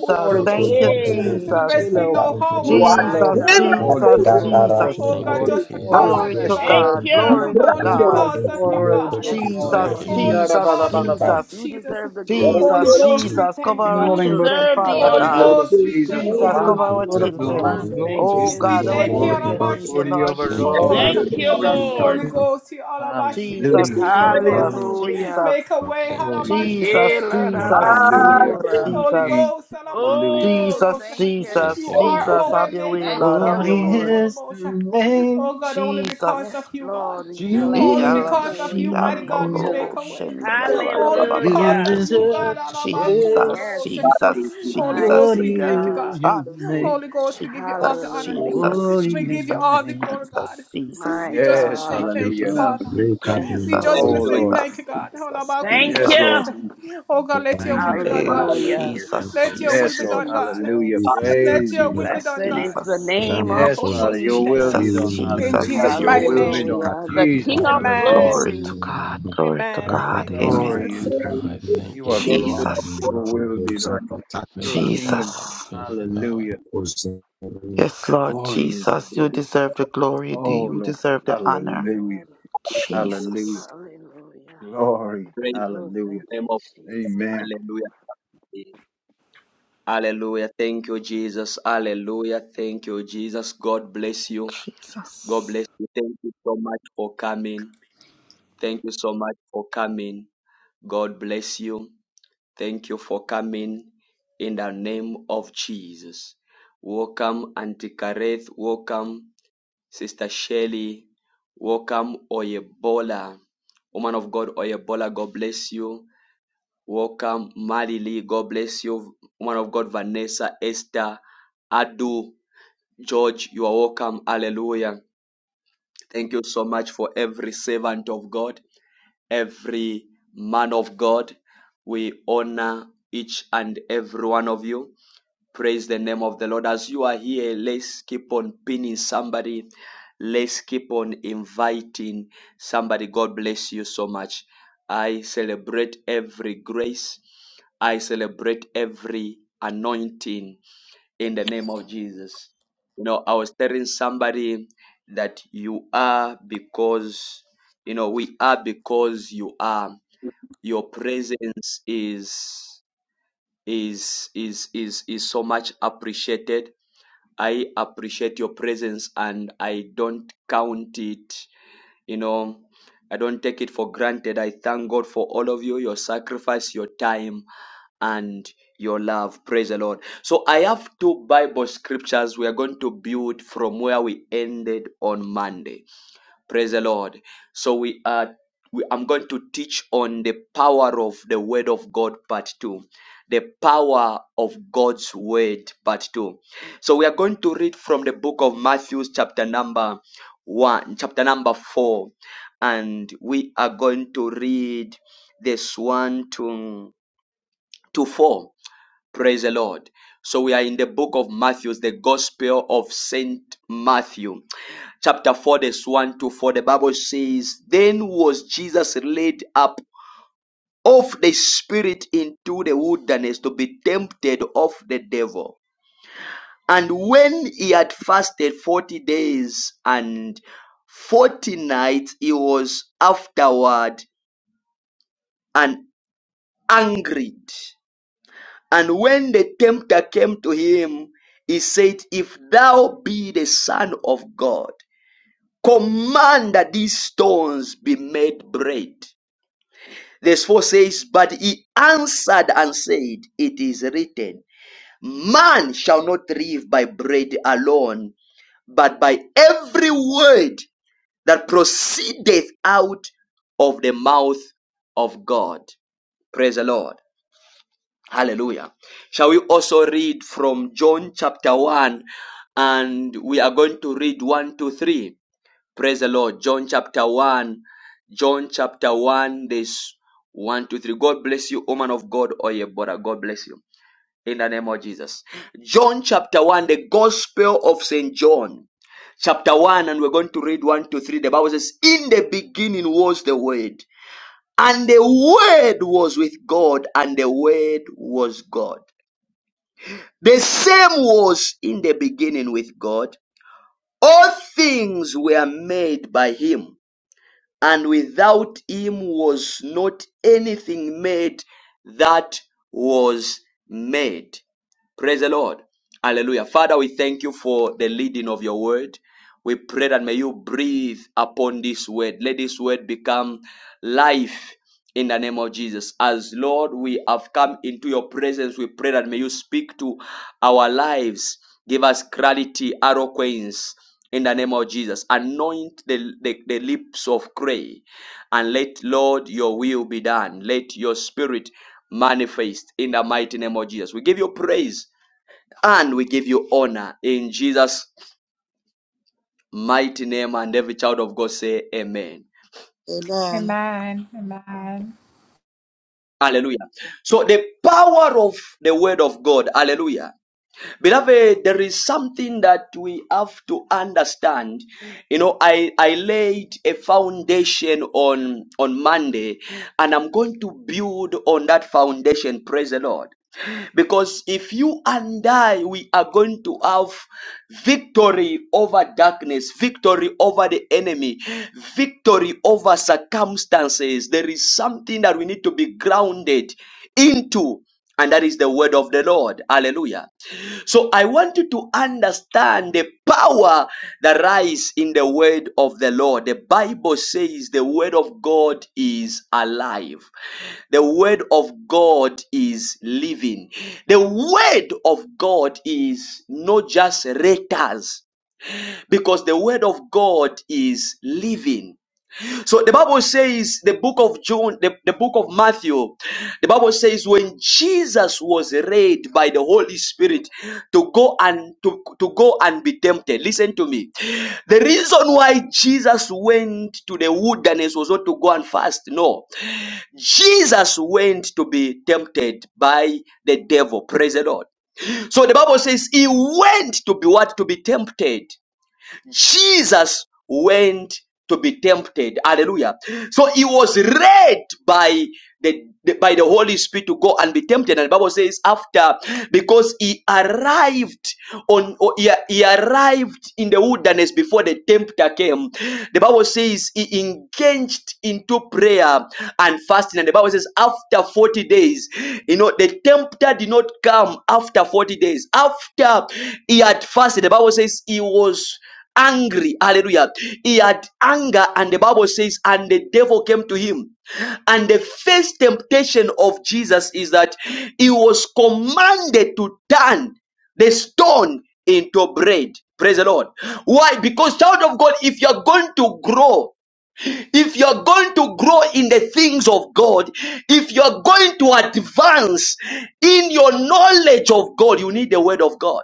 Speaker 1: God.
Speaker 10: pour out your
Speaker 11: Thank you,
Speaker 10: spirit, Lord.
Speaker 7: Hey,
Speaker 13: To the best
Speaker 10: Fill
Speaker 11: Jesus.
Speaker 13: we
Speaker 10: our
Speaker 13: know
Speaker 10: cup,
Speaker 13: how
Speaker 1: You
Speaker 10: Lord.
Speaker 1: are
Speaker 10: Fill
Speaker 7: my
Speaker 10: our
Speaker 11: Jesus,
Speaker 1: the
Speaker 10: cup,
Speaker 7: God,
Speaker 10: Lord.
Speaker 7: my
Speaker 1: miracle
Speaker 13: Alabakutolobosha.
Speaker 11: Jesus,
Speaker 10: Double
Speaker 7: God. Thank
Speaker 10: portion,
Speaker 11: Jesus.
Speaker 13: Oh
Speaker 7: you,
Speaker 8: Thank
Speaker 13: God,
Speaker 10: Lord.
Speaker 8: you,
Speaker 1: working
Speaker 7: Holy
Speaker 13: just
Speaker 10: Pour a
Speaker 13: because
Speaker 1: God.
Speaker 7: Spirit.
Speaker 13: of
Speaker 11: Glory
Speaker 13: you,
Speaker 11: to
Speaker 10: fresh
Speaker 8: Jesus.
Speaker 13: God.
Speaker 7: Thank
Speaker 10: oil,
Speaker 11: God.
Speaker 7: you.
Speaker 10: Father.
Speaker 11: Glory to
Speaker 13: Only
Speaker 10: Fresh
Speaker 1: Grandoro.
Speaker 11: God.
Speaker 10: oil.
Speaker 13: because of you,
Speaker 10: Pour out
Speaker 13: God.
Speaker 10: your
Speaker 7: Yes,
Speaker 8: Thank
Speaker 11: Jesus,
Speaker 8: you,
Speaker 7: Lord.
Speaker 10: glory.
Speaker 13: Only
Speaker 11: Jesus,
Speaker 13: because of
Speaker 8: Jesus.
Speaker 13: you,
Speaker 11: Jesus.
Speaker 7: You
Speaker 13: Jesus.
Speaker 7: deserve the
Speaker 1: Thank you,
Speaker 7: glory.
Speaker 13: Holy
Speaker 11: Jesus,
Speaker 1: Lord.
Speaker 13: Ghost, we
Speaker 11: Jesus, cover
Speaker 13: thank
Speaker 10: There's
Speaker 13: you,
Speaker 11: our
Speaker 13: God.
Speaker 7: You
Speaker 10: nothing but the
Speaker 11: children,
Speaker 7: deserve the
Speaker 10: power,
Speaker 11: Father
Speaker 10: the
Speaker 8: Thank
Speaker 13: Holy
Speaker 8: you,
Speaker 11: God.
Speaker 7: honor.
Speaker 10: blood of
Speaker 13: Ghost,
Speaker 1: Thank
Speaker 13: we
Speaker 1: you,
Speaker 10: Jesus,
Speaker 8: Jesus.
Speaker 10: the
Speaker 13: thank you.
Speaker 11: Jesus,
Speaker 10: Lamb,
Speaker 1: Lord.
Speaker 11: cover
Speaker 10: the
Speaker 11: our
Speaker 10: blood of
Speaker 13: Rabakuto
Speaker 10: the
Speaker 11: children.
Speaker 7: Oh,
Speaker 13: Rabosh.
Speaker 10: Lamb, Lord
Speaker 7: thank
Speaker 11: Oh
Speaker 10: Jesus.
Speaker 7: you,
Speaker 13: We
Speaker 11: God,
Speaker 10: You are
Speaker 11: our
Speaker 13: thank you.
Speaker 10: worthy,
Speaker 11: children
Speaker 10: worthy,
Speaker 7: Jesus.
Speaker 11: need you,
Speaker 10: worthy of
Speaker 11: Lord
Speaker 13: Rabashilibiki
Speaker 8: Thank you,
Speaker 10: all.
Speaker 1: Thank
Speaker 10: We
Speaker 11: Jesus,
Speaker 1: you,
Speaker 7: Thank you,
Speaker 1: Lord.
Speaker 10: adore you,
Speaker 11: Jesus,
Speaker 8: Jesus.
Speaker 10: Lord.
Speaker 7: Lord.
Speaker 13: Holy
Speaker 11: Jesus,
Speaker 13: Ghost, he
Speaker 11: Jesus,
Speaker 1: Praise the
Speaker 10: Hallelujah.
Speaker 13: alabashilibiki
Speaker 10: Oh
Speaker 1: Lord.
Speaker 13: kolobosa.
Speaker 11: Jesus,
Speaker 10: Lord,
Speaker 7: Hallelujah.
Speaker 13: Make
Speaker 11: Jesus,
Speaker 13: a way,
Speaker 8: Thank you,
Speaker 10: glory is your name.
Speaker 11: Jesus, Jesus,
Speaker 13: halabashilibiki
Speaker 8: Jesus.
Speaker 11: Jesus,
Speaker 13: kolobosa.
Speaker 10: Hallelujah.
Speaker 1: Hallelujah.
Speaker 7: Elarabasora.
Speaker 10: King
Speaker 13: Holy
Speaker 11: Jesus,
Speaker 10: Jesus.
Speaker 13: Ghost,
Speaker 10: Hallelujah.
Speaker 13: alabaku
Speaker 7: Oh,
Speaker 11: Jesus,
Speaker 7: thank
Speaker 13: tolobosha.
Speaker 7: you,
Speaker 8: Thank
Speaker 13: You
Speaker 11: Jesus,
Speaker 8: you,
Speaker 1: Thank
Speaker 13: are
Speaker 1: you,
Speaker 11: Jesus,
Speaker 13: our
Speaker 1: Lord.
Speaker 13: way
Speaker 11: have
Speaker 7: Jesus.
Speaker 8: Jesus.
Speaker 11: your
Speaker 13: maker,
Speaker 11: way,
Speaker 7: Thank
Speaker 11: Lord,
Speaker 7: you,
Speaker 11: have
Speaker 10: What
Speaker 11: your
Speaker 13: halabako
Speaker 11: way,
Speaker 7: Lord.
Speaker 10: is the
Speaker 13: tolobosha.
Speaker 10: name?
Speaker 13: Oh God, only because
Speaker 7: Yes,
Speaker 13: of
Speaker 11: Jesus.
Speaker 13: you, God.
Speaker 7: Lord, we
Speaker 8: Thank you,
Speaker 7: bless
Speaker 11: Eh,
Speaker 13: Only
Speaker 10: Jesus.
Speaker 7: your
Speaker 11: alam-
Speaker 13: because
Speaker 8: Jesus.
Speaker 13: of
Speaker 7: holy
Speaker 11: she-
Speaker 13: you, mighty
Speaker 11: am- oh,
Speaker 13: God,
Speaker 7: name.
Speaker 11: no,
Speaker 13: we
Speaker 11: no,
Speaker 13: make
Speaker 11: no,
Speaker 13: a way.
Speaker 11: shenda, ya, ba,
Speaker 1: Thank you,
Speaker 11: ba, ba,
Speaker 13: Only
Speaker 1: Lord.
Speaker 11: ba, ba,
Speaker 13: because
Speaker 11: ba.
Speaker 10: You
Speaker 7: Hallelujah.
Speaker 13: of
Speaker 8: Thank you,
Speaker 13: you, God,
Speaker 10: deserve the
Speaker 8: Jesus.
Speaker 13: alabaku
Speaker 10: praise.
Speaker 11: Jesus,
Speaker 7: Yes,
Speaker 13: tolobosha.
Speaker 1: Father,
Speaker 11: Jesus,
Speaker 1: we give
Speaker 13: Holy
Speaker 1: you
Speaker 11: Jesus.
Speaker 10: What
Speaker 13: Ghost,
Speaker 7: mighty
Speaker 13: we
Speaker 1: praise.
Speaker 13: thank you,
Speaker 10: is
Speaker 7: God.
Speaker 13: God.
Speaker 10: your
Speaker 11: Hallelujah.
Speaker 10: name?
Speaker 13: Holy Ghost, we give you all the
Speaker 11: Jesus,
Speaker 13: honor.
Speaker 1: Thank you,
Speaker 7: Hallelujah.
Speaker 10: What
Speaker 11: Jesus,
Speaker 13: We
Speaker 10: is
Speaker 13: give you
Speaker 10: your
Speaker 13: all
Speaker 11: Jesus,
Speaker 13: the
Speaker 10: name?
Speaker 13: glory,
Speaker 11: Jesus,
Speaker 13: God.
Speaker 11: Jesus.
Speaker 7: My
Speaker 13: We just want to
Speaker 10: Yes,
Speaker 13: say
Speaker 7: God.
Speaker 8: Thank you,
Speaker 13: thank you,
Speaker 10: hallelujah. That-
Speaker 8: Jesus.
Speaker 13: Father.
Speaker 11: Mm,
Speaker 7: Yes,
Speaker 13: We
Speaker 11: Jesus,
Speaker 13: just want
Speaker 10: Oh
Speaker 13: to
Speaker 7: Lord.
Speaker 1: Lord.
Speaker 13: say
Speaker 10: Lord,
Speaker 11: Jesus,
Speaker 13: thank
Speaker 10: thank
Speaker 13: you,
Speaker 10: you.
Speaker 13: God.
Speaker 11: Jesus,
Speaker 7: Thank
Speaker 10: Yes,
Speaker 11: Jesus.
Speaker 10: Lord,
Speaker 7: you.
Speaker 13: Holabakutolobose.
Speaker 10: thank you.
Speaker 13: Oh God, let your
Speaker 10: Thank
Speaker 13: will
Speaker 10: you,
Speaker 13: be done,
Speaker 10: Father.
Speaker 11: Eh,
Speaker 1: Father,
Speaker 13: God.
Speaker 1: we
Speaker 7: Hallelujah.
Speaker 11: Jesus,
Speaker 13: Let your will
Speaker 11: Jesus,
Speaker 10: Yes,
Speaker 13: be
Speaker 10: Lord,
Speaker 13: done, God.
Speaker 10: hallelujah.
Speaker 7: Jesus.
Speaker 1: ask
Speaker 11: Jesus,
Speaker 13: Let
Speaker 10: Praise you,
Speaker 13: your
Speaker 10: Lord.
Speaker 9: Ikatakaba
Speaker 13: will be
Speaker 11: Jesus,
Speaker 13: done,
Speaker 7: Blessed is
Speaker 13: God.
Speaker 7: the
Speaker 11: Jesus,
Speaker 7: name of
Speaker 10: Yes,
Speaker 13: Holy
Speaker 10: Father,
Speaker 13: Ghost, we
Speaker 10: your
Speaker 13: thank
Speaker 10: will
Speaker 13: you.
Speaker 7: Jesus.
Speaker 11: Jesus,
Speaker 10: be done.
Speaker 13: In
Speaker 11: Jesus,
Speaker 10: Hallelujah.
Speaker 13: Jesus'
Speaker 1: you
Speaker 10: Your
Speaker 13: mighty
Speaker 11: Jesus.
Speaker 10: will be
Speaker 13: name.
Speaker 10: done.
Speaker 7: Hallelujah. The
Speaker 10: Jesus,
Speaker 7: King
Speaker 8: Thank
Speaker 7: of
Speaker 8: you,
Speaker 10: hallelujah.
Speaker 13: Amen.
Speaker 11: Glory
Speaker 7: glory.
Speaker 11: to
Speaker 8: Jesus.
Speaker 11: God,
Speaker 9: Ramakoziyandarakokoziyandaba
Speaker 11: glory to
Speaker 13: Amen.
Speaker 7: My
Speaker 11: God.
Speaker 13: Thank you,
Speaker 11: Amen.
Speaker 7: God.
Speaker 13: Jesus.
Speaker 10: Glorious.
Speaker 1: in
Speaker 8: Adonai, thank
Speaker 10: You
Speaker 1: the
Speaker 10: are
Speaker 8: you.
Speaker 1: name of
Speaker 7: Yes,
Speaker 10: glorious.
Speaker 11: Jesus,
Speaker 1: God
Speaker 10: Your
Speaker 7: Lord.
Speaker 10: will be done.
Speaker 1: and
Speaker 10: Your
Speaker 9: Rakabamakotikabarakoziyandarakakozakatakaba
Speaker 8: Faithful
Speaker 10: kingdom
Speaker 8: God,
Speaker 10: come.
Speaker 11: Jesus.
Speaker 8: faithful God.
Speaker 10: Hallelujah.
Speaker 11: Yes, Lord
Speaker 10: Glorious your
Speaker 11: Jesus, you
Speaker 10: name.
Speaker 11: deserve the glory.
Speaker 10: Oh,
Speaker 11: You
Speaker 10: Lord.
Speaker 11: deserve the
Speaker 7: My
Speaker 11: honor.
Speaker 10: Hallelujah.
Speaker 7: God.
Speaker 11: Jesus.
Speaker 10: Hallelujah.
Speaker 7: Hallelujah.
Speaker 10: Glory.
Speaker 1: praise the
Speaker 7: Oh,
Speaker 10: Hallelujah.
Speaker 7: thank
Speaker 1: name
Speaker 7: you,
Speaker 1: of
Speaker 7: Jesus.
Speaker 10: Amen.
Speaker 1: Hallelujah. Hallelujah. Thank you, Jesus. Hallelujah. Thank you, Jesus. God bless you. God bless
Speaker 11: Jesus.
Speaker 1: you. Thank you so much for coming. Thank you so much for coming. God bless you. Thank you for coming in the name of Jesus. Welcome, Auntie Kareth. Welcome, Sister Shelley. Welcome, Oyebola. Woman of God, Oyebola, God bless you. Welcome, Marily. God bless you. Woman of God, Vanessa, Esther, Adu, George, you are welcome. Hallelujah. Thank you so much for every servant of God, every man of God. We honor each and every one of you. Praise the name of the Lord. As you are here, let's keep on pinning somebody. Let's keep on inviting somebody. God bless you so much. I celebrate every grace. I celebrate every anointing in the name of Jesus. You know, I was telling somebody that you are because, you know, we are because you are. Your presence is is is is is so much appreciated. I appreciate your presence and I don't count it, you know, I don't take it for granted. I thank God for all of you, your sacrifice, your time and your love. Praise the Lord. So I have two Bible scriptures we are going to build from where we ended on Monday. Praise the Lord. So we are we, I'm going to teach on the power of the word of God part 2. The power of God's word part 2. So we are going to read from the book of Matthew chapter number 1 chapter number 4 and we are going to read this 1 to to 4 Praise the Lord. So we are in the book of Matthew, the Gospel of Saint Matthew, chapter 4, verse 1 to 4. The Bible says, Then was Jesus laid up of the Spirit into the wilderness to be tempted of the devil. And when he had fasted 40 days and 40 nights, he was afterward and angered And when the tempter came to him, he said, If thou be the Son of God, command that these stones be made bread. Verse 4 says, But he answered and said, It is written, Man shall not live by bread alone, but by every word that proceedeth out of the mouth of God. Praise the Lord. Hallelujah. Shall we also read from John chapter 1 and we are going to read one, two, three. Praise the Lord. John chapter 1. John chapter 1, this one, two, three. God bless you, woman of God, Oyebora. God bless you. In the name of Jesus. John chapter 1, the gospel of St. John. Chapter 1, and we're going to read one, two, three. The Bible says, In the beginning was the Word, and the Word was with God, and the Word was God. The same was in the beginning with God. All things were made by him, and without him was not anything made that was made. Praise the Lord. Hallelujah. Father, we thank you for the leading of your word. We pray that may you breathe upon this word. Let this word become life in the name of Jesus. As Lord, we have come into your presence. We pray that may you speak to our lives. Give us clarity, eloquence in the name of Jesus. Anoint the, the, the lips of clay and let, Lord, your will be done. Let your spirit manifest in the mighty name of Jesus. We give you praise and we give you honor in Jesus' mighty name. And every child of God say, Amen.
Speaker 11: Amen.
Speaker 13: Amen. Amen.
Speaker 1: Hallelujah. So the power of the word of God. Hallelujah. Beloved, there is something that we have to understand. You know, I, I laid a foundation on, on Monday and I'm going to build on that foundation. Praise the Lord. Because if you and I, we are going to have victory over darkness, victory over the enemy, victory over circumstances. There is something that we need to be grounded into, and that is the word of the Lord. Hallelujah. So I want you to understand the power that lies in the word of the Lord. The Bible says the word of God is alive. The word of God is living. The word of God is not just letters because the word of God is living. So the Bible says, the book of John, the, the book of Matthew, the Bible says, when Jesus was led by the Holy Spirit to go and to, to go and be tempted. Listen to me. The reason why Jesus went to the wilderness was not to go and fast. No. Jesus went to be tempted by the devil. Praise the Lord. So the Bible says he went to be what? To be tempted. Jesus went to be tempted. Hallelujah. So he was led by the, the- by the Holy Spirit to go and be tempted. And the Bible says, after because he arrived on or he, he arrived in the wilderness before the tempter came the bible says he engaged into prayer and fasting and the bible says after 40 days you know the tempter did not come after 40 days after he had fasted the bible says he was angry hallelujah he had anger and the bible says and the devil came to him and the first temptation of jesus is that he was commanded to turn the stone into bread. Praise the Lord. Why? Because, child of God, if you're going to grow, if you're going to grow in the things of God, if you're going to advance in your knowledge of God, you need the word of God.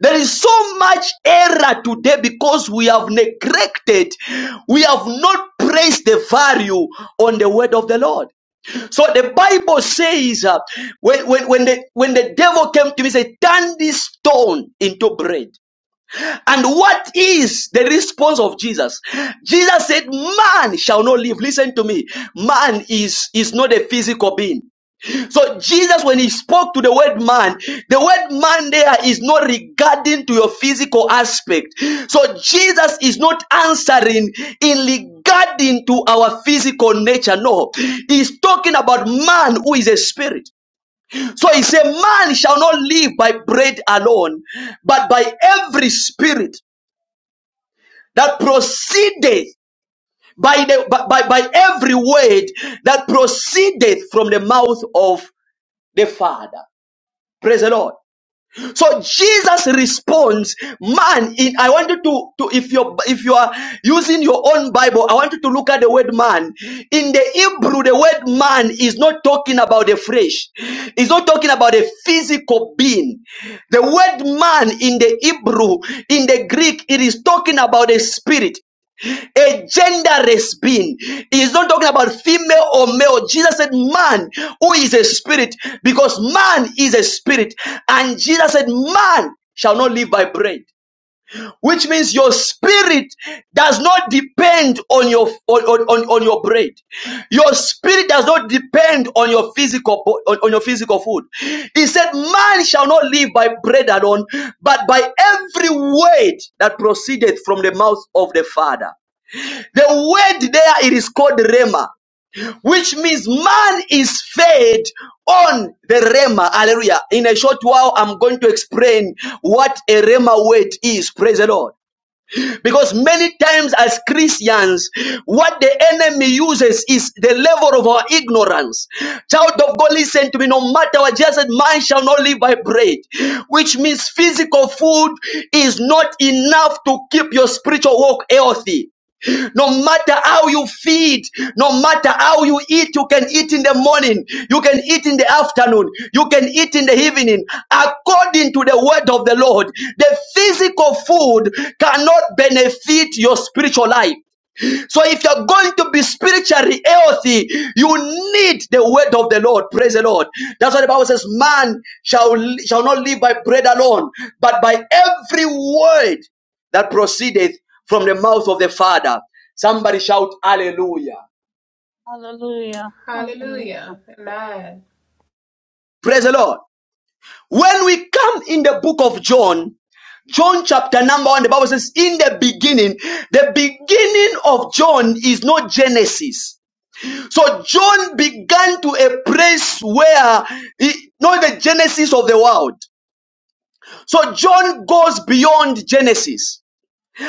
Speaker 1: There is so much error today because we have neglected, we have not placed the value on the word of the Lord. So the Bible says, uh, when, when, when, the, when the devil came to me, he said, turn this stone into bread. And what is the response of Jesus? Jesus said, man shall not live. Listen to me. Man is, is not a physical being. So Jesus, when he spoke to the word man, the word man there is not regarding to your physical aspect. So Jesus is not answering in regarding to our physical nature. No, he's talking about man who is a spirit. So he said, man shall not live by bread alone, but by every spirit that proceedeth by the by, by, by every word that proceedeth from the mouth of the Father. Praise the Lord. So Jesus responds, man, in, I want you to, to if you if you are using your own Bible, I want you to look at the word man. In the Hebrew, the word man is not talking about the flesh. It's not talking about a physical being. The word man in the Hebrew, in the Greek, it is talking about a spirit a genderless being. He's not talking about female or male. Jesus said, Man who is a spirit, because man is a spirit. And Jesus said, Man shall not live by bread. Which means your spirit does not depend on your on, on, on your bread. Your spirit does not depend on your physical bo- on, on your physical food. He said, Man shall not live by bread alone, but by every word that proceedeth from the mouth of the Father. The word there it is called Rema, which means man is fed on the Rema. Hallelujah. In a short while, I'm going to explain what a Rema word is. Praise the Lord. Because many times as Christians, what the enemy uses is the level of our ignorance. Child of God, listen to me. No matter what, just said, man shall not live by bread, which means physical food is not enough to keep your spiritual walk healthy. No matter how you feed, no matter how you eat, you can eat in the morning, you can eat in the afternoon, you can eat in the evening, according to the word of the Lord. The physical food cannot benefit your spiritual life. So if you're going to be spiritually healthy, you need the word of the Lord. Praise the Lord. That's why the Bible says, man shall, shall not live by bread alone, but by every word that proceedeth from the mouth of the Father. Somebody shout hallelujah.
Speaker 13: Hallelujah. Amen.
Speaker 1: Praise the Lord. When we come in the book of John, John chapter number one, the Bible says, in the beginning, the beginning of John is not Genesis. So John began to a place where he know the genesis of the world. So John goes beyond Genesis.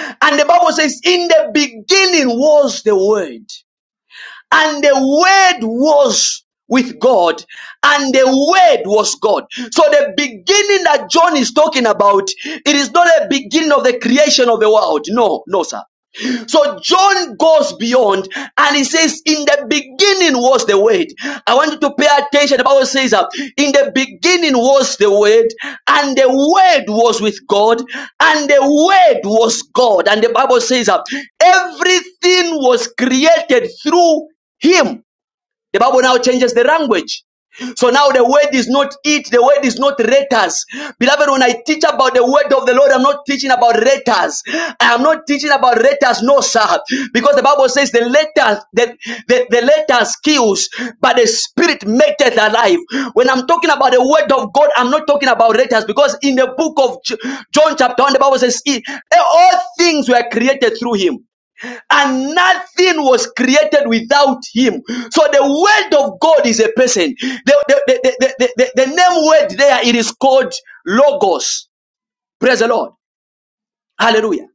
Speaker 1: And the Bible says, in the beginning was the word. And the word was with God. And the word was God. So the beginning that John is talking about, it is not a beginning of the creation of the world. No, no, sir. So John goes beyond and he says, In the beginning was the word. I want you to pay attention. The Bible says that in the beginning was the word, and the word was with God, and the word was God. And the Bible says that everything was created through him the Bible now changes the language. So now the word is not it, the word is not letters. Beloved, when I teach about the word of the Lord, I'm not teaching about letters. I am not teaching about letters, no, sir. Because the Bible says the letters, the, the, the letters kills, but the spirit maketh alive. When I'm talking about the word of God, I'm not talking about letters because in the book of J- John chapter 1, the Bible says, all things were created through him and nothing was created without him. So the word of God is a person. The, the, the, the, the, the, the name word there, it is called Logos. Praise the Lord. Hallelujah.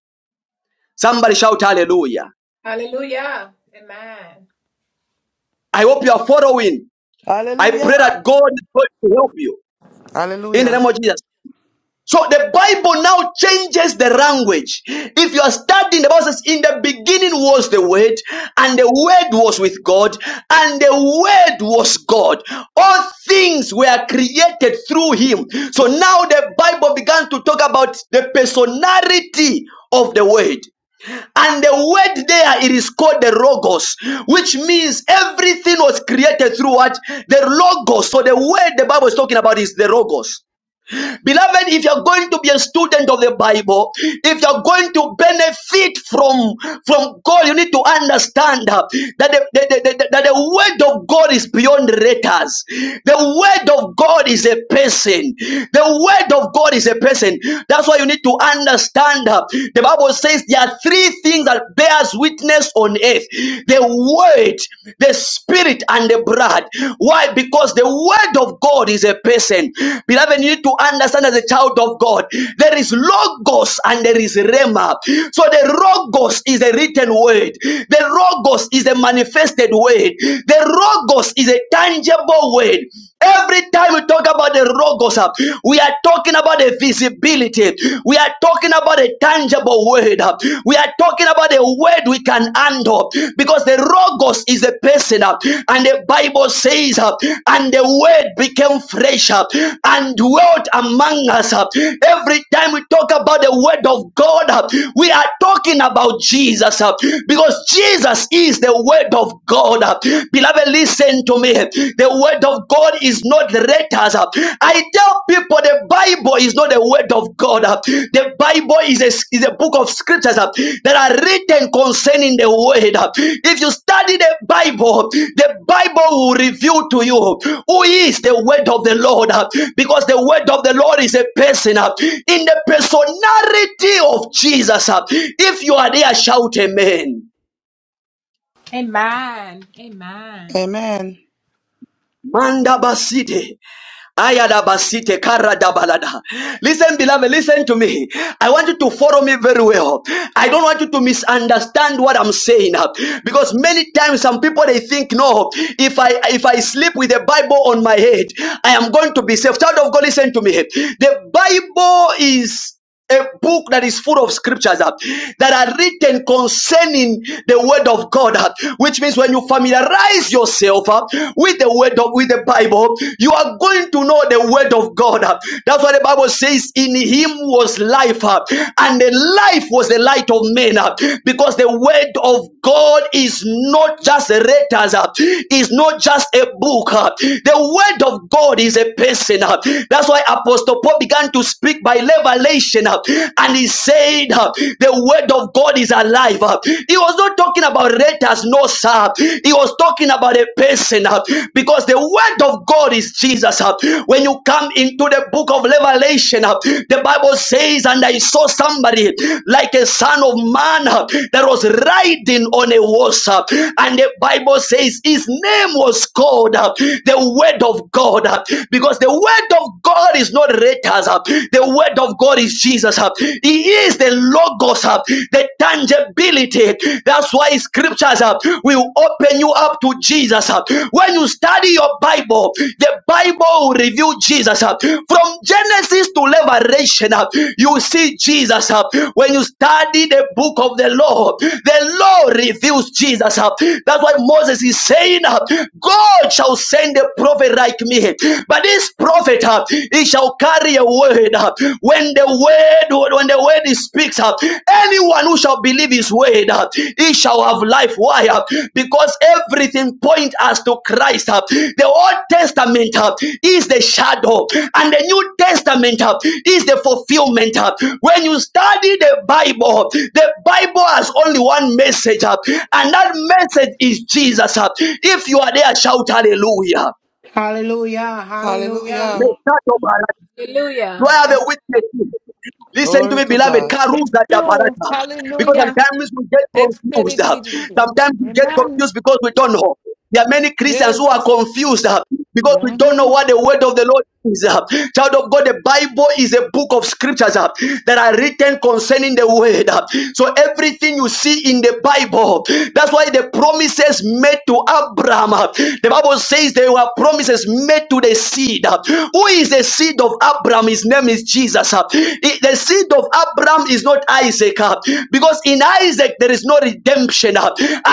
Speaker 1: Somebody shout hallelujah.
Speaker 13: Hallelujah. Amen.
Speaker 1: I hope you are following. I pray
Speaker 11: Hallelujah.
Speaker 1: that God is going to help you in the
Speaker 11: Hallelujah.
Speaker 1: name of Jesus. So the Bible now changes the language. If you are studying, the Bible says, in the beginning was the Word, and the Word was with God, and the Word was God. All things were created through Him. So now the Bible began to talk about the personality of the Word. And the word there, it is called the Logos, which means everything was created through what? The Logos. So the word the Bible is talking about is the Logos. Beloved, if you're going to be a student of the Bible, if you're going to benefit from, from God, you need to understand uh, that the, the, the, the- that the word of God is beyond letters. The word of God is a person. The word of God is a person. That's why you need to understand. uh, The Bible says there are three things that bears witness on earth. The word, the the spirit and the blood. Why? Because the word of God is a person. Beloved, you need to understand as a child of God, there is logos and there is rema. So the logos is a written word. The logos is a manifested word. The logos is a tangible word. Every time we talk about the logos, uh, we are talking about the visibility. We are talking about a tangible word. uh, We are talking about a word we can handle because the logos is a person, uh, and the Bible says, uh, and the word became flesh uh, and dwelt among us. uh. Every time we talk about the word of God, uh, we are talking about Jesus uh, because Jesus is the word of God. uh. Beloved, listen to me. The word of God is not letters. I tell people the Bible is not the word of God. The Bible is a, is a book of scriptures that are written concerning the word. If you study the Bible, the Bible will reveal to you who is the word of the Lord because the word of the Lord is a person in the personality of Jesus. If you are there, shout amen.
Speaker 13: Amen. Amen.
Speaker 11: Amen.
Speaker 1: Mandabasite. Ayadabasite karadabalada. Listen, beloved, listen to me. I want you to follow me very well. I don't want you to misunderstand what I'm saying uh, because many times some people they think, no, if I if I sleep with the Bible on my head, I am going to be safe. Child of God, listen to me. The Bible is a book that is full of scriptures uh, that are written concerning the word of God, uh, which means when you familiarize yourself uh, with the word of with the Bible, you are going to know the word of God. uh. That's what the Bible says. In Him was life, uh, and the life was the light of men. uh, Because the word of God is not just a letters, uh, is not just a book. uh. The word of God is a person. uh. That's why Apostle Paul began to to speak by revelation. uh, And he said, uh, The word of God is alive. uh. He was not talking about letters, no, sir. He was talking about a person uh, because the word of God is Jesus. uh. When you come into the book of Revelation, uh, the Bible says, And I saw somebody like a son of man uh, that was riding on a horse. uh, And the Bible says, His name was called uh, the word of God uh, because the word of God. God is not haters. uh, The word of God is Jesus. uh, He is the logos, uh, the tangibility. That's why scriptures uh, will open you up to Jesus. uh. When you study your Bible, the Bible will reveal Jesus. uh. From Genesis to Revelation, uh, you see Jesus. uh. When you study the book of the law, the law reveals Jesus. uh. That's why Moses is saying, uh, God shall send a prophet like me. But this prophet, uh, he shall carry a word. uh, when the word, when the word he speaks, uh, anyone who shall believe his word, uh, he shall have life. Why? uh, because everything points us to Christ. uh, the Old Testament uh, is the shadow, and the New Testament uh, is the fulfillment. uh. when you study the Bible, the Bible has only one message, uh, and that message is Jesus. uh. if you are there, shout hallelujah.
Speaker 14: Hallelujah, hallelujah,
Speaker 11: Hallelujah.
Speaker 1: Do I
Speaker 13: Hallelujah.
Speaker 1: have a
Speaker 13: Amen.
Speaker 1: witness. Listen to
Speaker 11: Glory
Speaker 1: me,
Speaker 11: to
Speaker 1: beloved.
Speaker 11: God.
Speaker 2: It's
Speaker 1: Karuza
Speaker 2: true.
Speaker 1: Dabarata. Because
Speaker 2: Hallelujah.
Speaker 1: sometimes we get
Speaker 2: It's
Speaker 1: confused. uh, Sometimes we get
Speaker 2: Amen.
Speaker 1: confused because we don't know. There are many Christians who
Speaker 2: Yes,
Speaker 1: are
Speaker 2: it's
Speaker 1: confused uh, because we don't know
Speaker 2: Mhm.
Speaker 1: what the word of the Lord is. uh. Child of God, the Bible is a book of scriptures uh, that are written concerning the word. uh. So everything you see in the Bible, that's why the promises made to Abraham, uh, the Bible says there were promises made to the seed. uh. Who is the seed of Abraham? His name is Jesus. uh. It- The seed of Abraham is not Isaac uh, because in Isaac there is no redemption. uh.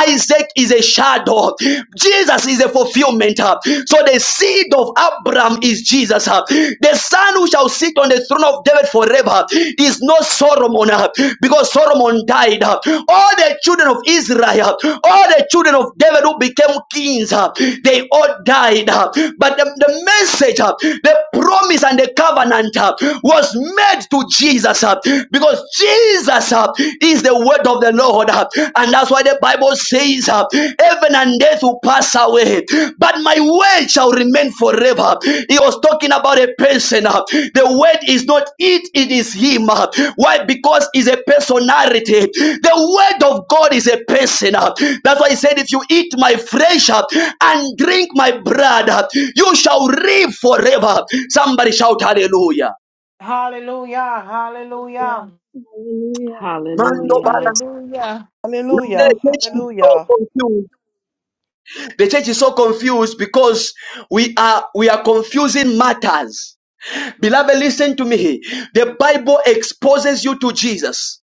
Speaker 1: Isaac is a shadow. Jesus is a fulfillment. uh. So the seed of Abraham is Jesus. uh. The son who shall sit on the throne of David forever is not Solomon uh, because Solomon died. uh. All the children of Israel, uh, all the children of David who became kings, uh, they all died. uh. But the, the message, uh, the promise and the covenant uh, was made to Jesus, uh, because Jesus uh, is the word of the Lord, uh, and that's why the Bible says, uh, Heaven and earth will pass away, but my word shall remain forever. He was talking about a person, uh, the word is not it, it is Him. uh. Why? Because it's a personality. The word of God is a person. uh. That's why He said, If you eat my flesh uh, and drink my blood, uh, you shall live forever. Somebody shout hallelujah.
Speaker 14: hallelujah, hallelujah,
Speaker 1: Mando
Speaker 7: Hallelujah.
Speaker 2: Hallelujah.
Speaker 1: The
Speaker 11: Hallelujah.
Speaker 1: church is so
Speaker 11: Hallelujah.
Speaker 1: confused. The church is so confused because we are we are confusing matters. Beloved, listen to me. The Bible exposes you to Jesus.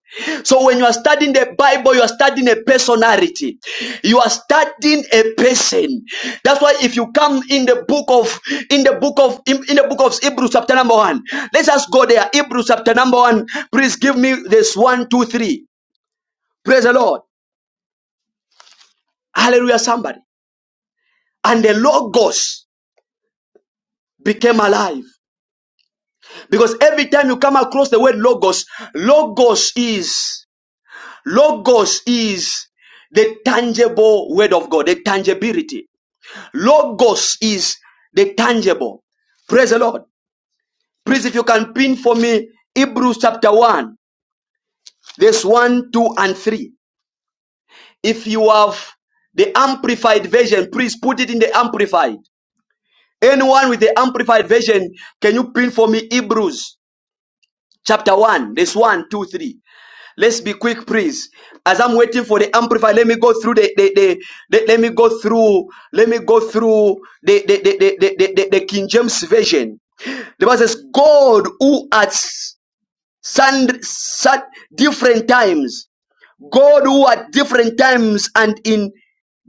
Speaker 1: So when you are studying the Bible, you are studying a personality. You are studying a person. That's why if you come in the book of in the book of in, in the book of Hebrews chapter number one, let's just go there. Hebrews chapter number one. Please give me this one, two, three. Praise the Lord. Hallelujah, somebody. and the logos became alive because every time you come across the word logos logos is logos is the tangible word of god the tangibility logos is the tangible praise the lord please if you can pin for me hebrews chapter 1 verse 1 2 and 3 if you have the amplified version please put it in the amplified anyone with the amplified version can you pin for me hebrews chapter 1, verse one, two, three. Let's be quick, please. As I'm waiting for the amplifier, let me go through the, the, the, the- let me go through, let me go through the, the, the, the, the, the, the- the King James Version. The Bible says, God who at sun, sun, different times God who at different times and in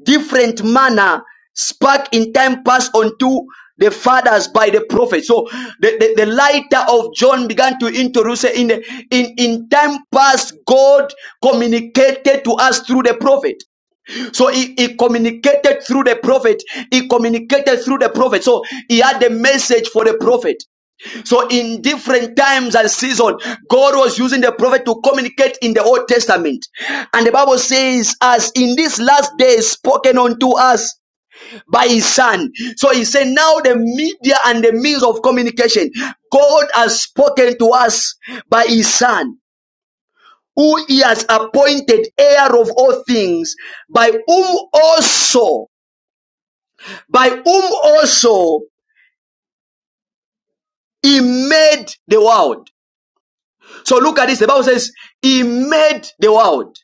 Speaker 1: different manner spoke in time past unto the fathers by the prophets, So the, the, the lighter of John began to introduce in, the, in in time past God communicated to us through the prophet. So he, he communicated through the prophet. He communicated through the prophet. So he had a message for the prophet. So in different times and season, God was using the prophet to communicate in the Old Testament. And the Bible says, as in these last days spoken unto us by his son. So he said, now the media and the means of communication, God has spoken to us by his son. Who he has appointed heir of all things, by whom also, by whom also he made the world. So look at this. The Bible says he made the world.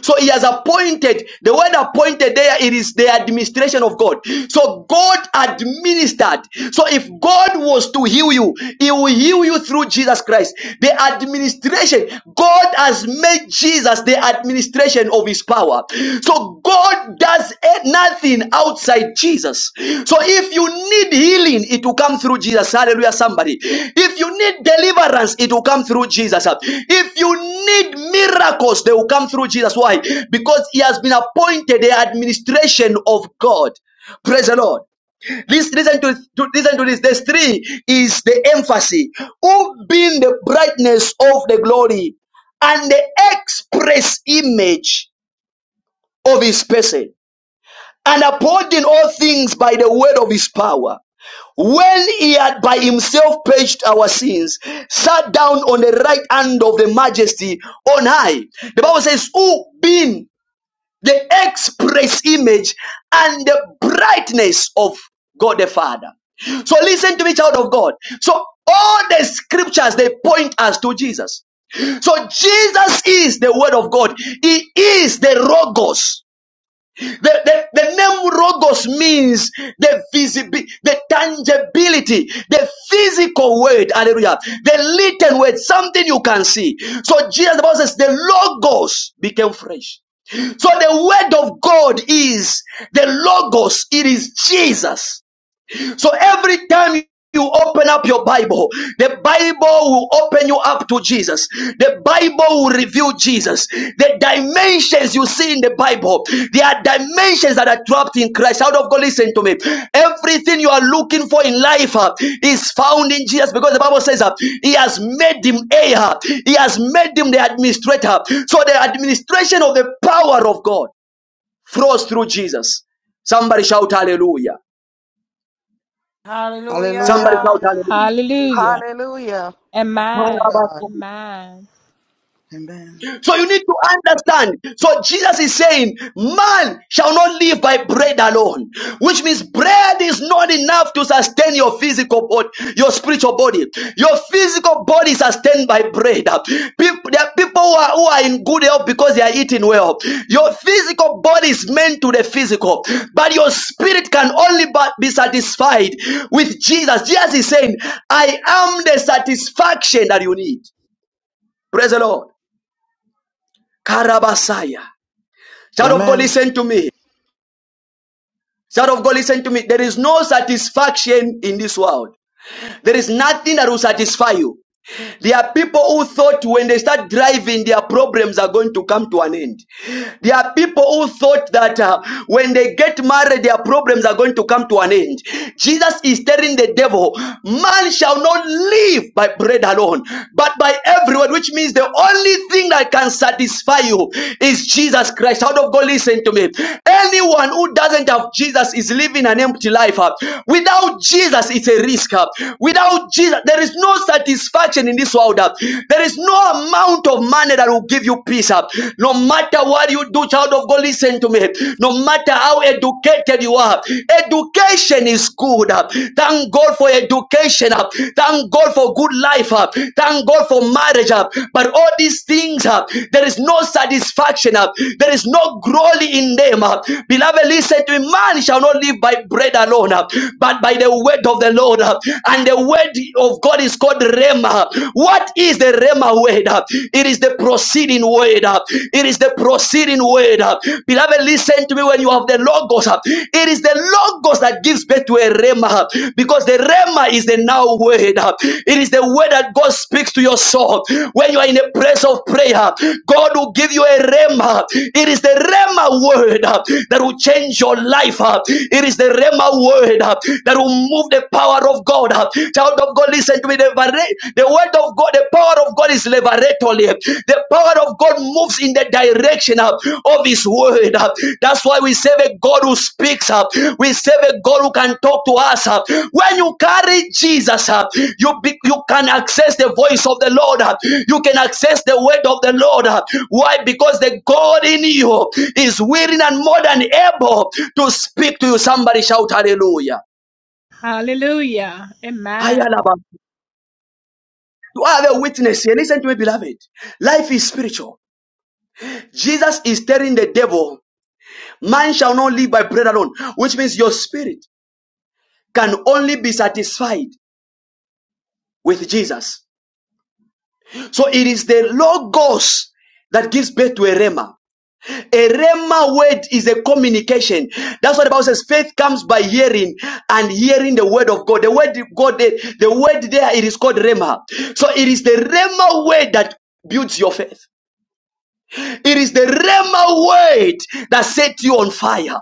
Speaker 1: So he has appointed the word appointed there it is the administration of God. So God administered. So if God was to heal you, he will heal you through Jesus Christ. The administration God has made Jesus the administration of his power. So God does nothing outside Jesus. So if you need healing, it will come through Jesus. Hallelujah, somebody. If you need deliverance, it will come through Jesus. If you need miracles, they will come through Jesus. Why? Because he has been appointed the administration of God. Praise the Lord. Listen, listen to, to listen to this. This three is the emphasis. Who being the brightness of the glory and the express image of his person and upholding all things by the word of his power. When he had by himself purged our sins, sat down on the right hand of the majesty on high. The Bible says, Who being the express image and the brightness of God the Father. So listen to me, child of God. So all the scriptures they point us to Jesus. So Jesus is the word of God. He is the Logos. The, the, the name Logos means the visible, the tangibility, the physical word. Hallelujah. The written word, something you can see. So Jesus, the Bible says, the Logos became flesh. So the word of God is the Logos. It is Jesus. So every time you open up your Bible, the Bible will open you up to Jesus. The Bible will reveal Jesus. The dimensions you see in the Bible, there are dimensions that are trapped in Christ. Out of God, listen to me. Everything you are looking for in life uh, is found in Jesus because the Bible says uh, He has made Him heir, He has made Him the administrator. So the administration of the power of God flows through Jesus. Somebody shout hallelujah. Somebody
Speaker 11: Hallelujah.
Speaker 1: shout
Speaker 14: hallelujah,
Speaker 1: hallelujah.
Speaker 13: Hallelujah.
Speaker 11: Hallelujah. To
Speaker 13: Amen. Amen.
Speaker 11: God. Amen.
Speaker 1: So you need to understand. So Jesus is saying, man shall not live by bread alone, which means bread is not enough to sustain your physical body, your spiritual body. Your physical body is sustained by bread. People, there are people who are, who are in good health because they are eating well. Your physical body is meant to the physical, but your spirit can only but be satisfied with Jesus. Jesus is saying, I am the satisfaction that you need. Praise the Lord. Karabasaya. Child of God,
Speaker 11: Amen.
Speaker 1: listen to me. Child of God, listen to me. There is no satisfaction in this world. There is nothing that will satisfy you. There are people who thought when they start driving, their problems are going to come to an end. There are people who thought that uh, when they get married, their problems are going to come to an end. Jesus is telling the devil, Man shall not live by bread alone, but by every word, which means the only thing that can satisfy you is Jesus Christ. Out of God, listen to me. Anyone who doesn't have Jesus is living an empty life. uh. Without Jesus, it's a risk. uh. Without Jesus, there is no no satisfaction in this world. uh. There is no amount of money that will give you peace. uh. No matter what you do, child of God, listen to me. No matter how educated you are, education is good. uh. Thank God for education. uh. Thank God for good life. uh. Thank God for marriage. uh. But all these things, uh, there is no satisfaction. uh. There is no glory in them. uh. Beloved, listen to me. Man shall not live by bread alone, uh, but by the word of the Lord. uh. And the the word of God is called RHEMA. What is the RHEMA word? It is the proceeding word. It is the proceeding word. Beloved, listen to me when you have the Logos. It is the Logos that gives birth to a RHEMA because the RHEMA is the now word. It is the word that God speaks to your soul. When you are in a place of prayer, God will give you a RHEMA. It is the RHEMA word that will change your life. It is the RHEMA word that will move the power of God. Child of God, listen to me. The, the word of God, the power of God is liberatory. The power of God moves in the direction uh, of His word. uh. That's why we serve a God who speaks up. We serve a God who can talk to us. uh. When you carry Jesus you be, you can access the voice of the Lord. uh. You can access the word of the Lord. uh. Why? Because the God in you is willing and more than able to speak to you. Somebody shout hallelujah.
Speaker 13: Hallelujah. Amen.
Speaker 1: You are the witness here. Listen to me, beloved. Life is spiritual. Jesus is telling the devil, man shall not live by bread alone, which means your spirit can only be satisfied with Jesus. So it is the Logos that gives birth to a rhema. A rhema word is a communication. That's what the Bible says. Faith comes by hearing and hearing the word of God. The word of God, the, the word there, it is called rhema. So it is the rhema word that builds your faith. It is the Rema word that sets you on fire.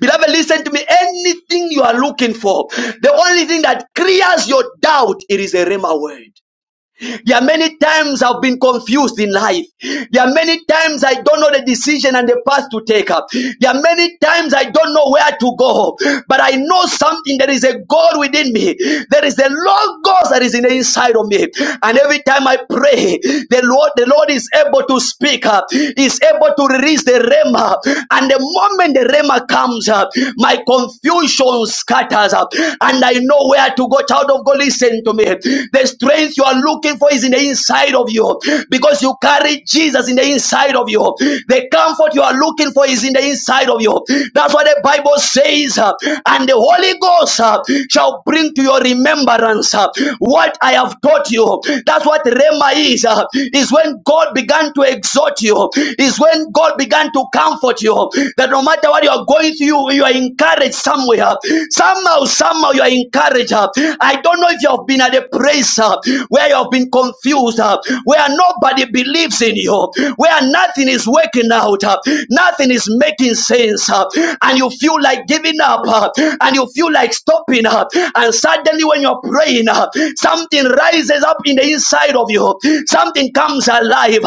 Speaker 1: Beloved, listen to me. Anything you are looking for, the only thing that clears your doubt, it is a Rema word. There are many times I've been confused in life. There are many times I don't know the decision and the path to take up. There are many times I don't know where to go. But I know something. There is a God within me. There is a Lord God that is in the inside of me. And every time I pray, the Lord, the Lord is able to speak up, is able to release the rema. And the moment the rema comes up, my confusion scatters scatters. And I know where to go. Child of God, listen to me. The strength you are looking for is in the inside of you because you carry Jesus in the inside of you. The comfort you are looking for is in the inside of you. That's what the Bible says. uh, And the Holy Ghost uh, shall bring to your remembrance uh, what I have taught you. That's what Rema is. uh, Is when God began to exhort you. Is when God began began to comfort you. That no matter what you are going through, you are encouraged somewhere. Somehow, somehow you are encouraged. I don't know if you have been at a place uh, where you have been confused, uh, where nobody believes in you, where nothing is working out, uh, nothing is making sense, uh, and you feel like giving up, uh, and you feel like stopping up, and suddenly when you're praying, uh, something rises up in the inside of you, something comes alive.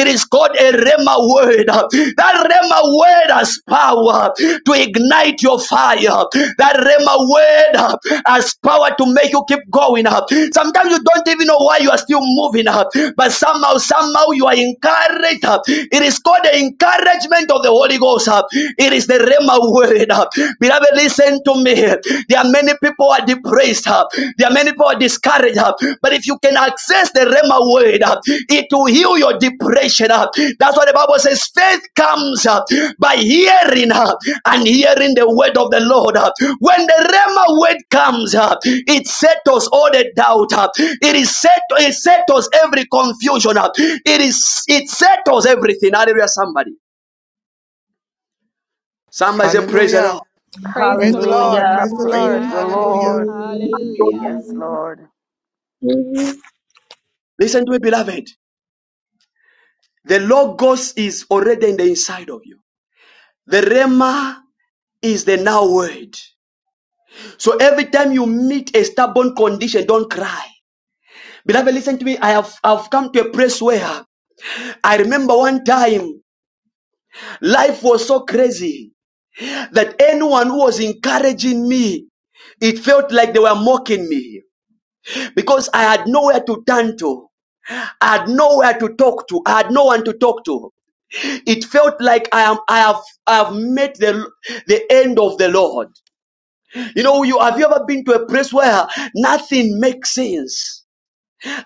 Speaker 1: It is called a Rema word. That Rema word has power to ignite your fire. That Rema word has power to make you keep going up. Sometimes you don't even know why you are still moving up, but somehow, somehow you are encouraged up. It is called the encouragement of the Holy Ghost up. It is the Rema word up. Beloved, listen to me. There are many people who are depressed. huh? There are many people who are discouraged. huh? But if you can access the Rema word, huh, it will heal your depression. huh? That's what the Bible says. Faith comes huh, by hearing huh, and hearing the word of the Lord. huh? When the Rema word comes, huh, it settles all the doubt. huh? It is set. It settles every confusion. huh? It is. It settles everything. Hallelujah! Somebody. Somebody say, Praise the
Speaker 11: Hallelujah.
Speaker 1: Lord.
Speaker 13: Praise
Speaker 11: Praise
Speaker 13: the
Speaker 11: the Lord.
Speaker 13: Lord.
Speaker 7: Hallelujah.
Speaker 11: Praise the
Speaker 7: Praise
Speaker 11: Lord.
Speaker 15: Hallelujah,
Speaker 7: the
Speaker 13: Amen.
Speaker 11: Hallelujah.
Speaker 7: Lord.
Speaker 15: hallelujah,
Speaker 13: Hallelujah.
Speaker 15: Jesus,
Speaker 7: Yes, Lord.
Speaker 1: Listen to me, beloved. The Logos is already in the inside of you. The Rema is the now word. So every time you meet a stubborn condition, don't cry. Beloved, listen to me. I have I've come to a place where I remember one time life was so crazy that anyone who was encouraging me, it felt like they were mocking me because I had nowhere to turn to. I had nowhere to talk to. I had no one to talk to. It felt like I am I have I have met the the end of the Lord. You know, you have you ever been to a place where nothing makes sense?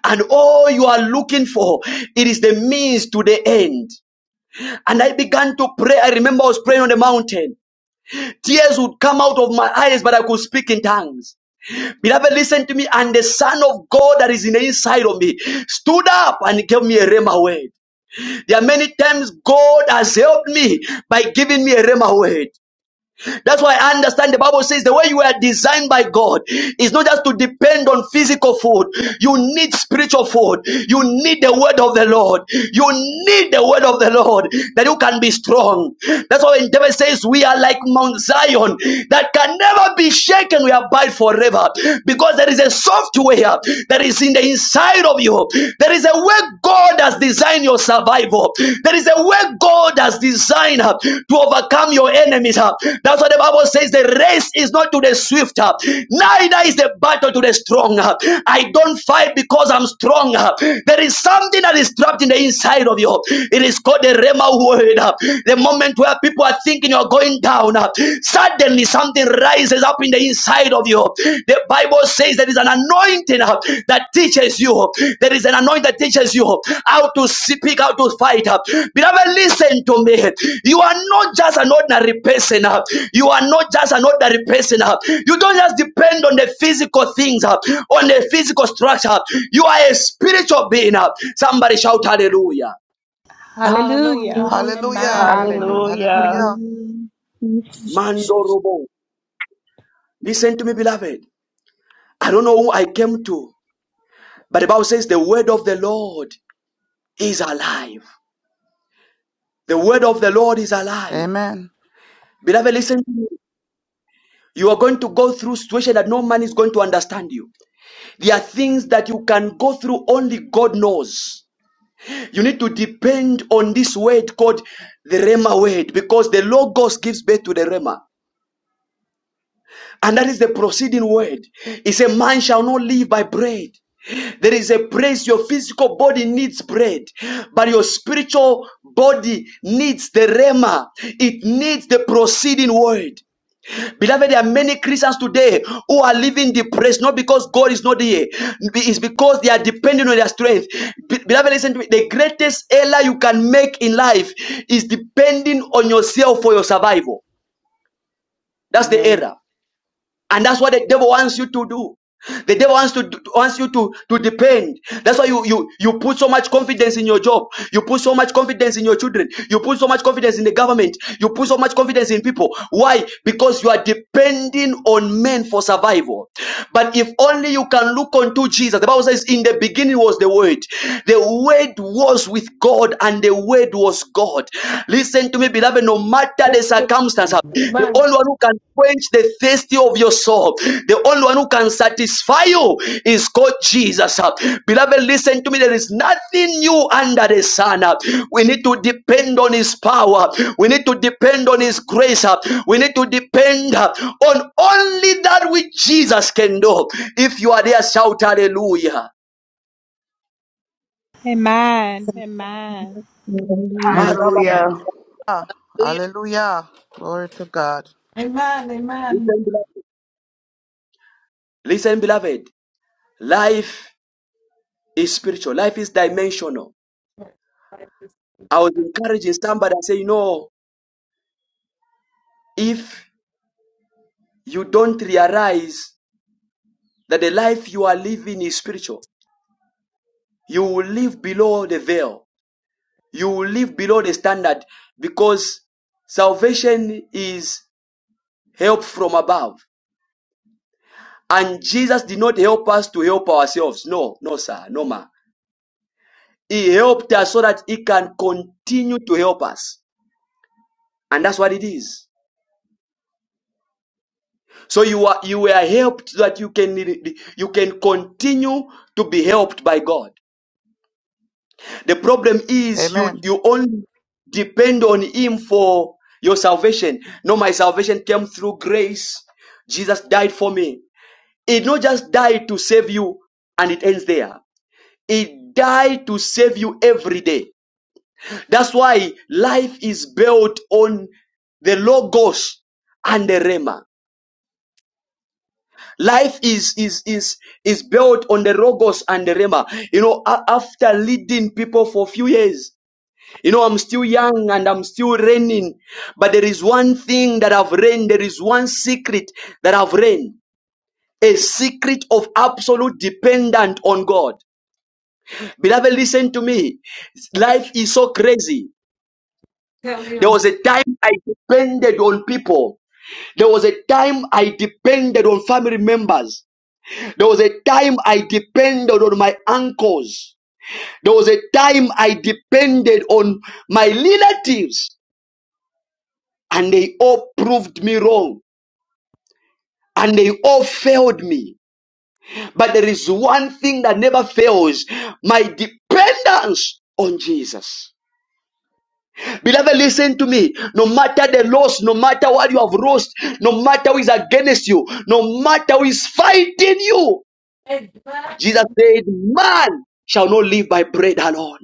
Speaker 1: And all you are looking for, it is the means to the end. And I began to pray. I remember I was praying on the mountain. Tears would come out of my eyes, but I could speak in tongues. Beloved, listen to me. And the Son of God that is in the inside of me stood up and gave me a rhema word. There are many times God has helped me by giving me a rhema word. That's why I understand the Bible says the way you are designed by God is not just to depend on physical food. You need spiritual food. You need the word of the Lord. You need the word of the Lord that you can be strong. That's why when David says we are like Mount Zion that can never be shaken. We abide forever because there is a software that is in the inside of you. There is a way God has designed your survival. There is a way God has designed uh, to overcome your enemies. uh. That's what the Bible says. The race is not to the swift, uh, neither is the battle to the strong. uh. I don't fight because I'm strong. uh. There is something that is trapped in the inside of you. It is called the Rema word. uh. The moment where people are thinking you're going down, uh, suddenly something rises rises up in the inside of you. The Bible says there is an anointing uh, that teaches you. There is an anointing that teaches you how to speak, how to fight. uh. Beloved, listen to me. You are not just an ordinary person. uh. You are not just an ordinary person. uh. You don't just depend on the physical things, uh, on the physical structure. You are a spiritual being. uh. Somebody shout hallelujah.
Speaker 13: Hallelujah.
Speaker 14: hallelujah,
Speaker 15: Jesus,
Speaker 11: Hallelujah.
Speaker 13: Amen.
Speaker 14: hallelujah.
Speaker 3: Hallelujah.
Speaker 7: Hallelujah.
Speaker 13: Amen.
Speaker 11: Hallelujah.
Speaker 15: hallelujah. Thank
Speaker 1: Mandorobo. Listen to me, beloved. I don't know who I came to, but the Bible says the word of the Lord is alive. The word of the Lord is alive.
Speaker 11: Amen.
Speaker 1: Beloved, listen to me. You are going to go through situations that no man is going to understand you. There are things that you can go through only God knows. You need to depend on this word called the RHEMA word because the Logos gives birth to the RHEMA, And that is the proceeding word. He said, Man shall not live by bread. There is a praise your physical body needs bread, but your spiritual body needs the rema. It needs the proceeding word. Beloved, there are many Christians today who are living depressed, not because God is not here, it's because they are depending on their strength. Be- Beloved, listen to me. The greatest error you can make in life is depending on yourself for your survival. That's the
Speaker 7: Amen.
Speaker 1: error. And that's what the devil wants you to do. The devil wants to wants you to to depend. That's why you you you put so much confidence in your job. You put so much confidence in your children. You put so much confidence in the government. You put so much confidence in people. Why? Because you are depending on men for survival. But if only you can look unto Jesus. The Bible says, "In the beginning was the Word. The Word was with God, and the Word." It was God. Listen to me, beloved. No matter the
Speaker 2: It's
Speaker 1: circumstance, the
Speaker 2: Amen.
Speaker 1: only one who can quench the thirsty of your soul, the only one who can satisfy you is God Jesus. Beloved, listen to me. There is nothing new under the sun. We need to depend on His power. We need to depend on His grace. We need to depend on only that which Jesus can do. If you are there, shout hallelujah.
Speaker 13: Amen. Amen.
Speaker 16: Hallelujah.
Speaker 7: Hallelujah.
Speaker 11: Ah,
Speaker 5: Hallelujah.
Speaker 11: Hallelujah. Glory to God.
Speaker 2: Amen. Amen.
Speaker 1: Listen, beloved. Life. is spiritual. Life is dimensional. I was encouraging somebody and say, you know, if you don't realize that the life you are living is spiritual, you will live below the veil. You will live below the standard because salvation is help from above. And Jesus did not help us to help ourselves. No, no, sir, no, ma. He helped us so that He can continue to help us. And that's what it is. So you are you were helped so that you can you can continue to be helped by God. The problem is you
Speaker 11: Amen.
Speaker 1: you only depend on Him for your salvation. No, my salvation came through grace. Jesus died for me. He not just died to save you, and it ends there. He died to save you every day. That's why life is built on the logos and the rema. Life is is is is built on the logos and the rema. You know, a- after leading people for a few years, you know, I'm still young and I'm still learning. But there is one thing that I've learned. There is one secret that I've learned. A secret of absolute dependent on God. Beloved, listen to me. Life is so crazy.
Speaker 2: Tell
Speaker 1: There
Speaker 2: you.
Speaker 1: was a time I depended on people. There was a time I depended on family members. There was a time I depended on my uncles. There was a time I depended on my relatives and they all proved me wrong and they all failed me. But there is one thing that never fails. My dependence on Jesus. Beloved, listen to me. No matter the loss, no matter what you have lost, no matter who is against you, no matter who is fighting you, Jesus
Speaker 2: Amen.
Speaker 1: said, man shall not live by bread alone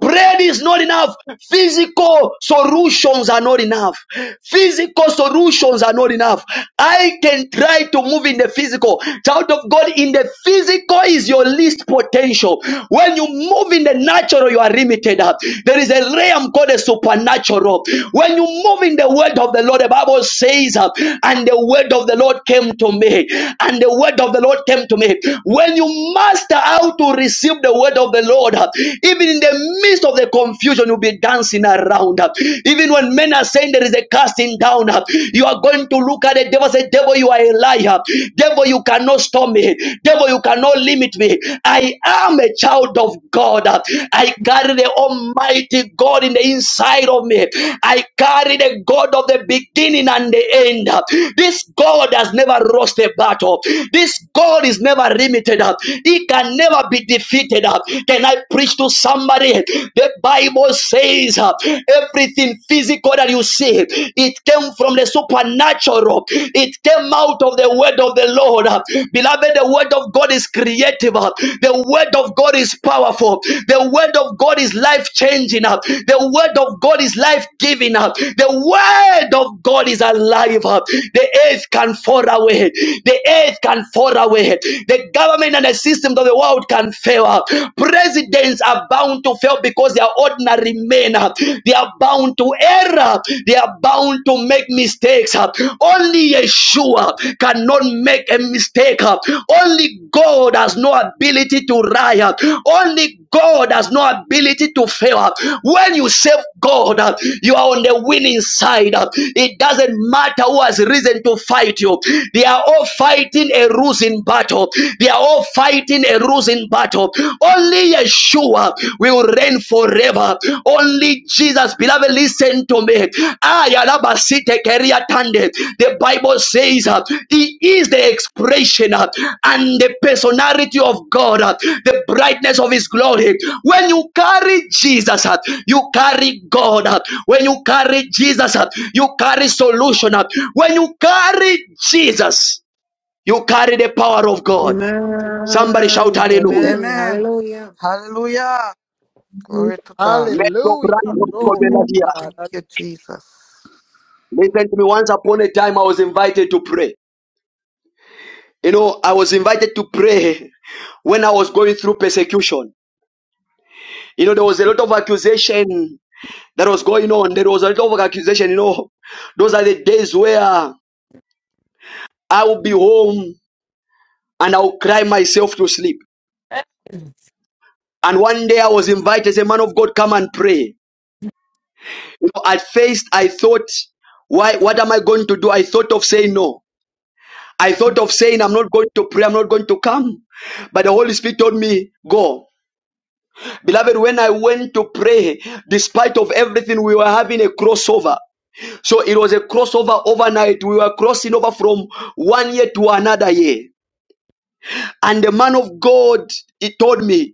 Speaker 1: Bread is not enough. Physical solutions are not enough. Physical solutions are not enough. I can try to move in the physical. Child of God, in the physical is your least potential. When you move in the natural, you are limited. There is a realm called the supernatural. When you move in the word of the Lord, the Bible says, uh, and the word of the Lord came to me, and the word of the Lord came to me. When you master how to receive the word of the Lord, God. Even in the midst of the confusion, you'll be dancing around. Even when men are saying there is a casting down, you are going to look at the devil and say, Devil, you are a liar. Devil, you cannot stop me. Devil, you cannot limit me. I am a child of God. I carry the Almighty God in the inside of me. I carry the God of the beginning and the end. This God has never lost a battle. This God is never limited. He can never be be defeated. uh. Can I preach to somebody? The Bible says uh, everything physical that you see, it came from the supernatural. It came out of the word of the Lord. uh. Beloved, the word of God is creative. uh. The word of God is powerful. The word of God is life changing. uh. The word of God is life giving. uh. The word of God is alive. uh. The earth can fall away. The earth can fall away. The government government and the systems of the world can fail. Presidents are bound to fail because they are ordinary men. They are bound to error. They are bound to make mistakes. Only Yeshua cannot make a mistake. Only God has no ability to lie. Only God has no ability to fail. When you serve God, uh, you are on the winning side. Uh, It doesn't matter who has risen to fight you. They are all fighting a losing losing battle. They are all fighting a losing battle. Only Yeshua will reign forever. Only Jesus, beloved, listen to me. Ah, yalabasite keriatande. The Bible says uh, He is the expression uh, and the personality of God, uh, the brightness of His glory. When you carry Jesus, uh, you carry God. uh, When you carry Jesus, uh, you carry solution. uh, When you carry Jesus, you carry the power of God. Somebody shout
Speaker 14: Amen,
Speaker 1: hallelujah.
Speaker 14: amen,
Speaker 11: Amen.
Speaker 14: hallelujah,
Speaker 11: Hallelujah. Glory to God.
Speaker 17: Hallelujah. Glory to
Speaker 15: Hallelujah.
Speaker 11: Thank
Speaker 17: God.
Speaker 11: you, Jesus.
Speaker 1: Listen to me. Once upon a time, I was invited to pray. You know, I was invited to pray when I was going through persecution. You know, there was a lot of accusation that was going on. There was a lot of accusation. You know, those are the days where I would be home and i would cry myself to sleep. And one day I was invited, as a man of God, come and pray. You know, at first I thought, why? What am I going to do? I thought of saying no. I thought of saying, I'm not going to pray, I'm not going to come. But the Holy Spirit told me, go. Beloved, when I went to pray, despite of everything, we were having a crossover. So it was a crossover overnight. We were crossing over from one year to another year. And the man of God, he told me,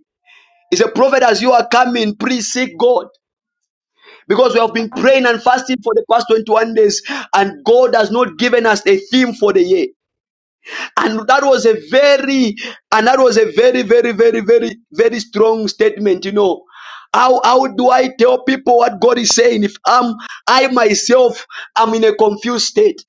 Speaker 1: he said, prophet, as you are coming, please seek God. Because we have been praying and fasting for the past 21 days, and God has not given us a theme for the year. and that was a very and that was a very very very very very strong statement you know how how do i tell people what god is saying if i'm i myself am in a confused state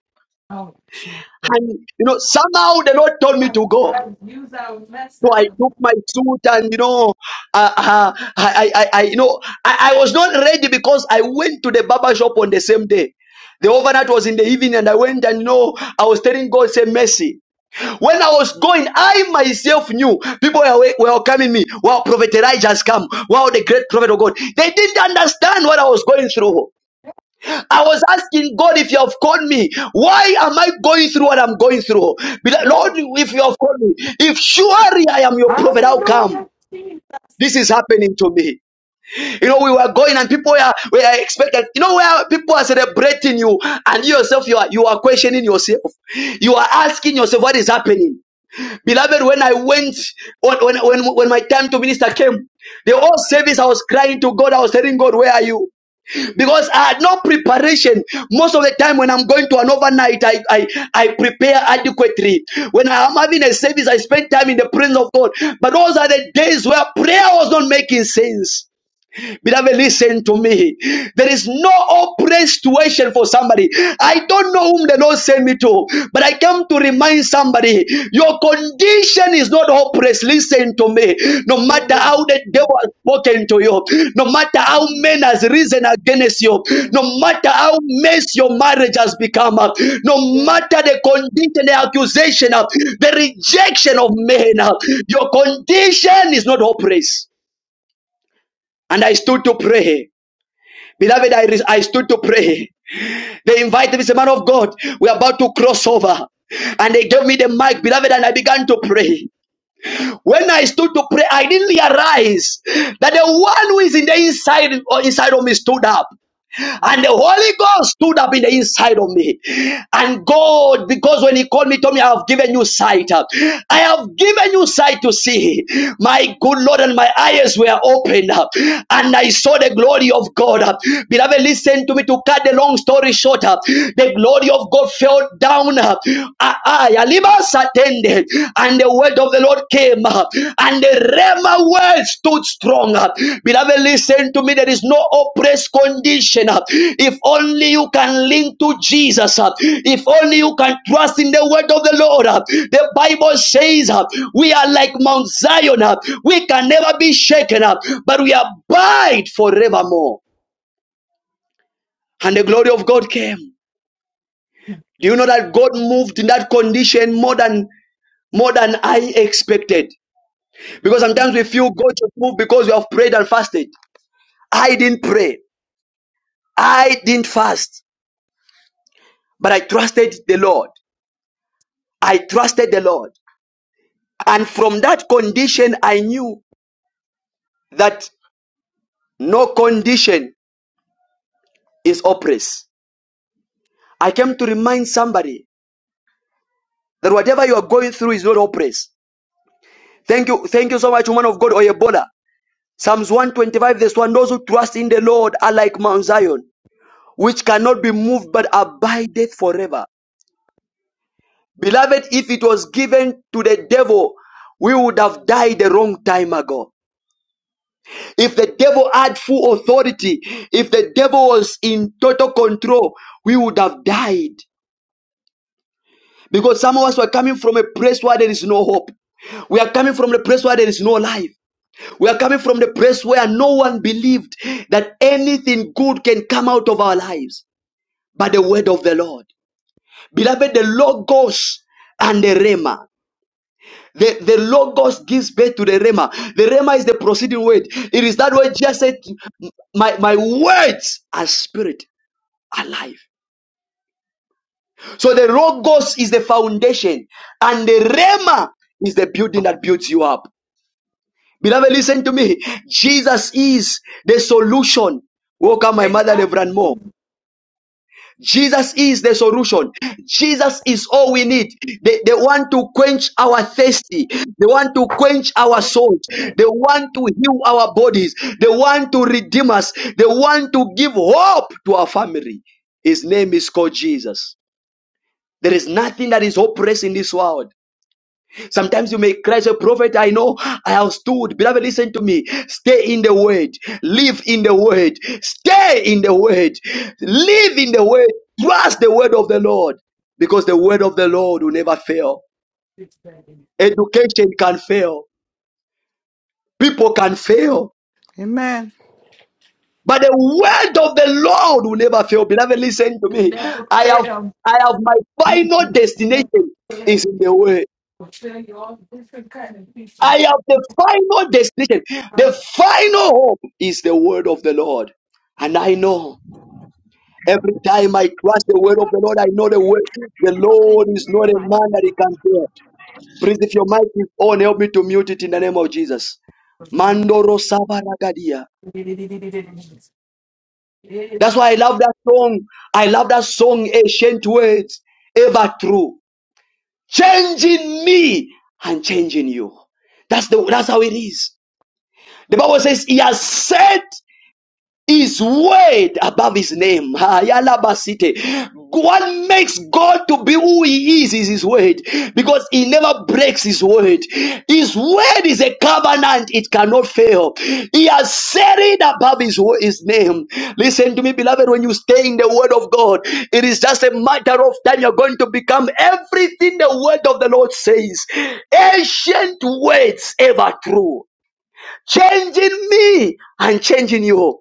Speaker 2: Oh, Jesus.
Speaker 1: and you know somehow the lord told me
Speaker 2: Oh,
Speaker 1: to go
Speaker 2: God, use our mess
Speaker 1: so
Speaker 2: up.
Speaker 1: I took my suit and you know, uh, uh, I, I, I, I- you know, I, I was not ready because I went to the barber shop on the same day. The overnight was in the evening, and I went and you know, I was telling God, say mercy. When I was going, I myself knew people were welcoming me. Wow, Prophet Elijah has come. Wow, the great prophet of God. They didn't understand what I was going through. I was asking God if you have called me, why am I going through what I'm going through? Be like,
Speaker 2: Hey,
Speaker 1: Lord, if you have called me, if surely I am your prophet, how come?
Speaker 2: hallelujah, Jesus.
Speaker 1: This is happening to me. You know, we were going and people were, were expected. You know, where people are celebrating you and you yourself, you are, you are questioning yourself. You are asking yourself what is happening. Beloved, when I went, when, when, when my time to minister came, the whole service I was crying to God. I was telling God, where are you? Because I had no preparation. Most of the time when I'm going to an overnight, I, I, I prepare adequately. When I am having a service, I spend time in the presence of God. But those are the days where prayer was not making sense. Beloved, listen to me. There is no open situation for somebody. I don't know whom the Lord sent me to, but I come to remind somebody your condition is not hopeless. Listen to me. No matter
Speaker 2: Mm,
Speaker 1: how the devil has spoken to you, no matter how
Speaker 2: mm,
Speaker 1: men has risen against you,
Speaker 2: mm,
Speaker 1: no matter how mess your marriage has become, uh, no
Speaker 2: Yeah.
Speaker 1: matter the condition, the accusation, uh, the rejection of men, uh, your condition is not hopeless. And I stood to pray. Beloved, I, re- I stood to pray. They invited me, say, man of God, we're about to cross over. And they gave me the mic, beloved, and I began to pray. When I stood to pray, I didn't realize that the one who is in the inside, or inside of me stood up. And the Holy Ghost stood up in the inside of me. And God, because when He called me, told me, I have given you sight. I have given you sight to see. My good Lord, and my eyes were opened up. And I saw the glory of God. Beloved, listen to me to cut the long story short. The glory of God fell down. Ah, ah, Yalima Satende and the word of the Lord came, uh, and the Rema word stood strong. uh. Beloved, listen to me. There is no oppressed condition. uh. If only you can link to Jesus, uh, if only you can trust in the word of the Lord. uh. The Bible says uh, we are like Mount Zion, uh, we can never be shaken up, but we abide forevermore. And the glory of God came. Do you know that God moved in that condition more than more than I expected? Because
Speaker 2: Mm.
Speaker 1: sometimes we feel God is move because we have prayed and fasted. I didn't pray. I didn't fast. But I trusted the Lord. I trusted the Lord. And from that condition, I knew that no condition is oppressed. I came to remind somebody that whatever you are going through is not oppressed. Thank you. Thank you so much, woman of God, Oyebola. Psalms 125, verse 1. Those who trust in the Lord are like Mount Zion, which cannot be moved but abideth forever. Beloved, if it was given to the devil, we would have died a long time ago. If the devil had full authority, if the devil was in total control, we would have died. Because some of us were coming from a place where there is no hope. We are coming from the place where there is no life. We are coming from the place where no one believed that anything good can come out of our lives by the word of the Lord. Beloved, the Logos and the Rema. The, the logos gives birth to the rema. The rema is the proceeding word. It is that word just said, my, my words are spirit alive. So the logos is the foundation and the rema is the building that builds you up. Beloved, listen to me. Jesus is the solution. Welcome my mother, Reverend Mo.
Speaker 2: Amen.
Speaker 1: Jesus is the solution. Jesus is all we need. They, they want to quench our thirsty. They want to quench our
Speaker 2: Oh,
Speaker 1: souls.
Speaker 2: good.
Speaker 1: They want to heal our bodies. They want to redeem us. They want to give hope to our family. His name is called Jesus. There is nothing that is hopeless in this world. Sometimes you may cry, say, Prophet, I know I have stood. Beloved, listen to me. Stay in the word. Live in the word. Stay in the word. Live in the word. Trust the word of the Lord. Because the word of the Lord will never fail.
Speaker 2: This baby
Speaker 1: Education can fail. People can fail.
Speaker 11: Amen.
Speaker 1: But the word of the Lord will never fail. Beloved, listen to
Speaker 2: Will
Speaker 1: me.
Speaker 2: never
Speaker 1: I have
Speaker 2: fail.
Speaker 1: I have my
Speaker 2: He
Speaker 1: final
Speaker 2: will never
Speaker 1: destination is
Speaker 2: fail.
Speaker 1: in the word.
Speaker 2: Will tell you all different kind of people.
Speaker 1: I am the final destination.
Speaker 2: how
Speaker 1: The final hope is the word of the Lord. And I know every time I trust the word of the Lord, I know the word. The
Speaker 18: Okay,
Speaker 1: Lord
Speaker 18: you
Speaker 1: is not a
Speaker 18: die.
Speaker 1: man that he can fail. Please, if your mic is on, help me to mute it in the name of Jesus.
Speaker 2: to live.
Speaker 1: Mandoro Sabaragadia.
Speaker 2: Amen.
Speaker 1: That's why I love that song. I love that song, Ancient Words, Ever True. Changing me and changing you. That's the that's how it is. The Bible says, He has said. His word above his name. Ayalabasite. What makes God to be who he is is his word because he never breaks his word. His word is a covenant, it cannot fail. He has said it above his, wo- his name. Listen to me, beloved, when you stay in the word of God, it is just a matter of time you're going to become everything the word of the Lord says. Ancient words ever true changing me and changing you.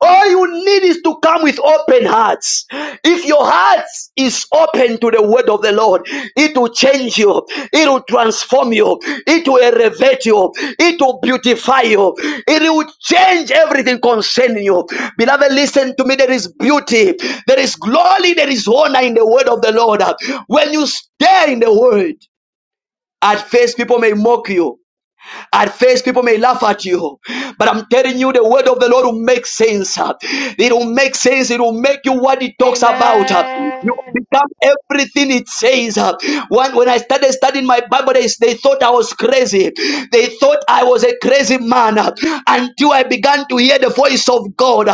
Speaker 1: All you need is to come with open hearts. If your heart is open to the word of the Lord, it will change you, it will transform you, it will elevate you, it will beautify you, it will change everything concerning you. Beloved, listen to me. There is beauty, there is glory, there is honor in the word of the Lord. When you stay in the word, at first people may mock you, at first, people may laugh at you, but I'm telling you, the word of the Lord will make sense. It will make sense. It will make you what it talks about. You
Speaker 14: amen,
Speaker 1: become everything it says. When, when I started studying my Bible, they, they thought I was crazy. They thought I was a crazy man until I began to hear the voice of God.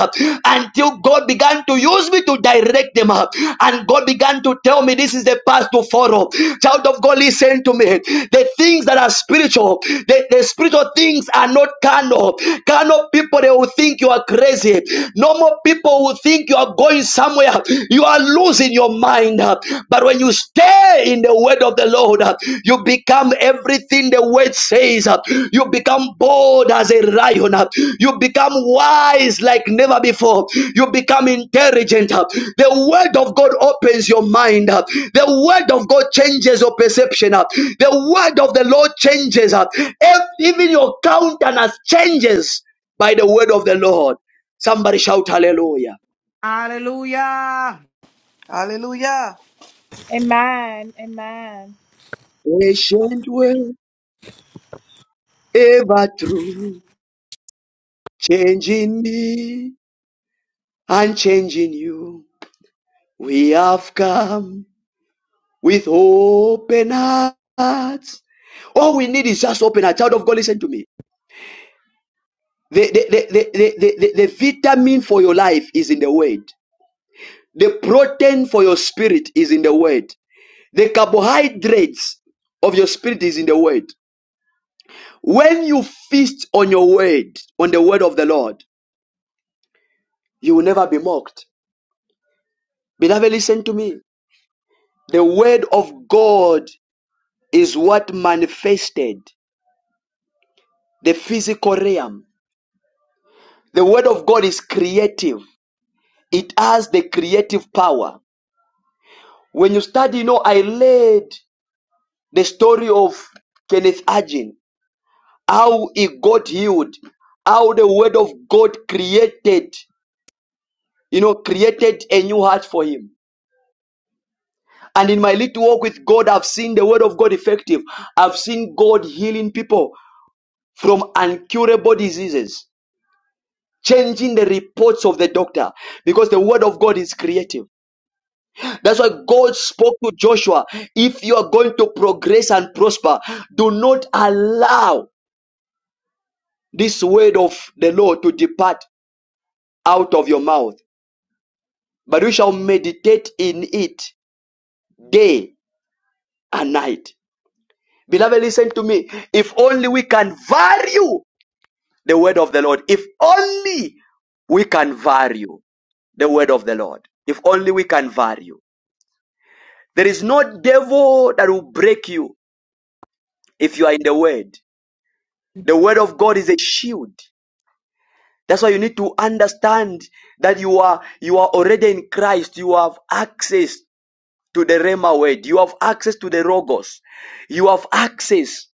Speaker 1: Until God God began to use me to direct them up. And God began to tell me this is the path to follow. Child of God, listen to me. The things that are spiritual, the, the spiritual things are not carnal. Carnal people, they will think you are crazy. Normal people will think you are going somewhere. You are losing your mind. But when you stay in the word of the Lord. You become everything the word says. You become bold as a lion. You become wise like never before. You become intelligent. The word of God opens your mind. The word of God changes your perception. The word of the Lord changes. Even your countenance changes by the word of the Lord. Somebody shout hallelujah.
Speaker 14: hallelujah.
Speaker 11: Hallelujah.
Speaker 13: Amen.
Speaker 1: Patient word, ever true, changing me and changing you. We have come with open hearts. All we need is just open heart. Child of God, listen to me. The, the, the, the, the, the, the vitamin for your life is in the word. The protein for your spirit is in the word. The carbohydrates of your spirit is in the word. When you feast on your word, on the word of the Lord, you will never be mocked. Beloved, listen to me. The word of God is what manifested. the physical realm. The word of God is creative. It has the creative power. When you study, you know, I read the story of Kenneth Hagin, how he got healed, how the word of God created, you know, created a new heart for him. And in my little walk with God, I've seen the word of God effective. I've seen God healing people from incurable diseases, changing the reports of the doctor because the word of God is creative. That's why God spoke to Joshua. If you are going to progress and prosper, do not allow this word of the Lord to depart out of your mouth, but you shall meditate in it day and night. Beloved, listen to me. If only we can value the word of the Lord. If only we can value the word of the Lord. If only we can value. There is no devil that will break you if you are in the word. The word of God is a shield. That's why you need to understand that you are you are already in Christ. You have access to the Rema word. You have access to the Logos. You have access.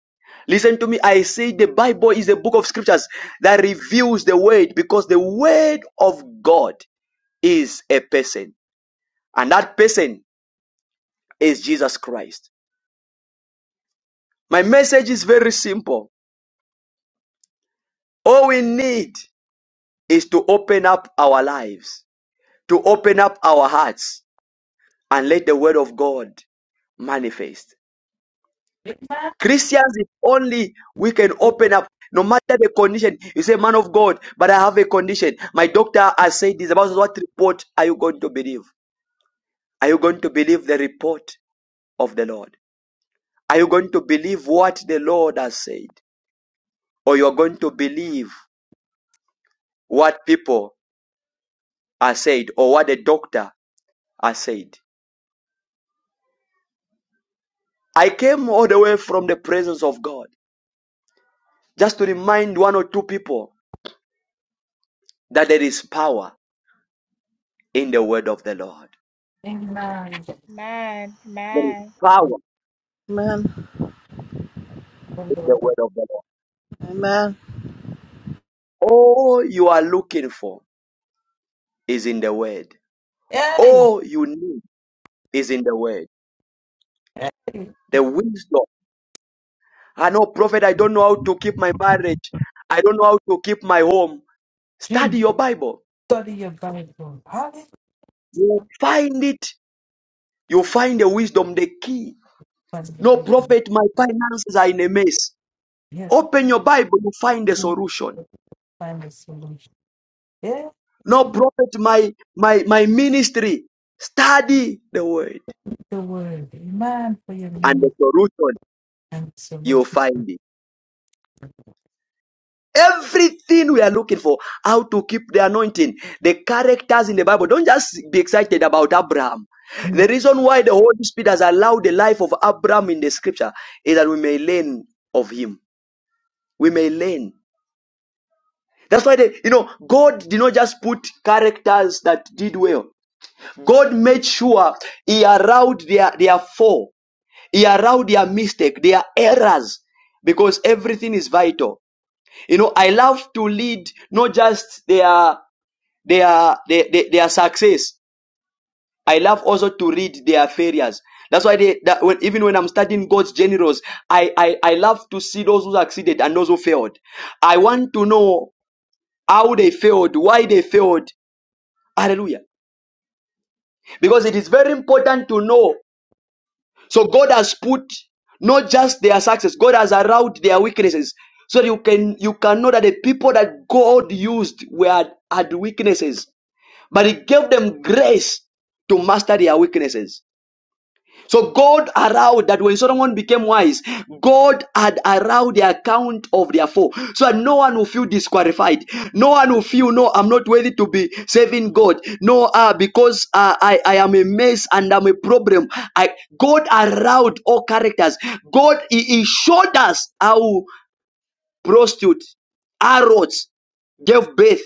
Speaker 1: Listen to me. I say the Bible is a book of scriptures that reveals the word because the word of God is a person, and that person is Jesus Christ. My message is very simple. All we need is to open up our lives, to open up our hearts, and let the word of God manifest. Christians, if only we can open up, no matter the condition. You say, man of God, but I have a condition. My doctor has said this about what report are you going to believe? Are you going to believe the report of the Lord? Are you going to believe what the Lord has said? Or you are going to believe what people are said or what the doctor has said? I came all the way from the presence of God just to remind one or two people that there is power in the word of the Lord.
Speaker 2: Amen.
Speaker 1: There is power
Speaker 5: Amen.
Speaker 1: in the word of the Lord.
Speaker 5: Amen.
Speaker 1: All you are looking for is in the word.
Speaker 2: Hey,
Speaker 1: All you need is in the word. The wisdom. I know, prophet, I don't know how to keep my marriage. I don't know how to keep my home.
Speaker 2: Jesus,
Speaker 1: Study your Bible.
Speaker 2: study your Bible. Hallelujah.
Speaker 1: You find it. You find the wisdom, the key. No, prophet, my finances are in a mess.
Speaker 2: Yes.
Speaker 1: Open your Bible, you find the
Speaker 2: to
Speaker 1: solution.
Speaker 2: find a solution. Yeah,
Speaker 1: No,
Speaker 2: to
Speaker 1: prophet, my my my ministry. Study the word.
Speaker 2: the word. Amen for your
Speaker 1: and the
Speaker 2: minute
Speaker 1: solution
Speaker 2: and
Speaker 1: you'll
Speaker 2: solution.
Speaker 1: find it everything we are looking for how to keep the anointing the characters in the bible don't just be excited about abraham the
Speaker 2: Amen.
Speaker 1: reason why the holy spirit has allowed the life of abraham in the scripture is that we may learn of him we may learn that's why they, you know god did not just put characters that did well god made sure he allowed their their fall he allowed their mistake their errors because everything is vital You know, I love to read not just their their their, their, their success. I love also to read their failures. That's why they, that when, even when I'm studying God's generals, I, I I love to see those who succeeded and those who failed. I want to know how they failed, why they failed. Hallelujah. Because it is very important to know. So God has put not just their success, God has allowed their weaknesses. So you can you can know that the people that God used were had weaknesses. but he gave them grace to master their weaknesses. So God allowed that when Solomon became wise, God had allowed the account of their fall. So that no one will feel disqualified. No one will feel, no, I'm not worthy to be serving God. No, uh, because uh, I, I am a mess and I'm a problem. I, God allowed all characters. God, he, he showed us how prostitute, arrows, gave birth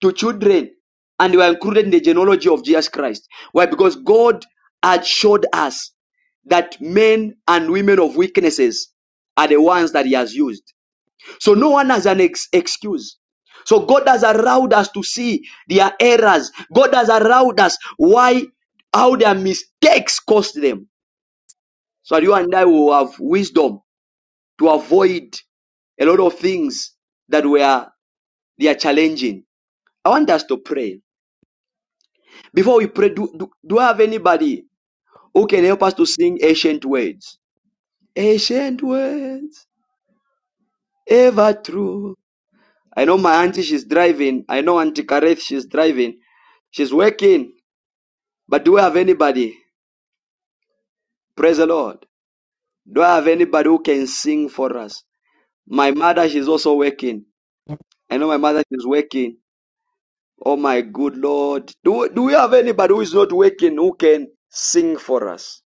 Speaker 1: to children and they were included in the genealogy of Jesus Christ. Why? Because God had showed us that men and women of weaknesses are the ones that He has used. So no one has an ex- excuse. So God has allowed us to see their errors. God has allowed us why, how their mistakes cost them. So that you and I will have wisdom to avoid a lot of things that were they are challenging. I want us to pray. Before we pray, do, do, do I have anybody who can help us to sing ancient words? Ancient words, ever true. I know my auntie, she's driving. I know Auntie Kareth, she's driving. She's working. But do I have anybody? Praise the Lord. Do I have anybody who can sing for us? My mother, she's also working. I know my mother, she's working. Oh my good Lord. Do, do we have anybody who is not working who can sing for us?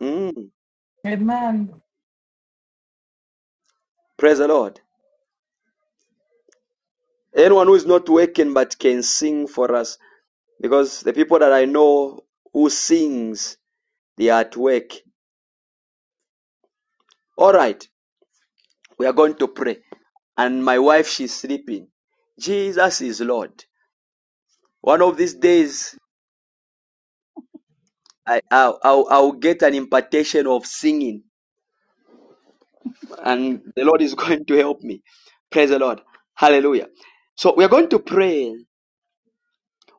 Speaker 1: Mm.
Speaker 2: Amen.
Speaker 1: Praise the Lord. Anyone who is not working but can sing for us, because the people that I know who sings, they are at work. All right, we are going to pray. And my wife, she's sleeping. Jesus is Lord. One of these days, I, I'll, I'll, I'll get an impartation of singing, and the Lord is going to help me. Praise the Lord. Hallelujah. So we are going to pray.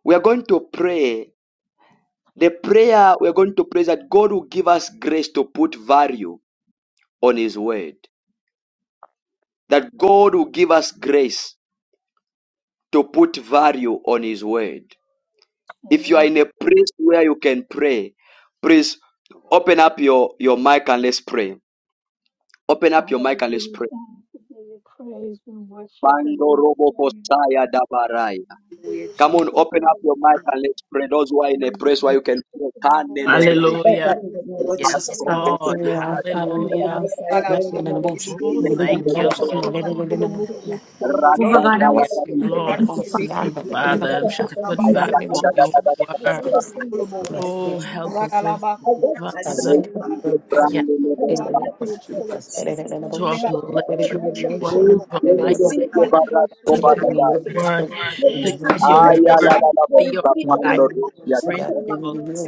Speaker 1: We are going to pray. The prayer we are going to pray is that God will give us grace to put value on His Word. That God will give us grace to put value on His Word. If you are in a place where you can pray, please open up your, your mic and let's pray. Open up your mic and let's pray. Bando robo kosaya dabaraya. Come on, open up your mic and let's pray. Those who are in a place where you can pray. Kandelebede.
Speaker 4: Father,
Speaker 7: Hallelujah.
Speaker 4: in the name of
Speaker 7: Yes,
Speaker 4: Jesus Christ.
Speaker 7: Lord.
Speaker 4: the name of the
Speaker 7: Hallelujah.
Speaker 4: Messiah, God, in the name of Jesus.
Speaker 7: Oh, thank you,
Speaker 4: Father,
Speaker 7: Lord.
Speaker 4: thank you. thank you,
Speaker 19: Over
Speaker 1: Rasta
Speaker 4: Lord
Speaker 19: God, I want
Speaker 7: Yes,
Speaker 4: Jehovah,
Speaker 1: dalakati.
Speaker 19: to
Speaker 4: protect
Speaker 19: say
Speaker 7: Lord.
Speaker 4: and
Speaker 19: thank you,
Speaker 4: deliver
Speaker 7: Help us,
Speaker 4: me.
Speaker 19: Father.
Speaker 7: oh
Speaker 4: No
Speaker 19: Lord,
Speaker 4: God
Speaker 7: Father,
Speaker 19: for
Speaker 4: of
Speaker 19: your
Speaker 7: to
Speaker 4: heaven,
Speaker 7: put
Speaker 4: I
Speaker 19: strength.
Speaker 4: say,
Speaker 7: value on
Speaker 4: Jesus.
Speaker 7: your
Speaker 4: And some of
Speaker 7: word.
Speaker 4: those things this morning, I say,
Speaker 7: Oh, help
Speaker 4: Jesus.
Speaker 7: us, oh
Speaker 4: I want my
Speaker 7: Father.
Speaker 4: soul
Speaker 7: Yes,
Speaker 4: and my mind in my name of Jesus.
Speaker 7: to
Speaker 4: That
Speaker 7: uplift
Speaker 4: God,
Speaker 7: your
Speaker 4: I Lord,
Speaker 7: word, to
Speaker 4: will
Speaker 7: apply your
Speaker 4: receive me
Speaker 7: word, to
Speaker 4: in
Speaker 7: study
Speaker 4: the
Speaker 7: your
Speaker 4: name of the Lord.
Speaker 7: word.
Speaker 4: Will
Speaker 7: to
Speaker 4: receive
Speaker 7: use
Speaker 4: me,
Speaker 7: your word
Speaker 4: Holy
Speaker 7: to
Speaker 4: Will
Speaker 7: be your
Speaker 4: receive the
Speaker 7: guidance.
Speaker 4: Lord. Thank you, my
Speaker 7: principle.
Speaker 4: God.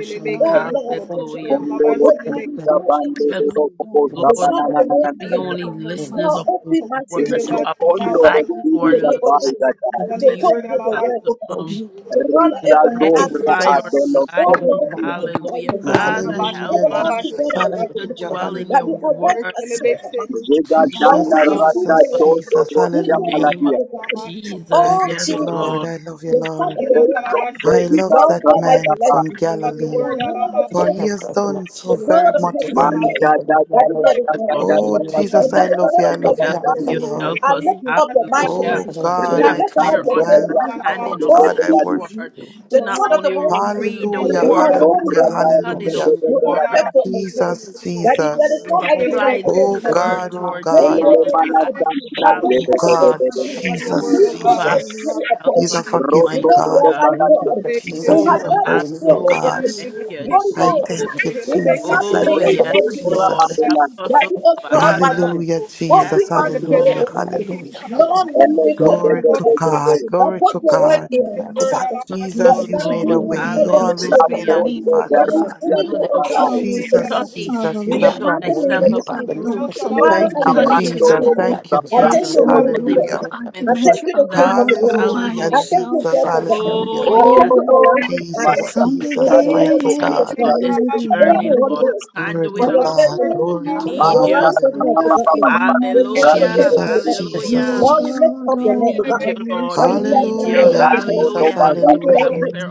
Speaker 4: Oh, Lord, my God.
Speaker 7: Hallelujah.
Speaker 4: With my soul in
Speaker 7: Help
Speaker 4: Jesus.
Speaker 7: us,
Speaker 4: The
Speaker 7: Lord,
Speaker 4: Son of the
Speaker 7: to
Speaker 4: Man that
Speaker 7: be
Speaker 4: was
Speaker 7: only
Speaker 4: dead.
Speaker 7: listeners
Speaker 4: Now
Speaker 7: of the
Speaker 4: open my
Speaker 7: word
Speaker 4: spirit
Speaker 7: to
Speaker 4: to the
Speaker 7: apply
Speaker 4: truth
Speaker 7: to
Speaker 4: in
Speaker 7: our
Speaker 4: the name of
Speaker 7: life
Speaker 4: Jesus. To
Speaker 7: to you.
Speaker 4: talk with the
Speaker 7: Help
Speaker 4: word
Speaker 7: to
Speaker 4: of God.
Speaker 7: um,
Speaker 4: To God Abraham, Isaac, to
Speaker 7: edify our
Speaker 11: Jesus.
Speaker 7: life.
Speaker 4: Oh Lord
Speaker 1: Manja
Speaker 4: Jesus
Speaker 7: Hallelujah.
Speaker 4: Christ of Nazareth,
Speaker 7: Father,
Speaker 11: Hallelujah,
Speaker 7: help us
Speaker 4: everlasting
Speaker 11: Jesus.
Speaker 4: God, everlasting
Speaker 7: to
Speaker 4: God,
Speaker 11: Hallelujah,
Speaker 7: dwell in
Speaker 4: that we
Speaker 7: your
Speaker 11: hallelujah.
Speaker 4: arrest
Speaker 7: word.
Speaker 4: our soul and our heart. Lord,
Speaker 7: Oh,
Speaker 4: to
Speaker 11: Jesus,
Speaker 4: receive the
Speaker 7: in
Speaker 11: Jesus,
Speaker 7: the
Speaker 4: word,
Speaker 11: Jesus.
Speaker 4: we can
Speaker 11: Hallelujah.
Speaker 7: name
Speaker 4: have
Speaker 7: of
Speaker 4: the word.
Speaker 7: Jesus.
Speaker 11: I
Speaker 4: Oh
Speaker 11: love
Speaker 7: Yes,
Speaker 11: you,
Speaker 4: Jesus,
Speaker 11: Lord.
Speaker 7: Lord.
Speaker 11: I love you,
Speaker 4: the Son of
Speaker 11: Lord.
Speaker 4: the Most High,
Speaker 11: I love
Speaker 4: Lord
Speaker 11: that
Speaker 4: God, I
Speaker 11: man
Speaker 4: bless
Speaker 11: from
Speaker 4: you. You
Speaker 11: Galilee,
Speaker 4: know, whatever
Speaker 11: for he
Speaker 4: precious
Speaker 11: has
Speaker 4: thing,
Speaker 11: done
Speaker 4: the
Speaker 11: so
Speaker 4: God
Speaker 11: very
Speaker 4: of
Speaker 11: much
Speaker 4: heaven
Speaker 11: for
Speaker 4: and earth,
Speaker 11: me.
Speaker 4: that is there is one like
Speaker 11: Oh,
Speaker 4: you. And
Speaker 11: Jesus,
Speaker 4: may
Speaker 11: I
Speaker 4: will
Speaker 11: love
Speaker 4: ever
Speaker 11: you. I
Speaker 4: be like
Speaker 11: love you.
Speaker 4: you,
Speaker 7: Help
Speaker 11: I love you,
Speaker 4: Jesus.
Speaker 7: you
Speaker 11: Lord.
Speaker 7: help
Speaker 4: I
Speaker 7: us,
Speaker 4: lift up your mighty
Speaker 7: hallelujah,
Speaker 11: Oh,
Speaker 7: to
Speaker 4: and
Speaker 11: God,
Speaker 4: I
Speaker 7: have
Speaker 11: I
Speaker 4: lift up
Speaker 11: thank
Speaker 7: clear
Speaker 4: your
Speaker 11: you. I,
Speaker 4: faithfulness.
Speaker 11: oh,
Speaker 7: understanding of
Speaker 4: Oh,
Speaker 7: the
Speaker 11: God, I
Speaker 4: Jesus,
Speaker 11: worship
Speaker 7: word,
Speaker 11: you.
Speaker 7: to
Speaker 4: the
Speaker 7: not
Speaker 4: Son of the
Speaker 7: only
Speaker 4: Most High,
Speaker 7: read the
Speaker 11: Hallelujah,
Speaker 4: you are
Speaker 7: word, but
Speaker 4: worthy
Speaker 11: hallelujah,
Speaker 4: and mighty.
Speaker 7: study the
Speaker 11: hallelujah.
Speaker 4: You are
Speaker 7: word, to
Speaker 4: faithful and grace.
Speaker 11: Jesus,
Speaker 4: That if there is
Speaker 11: Jesus.
Speaker 4: one like you, now,
Speaker 7: apply the
Speaker 13: Amen.
Speaker 4: ever be
Speaker 11: Oh
Speaker 4: like you.
Speaker 7: word
Speaker 11: God,
Speaker 7: to
Speaker 11: oh
Speaker 7: our
Speaker 4: This
Speaker 11: God,
Speaker 4: day
Speaker 7: daily
Speaker 4: is the
Speaker 7: life.
Speaker 4: end. at this
Speaker 11: oh
Speaker 4: time, this
Speaker 7: Hallelujah.
Speaker 11: God,
Speaker 4: hour.
Speaker 13: Well, your word,
Speaker 7: Oh,
Speaker 11: Jesus,
Speaker 13: oh
Speaker 4: Jesus,
Speaker 13: God,
Speaker 4: I
Speaker 7: Father,
Speaker 4: carry
Speaker 11: Jesus.
Speaker 7: help
Speaker 4: about
Speaker 11: He's
Speaker 7: us,
Speaker 11: a
Speaker 4: you
Speaker 11: forgiving
Speaker 4: because
Speaker 7: Almighty
Speaker 4: you
Speaker 11: God.
Speaker 4: are
Speaker 7: God.
Speaker 4: my God. You
Speaker 11: Jesus,
Speaker 7: Oh,
Speaker 4: have
Speaker 11: He's a
Speaker 4: never failed,
Speaker 11: merciful
Speaker 4: O
Speaker 7: hallelujah.
Speaker 11: God.
Speaker 4: God.
Speaker 7: Thank you,
Speaker 4: Holy
Speaker 11: I
Speaker 4: Ghost,
Speaker 7: Jesus.
Speaker 11: thank you,
Speaker 4: in the
Speaker 11: Jesus.
Speaker 4: mighty
Speaker 11: I
Speaker 7: Oh,
Speaker 4: name of
Speaker 11: thank
Speaker 4: the
Speaker 7: yes,
Speaker 11: you,
Speaker 4: Lord Jesus
Speaker 7: Lord.
Speaker 4: Christ,
Speaker 11: Jesus.
Speaker 7: Help us,
Speaker 4: that
Speaker 7: oh,
Speaker 4: you are called by the
Speaker 7: Father.
Speaker 11: Hallelujah,
Speaker 7: Yes,
Speaker 4: Open
Speaker 11: Jesus.
Speaker 4: my spirit,
Speaker 7: Lord.
Speaker 11: Hallelujah,
Speaker 4: O God. Lord,
Speaker 11: hallelujah.
Speaker 4: No, let me put on
Speaker 11: Glory
Speaker 4: the
Speaker 11: to
Speaker 4: word.
Speaker 11: God,
Speaker 4: I
Speaker 11: glory
Speaker 4: put
Speaker 11: to
Speaker 4: your word
Speaker 11: God.
Speaker 4: in,
Speaker 7: Help
Speaker 4: Father.
Speaker 7: us,
Speaker 4: That
Speaker 7: oh,
Speaker 4: is
Speaker 11: Jesus, you
Speaker 4: going to be
Speaker 11: made
Speaker 7: Lord.
Speaker 11: a
Speaker 4: you in
Speaker 11: way. You
Speaker 4: every
Speaker 11: always
Speaker 4: situation.
Speaker 11: made
Speaker 7: Hallelujah.
Speaker 11: a
Speaker 4: God.
Speaker 11: way, Father
Speaker 4: It
Speaker 7: Just
Speaker 4: is
Speaker 11: God.
Speaker 4: only you,
Speaker 7: study
Speaker 4: O
Speaker 7: the word.
Speaker 4: God, to do it. God.
Speaker 11: Jesus,
Speaker 7: Study
Speaker 11: Jesus,
Speaker 7: to
Speaker 4: In
Speaker 11: he's
Speaker 4: the
Speaker 11: a
Speaker 7: show
Speaker 4: mighty
Speaker 11: promise
Speaker 4: name
Speaker 7: thyself
Speaker 4: of
Speaker 11: keeper.
Speaker 4: Jesus.
Speaker 7: approved.
Speaker 4: Father, I
Speaker 11: Thank you,
Speaker 4: thank
Speaker 7: Study,
Speaker 4: you,
Speaker 11: Jesus.
Speaker 4: Jesus.
Speaker 11: Thank you,
Speaker 4: I
Speaker 7: hallelujah,
Speaker 4: thank
Speaker 11: Jesus.
Speaker 4: you, Holy
Speaker 7: for the
Speaker 11: Hallelujah.
Speaker 4: Spirit.
Speaker 7: improvement
Speaker 4: I
Speaker 7: of
Speaker 4: thank you, the King
Speaker 7: ourselves.
Speaker 4: of the glory.
Speaker 11: Hallelujah,
Speaker 4: I
Speaker 7: Hallelujah.
Speaker 4: thank you,
Speaker 11: Jesus.
Speaker 4: therefore, God.
Speaker 11: Hallelujah.
Speaker 7: Oh,
Speaker 4: I
Speaker 7: yes.
Speaker 4: thank you, everlasting Father.
Speaker 11: Jesus,
Speaker 4: In the
Speaker 11: Jesus,
Speaker 4: name of
Speaker 11: mighty
Speaker 7: Help
Speaker 4: Jesus
Speaker 7: us
Speaker 11: God.
Speaker 7: on
Speaker 4: Christ.
Speaker 7: this
Speaker 4: Thank you,
Speaker 7: journey,
Speaker 4: Holy
Speaker 7: Lord.
Speaker 4: Ghost,
Speaker 7: We can't
Speaker 11: Glory
Speaker 7: do
Speaker 4: for
Speaker 7: it
Speaker 11: to
Speaker 4: your
Speaker 13: Thank
Speaker 7: alone,
Speaker 11: God.
Speaker 4: faithfulness.
Speaker 7: Lord.
Speaker 11: Glory
Speaker 7: We
Speaker 11: to
Speaker 7: need
Speaker 13: you.
Speaker 4: Your
Speaker 11: God.
Speaker 7: you.
Speaker 4: righteousness, O
Speaker 11: Hallelujah.
Speaker 4: God,
Speaker 13: Oh God,
Speaker 4: withhold the
Speaker 7: Hallelujah.
Speaker 4: heaven and the
Speaker 11: Jesus,
Speaker 4: earth.
Speaker 11: Jesus,
Speaker 7: Hallelujah.
Speaker 4: Lord, we
Speaker 11: Jesus.
Speaker 4: lift up
Speaker 7: We
Speaker 4: your name, O God,
Speaker 7: need you, Lord.
Speaker 4: and
Speaker 7: We
Speaker 4: we bless
Speaker 7: need
Speaker 4: and
Speaker 7: you.
Speaker 4: holy name
Speaker 11: Hallelujah,
Speaker 4: to heaven.
Speaker 11: Jesus.
Speaker 7: Hallelujah. Help us
Speaker 4: Thank you,
Speaker 11: Hallelujah.
Speaker 7: have
Speaker 4: Holy Ghost,
Speaker 7: clear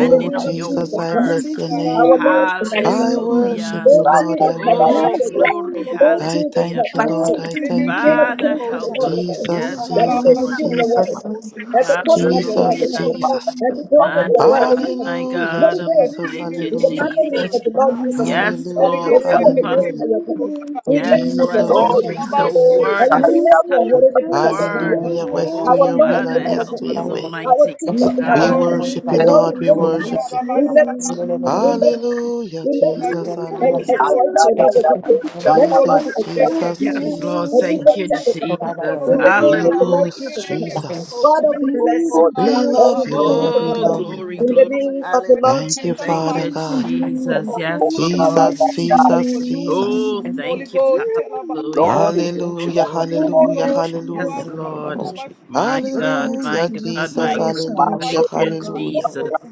Speaker 4: in the name
Speaker 7: of
Speaker 4: of
Speaker 7: your
Speaker 11: Jesus,
Speaker 4: Jesus
Speaker 11: I
Speaker 7: word.
Speaker 4: Christ,
Speaker 11: bless your name.
Speaker 4: our Lord and our
Speaker 11: I
Speaker 4: God.
Speaker 11: worship
Speaker 7: Hallelujah.
Speaker 11: you,
Speaker 4: Oh,
Speaker 11: Lord.
Speaker 4: Jesus,
Speaker 11: I
Speaker 4: help my
Speaker 7: Oh,
Speaker 11: worship
Speaker 4: soul.
Speaker 11: you.
Speaker 7: glory.
Speaker 4: Oh,
Speaker 11: I
Speaker 4: Jesus,
Speaker 7: Hallelujah.
Speaker 4: help
Speaker 11: thank you,
Speaker 4: my
Speaker 11: Lord.
Speaker 4: soul.
Speaker 11: I thank
Speaker 4: King
Speaker 11: you.
Speaker 4: of
Speaker 7: Father,
Speaker 4: kings and the
Speaker 7: help
Speaker 4: Lord
Speaker 7: us.
Speaker 4: of all,
Speaker 11: Jesus,
Speaker 7: Yes,
Speaker 13: I
Speaker 4: that we
Speaker 7: Lord.
Speaker 4: can
Speaker 11: Jesus,
Speaker 4: receive the word,
Speaker 11: Jesus,
Speaker 13: love
Speaker 4: and to put on the
Speaker 20: There's
Speaker 4: word of
Speaker 20: no
Speaker 11: Jesus,
Speaker 7: Hallelujah.
Speaker 1: Rando
Speaker 4: God,
Speaker 13: our
Speaker 11: Jesus.
Speaker 4: and to go
Speaker 1: Lord,
Speaker 7: My
Speaker 4: with the word of
Speaker 7: God,
Speaker 20: place
Speaker 4: God.
Speaker 7: my
Speaker 11: Hallelujah,
Speaker 4: Holy
Speaker 7: God. Oh,
Speaker 4: Ghost,
Speaker 11: Jesus,
Speaker 13: Atili
Speaker 7: thank you,
Speaker 4: in
Speaker 13: biki
Speaker 4: the
Speaker 11: hallelujah.
Speaker 4: mighty
Speaker 7: Jesus.
Speaker 4: name of
Speaker 13: kolobosa
Speaker 4: the Lord
Speaker 13: God.
Speaker 4: Jesus Christ.
Speaker 7: Yes,
Speaker 13: Dali
Speaker 7: Lord.
Speaker 11: Hallelujah,
Speaker 4: The
Speaker 13: biri öyle
Speaker 7: Help
Speaker 4: Son of the
Speaker 7: us.
Speaker 13: biki
Speaker 11: hallelujah.
Speaker 4: your God.
Speaker 13: kolobosa
Speaker 4: We
Speaker 7: Yes.
Speaker 13: God.
Speaker 4: lift
Speaker 7: So
Speaker 4: up the
Speaker 7: as
Speaker 13: Oh
Speaker 7: we
Speaker 11: Jesus,
Speaker 4: mountain of
Speaker 7: read the
Speaker 1: no,
Speaker 13: halaba
Speaker 4: Jesus.
Speaker 11: Jesus,
Speaker 13: şili
Speaker 7: word,
Speaker 13: biki
Speaker 4: And we
Speaker 7: as we
Speaker 1: carry
Speaker 4: bless
Speaker 11: Jesus.
Speaker 1: that
Speaker 7: study
Speaker 4: your
Speaker 7: the
Speaker 4: holy name
Speaker 13: kolobosa
Speaker 4: because of who you
Speaker 7: word,
Speaker 13: God.
Speaker 4: are.
Speaker 20: called
Speaker 11: Hallelujah.
Speaker 13: Oh
Speaker 11: Yes
Speaker 7: oh,
Speaker 11: to
Speaker 4: Our
Speaker 13: halaba
Speaker 11: your
Speaker 20: argument.
Speaker 4: Lord
Speaker 11: will
Speaker 7: Father,
Speaker 4: and
Speaker 11: and
Speaker 13: şili
Speaker 4: our
Speaker 11: yes
Speaker 7: help
Speaker 11: to
Speaker 13: biki
Speaker 4: God.
Speaker 7: us,
Speaker 11: your way.
Speaker 4: Our
Speaker 13: kolobosa.
Speaker 7: Almighty
Speaker 20: You
Speaker 4: teacher in
Speaker 20: are
Speaker 4: our
Speaker 11: We
Speaker 7: God.
Speaker 13: Oh
Speaker 4: helper.
Speaker 20: God
Speaker 11: worship
Speaker 13: biki
Speaker 11: you,
Speaker 1: and
Speaker 4: Lord,
Speaker 11: Lord.
Speaker 4: we
Speaker 11: We
Speaker 20: over
Speaker 4: lift you.
Speaker 13: kolobosa
Speaker 20: the
Speaker 11: worship you.
Speaker 13: halaba
Speaker 4: We lift
Speaker 13: salama
Speaker 4: you.
Speaker 20: storm.
Speaker 4: We lift you.
Speaker 13: kolobosa.
Speaker 11: Hallelujah,
Speaker 4: We
Speaker 13: Oh
Speaker 4: lift
Speaker 20: You
Speaker 4: you.
Speaker 11: Jesus,
Speaker 20: are
Speaker 13: biki
Speaker 4: And we
Speaker 13: biki
Speaker 1: I
Speaker 11: hallelujah.
Speaker 20: constant
Speaker 4: exalt
Speaker 13: kolobosa.
Speaker 20: on
Speaker 4: your
Speaker 1: gather
Speaker 4: name, O
Speaker 1: that
Speaker 4: God.
Speaker 1: day,
Speaker 13: Your
Speaker 4: Let
Speaker 20: and
Speaker 4: your
Speaker 13: Lord,
Speaker 4: name
Speaker 1: Danaman,
Speaker 4: be
Speaker 11: Jesus,
Speaker 13: make
Speaker 4: exalted,
Speaker 13: it
Speaker 20: loving.
Speaker 11: Jesus,
Speaker 4: Father.
Speaker 7: Yes, Lord.
Speaker 4: And
Speaker 11: Jesus.
Speaker 4: be
Speaker 7: Thank you,
Speaker 4: lifted, O
Speaker 13: Hallelujah, cool, cool,
Speaker 7: Jesus.
Speaker 13: I'm
Speaker 4: In
Speaker 20: You
Speaker 4: the
Speaker 20: are
Speaker 4: name
Speaker 11: Holy
Speaker 4: of the
Speaker 13: Alaba,
Speaker 4: Lord
Speaker 7: Hallelujah.
Speaker 13: sing it,
Speaker 11: Ghost,
Speaker 4: Jesus
Speaker 20: never
Speaker 13: make it
Speaker 4: Christ.
Speaker 13: cool, cool,
Speaker 11: Jesus.
Speaker 20: to
Speaker 4: Father,
Speaker 13: cool.
Speaker 4: we
Speaker 20: be
Speaker 4: bless
Speaker 13: Oh
Speaker 20: the
Speaker 4: you.
Speaker 1: Lord,
Speaker 13: God,
Speaker 1: for
Speaker 11: We
Speaker 1: the
Speaker 20: God
Speaker 13: I'm
Speaker 4: And we
Speaker 11: love
Speaker 20: you
Speaker 11: you,
Speaker 4: honor
Speaker 13: cool,
Speaker 4: you,
Speaker 11: Lord.
Speaker 4: O
Speaker 11: We
Speaker 7: Oh,
Speaker 4: God.
Speaker 13: cool.
Speaker 11: love you.
Speaker 7: glory,
Speaker 4: In the
Speaker 7: glory.
Speaker 13: Oh
Speaker 20: are.
Speaker 13: God,
Speaker 4: name of the
Speaker 7: Hallelujah.
Speaker 4: Lord
Speaker 13: i
Speaker 11: Thank you,
Speaker 13: wait,
Speaker 4: Jesus.
Speaker 7: Thank
Speaker 13: Alaba,
Speaker 11: Father
Speaker 7: you,
Speaker 13: sing to
Speaker 11: God.
Speaker 13: make it cool,
Speaker 7: Jesus.
Speaker 13: cool,
Speaker 7: Yes, Lord.
Speaker 11: Jesus, Jesus,
Speaker 13: cool.
Speaker 11: Jesus.
Speaker 7: Oh,
Speaker 13: Holy
Speaker 7: thank you.
Speaker 13: Ghost, Alaba,
Speaker 7: Hallelujah.
Speaker 1: Lord, it is
Speaker 7: Oh,
Speaker 11: Hallelujah,
Speaker 7: Lord.
Speaker 13: Holy
Speaker 11: hallelujah,
Speaker 13: Ghost,
Speaker 7: Yes,
Speaker 11: hallelujah.
Speaker 13: Alaba,
Speaker 7: Lord.
Speaker 20: Jesus,
Speaker 13: Alaba, sing it,
Speaker 7: My
Speaker 13: make
Speaker 20: we
Speaker 13: it cool,
Speaker 20: give
Speaker 7: God,
Speaker 13: cool, cool.
Speaker 20: thanks and
Speaker 7: my
Speaker 11: Hallelujah,
Speaker 20: give you
Speaker 7: God,
Speaker 11: Jesus,
Speaker 13: God,
Speaker 7: my
Speaker 13: oh,
Speaker 7: God.
Speaker 20: praise and
Speaker 13: come,
Speaker 1: my
Speaker 13: Alaba,
Speaker 11: hallelujah,
Speaker 7: Thank
Speaker 20: worship
Speaker 13: sing it,
Speaker 20: you,
Speaker 7: you,
Speaker 20: God.
Speaker 13: make it
Speaker 11: hallelujah.
Speaker 13: cool,
Speaker 7: Jesus.
Speaker 13: cool, cool.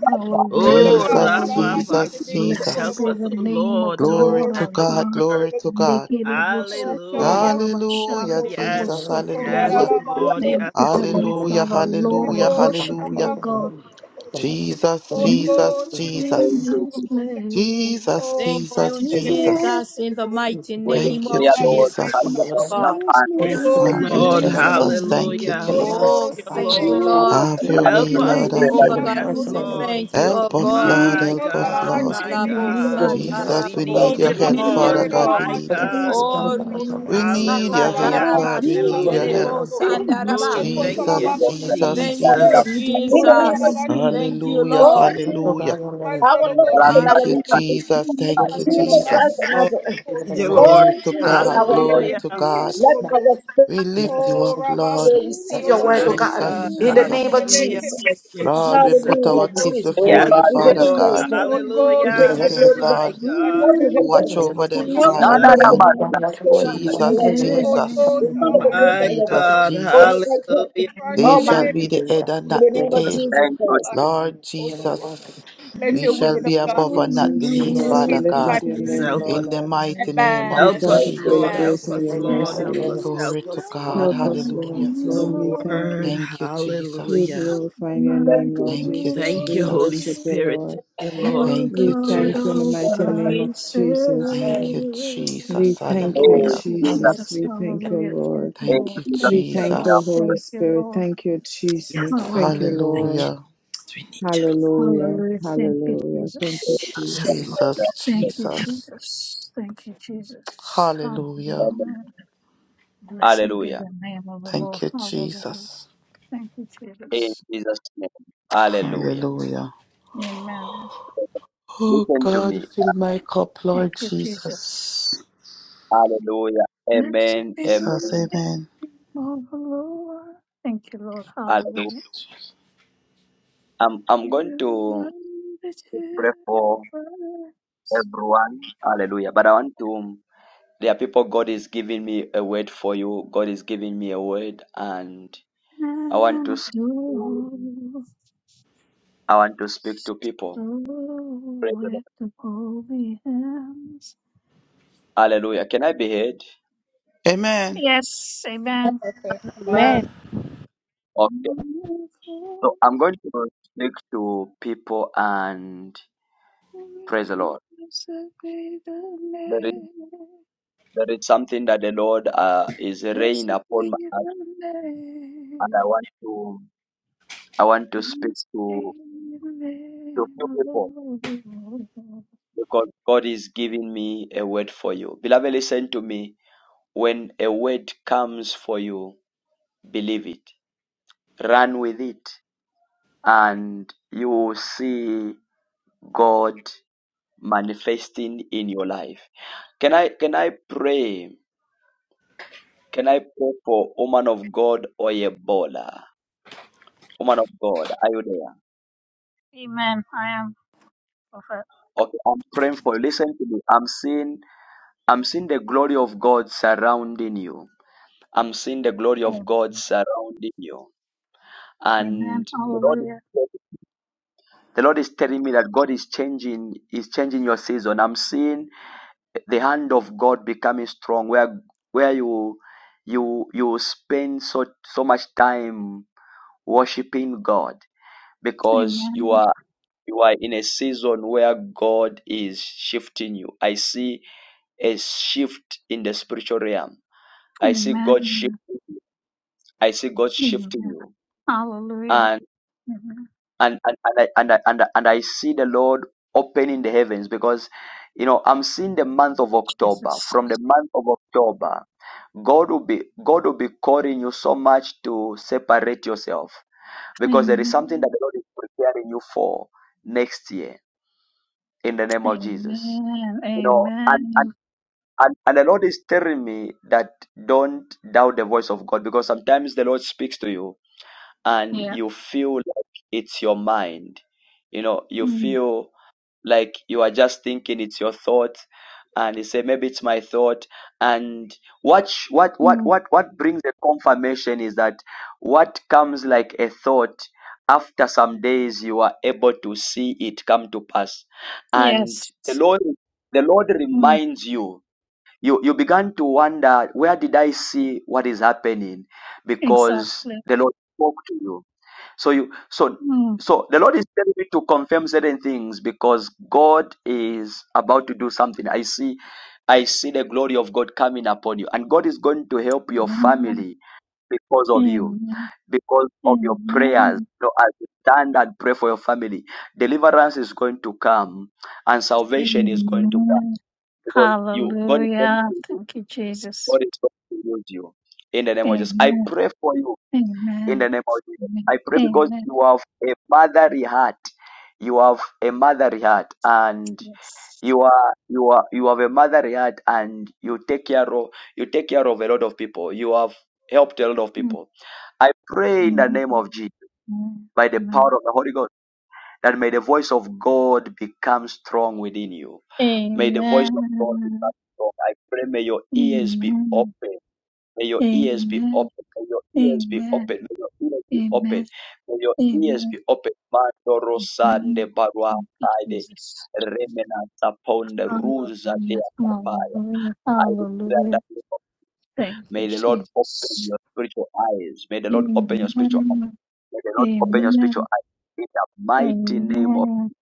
Speaker 13: The word
Speaker 20: Hallelujah,
Speaker 13: of
Speaker 7: Oh,
Speaker 13: God,
Speaker 11: Jesus,
Speaker 7: Rabba
Speaker 13: Alaba,
Speaker 20: hallelujah.
Speaker 13: make it,
Speaker 11: Jesus,
Speaker 13: make
Speaker 7: Basura.
Speaker 13: it cool,
Speaker 20: Blessed
Speaker 7: Help
Speaker 11: Jesus.
Speaker 20: be
Speaker 13: cool,
Speaker 7: us,
Speaker 20: the
Speaker 13: cool.
Speaker 7: oh,
Speaker 20: name of
Speaker 7: Lord,
Speaker 20: the
Speaker 7: to
Speaker 11: Glory
Speaker 20: Lord
Speaker 13: Glory
Speaker 7: understand
Speaker 11: to
Speaker 20: our
Speaker 7: the
Speaker 13: be
Speaker 11: God,
Speaker 20: God.
Speaker 7: word.
Speaker 13: to
Speaker 11: glory
Speaker 13: God.
Speaker 11: to God.
Speaker 7: Hallelujah.
Speaker 11: Hallelujah,
Speaker 13: Shalabakutoloboshin.
Speaker 11: Jesus,
Speaker 7: Yes,
Speaker 13: Oh God,
Speaker 7: yes,
Speaker 11: hallelujah.
Speaker 7: Lord.
Speaker 20: Thank
Speaker 7: Yes,
Speaker 20: you,
Speaker 13: Alabakutoloboshin.
Speaker 20: Heavenly
Speaker 7: Lord.
Speaker 11: Hallelujah,
Speaker 20: Father.
Speaker 13: Holy
Speaker 20: Lord, I
Speaker 11: hallelujah,
Speaker 13: Ghost,
Speaker 20: worship you,
Speaker 11: hallelujah.
Speaker 20: O God.
Speaker 13: Alabakutoloboshin.
Speaker 11: Jesus,
Speaker 13: Holy
Speaker 20: Move
Speaker 11: Jesus,
Speaker 13: Ghost,
Speaker 20: in
Speaker 11: Jesus.
Speaker 20: this
Speaker 13: Rebekutoloboshin.
Speaker 20: place.
Speaker 11: Jesus,
Speaker 13: Oh,
Speaker 19: Thank you,
Speaker 11: Jesus,
Speaker 20: To
Speaker 11: Jesus.
Speaker 19: Jesus, in the
Speaker 13: Rebekutoloboshin.
Speaker 19: mighty name
Speaker 11: Thank you,
Speaker 19: of
Speaker 13: Oh God, we
Speaker 19: Jesus
Speaker 13: thank you,
Speaker 19: Christ,
Speaker 11: Jesus.
Speaker 13: God.
Speaker 19: oh
Speaker 20: this
Speaker 19: God.
Speaker 20: is my
Speaker 13: Holy
Speaker 7: Yes,
Speaker 13: Ghost,
Speaker 20: one
Speaker 11: Thank
Speaker 13: we
Speaker 11: you,
Speaker 7: Lord.
Speaker 13: thank you. God.
Speaker 11: Jesus. Thank you,
Speaker 20: desire,
Speaker 7: Hallelujah.
Speaker 13: Holy
Speaker 7: Thank
Speaker 11: Jesus.
Speaker 19: Oh,
Speaker 13: Ghost,
Speaker 7: you,
Speaker 13: we
Speaker 19: thank
Speaker 13: thank
Speaker 19: you,
Speaker 13: you. God.
Speaker 7: Lord.
Speaker 20: to
Speaker 19: Lord.
Speaker 11: Have your
Speaker 20: have
Speaker 7: Help
Speaker 13: We
Speaker 11: way,
Speaker 20: your
Speaker 7: us.
Speaker 11: Lord.
Speaker 13: thank you,
Speaker 11: Have your
Speaker 19: Jehovah
Speaker 13: Alabakutoloboshin.
Speaker 11: way.
Speaker 19: God, we
Speaker 7: Yes,
Speaker 13: For
Speaker 19: say
Speaker 20: way,
Speaker 13: total
Speaker 7: Lord.
Speaker 19: thank you,
Speaker 13: devotion.
Speaker 19: oh
Speaker 11: Help us,
Speaker 13: For
Speaker 19: God.
Speaker 11: Lord.
Speaker 20: move
Speaker 7: My
Speaker 13: teaching
Speaker 11: Help
Speaker 13: us,
Speaker 11: us,
Speaker 7: God,
Speaker 11: Lord.
Speaker 20: this
Speaker 7: my
Speaker 19: Mandalabo
Speaker 7: God,
Speaker 13: Alabakutoloboshin.
Speaker 20: place,
Speaker 11: Jesus,
Speaker 7: we
Speaker 11: we
Speaker 19: satarabo
Speaker 13: How
Speaker 11: need
Speaker 7: need
Speaker 13: to
Speaker 11: your
Speaker 7: you,
Speaker 13: God.
Speaker 11: help. Father
Speaker 7: Lord.
Speaker 11: God,
Speaker 20: provide
Speaker 19: sheketerebo.
Speaker 11: we
Speaker 7: My
Speaker 20: in
Speaker 11: need your help.
Speaker 20: this
Speaker 7: God,
Speaker 19: Oh, Rita
Speaker 11: We need
Speaker 20: place,
Speaker 11: your help,
Speaker 7: hallelujah,
Speaker 20: Lord,
Speaker 19: sakataraba
Speaker 11: Lord. We need your
Speaker 20: move
Speaker 7: hallelujah.
Speaker 11: help.
Speaker 19: sheterebo
Speaker 20: in this
Speaker 19: sandaraba.
Speaker 7: Oh,
Speaker 13: Help us,
Speaker 7: thank you,
Speaker 11: Jesus, Jesus,
Speaker 20: place
Speaker 19: Thank
Speaker 7: Jesus.
Speaker 19: you,
Speaker 11: Jesus.
Speaker 20: today.
Speaker 4: In the name of
Speaker 19: Jesus.
Speaker 4: Jesus.
Speaker 19: Thank you,
Speaker 11: Hallelujah,
Speaker 13: the
Speaker 4: Oh,
Speaker 19: Lord.
Speaker 4: Jesus,
Speaker 11: hallelujah.
Speaker 13: motion. Man's
Speaker 4: our
Speaker 13: Holy
Speaker 4: Lord
Speaker 13: Ghost,
Speaker 4: and
Speaker 11: Thank
Speaker 4: our
Speaker 11: you,
Speaker 19: Hallelujah.
Speaker 4: God,
Speaker 11: Jesus. Thank you,
Speaker 4: Jesus
Speaker 7: Yes,
Speaker 4: Christ
Speaker 11: Jesus.
Speaker 4: and
Speaker 7: Lord,
Speaker 4: Nazareth.
Speaker 7: need you, Lord.
Speaker 13: Ghost.
Speaker 11: Glory
Speaker 4: Oh,
Speaker 11: to
Speaker 4: Jesus,
Speaker 11: God.
Speaker 4: our
Speaker 11: Glory
Speaker 4: God.
Speaker 11: to
Speaker 7: Hallelujah,
Speaker 20: Today.
Speaker 11: God.
Speaker 4: Let our spirit
Speaker 11: We
Speaker 13: oh,
Speaker 11: lift you up, Lord.
Speaker 13: Rabaku,
Speaker 20: Seems
Speaker 4: receive your
Speaker 20: my
Speaker 4: word, oh
Speaker 13: Shelebe,
Speaker 7: my
Speaker 20: one
Speaker 4: God,
Speaker 7: God,
Speaker 11: Jesus,
Speaker 4: in the
Speaker 20: desire,
Speaker 4: name
Speaker 20: I
Speaker 11: Jesus.
Speaker 4: of
Speaker 7: hallelujah.
Speaker 4: Jesus.
Speaker 7: Thank you,
Speaker 11: Lord, we
Speaker 7: Jesus.
Speaker 11: put
Speaker 4: Hallelujah,
Speaker 11: our kids
Speaker 4: Jesus.
Speaker 13: thank
Speaker 11: before
Speaker 7: Yes,
Speaker 11: you,
Speaker 20: will
Speaker 4: We give
Speaker 11: Father
Speaker 4: you
Speaker 7: Lord,
Speaker 4: praise,
Speaker 11: God.
Speaker 4: Lord.
Speaker 13: Holy
Speaker 4: We
Speaker 13: Ghost, we
Speaker 4: give
Speaker 11: Bless
Speaker 4: you
Speaker 7: hallelujah,
Speaker 4: the
Speaker 13: thank
Speaker 11: them,
Speaker 13: you,
Speaker 4: glory,
Speaker 13: God.
Speaker 7: my
Speaker 4: Lord.
Speaker 11: Lord.
Speaker 13: Alaba,
Speaker 7: God,
Speaker 4: Help
Speaker 20: rule
Speaker 4: me,
Speaker 13: Shelebe,
Speaker 4: Holy
Speaker 11: Watch
Speaker 7: thank
Speaker 4: Ghost.
Speaker 7: you,
Speaker 11: over
Speaker 13: Kolobo,
Speaker 11: them,
Speaker 20: this place
Speaker 4: Help my
Speaker 11: Father
Speaker 7: Jesus.
Speaker 20: today.
Speaker 4: spirit, oh
Speaker 11: God.
Speaker 4: God, to
Speaker 13: Shelebe, God.
Speaker 4: receive the
Speaker 11: Jesus,
Speaker 4: light you have.
Speaker 13: Holy
Speaker 11: Jesus,
Speaker 4: The
Speaker 13: Ghost,
Speaker 4: Son of
Speaker 13: Alaba,
Speaker 4: the Most
Speaker 7: My
Speaker 4: High, God.
Speaker 11: Jesus,
Speaker 7: God,
Speaker 4: For
Speaker 13: Kolobo, Shelebe,
Speaker 4: the
Speaker 11: Jesus.
Speaker 4: light,
Speaker 7: hallelujah.
Speaker 13: Kolobo,
Speaker 11: They shall be
Speaker 4: Almighty,
Speaker 11: the head and
Speaker 4: in the
Speaker 11: not
Speaker 13: Shelebe,
Speaker 11: the
Speaker 4: name of
Speaker 11: tail.
Speaker 4: Jesus Christ.
Speaker 11: Lord
Speaker 13: Kolobo, Shelebe.
Speaker 11: Jesus,
Speaker 13: let
Speaker 20: New,
Speaker 11: we
Speaker 13: your will
Speaker 11: shall
Speaker 13: be done,
Speaker 11: be
Speaker 20: new
Speaker 21: Okay,
Speaker 13: God,
Speaker 11: above
Speaker 21: we
Speaker 11: and not
Speaker 21: praise you,
Speaker 11: beneath,
Speaker 21: Lord.
Speaker 13: in
Speaker 7: Jesus,
Speaker 21: We
Speaker 11: Father
Speaker 20: world
Speaker 13: Jesus'
Speaker 20: to
Speaker 21: lift up
Speaker 11: God.
Speaker 13: mighty
Speaker 21: your
Speaker 7: Jesus,
Speaker 20: life.
Speaker 13: name.
Speaker 21: name,
Speaker 7: help us.
Speaker 21: Lord.
Speaker 11: In the
Speaker 21: Adam.
Speaker 11: mighty name of
Speaker 21: We
Speaker 13: Amen.
Speaker 7: Help
Speaker 21: thank you
Speaker 7: us,
Speaker 1: Thank
Speaker 21: for your
Speaker 7: Lord.
Speaker 13: Amen.
Speaker 21: grace
Speaker 7: Help
Speaker 11: Jesus.
Speaker 21: and your
Speaker 7: us, Lord.
Speaker 21: mercy,
Speaker 7: Help
Speaker 21: Lord.
Speaker 7: us,
Speaker 20: There's
Speaker 11: Glory
Speaker 7: help
Speaker 11: to
Speaker 7: us,
Speaker 11: God.
Speaker 21: Help
Speaker 7: Lord.
Speaker 20: none
Speaker 21: us,
Speaker 20: like
Speaker 21: Lord.
Speaker 11: Hallelujah.
Speaker 7: The
Speaker 21: Lord, we thank
Speaker 7: word.
Speaker 21: you.
Speaker 20: you,
Speaker 11: Thank you,
Speaker 21: We
Speaker 7: Hallelujah.
Speaker 11: Jesus.
Speaker 21: glorify your
Speaker 20: none
Speaker 21: name,
Speaker 20: like
Speaker 1: you.
Speaker 21: Lord
Speaker 11: Thank you,
Speaker 21: Jesus.
Speaker 7: Thank
Speaker 21: We
Speaker 7: you, Holy
Speaker 20: you.
Speaker 21: worship you,
Speaker 11: Jesus.
Speaker 7: Spirit. Thank
Speaker 21: Lord.
Speaker 7: you,
Speaker 20: You
Speaker 7: Lord.
Speaker 19: Holy
Speaker 20: are
Speaker 11: Thank you,
Speaker 21: We
Speaker 19: Spirit.
Speaker 20: God
Speaker 21: thank you in the
Speaker 20: all
Speaker 11: Jesus.
Speaker 21: mighty
Speaker 20: by
Speaker 21: name of
Speaker 20: yourself.
Speaker 21: Jesus.
Speaker 19: Amen.
Speaker 11: Thank you,
Speaker 21: We
Speaker 11: Jesus.
Speaker 21: thank you,
Speaker 20: Thank
Speaker 11: Hallelujah.
Speaker 20: you,
Speaker 1: Thank you.
Speaker 19: Thank
Speaker 21: Jesus.
Speaker 20: Jesus.
Speaker 19: you.
Speaker 21: We thank you,
Speaker 20: Hallelujah. Thank
Speaker 21: Lord.
Speaker 20: you,
Speaker 1: In
Speaker 11: Thank you,
Speaker 20: Lord.
Speaker 1: Jesus'
Speaker 21: We
Speaker 20: Thank you,
Speaker 1: name,
Speaker 21: thank
Speaker 1: we
Speaker 20: Lord.
Speaker 21: you,
Speaker 1: have
Speaker 11: Jesus.
Speaker 21: Holy
Speaker 20: Thank you,
Speaker 21: Spirit.
Speaker 20: Lord.
Speaker 21: Thank you,
Speaker 7: Yes,
Speaker 21: Jesus. Thank you,
Speaker 20: Hallelujah.
Speaker 7: thank
Speaker 21: Lord.
Speaker 7: you.
Speaker 11: Hallelujah.
Speaker 7: Yes, We need you, Lord.
Speaker 21: Hallelujah.
Speaker 20: Hallelujah. Thank you,
Speaker 21: Hallelujah. Thank you,
Speaker 20: Jesus.
Speaker 7: Yes,
Speaker 21: Jesus.
Speaker 7: Lord.
Speaker 11: Jesus,
Speaker 20: Thank you,
Speaker 11: Jesus.
Speaker 20: Jesus. Thank you, Jesus.
Speaker 11: Hallelujah.
Speaker 1: amen.
Speaker 20: Hallelujah. Blessed be
Speaker 1: Hallelujah.
Speaker 20: the name of the Lord.
Speaker 11: Thank you,
Speaker 20: Hallelujah.
Speaker 11: Jesus.
Speaker 20: Thank you,
Speaker 1: In
Speaker 20: Jesus.
Speaker 1: Jesus' name. Hallelujah.
Speaker 11: Hallelujah.
Speaker 20: Amen.
Speaker 11: Oh
Speaker 1: Listen to
Speaker 11: God,
Speaker 1: me.
Speaker 11: fill my cup,
Speaker 20: Thank
Speaker 11: Lord
Speaker 20: you, Jesus.
Speaker 11: Jesus.
Speaker 1: Hallelujah.
Speaker 20: Blessed
Speaker 1: Amen.
Speaker 20: be
Speaker 11: Jesus,
Speaker 20: the
Speaker 1: Amen.
Speaker 11: amen.
Speaker 20: name of the Lord. Thank you, Lord. Hallelujah.
Speaker 1: Hallelujah. I'm, I'm
Speaker 20: You
Speaker 1: going
Speaker 20: are
Speaker 1: to
Speaker 20: the two
Speaker 1: pray for
Speaker 20: worlds
Speaker 1: everyone. Hallelujah. But I want to, there are people God is giving me a word for you. God is giving me a word and I want to, s-
Speaker 20: adore.
Speaker 1: I want to speak to people.
Speaker 20: Oh,
Speaker 1: Praise the Lord.
Speaker 20: with the holy hands.
Speaker 1: Hallelujah. Can I be heard?
Speaker 11: Amen.
Speaker 20: Yes, amen.
Speaker 13: Amen.
Speaker 19: Amen.
Speaker 5: Amen.
Speaker 1: Okay. So
Speaker 20: Wonderful
Speaker 1: I'm going to speak to people and praise the Lord.
Speaker 20: Blessed be the
Speaker 1: There is,
Speaker 20: name.
Speaker 1: there is something that the Lord uh, is raining
Speaker 20: Blessed
Speaker 1: upon my
Speaker 20: be
Speaker 1: heart,
Speaker 20: the name.
Speaker 1: and I want to I want to speak
Speaker 20: Blessed be
Speaker 1: to
Speaker 20: the
Speaker 1: to few
Speaker 20: name of
Speaker 1: people
Speaker 20: the Lord.
Speaker 1: because God is giving me a word for you. Beloved, listen to me. When a word comes for you, believe it, run with it, and you will see God manifesting in your life. Can I can I pray? Can I pray for woman of God or a baller? Woman of God, are you there?
Speaker 20: Amen. I am prophet.
Speaker 1: Okay, I'm praying for you. Listen to me. I'm seeing I'm seeing the glory of God surrounding you. I'm seeing the glory of
Speaker 20: Amen.
Speaker 1: God surrounding you. And
Speaker 20: Amen.
Speaker 1: the Lord is
Speaker 20: Hallelujah.
Speaker 1: the Lord is telling me that God is changing is changing your season. I'm seeing the hand of God becoming strong where where you you you spend so so much time worshiping God because you
Speaker 20: Amen.
Speaker 1: are you are in a season where God is shifting you. I see a shift in the spiritual realm. I see God shift.
Speaker 20: Amen.
Speaker 1: I see God shifting
Speaker 20: Amen.
Speaker 1: you,
Speaker 20: Hallelujah.
Speaker 1: and
Speaker 20: Amen.
Speaker 1: and and and I, and I, and I, and I see the Lord opening the heavens because you know I'm seeing the month of October.
Speaker 20: Jesus.
Speaker 1: From the month of October, God will be God will be calling you so much to separate yourself because there is something that
Speaker 20: Amen.
Speaker 1: the Lord is preparing you for next year in the name of Jesus.
Speaker 20: Amen.
Speaker 1: You know, and
Speaker 20: Amen.
Speaker 1: And, and the Lord is telling me that don't doubt the voice of God because sometimes the Lord speaks to you and
Speaker 20: Yeah.
Speaker 1: you feel like it's your mind. You know, you
Speaker 20: Mm,
Speaker 1: feel like you are just thinking it's your thought and you say maybe it's my thought and what sh- what what
Speaker 20: mm,
Speaker 1: what what brings a confirmation is that what comes like a thought after some days you are able to see it come to pass and
Speaker 20: yes.
Speaker 1: the lord the lord
Speaker 20: Mm,
Speaker 1: reminds you you you began to wonder where did i see what is happening because
Speaker 20: exactly.
Speaker 1: the lord spoke to you so you so
Speaker 20: Mm,
Speaker 1: so the lord is telling me to confirm certain things because god is about to do something i see i see the glory of god coming upon you and god is going to help your
Speaker 20: amen.
Speaker 1: family because of you
Speaker 20: Amen.
Speaker 1: because of your prayers
Speaker 20: Amen.
Speaker 1: so as you stand and pray for your family deliverance is going to come and salvation is going to come
Speaker 20: Amen.
Speaker 1: because you god is going
Speaker 20: Hallelujah.
Speaker 1: to
Speaker 20: Thank you, Jesus.
Speaker 1: God is going to use you in the name of Jesus. I
Speaker 20: Amen.
Speaker 1: pray for you in
Speaker 20: Amen.
Speaker 1: the name of Jesus.
Speaker 20: Amen.
Speaker 1: I pray because
Speaker 20: Amen.
Speaker 1: you have a motherly heart. You have a motherly heart, and
Speaker 20: Yes.
Speaker 1: you are you are you have a motherly heart, and you take care of you take care of a lot of people. You have helped a lot of
Speaker 20: Mm-hmm.
Speaker 1: people. I pray in the
Speaker 20: Amen.
Speaker 1: name of Jesus, by the power
Speaker 20: Amen.
Speaker 1: of the Holy Ghost, that may the voice of God become strong within you. May the voice
Speaker 20: Amen.
Speaker 1: of God
Speaker 20: Amen.
Speaker 1: become strong. I pray may your ears be
Speaker 20: Amen.
Speaker 1: open May your ears be
Speaker 20: Amen.
Speaker 1: open. May your ears be open. May your ears be open.
Speaker 20: Amen.
Speaker 1: May your ears
Speaker 20: Amen.
Speaker 1: be open. Mandoro sande
Speaker 20: Amen.
Speaker 1: barua
Speaker 20: Thank you,
Speaker 1: kaide.
Speaker 20: Jesus.
Speaker 1: Remnants upon the rules of
Speaker 20: Hallelujah.
Speaker 1: their papaya.
Speaker 20: Hallelujah.
Speaker 1: I declare in the
Speaker 20: Hallelujah.
Speaker 1: name of-
Speaker 20: Thank you,
Speaker 1: May the Lord open
Speaker 20: Jesus.
Speaker 1: your spiritual eyes. May the Lord open your spiritual eyes.
Speaker 20: Amen.
Speaker 1: May the Lord open your
Speaker 20: Amen.
Speaker 1: spiritual eyes. In the mighty name of
Speaker 20: Amen.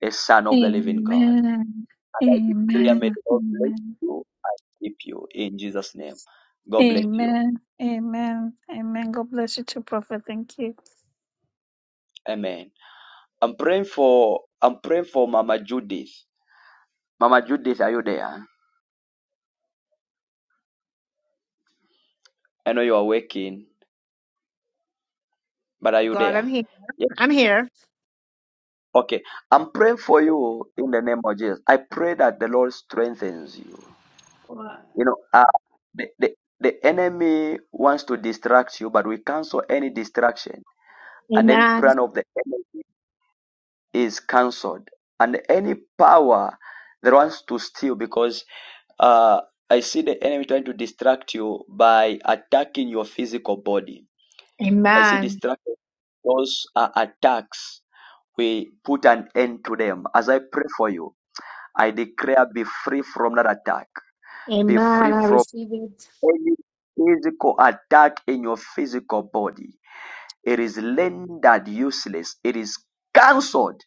Speaker 1: the Son of the Living God.
Speaker 20: Amen.
Speaker 1: And I declare, may
Speaker 20: Amen.
Speaker 1: the Lord bless
Speaker 20: Amen.
Speaker 1: you, keep you in Jesus' name. God bless you.
Speaker 20: Amen. Amen. Amen. God bless you too, Prophet. Thank you.
Speaker 1: Amen. I'm praying for I'm praying for Mama Judith. Mama Judith, are you there? I know you are waking, but are you
Speaker 22: God, I'm
Speaker 1: there?
Speaker 22: here.
Speaker 1: Yes.
Speaker 22: I'm here.
Speaker 1: Okay. I'm praying for you in the name of Jesus. I pray that the Lord strengthens you.
Speaker 22: What?
Speaker 1: You know, uh, the, the the enemy wants to distract you, but we cancel any distraction. And then
Speaker 22: Amen.
Speaker 1: plan of the enemy is cancelled. And any power that wants to steal, because Uh, I see the enemy trying to distract you by attacking your physical body. I see
Speaker 22: Amen.
Speaker 1: distraction. Those are attacks. We put an end to them. As I pray for you, I declare be free from that attack. Be
Speaker 22: Amen.
Speaker 1: free
Speaker 22: I
Speaker 1: from
Speaker 22: receive it.
Speaker 1: any physical attack in your physical body. It is rendered useless. It is cancelled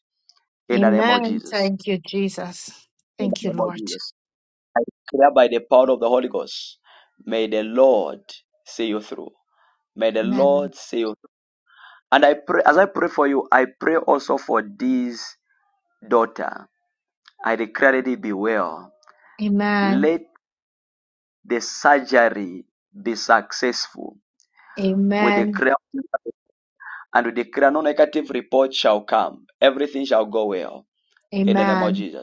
Speaker 1: in the name of
Speaker 22: Amen.
Speaker 1: Jesus.
Speaker 22: Thank you, Jesus.
Speaker 1: In the
Speaker 22: Thank you,
Speaker 1: name of
Speaker 22: Lord.
Speaker 1: Jesus. I declare by the power of the Holy Ghost, may the Lord see you through. May the
Speaker 22: Amen.
Speaker 1: Lord see you. And I pray, as I pray for you, I pray also for this daughter. I declare that it be well.
Speaker 22: Amen.
Speaker 1: Let the surgery be successful. We
Speaker 22: Amen.
Speaker 1: declare and we declare no negative report shall come. Everything shall go well in the name of
Speaker 22: Amen.
Speaker 1: Jesus.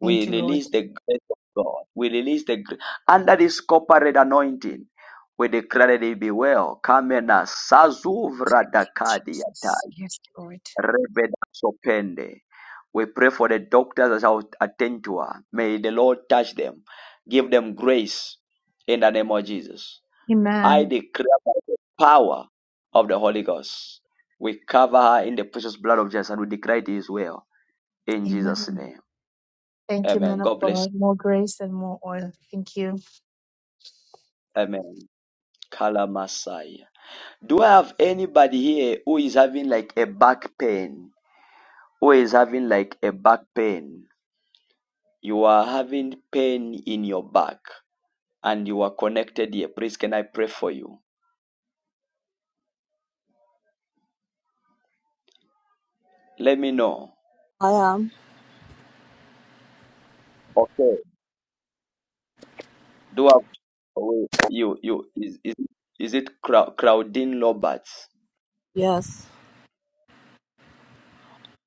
Speaker 22: Thank you, Lord.
Speaker 1: release the grace of God. We release the gr- under this corporate anointing. We declare that it be well. Kamena sazuvra dakadi
Speaker 22: Jesus.
Speaker 1: atai
Speaker 22: Yes, Lord.
Speaker 1: rebeda sopende. We pray for the doctors that shall attend to her. May the Lord touch them, give them grace in the name of Jesus. I
Speaker 22: Amen.
Speaker 1: declare by the power of the Holy Ghost. We cover her in the precious blood of Jesus and we declare it is well in Jesus'
Speaker 22: Amen.
Speaker 1: name.
Speaker 22: Thank you,
Speaker 1: Amen.
Speaker 22: man of
Speaker 1: God bless.
Speaker 22: God. More grace and more oil. Thank you.
Speaker 1: Amen. Kalamasai. Do I have anybody here who is having like a back pain? Who is having like a back pain? You are having pain in your back and you are connected here. Please, can I pray for you? Let me know.
Speaker 5: I am.
Speaker 1: Okay. Do I have wait, you you is is, is it Cra- Claudine Roberts?
Speaker 5: Yes.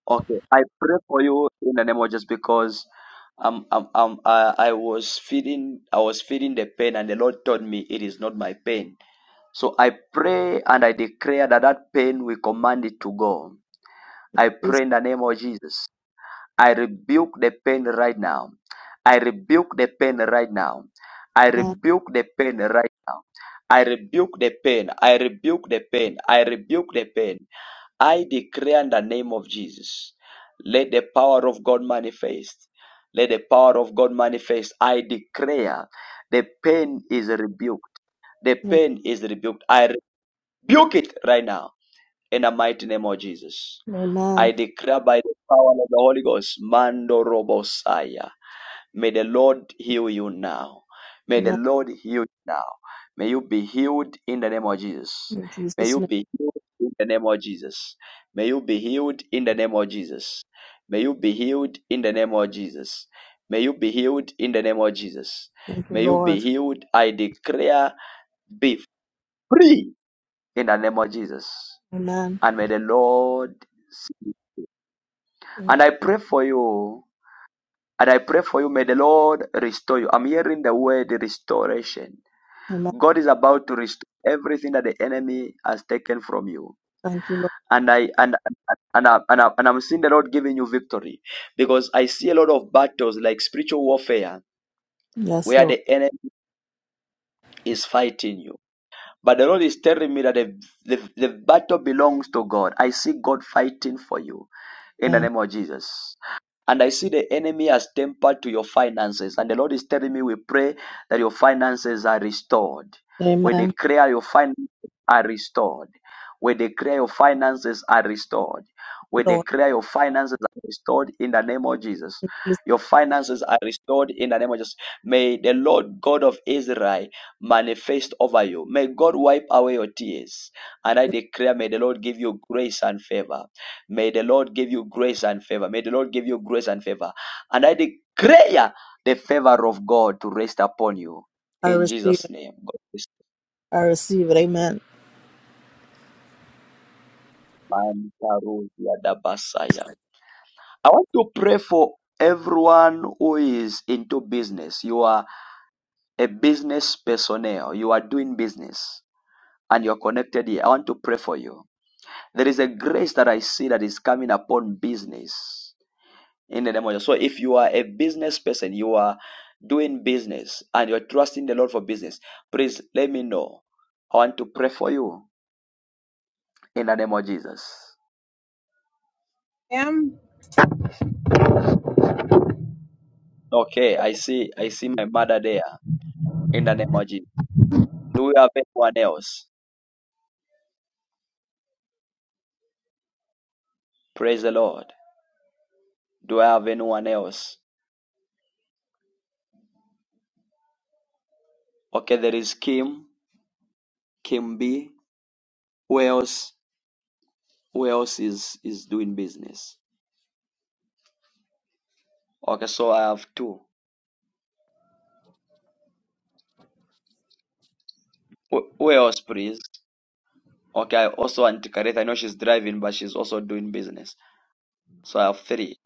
Speaker 1: Okay. I pray for you in the name of just because um, um, um, I, I was feeling I was feeling the pain and the Lord told me it is not my pain So I pray and I declare that that pain we command it to go. I
Speaker 5: Yes.
Speaker 1: pray in the name of Jesus. I rebuke the pain right now. I rebuke the pain right now. I
Speaker 5: Amen.
Speaker 1: rebuke the pain right now. I rebuke the pain. I rebuke the pain. I rebuke the pain. I declare in the name of Jesus. Let the power of God manifest. Let the power of God manifest. I declare the pain is rebuked. The
Speaker 5: Amen.
Speaker 1: pain is rebuked. I rebuke it right now in the mighty name of Jesus.
Speaker 5: Amen.
Speaker 1: I declare by the power of the Holy Ghost, Mando Robosaya. May the Lord heal you now. May the
Speaker 5: Amen.
Speaker 1: Lord heal you now. May you be healed in the name of Jesus.
Speaker 5: In
Speaker 1: May
Speaker 5: Jesus'
Speaker 1: you
Speaker 5: name.
Speaker 1: be healed in the name of Jesus. May you be healed in the name of Jesus. May you be healed in the name of Jesus. May you be healed in the name of Jesus.
Speaker 5: Thank you,
Speaker 1: May you be
Speaker 5: Lord.
Speaker 1: healed. I declare, be free in the name of Jesus
Speaker 5: Amen.
Speaker 1: and may the Lord and I pray for you. And I pray for you. May the Lord restore you. I'm hearing the word restoration.
Speaker 5: Amen.
Speaker 1: God is about to restore everything that the enemy has taken from you.
Speaker 5: Thank you, Lord.
Speaker 1: And I and and, I, and, I, and I'm seeing the Lord giving you victory because I see a lot of battles like spiritual warfare
Speaker 5: Yes,
Speaker 1: where
Speaker 5: Lord.
Speaker 1: the enemy is fighting you But the Lord is telling me that the, the, the battle belongs to God. I see God fighting for you in the
Speaker 5: Amen.
Speaker 1: name of Jesus. And I see the enemy has tempered to your finances. And the Lord is telling me, we pray that your finances are restored. We
Speaker 5: Amen. Thank
Speaker 1: declare your finances are restored. We declare your finances are restored.
Speaker 5: you,
Speaker 1: We
Speaker 5: Lord.
Speaker 1: declare your finances are restored in the name of Jesus.
Speaker 5: In Jesus'
Speaker 1: Your finances are restored in the name of Jesus. May the Lord God of Israel manifest over you. May God wipe away your tears. And I
Speaker 5: name,
Speaker 1: declare, may the Lord give you grace and favor. May the Lord give you grace and favor. May the Lord give you grace and favor. And I declare the favor of God to rest upon you.
Speaker 5: I
Speaker 1: In
Speaker 5: receive
Speaker 1: Jesus'
Speaker 5: it.
Speaker 1: name. God bless
Speaker 5: I receive it. Amen.
Speaker 1: you. I want to pray for everyone who is into business. You are a business personnel. You are doing business and you're connected here. I want to pray for you. There is a grace that I see that is coming upon business in the name of Jesus. So if you are a business person, you are doing business and you're trusting the Lord for business, please let me know. I want to pray for you in the name of Jesus.
Speaker 23: am.
Speaker 1: Okay, I see I see my mother there in the name of Jesus. Do we have anyone else? Praise the Lord. Do I have anyone else? Okay, there is Kim, Kim B. Who else? Who else is is doing business? Okay, so I have two. W- Wales, please. Okay, I also want Kareth. I know she's driving, but she's also doing business. So I have three.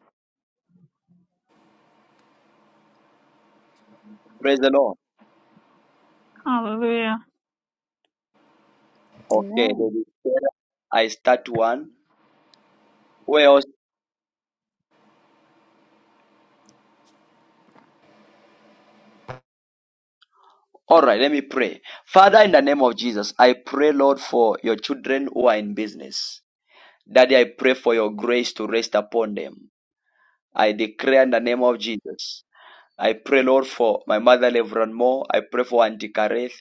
Speaker 1: Praise the Lord.
Speaker 20: Hallelujah.
Speaker 1: Okay,
Speaker 4: Amen.
Speaker 1: baby. I start one. Wales. All right, let me pray. Father, in the name of Jesus, I pray, Lord, for your children who are in business. Daddy, I pray for your grace to rest upon them. I declare in the name of Jesus. I pray, Lord, for my mother, Reverend Moore. I pray for Auntie Kareth.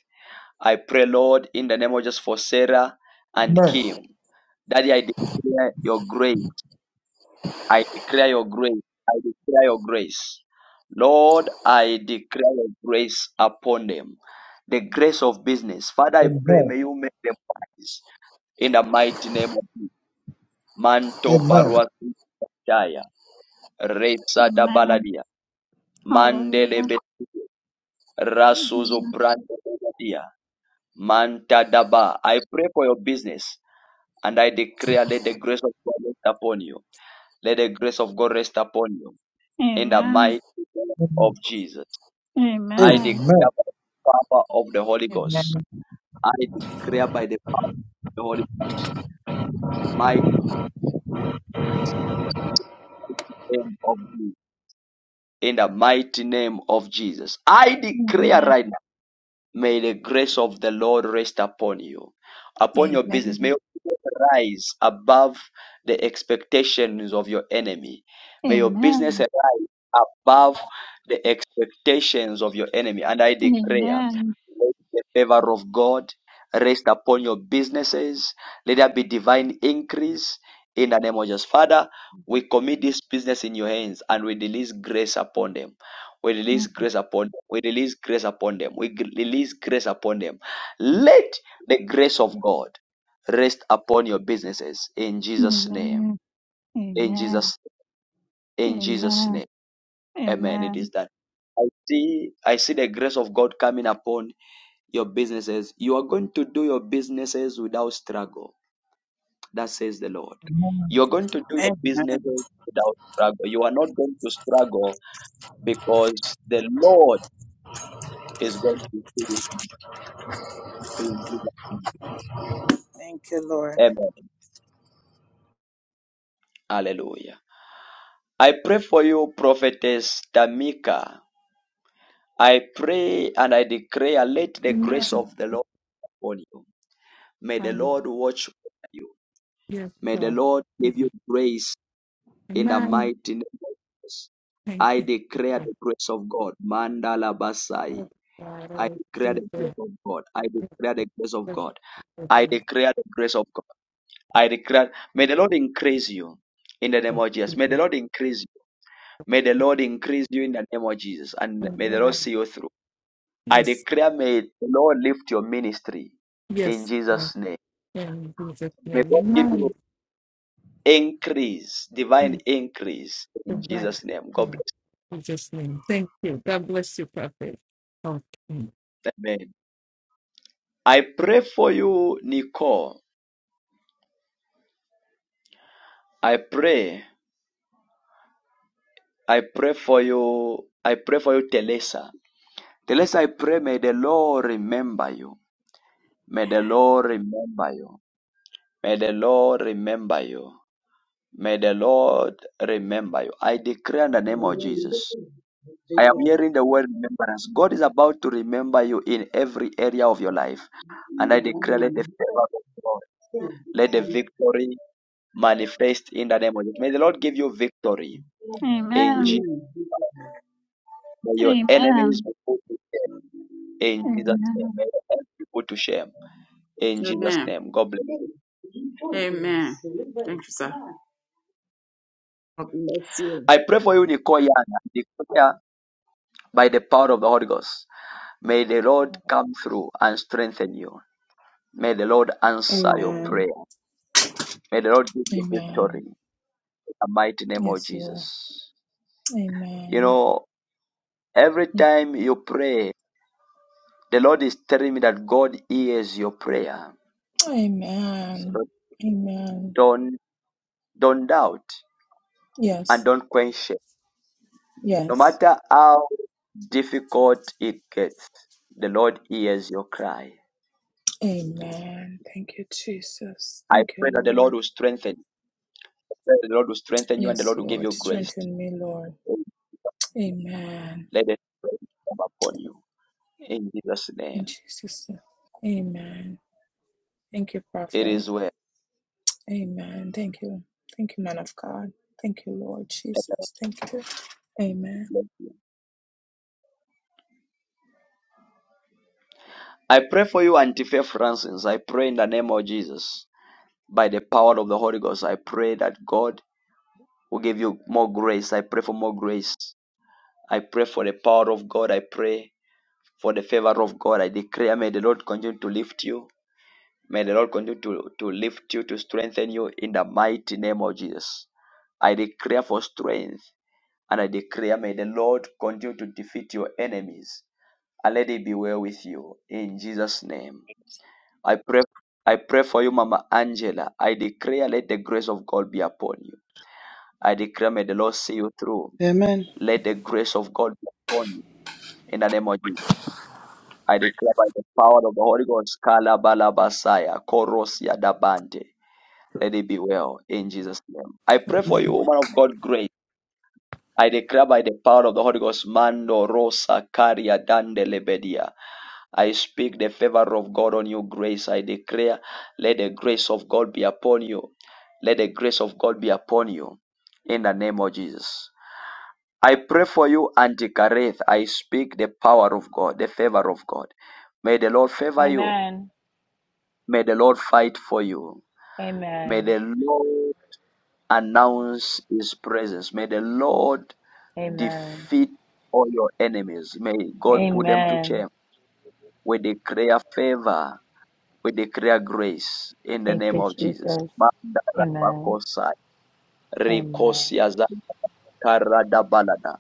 Speaker 1: I pray, Lord, in the name of Jesus, for Sarah and
Speaker 24: Amen.
Speaker 1: Kim. Daddy, I declare your grace. I declare your grace. I declare your grace. Lord, I declare your grace upon them. The grace of business. Father, I pray
Speaker 24: Amen.
Speaker 1: may you make them wise in the mighty name of Jesus. Manto
Speaker 24: Amen.
Speaker 1: Baruataya. Reza da
Speaker 20: Amen.
Speaker 1: Baladia. Mandele
Speaker 20: Hallelujah.
Speaker 1: Betulia. Rasuzo
Speaker 20: Amen.
Speaker 1: Pranda Baladia. Manta Daba. I pray for your business and I declare let the grace of God rest upon you. Let the grace of God rest upon you. in the
Speaker 20: Amen.
Speaker 1: mighty name of
Speaker 24: Amen.
Speaker 1: Jesus. I declare
Speaker 20: Amen.
Speaker 24: Amen.
Speaker 1: by the power of the Holy Ghost.
Speaker 23: Amen.
Speaker 1: I declare by the power of the Holy Ghost. Mighty name of Jesus. In the mighty name of Jesus. I declare
Speaker 20: Amen.
Speaker 1: right now. May the grace of the Lord rest upon you, upon your business. May your business rise above the expectations of your enemy. May your
Speaker 20: Amen.
Speaker 1: business rise above the expectations of your enemy. And I declare
Speaker 20: Amen.
Speaker 1: Let the favor of God rest upon your businesses. Let there be divine increase in the name of Jesus. Father, we commit this business in your hands and we release grace upon them. We release grace upon them. We release grace upon them. We gr- release grace upon them. Let the grace of God rest upon your businesses in Jesus' name.
Speaker 20: Amen.
Speaker 1: In
Speaker 20: Amen.
Speaker 1: Jesus,
Speaker 20: Amen.
Speaker 1: in Jesus'
Speaker 20: Amen.
Speaker 1: name. Amen. It
Speaker 20: Amen.
Speaker 1: is that. I see, I see the grace of God coming upon your businesses. You are going to do your businesses without struggle. That says the Lord.
Speaker 23: Amen.
Speaker 1: You're going to do your
Speaker 23: Amen.
Speaker 1: businesses without struggle. You are not going to struggle because the Lord is going to do it you.
Speaker 23: Thank you, Lord.
Speaker 1: Amen. Hallelujah. I pray for you, prophetess Tamika. I pray and I declare, let the grace of the Lord upon you. May the
Speaker 2: Hallelujah.
Speaker 1: Lord watch over you.
Speaker 2: Yes,
Speaker 1: May the
Speaker 2: God.
Speaker 1: Lord give you grace in the
Speaker 2: Amen.
Speaker 1: mighty name of Jesus.
Speaker 2: Thank
Speaker 1: I
Speaker 2: you.
Speaker 1: declare the grace of God. Mandala
Speaker 2: Jesus.
Speaker 1: Basai.
Speaker 2: Yes, God.
Speaker 1: I
Speaker 2: Oh,
Speaker 1: declare the
Speaker 2: Jesus.
Speaker 1: grace
Speaker 2: Thank
Speaker 1: of God. I declare the grace of God.
Speaker 2: you, Jesus.
Speaker 1: I
Speaker 2: Thank
Speaker 1: declare the grace of God. I declare. May the Lord increase you in the name
Speaker 2: you,
Speaker 1: of Jesus. May the
Speaker 2: Jesus.
Speaker 1: Lord increase you. May the Lord increase you in the name of Jesus. And may the Lord
Speaker 2: Amen.
Speaker 1: see you through. I
Speaker 2: Yes,
Speaker 1: declare, may the Lord lift your ministry in
Speaker 2: yes, God.
Speaker 1: Jesus' name.
Speaker 2: In Jesus'
Speaker 1: May
Speaker 2: name.
Speaker 1: God give you
Speaker 2: Amen.
Speaker 1: increase, divine
Speaker 2: Thank
Speaker 1: increase
Speaker 2: you,
Speaker 1: in
Speaker 2: God.
Speaker 1: Jesus' name. God
Speaker 2: In
Speaker 1: bless.
Speaker 2: Jesus' name. Thank you. God bless you, Prophet. Okay.
Speaker 1: you. Amen. I pray for you, Nicole. I pray. I pray for you. I pray for you, Teresa. Teresa, I pray, may the Lord remember you. May the Lord remember you. May the Lord remember you. May the Lord remember you. I declare in the name of Jesus. I am hearing the word remembrance. God is about to remember you in every area of your life. And I declare let the
Speaker 4: Amen.
Speaker 1: favor of God, let the victory manifest in the name of Jesus. May the Lord give you victory in
Speaker 20: Amen.
Speaker 1: May your
Speaker 20: Amen.
Speaker 1: enemies be put to in Jesus' name.
Speaker 20: Amen.
Speaker 1: May your enemies be put to shame in Jesus'
Speaker 4: Amen.
Speaker 1: name. God bless.
Speaker 4: Amen. Thank you, sir. God bless you.
Speaker 1: I pray for you, Nicole Young. I Declare by the power of the Holy Ghost. May the Lord come through and strengthen you. May the Lord answer your
Speaker 21: Amen.
Speaker 1: prayer. May the Lord give you
Speaker 21: Amen.
Speaker 1: victory in the mighty name of
Speaker 21: Yes, Lord.
Speaker 1: Jesus. You
Speaker 21: Amen.
Speaker 1: know, every time you pray, the Lord is telling me that God hears your prayer. So
Speaker 21: Amen.
Speaker 1: don't
Speaker 21: Amen.
Speaker 1: don't don't doubt and
Speaker 21: Yes.
Speaker 1: don't quench No
Speaker 21: Yes.
Speaker 1: matter how difficult it gets, the Lord hears your cry.
Speaker 21: Amen. Thank you, Jesus.
Speaker 1: I
Speaker 21: Thank you,
Speaker 1: pray that the Lord
Speaker 21: Lord.
Speaker 1: will strengthen you. I pray that The Lord will strengthen you and the
Speaker 21: Yes,
Speaker 1: Lord will give
Speaker 21: Lord.
Speaker 1: you grace.
Speaker 21: Strengthen me, Lord. Amen.
Speaker 1: Let the strength come upon you. In Jesus' name.
Speaker 21: In Jesus. name. Amen. Thank you,
Speaker 1: It
Speaker 21: Prophet.
Speaker 1: is well.
Speaker 21: Amen. Thank you. Thank you, man of God. Thank you, Lord Jesus. Thank you. Amen.
Speaker 1: Bless you. I pray for you, Auntie Faith Francis. I pray in the name of Jesus. By the power of the Holy Ghost, I pray that God will give you more grace. I pray for more grace. I pray for the power of God. I pray for the favor of God. I declare, may the Lord continue to lift you. May the Lord continue to, to lift you, to strengthen you in the mighty name of Jesus. I declare for strength and I declare, may the Lord continue to defeat your enemies and let it be well with you in Jesus' name. I pray. I pray for you, Mama Angela. I declare, let the grace of God be upon you. I declare, may the Lord see you through.
Speaker 11: Amen.
Speaker 1: Let the grace of God be upon you in the name of Jesus. I declare by the power of the Holy Ghost, Kalabalabasaya, Korosia Dabante. Let it be well in Jesus' name. I pray for you, woman of God, grace. I declare by the power of the Holy Ghost, Mando Rosa Caria Dande Lebedia. I speak the favor of God on you, grace. I declare, let the grace of God be upon you. Let the grace of God be upon you in the name of Jesus. I pray for you, Antikareth. I speak the power of God, the favor of God. May the Lord favor you.
Speaker 25: Amen.
Speaker 1: May the Lord fight for you. May
Speaker 25: Amen.
Speaker 1: the Lord announce his presence. May the Lord
Speaker 25: Amen.
Speaker 1: defeat all your enemies. May God put them to
Speaker 25: Amen.
Speaker 1: shame. We declare favor. We declare grace in the
Speaker 25: Thank
Speaker 1: name
Speaker 25: you,
Speaker 1: of Jesus.
Speaker 25: Jesus.
Speaker 1: Mandala
Speaker 25: Amen.
Speaker 1: pakosai,
Speaker 25: Amen.
Speaker 1: karadabalada.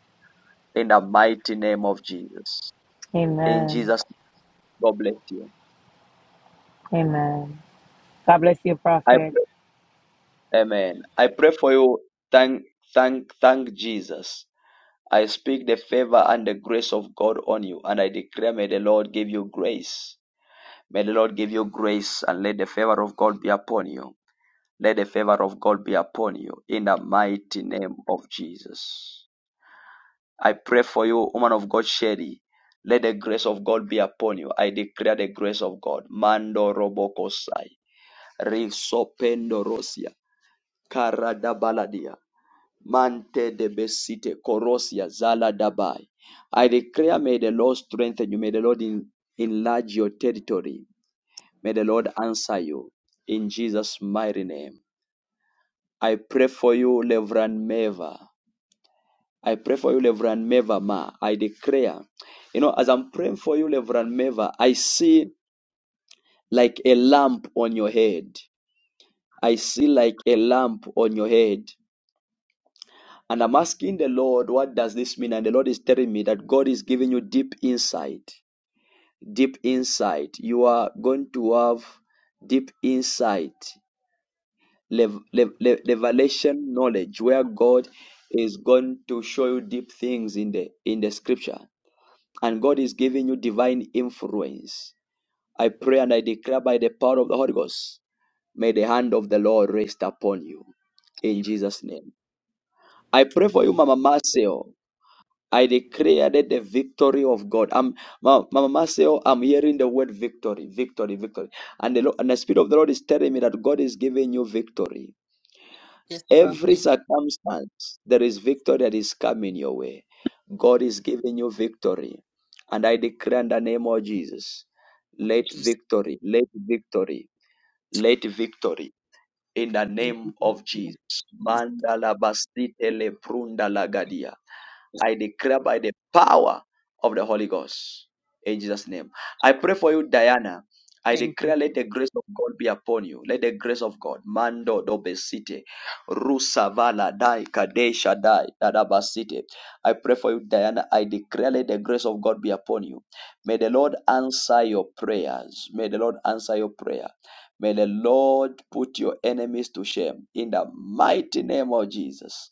Speaker 1: In the mighty name of Jesus. In
Speaker 25: Amen.
Speaker 1: Jesus, name, God bless you.
Speaker 25: Amen. God bless you,
Speaker 1: I
Speaker 25: Prophet.
Speaker 1: pray. Amen. I pray for you. Thank, thank, thank Jesus. I speak the favor and the grace of God on you, and I declare, may the Lord give you grace. May the Lord give you grace, and let the favor of God be upon you. Let the favor of God be upon you in the mighty name of Jesus. I pray for you, woman of God, Sherry. Let the grace of God be upon you. I declare the grace of God. Mando robokosai. Risopendo rosia. Karadabaladia. Mante de besite korosia zala dabai. I declare, may the Lord strengthen you. May the Lord en- enlarge your territory. May the Lord answer you in Jesus' mighty name. I pray for you, Reverend Meva. I pray for you, Reverend Meva Ma. I declare, you know, as I'm praying for you, Reverend Meva, I see like a lamp on your head. I see like a lamp on your head. And I'm asking the Lord, what does this mean? And the Lord is telling me that God is giving you deep insight. Deep insight. You are going to have deep insight, lev- lev- lev- revelation knowledge, where God is going to show you deep things in the in the Scripture. And God is giving you divine influence. I pray and I declare by the power of the Holy Ghost, may the hand of the Lord rest upon you. In Jesus' name. I pray for you, Mama Marcel. I declare that the victory of God. I'm Ma- Mama Marcel, I'm hearing the word victory, victory, victory. And the, Lord, and the Spirit of the Lord is telling me that God is giving you victory.
Speaker 26: Yes, prophet.
Speaker 1: Every
Speaker 26: Thank
Speaker 1: circumstance, there is victory that is coming your way. God is giving you victory. And I declare in the name of Jesus,
Speaker 26: you,
Speaker 1: let victory, let victory, let victory in the
Speaker 26: Thank
Speaker 1: name
Speaker 26: you,
Speaker 1: of Jesus.
Speaker 26: Jesus.
Speaker 1: Mandala basite le prunda lagadia. I declare by the power of the Holy Ghost. In Jesus' name. I pray for you, Diana. I
Speaker 26: Thank you,
Speaker 1: declare, let the grace of God be upon you. Let the grace of God, Mando Dobesite, Rusavala Dai Kadesha Dai Dadabasite. I pray for you, Diana. I declare, let the grace of God be upon you. May the Lord answer your prayers. May the Lord answer your prayer. May the Lord put your enemies to shame in the mighty name of Jesus,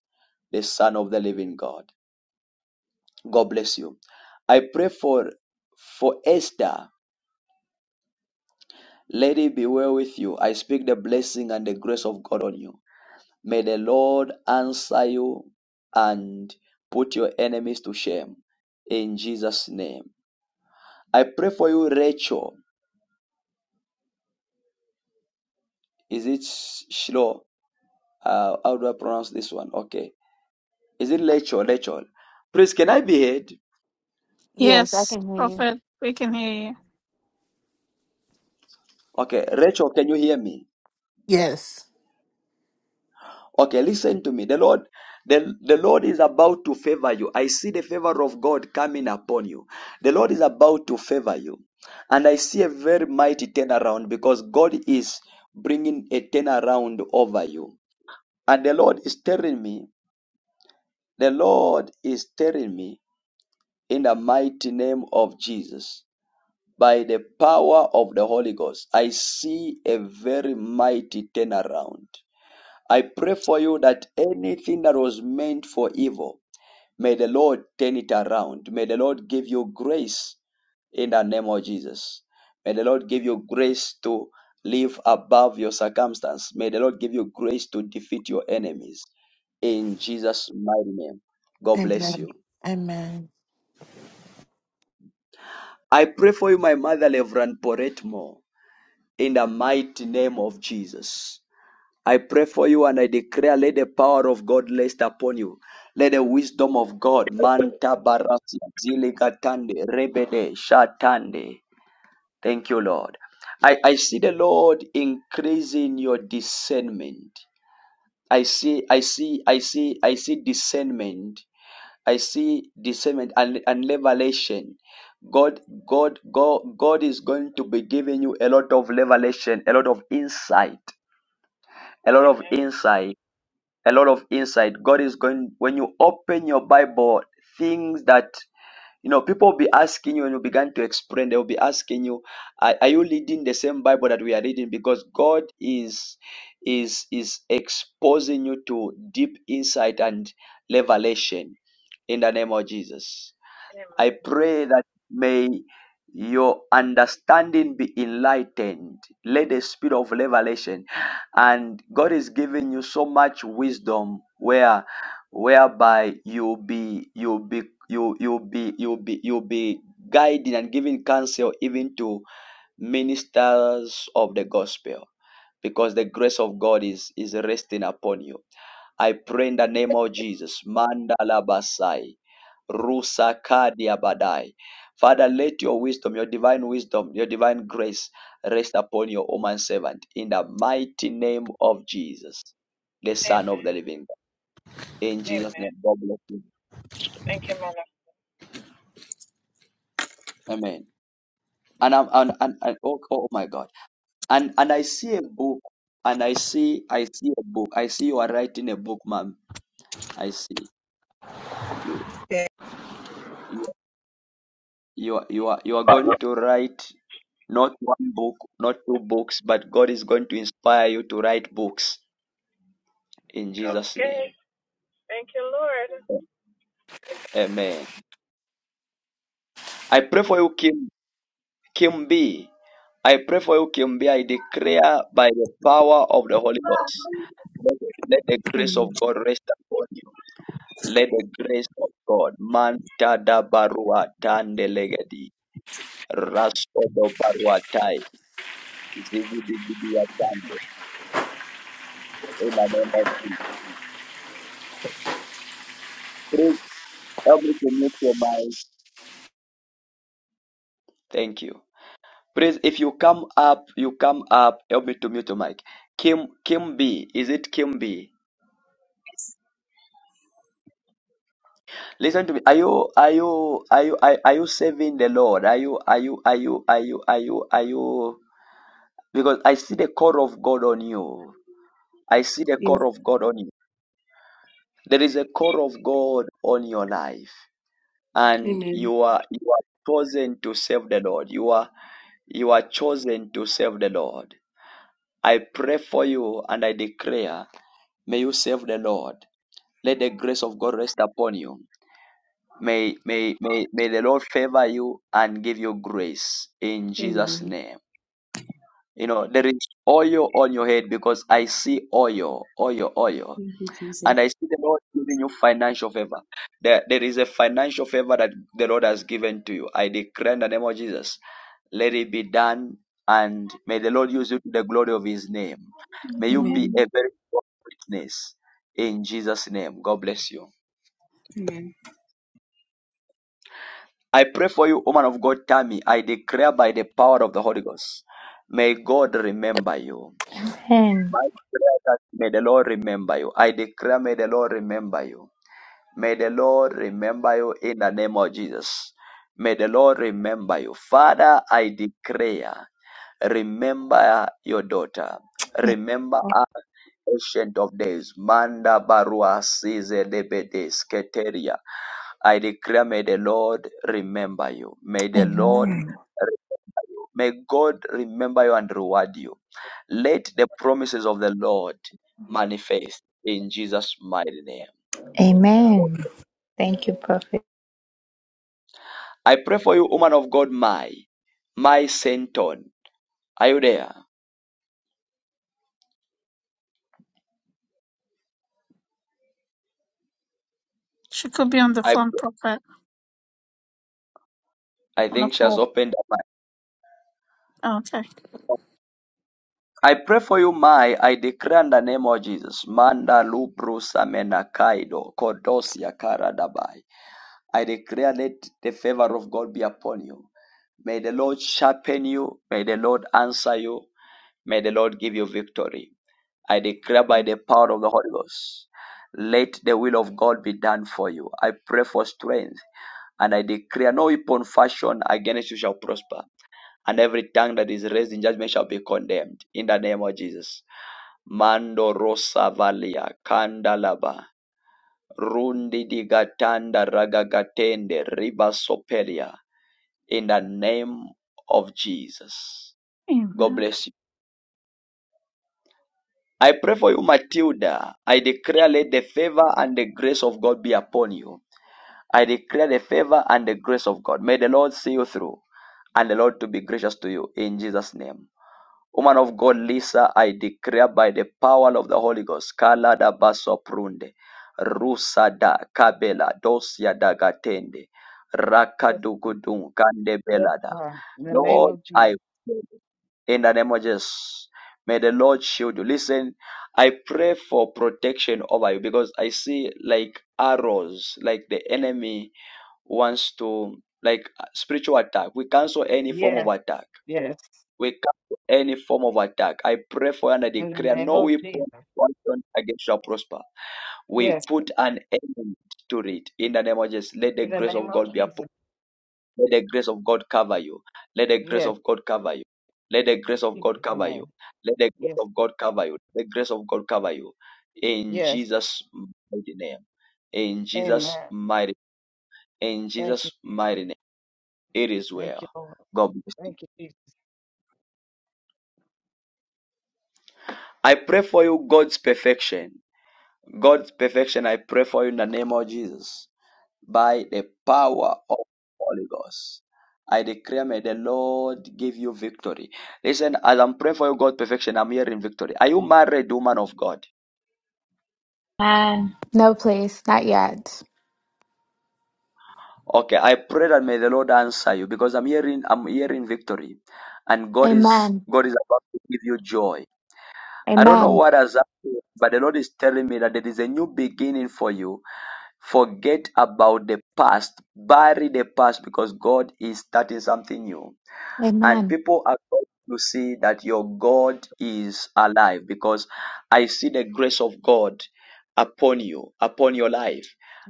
Speaker 1: the Son of the living God. God bless you. I pray for for Esther. Lady, be well with you. I speak the blessing and the grace of God on you. May the Lord answer you and put your enemies to shame. In Jesus' name. I pray for you, Rachel. Is it Shlo? Uh, how do I pronounce this one? Okay. Is it Rachel? Rachel. Please, can I be heard?
Speaker 27: Yes, I
Speaker 20: Yes,
Speaker 27: can hear you.
Speaker 20: Prophet, we can hear you.
Speaker 1: Okay. Rachel, can you hear me?
Speaker 27: Yes.
Speaker 1: Okay, listen to me. The Lord, the, the Lord is about to favor you. I see the favor of God coming upon you. The Lord is about to favor you. And I see a very mighty turnaround because God is bringing a turnaround over you. And the Lord is telling me, the Lord is telling me in the mighty name of Jesus, by the power of the Holy Ghost, I see a very mighty turnaround. I pray for you that anything that was meant for evil, may the Lord turn it around. May the Lord give you grace in the name of Jesus. May the Lord give you grace to live above your circumstance. May the Lord give you grace to defeat your enemies. In Jesus' mighty name, God bless
Speaker 27: Amen.
Speaker 1: you.
Speaker 27: Amen.
Speaker 1: I pray for you, my mother, Reverend Poretmo, in the mighty name of Jesus. I pray for you and I declare, let the power of God rest upon you. Let the wisdom of God, Manta Barasi, Zilikatande, Rebede, Shatande. Thank you, Lord. I, I see the Lord increasing your discernment. I see, I see, I see, I see discernment. I see discernment and, and revelation. God, God, God, God is going to be giving you a lot of revelation, a lot of insight, a lot of
Speaker 23: Amen.
Speaker 1: insight a lot of insight. God is going when you open your Bible, things that you know people will be asking you and you begin to explain. They will be asking you, are, are you reading the same Bible that we are reading? Because God is is is exposing you to deep insight and revelation in the name of Jesus. I
Speaker 23: Amen.
Speaker 1: pray that may your understanding be enlightened. Let the spirit of revelation and God is giving you so much wisdom where whereby you'll be you'll be you you'll be you'll be you'll be guiding and giving counsel even to ministers of the gospel because the grace of God is is resting upon you. I pray in the name of Jesus. Mandala Basai. Rusakadia Badai. Father, let your wisdom, your divine wisdom, your divine grace rest upon your woman servant in the mighty name of Jesus, the
Speaker 23: Amen.
Speaker 1: Son of the Living God. In Jesus' name,
Speaker 23: Amen.
Speaker 1: God bless you.
Speaker 23: Thank you, Mother.
Speaker 1: Amen. And I'm and, and, and oh, oh my God. And and I see a book, and I see I see a book. I see you are writing a book, ma'am. I see you.
Speaker 23: Okay.
Speaker 1: You you are you are you are going to write Not one book, not two books, but God is going to inspire you to write books in Jesus'
Speaker 23: Okay.
Speaker 1: name.
Speaker 23: Thank you,
Speaker 1: Amen. I pray for you, Kim, Kim B. I pray for you, Kim B. I declare by the power of the Holy Ghost. Let the, let the grace of God rest upon you. Let the grace of God. Manta da barua tande legedi. Rasto do barua tai. Zigi di di di atande. In the name of Jesus. Everything you mind. Thank you. Please, if you come up, you come up. Help me to mute your mic. Kim Kim B, is it Kim B? Listen to me. Are you are you are you are, are you serving the Lord? Are you are you are you are you are you are you? Because I see the call of God on you. I see the
Speaker 18: Yes.
Speaker 1: call of God on you. There is a call of God on your life, and
Speaker 18: Amen.
Speaker 1: you are you are chosen to serve the Lord. You are you are chosen to serve the Lord. I pray for you, and I declare, may you serve the Lord. Let the grace of God rest upon you. May, may, may, may the Lord favor you and give you grace in Jesus'
Speaker 18: Amen.
Speaker 1: name. You know, there is oil on your head because I see oil, oil, oil.
Speaker 18: Thank you,
Speaker 1: And
Speaker 18: Jesus.
Speaker 1: I see the Lord giving you financial favor. There, there is a financial favor that the Lord has given to you. I declare in the name of Jesus, let it be done. And may the Lord use you to the glory of his name. May you be
Speaker 18: Amen.
Speaker 20: Amen.
Speaker 1: a very good witness in Jesus' name. God bless you.
Speaker 18: Amen.
Speaker 1: I pray for you, woman of God, Tammy. I declare by the power of the Holy Ghost, may God remember you. My prayer is that may the Lord remember you. I declare, may the Lord remember you. May the Lord remember you in the name of Jesus. May the Lord remember you. Father, I declare, remember your daughter. Remember our ancient of days. Manda barua size lebedes keteria. I declare, may the Lord remember you. May the Lord, may God remember you and reward you. Let the promises of the Lord manifest in Jesus' mighty name. I pray for you, woman of God, my, my Senton. Are you there?
Speaker 20: She could be on the
Speaker 1: I
Speaker 20: phone,
Speaker 1: pray.
Speaker 20: Prophet,
Speaker 1: I
Speaker 20: on the
Speaker 1: think she has
Speaker 20: call.
Speaker 1: opened up. mic.
Speaker 20: Okay.
Speaker 1: I pray for you, my. I declare in the name of Jesus. Manda lubru samena kaido kodosia karadabai. I declare, let the favor of God be upon you. May the Lord sharpen you. May the Lord answer you. May the Lord give you victory. I declare by the power of the Holy Ghost, let the will of God be done for you. I pray for strength and I declare no weapon fashioned against you shall prosper, and every tongue that is raised in judgment shall be condemned. In the name of Jesus. Mando Rosa Valia, Kandalaba, Rundi Digatanda Ragagatende, Riba Sopelia in the name of Jesus. God
Speaker 20: Amen.
Speaker 1: bless you. I pray for you, Matilda. I declare, let the favor and the grace of God be upon you. I declare the favor and the grace of God. May the Lord see you through and the Lord to be gracious to you in Jesus' name. Woman of God, Lisa, I declare by the power of the Holy Ghost, Kala da baso prunde, Rusa da kabela, dosia da gatende,
Speaker 28: Yes, Jesus.
Speaker 1: Rakadugudun,
Speaker 28: Yes,
Speaker 1: kandebelada.
Speaker 28: Father. In the name
Speaker 1: Lord,
Speaker 28: of
Speaker 1: I
Speaker 28: Jesus.
Speaker 1: in the name of Jesus. May the Lord shield you. Listen, I pray for protection over you because I see like arrows, like the enemy wants to, like spiritual attack. We cancel any form of
Speaker 28: Yes.
Speaker 1: attack.
Speaker 28: Yes.
Speaker 1: We cancel any form of attack. I pray for you and I
Speaker 28: In the
Speaker 1: declare
Speaker 28: name
Speaker 1: no
Speaker 28: of
Speaker 1: weapon
Speaker 28: Jesus.
Speaker 1: fashioned against you shall prosper. We
Speaker 28: Yes.
Speaker 1: put an end to it in the name of Jesus. Let the
Speaker 28: In the
Speaker 1: grace
Speaker 28: name
Speaker 1: of
Speaker 28: of
Speaker 1: God be upon.
Speaker 28: Jesus.
Speaker 1: Let the grace of God cover you. Let the grace
Speaker 28: Yes.
Speaker 1: of God cover you. Let the
Speaker 28: In
Speaker 1: grace of God
Speaker 28: Jesus'
Speaker 1: cover you.
Speaker 28: name.
Speaker 1: Let the grace
Speaker 28: Yes.
Speaker 1: of God cover you. Let The grace of God cover you. In
Speaker 28: Yes.
Speaker 1: Jesus' mighty name. In Jesus'
Speaker 28: Amen.
Speaker 1: mighty in
Speaker 28: Thank you,
Speaker 1: Jesus'
Speaker 28: Jesus.
Speaker 1: mighty name. It is
Speaker 28: Thank you,
Speaker 1: well.
Speaker 28: Lord.
Speaker 1: God bless you.
Speaker 28: Thank you, Jesus.
Speaker 1: I pray for you God's perfection. God's perfection. I pray for you in the name of Jesus. by the power of Holy Ghost. I declare, may the Lord give you victory. Listen, as I'm praying for you, God perfection, I'm hearing victory. Are you married, woman of God?
Speaker 29: Amen. No, please, not yet.
Speaker 1: Okay, I pray that may the Lord answer you because I'm hearing, I'm hearing victory, and God is,
Speaker 29: Amen.
Speaker 1: God is about to give you joy. I don't know
Speaker 29: Amen.
Speaker 1: what has happened, but the Lord is telling me that there is a new beginning for you. Forget about the past, bury the past because God is starting something new. and
Speaker 29: Amen.
Speaker 1: people are going to see that your God is alive because I see the grace of God upon you, upon your life.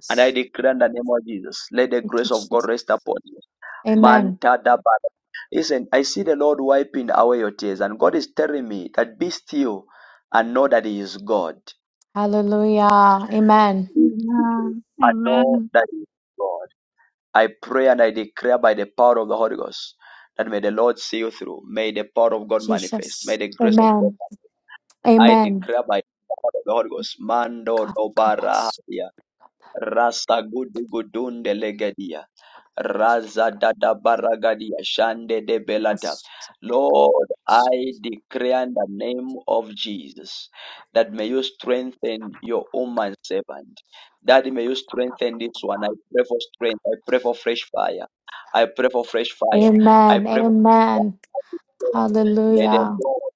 Speaker 1: And I declare in the name of Jesus, let the
Speaker 29: Thank you,
Speaker 1: grace of God
Speaker 29: Jesus.
Speaker 1: rest upon you.
Speaker 29: Amen.
Speaker 1: Manta da ba- Listen, I see the Lord wiping away your tears, and God is telling me that be still and know that He is God.
Speaker 29: Hallelujah. Amen.
Speaker 20: Amen.
Speaker 1: I know
Speaker 20: Amen.
Speaker 1: that He is God. I pray and I declare by the power of the Holy Ghost that may the Lord see you through. May the power of God manifest. May
Speaker 29: Jesus.
Speaker 1: the grace of God.
Speaker 29: Amen.
Speaker 1: I
Speaker 29: Amen.
Speaker 1: declare by the power of the Holy Ghost, Mando
Speaker 29: God, God bless you.
Speaker 1: Dobarahia, Rasa Gudu Gudunde Legedia, Raza Dada Baragadia, Shande de Belata. Lord, I declare in the name of Jesus that may you strengthen your woman servant. Daddy, may you strengthen this one. I pray for strength. I pray for fresh fire. I pray for fresh fire. I
Speaker 29: Amen.
Speaker 1: pray for.
Speaker 29: Amen.
Speaker 1: May the
Speaker 29: Hallelujah.
Speaker 1: Lord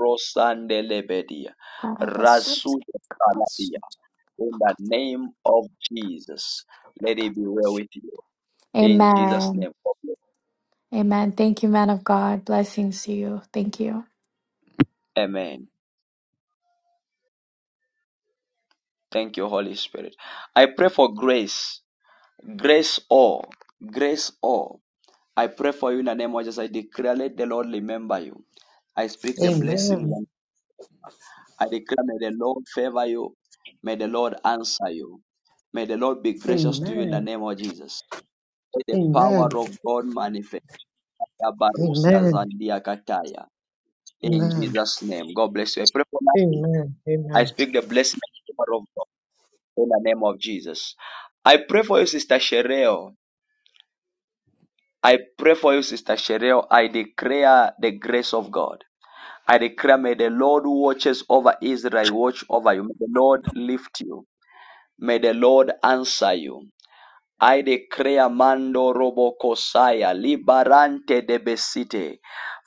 Speaker 1: Rosandelebedia.
Speaker 29: Karabasuzi,
Speaker 1: Rasuda Saladia.
Speaker 29: kabasuzi,
Speaker 1: In the
Speaker 29: bakata,
Speaker 1: name of Jesus.
Speaker 29: kabasuzi,
Speaker 1: Let
Speaker 29: bakata.
Speaker 1: it be well with you. In Jesus'
Speaker 29: Amen.
Speaker 1: name.
Speaker 29: Amen. Thank you, man of God. Blessings to you. Thank you.
Speaker 1: Amen. Thank you, Holy Spirit. I pray for grace. Grace all. Grace all. I pray for you in the name of Jesus. I declare, let the Lord remember you. I speak the blessings
Speaker 30: Amen.
Speaker 1: and I declare, may the Lord favor you. May the Lord answer you. May the Lord be gracious to you in the
Speaker 30: Amen.
Speaker 1: name of Jesus. May the
Speaker 30: Amen.
Speaker 1: power of God manifest. Barusia
Speaker 30: Amen.
Speaker 1: Zandia Kataya. In
Speaker 30: Amen.
Speaker 1: Jesus' name. God bless you. I pray for you.
Speaker 30: Amen. Amen.
Speaker 1: I speak the blessing of the power of God in the name of Jesus. I pray for you, Sister Shereo. I pray for you, Sister Shereo. I declare the grace of God. I declare, may the Lord who watches over Israel watch over you. May the Lord lift you. May the Lord answer you. I declare Mando Robokosaya Liberante de Besite.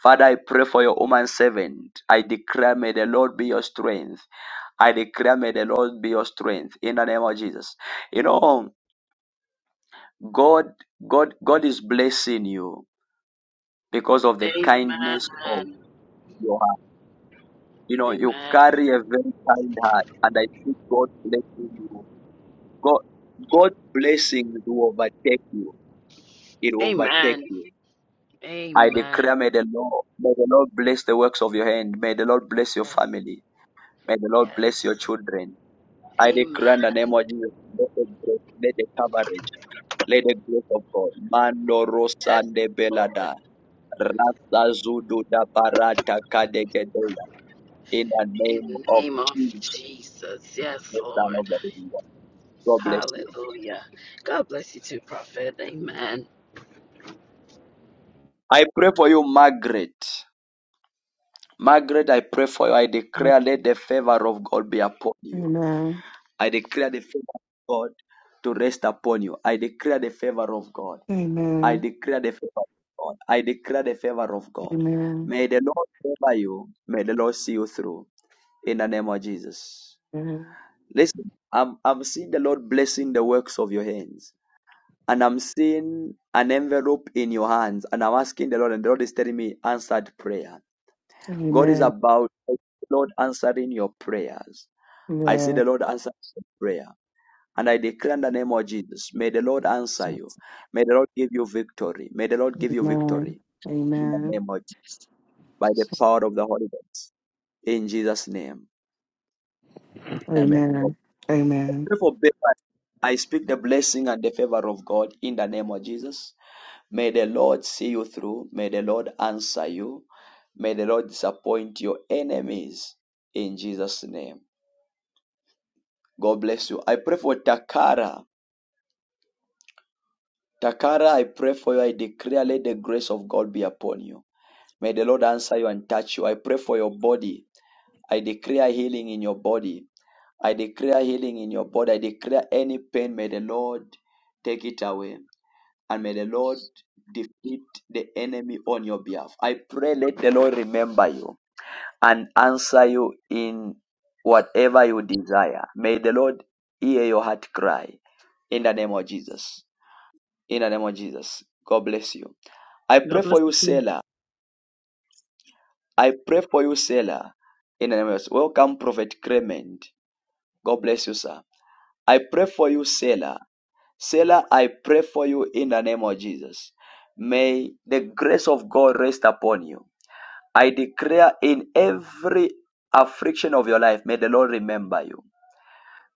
Speaker 1: Father, I pray for your woman servant. I declare may the Lord be your strength. I declare may the Lord be your strength in the name of Jesus. You know, God, God, God is blessing you because of the kindness of
Speaker 31: Amen.
Speaker 1: your heart. You know, you
Speaker 31: Amen.
Speaker 1: carry a very kind heart, and I think God blessing you. God, God blessings will overtake you. It will overtake
Speaker 31: Amen.
Speaker 1: you I
Speaker 31: Amen.
Speaker 1: declare, may the Lord, may the Lord bless the works of your hand. May the Lord bless your
Speaker 31: Yes.
Speaker 1: family. May the Lord bless your
Speaker 31: Yes.
Speaker 1: children. I
Speaker 31: Amen.
Speaker 1: declare in the name of Jesus, let the, grace- let the coverage, let the grace of God. Mando rosa
Speaker 31: Yes,
Speaker 1: de
Speaker 31: Lord.
Speaker 1: belada, rasa zudu da barata kadegedeya. In the
Speaker 31: In
Speaker 1: name
Speaker 31: the
Speaker 1: of
Speaker 31: name of
Speaker 1: Jesus,
Speaker 31: Jesus. Yes,
Speaker 1: the Son of
Speaker 31: Lord.
Speaker 1: the Living God. God bless you.
Speaker 31: Hallelujah. God bless you too, Prophet. Amen.
Speaker 1: I pray for you, Margaret. Margaret, I pray for you. I
Speaker 32: Amen.
Speaker 1: declare, let the favor of God be upon you.
Speaker 32: Amen.
Speaker 1: I declare the favor of God to rest upon you. I declare the favor of God. I
Speaker 32: Amen.
Speaker 1: declare the favor of God. I declare the favor of God.
Speaker 32: Amen.
Speaker 1: May the Lord favor you. May the Lord see you through. In the name of Jesus. Listen, I'm, I'm seeing the Lord blessing the works of your hands. And I'm seeing an envelope in your hands. And I'm asking the Lord, and the Lord is telling me answered prayer. God is
Speaker 32: Amen.
Speaker 1: about the Lord answering your prayers. I see the Lord answering your prayer. And I declare in the name of Jesus, may the Lord answer
Speaker 32: Yes.
Speaker 1: you. May the Lord give you victory. May the Lord give you
Speaker 32: Amen.
Speaker 1: victory in the
Speaker 32: Amen.
Speaker 1: name of Jesus, by the power of the Holy Ghost. In Jesus' name. Amen.
Speaker 32: Amen. Amen.
Speaker 1: Pray for favor. I speak the blessing and the favor of God in the name of Jesus. May the Lord see you through. May the Lord answer you. May the Lord disappoint your enemies in Jesus' name. God bless you. I pray for Takara. Takara, I pray for you. I declare, let the grace of God be upon you. May the Lord answer you and touch you. I pray for your body. I declare healing in your body. I declare healing in your body. I declare any pain, may the Lord take it away. And may the Lord defeat the enemy on your behalf. I pray, let the Lord remember you and answer you in whatever you desire. May the Lord hear your heart cry in the name of Jesus. In the name of Jesus. God bless you. I pray
Speaker 33: God bless
Speaker 1: for you,
Speaker 33: you.
Speaker 1: Sailor. I pray for you, Selah, in the name of Jesus. Welcome, Prophet Clement. God bless you, sir. I pray for you, Selah. Selah, I pray for you in the name of Jesus. May the grace of God rest upon you. I declare in every affliction of your life, may the Lord remember you.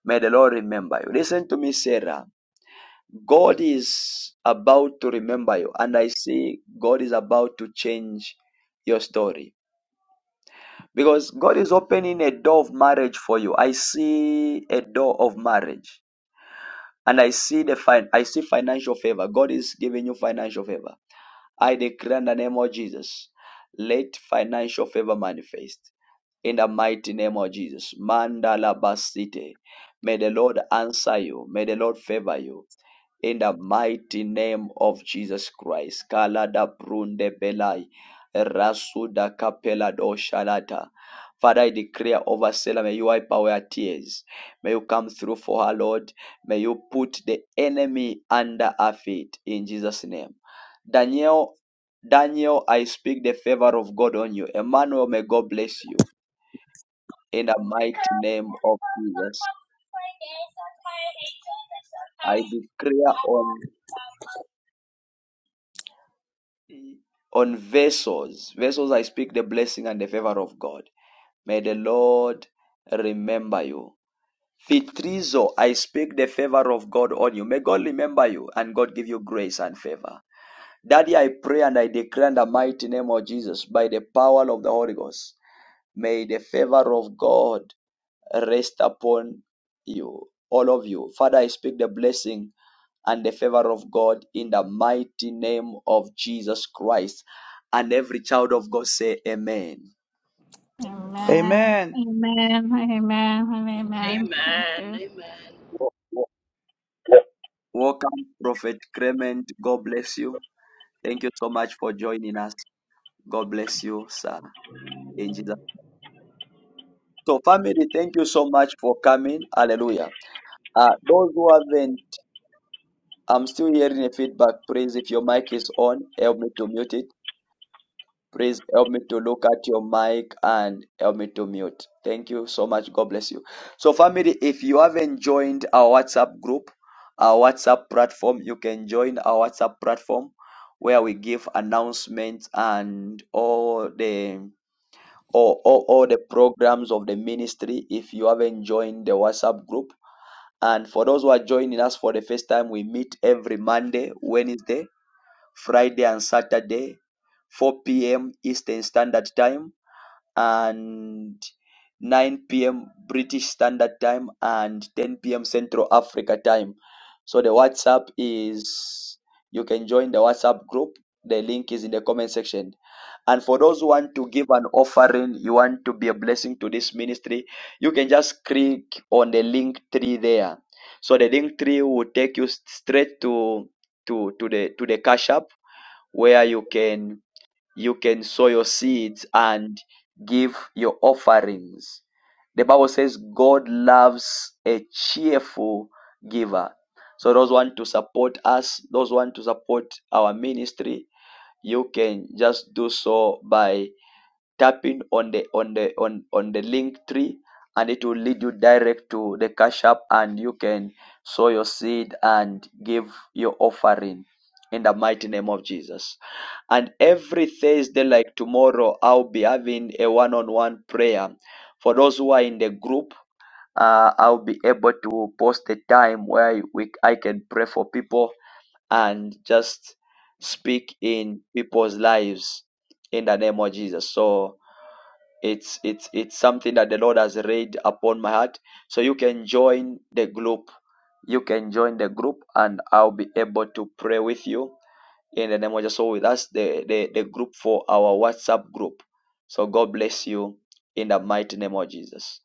Speaker 1: May the Lord remember you. Listen to me, Sarah. God is about to remember you, and I see God is about to change your story. Because God is opening a door of marriage for you. I see a door of marriage. And I see the fin- I see financial favor. God is giving you financial favor. I declare in the name of Jesus. Let financial favor manifest. In the mighty name of Jesus. Mandala Basite. May the Lord answer you. May the Lord favor you in the mighty name of Jesus Christ. Kalada brunde belai, rasuda kapela do shalata. Father, I declare over Selah, may you wipe away her tears. May you come through for her, Lord. May you put the enemy under her feet in Jesus' name. Daniel, Daniel, I speak the favor of God on you. Emmanuel, may God bless you in the mighty name of Jesus. I declare on on vessels. Vessels, I speak the blessing and the favor of God. May the Lord remember you. Fitrizo, I speak the favor of God on you. May God remember you and God give you grace and favor. Daddy, I pray and I declare in the mighty name of Jesus by the power of the Holy Ghost. May the favor of God rest upon you, all of you. Father, I speak the blessing and the favor of God in the mighty name of Jesus Christ. And every child of God say amen.
Speaker 20: Amen.
Speaker 11: Amen.
Speaker 20: Amen. Amen. Amen.
Speaker 23: Lord.
Speaker 20: Thank
Speaker 31: Amen.
Speaker 20: you.
Speaker 31: Amen.
Speaker 1: Welcome, Prophet Clement. God bless you. Thank you so much for joining us. God bless you, sir. In Jesus. So, family, thank you so much for coming. Hallelujah. Uh, those who haven't, I'm still hearing a feedback. Please, if your mic is on, help me to mute it. Please help me to look at your mic and help me to mute. Thank you so much. God bless you. So, family, if you haven't joined our WhatsApp group, our WhatsApp platform, you can join our WhatsApp platform where we give announcements and all the all, all, all the programs of the ministry if you haven't joined the WhatsApp group. And for those who are joining us for the first time, we meet every Monday, Wednesday Friday and Saturday, 4 p.m. Eastern Standard Time and 9 p.m. British Standard Time and 10 p.m. Central Africa Time. So the WhatsApp is, you can join the WhatsApp group. The link is in the comment section. And for those who want to give an offering, you want to be a blessing to this ministry, you can just click on the link tree there. So the link tree will take you straight to to to the to the cash app where you can you can sow your seeds and give your offerings. The Bible says God loves a cheerful giver. So those want to support us, those want to support our ministry, you can just do so by tapping on the on the on on the link tree and it will lead you direct to the cash app and you can sow your seed and give your offering in the mighty name of jesus and every thursday like tomorrow i'll be having a one-on-one prayer for those who are in the group uh, i'll be able to post a time where we, i can pray for people and just speak in people's lives in the name of jesus so it's it's it's something that the Lord has laid upon my heart. So you can join the group. You can join the group, and I'll be able to pray with you in the name of Jesus. So with us, the the, the group for our WhatsApp group. So God bless you in the mighty name of Jesus.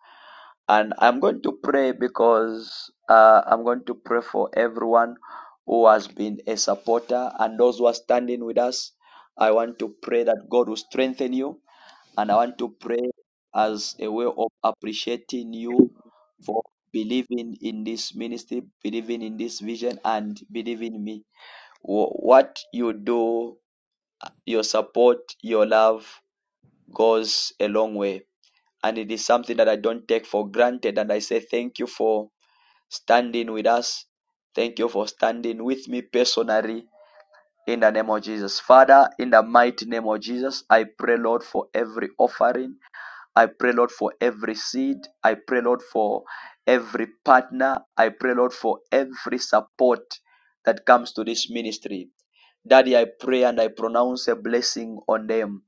Speaker 1: And I'm going to pray because uh, I'm going to pray for everyone who has been a supporter and those who are standing with us. I want to pray that God will strengthen you and I want to pray as a way of appreciating you for believing in this ministry, believing in this vision, and believing in me. Wh- What you do, your support, your love goes a long way. And it is something that I don't take for granted. And I say thank you for standing with us. Thank you for standing with me personally in the name of Jesus. Father, in the mighty name of Jesus, I pray, Lord, for every offering. I pray, Lord, for every seed. I pray, Lord, for every partner. I pray, Lord, for every support that comes to this ministry. Daddy, I pray and I pronounce a blessing on them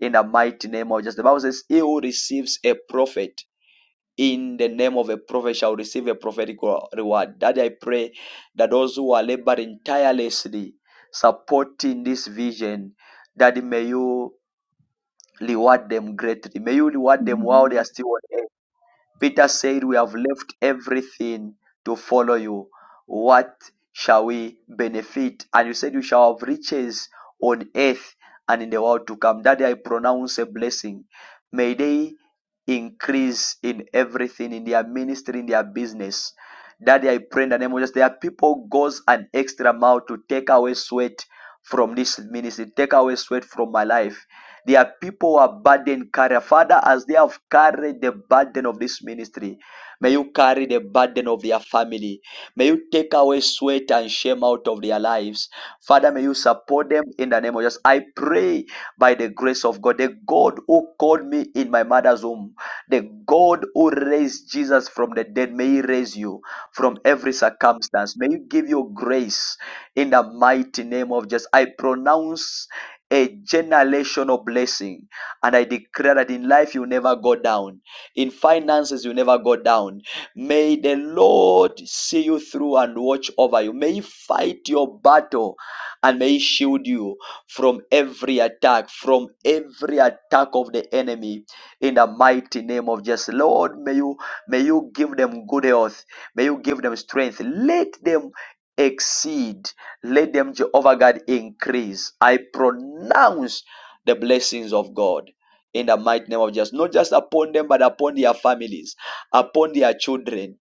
Speaker 1: in the mighty name of Jesus. The Bible says, He who receives a prophet in the name of a prophet shall receive a prophetic reward. Daddy, I pray that those who are laboring tirelessly supporting this vision, Daddy, may you reward them greatly. May you reward them while they
Speaker 20: Mhm.
Speaker 1: are still on earth. Peter said, We have left everything to follow you. What shall we benefit? And you said, You shall have riches on earth and in the world to come. Daddy, I pronounce a blessing. May they increase in everything, in their ministry, in their business. Daddy, I pray in the name of Jesus. There are people goes an extra mile to take away sweat from this ministry, take away sweat from my life. Their people who are burden carrier. Father, as they have carried the burden of this ministry, may you carry the burden of their family. May you take away sweat and shame out of their lives. Father, may you support them in the name of Jesus. I pray by the grace of God, the God who called me in my mother's womb, the God who raised Jesus from the dead, may he raise you from every circumstance. May you give you grace in the mighty name of Jesus. I pronounce a generational blessing. And I declare that in life you never go down, in finances you never go down. May the Lord see you through and watch over you. May He fight your battle and may He shield you from every attack, from every attack of the enemy. In the mighty name of Jesus, Lord, may you may you give them good health, may you give them strength. Let them exceed let them, Jehovah God, increase. I pronounce the blessings of God in the mighty name of Jesus, not just upon them, but upon their families, upon their children,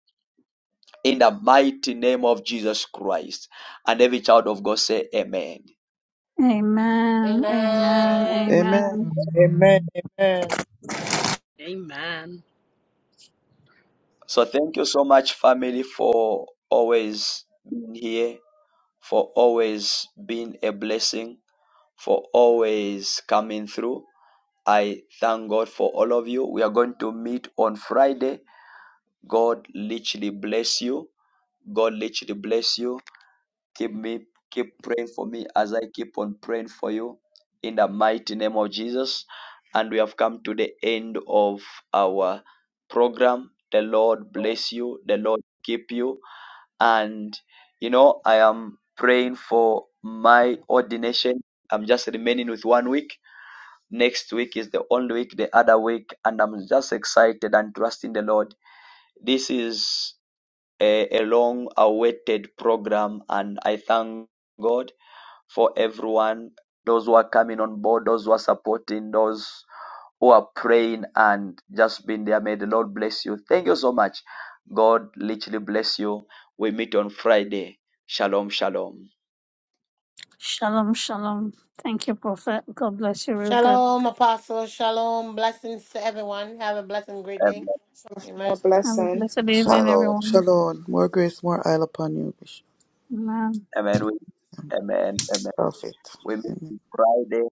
Speaker 1: in the mighty name of Jesus Christ. And every child of God say, Amen.
Speaker 20: Amen. Amen.
Speaker 11: Amen.
Speaker 20: Amen.
Speaker 23: Amen.
Speaker 17: Amen. Amen.
Speaker 31: Amen.
Speaker 1: So thank you so much, family, for always being here, for always being a blessing, for always coming through. I thank God for all of you. We are going to meet on Friday God literally bless you. God literally bless you. Keep me, keep praying for me as I keep on praying for you in the mighty name of Jesus. And we have come to the end of our program. The Lord bless you. The Lord keep you. And you know, I am praying for my ordination. I'm just remaining with one week. Next week is the only week, the other week, and I'm just excited and trusting the Lord. This is a a long-awaited program, and I thank God for everyone, those who are coming on board, those who are supporting, those who are praying and just being there. May the Lord bless you. Thank you so much. God literally bless you. We meet on Friday. Shalom, shalom.
Speaker 20: Shalom. Shalom. Thank you, Prophet. God bless you real good.
Speaker 14: Shalom, apostle, shalom, blessings to everyone. Have a blessed and great day.
Speaker 1: Amen.
Speaker 14: Amen.
Speaker 21: More
Speaker 20: Have a
Speaker 21: blessing.
Speaker 20: blessed evening,
Speaker 11: Shalom,
Speaker 20: everyone.
Speaker 11: shalom. More grace, more oil upon you, Bishop.
Speaker 20: Amen.
Speaker 1: Amen. We,
Speaker 11: and
Speaker 1: amen. Amen.
Speaker 11: Prophet.
Speaker 1: We meet
Speaker 11: Amen.
Speaker 1: on Friday.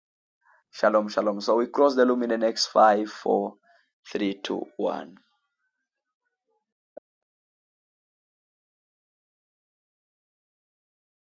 Speaker 1: Shalom, shalom. So we cross the luminance next five, four, three, two, one.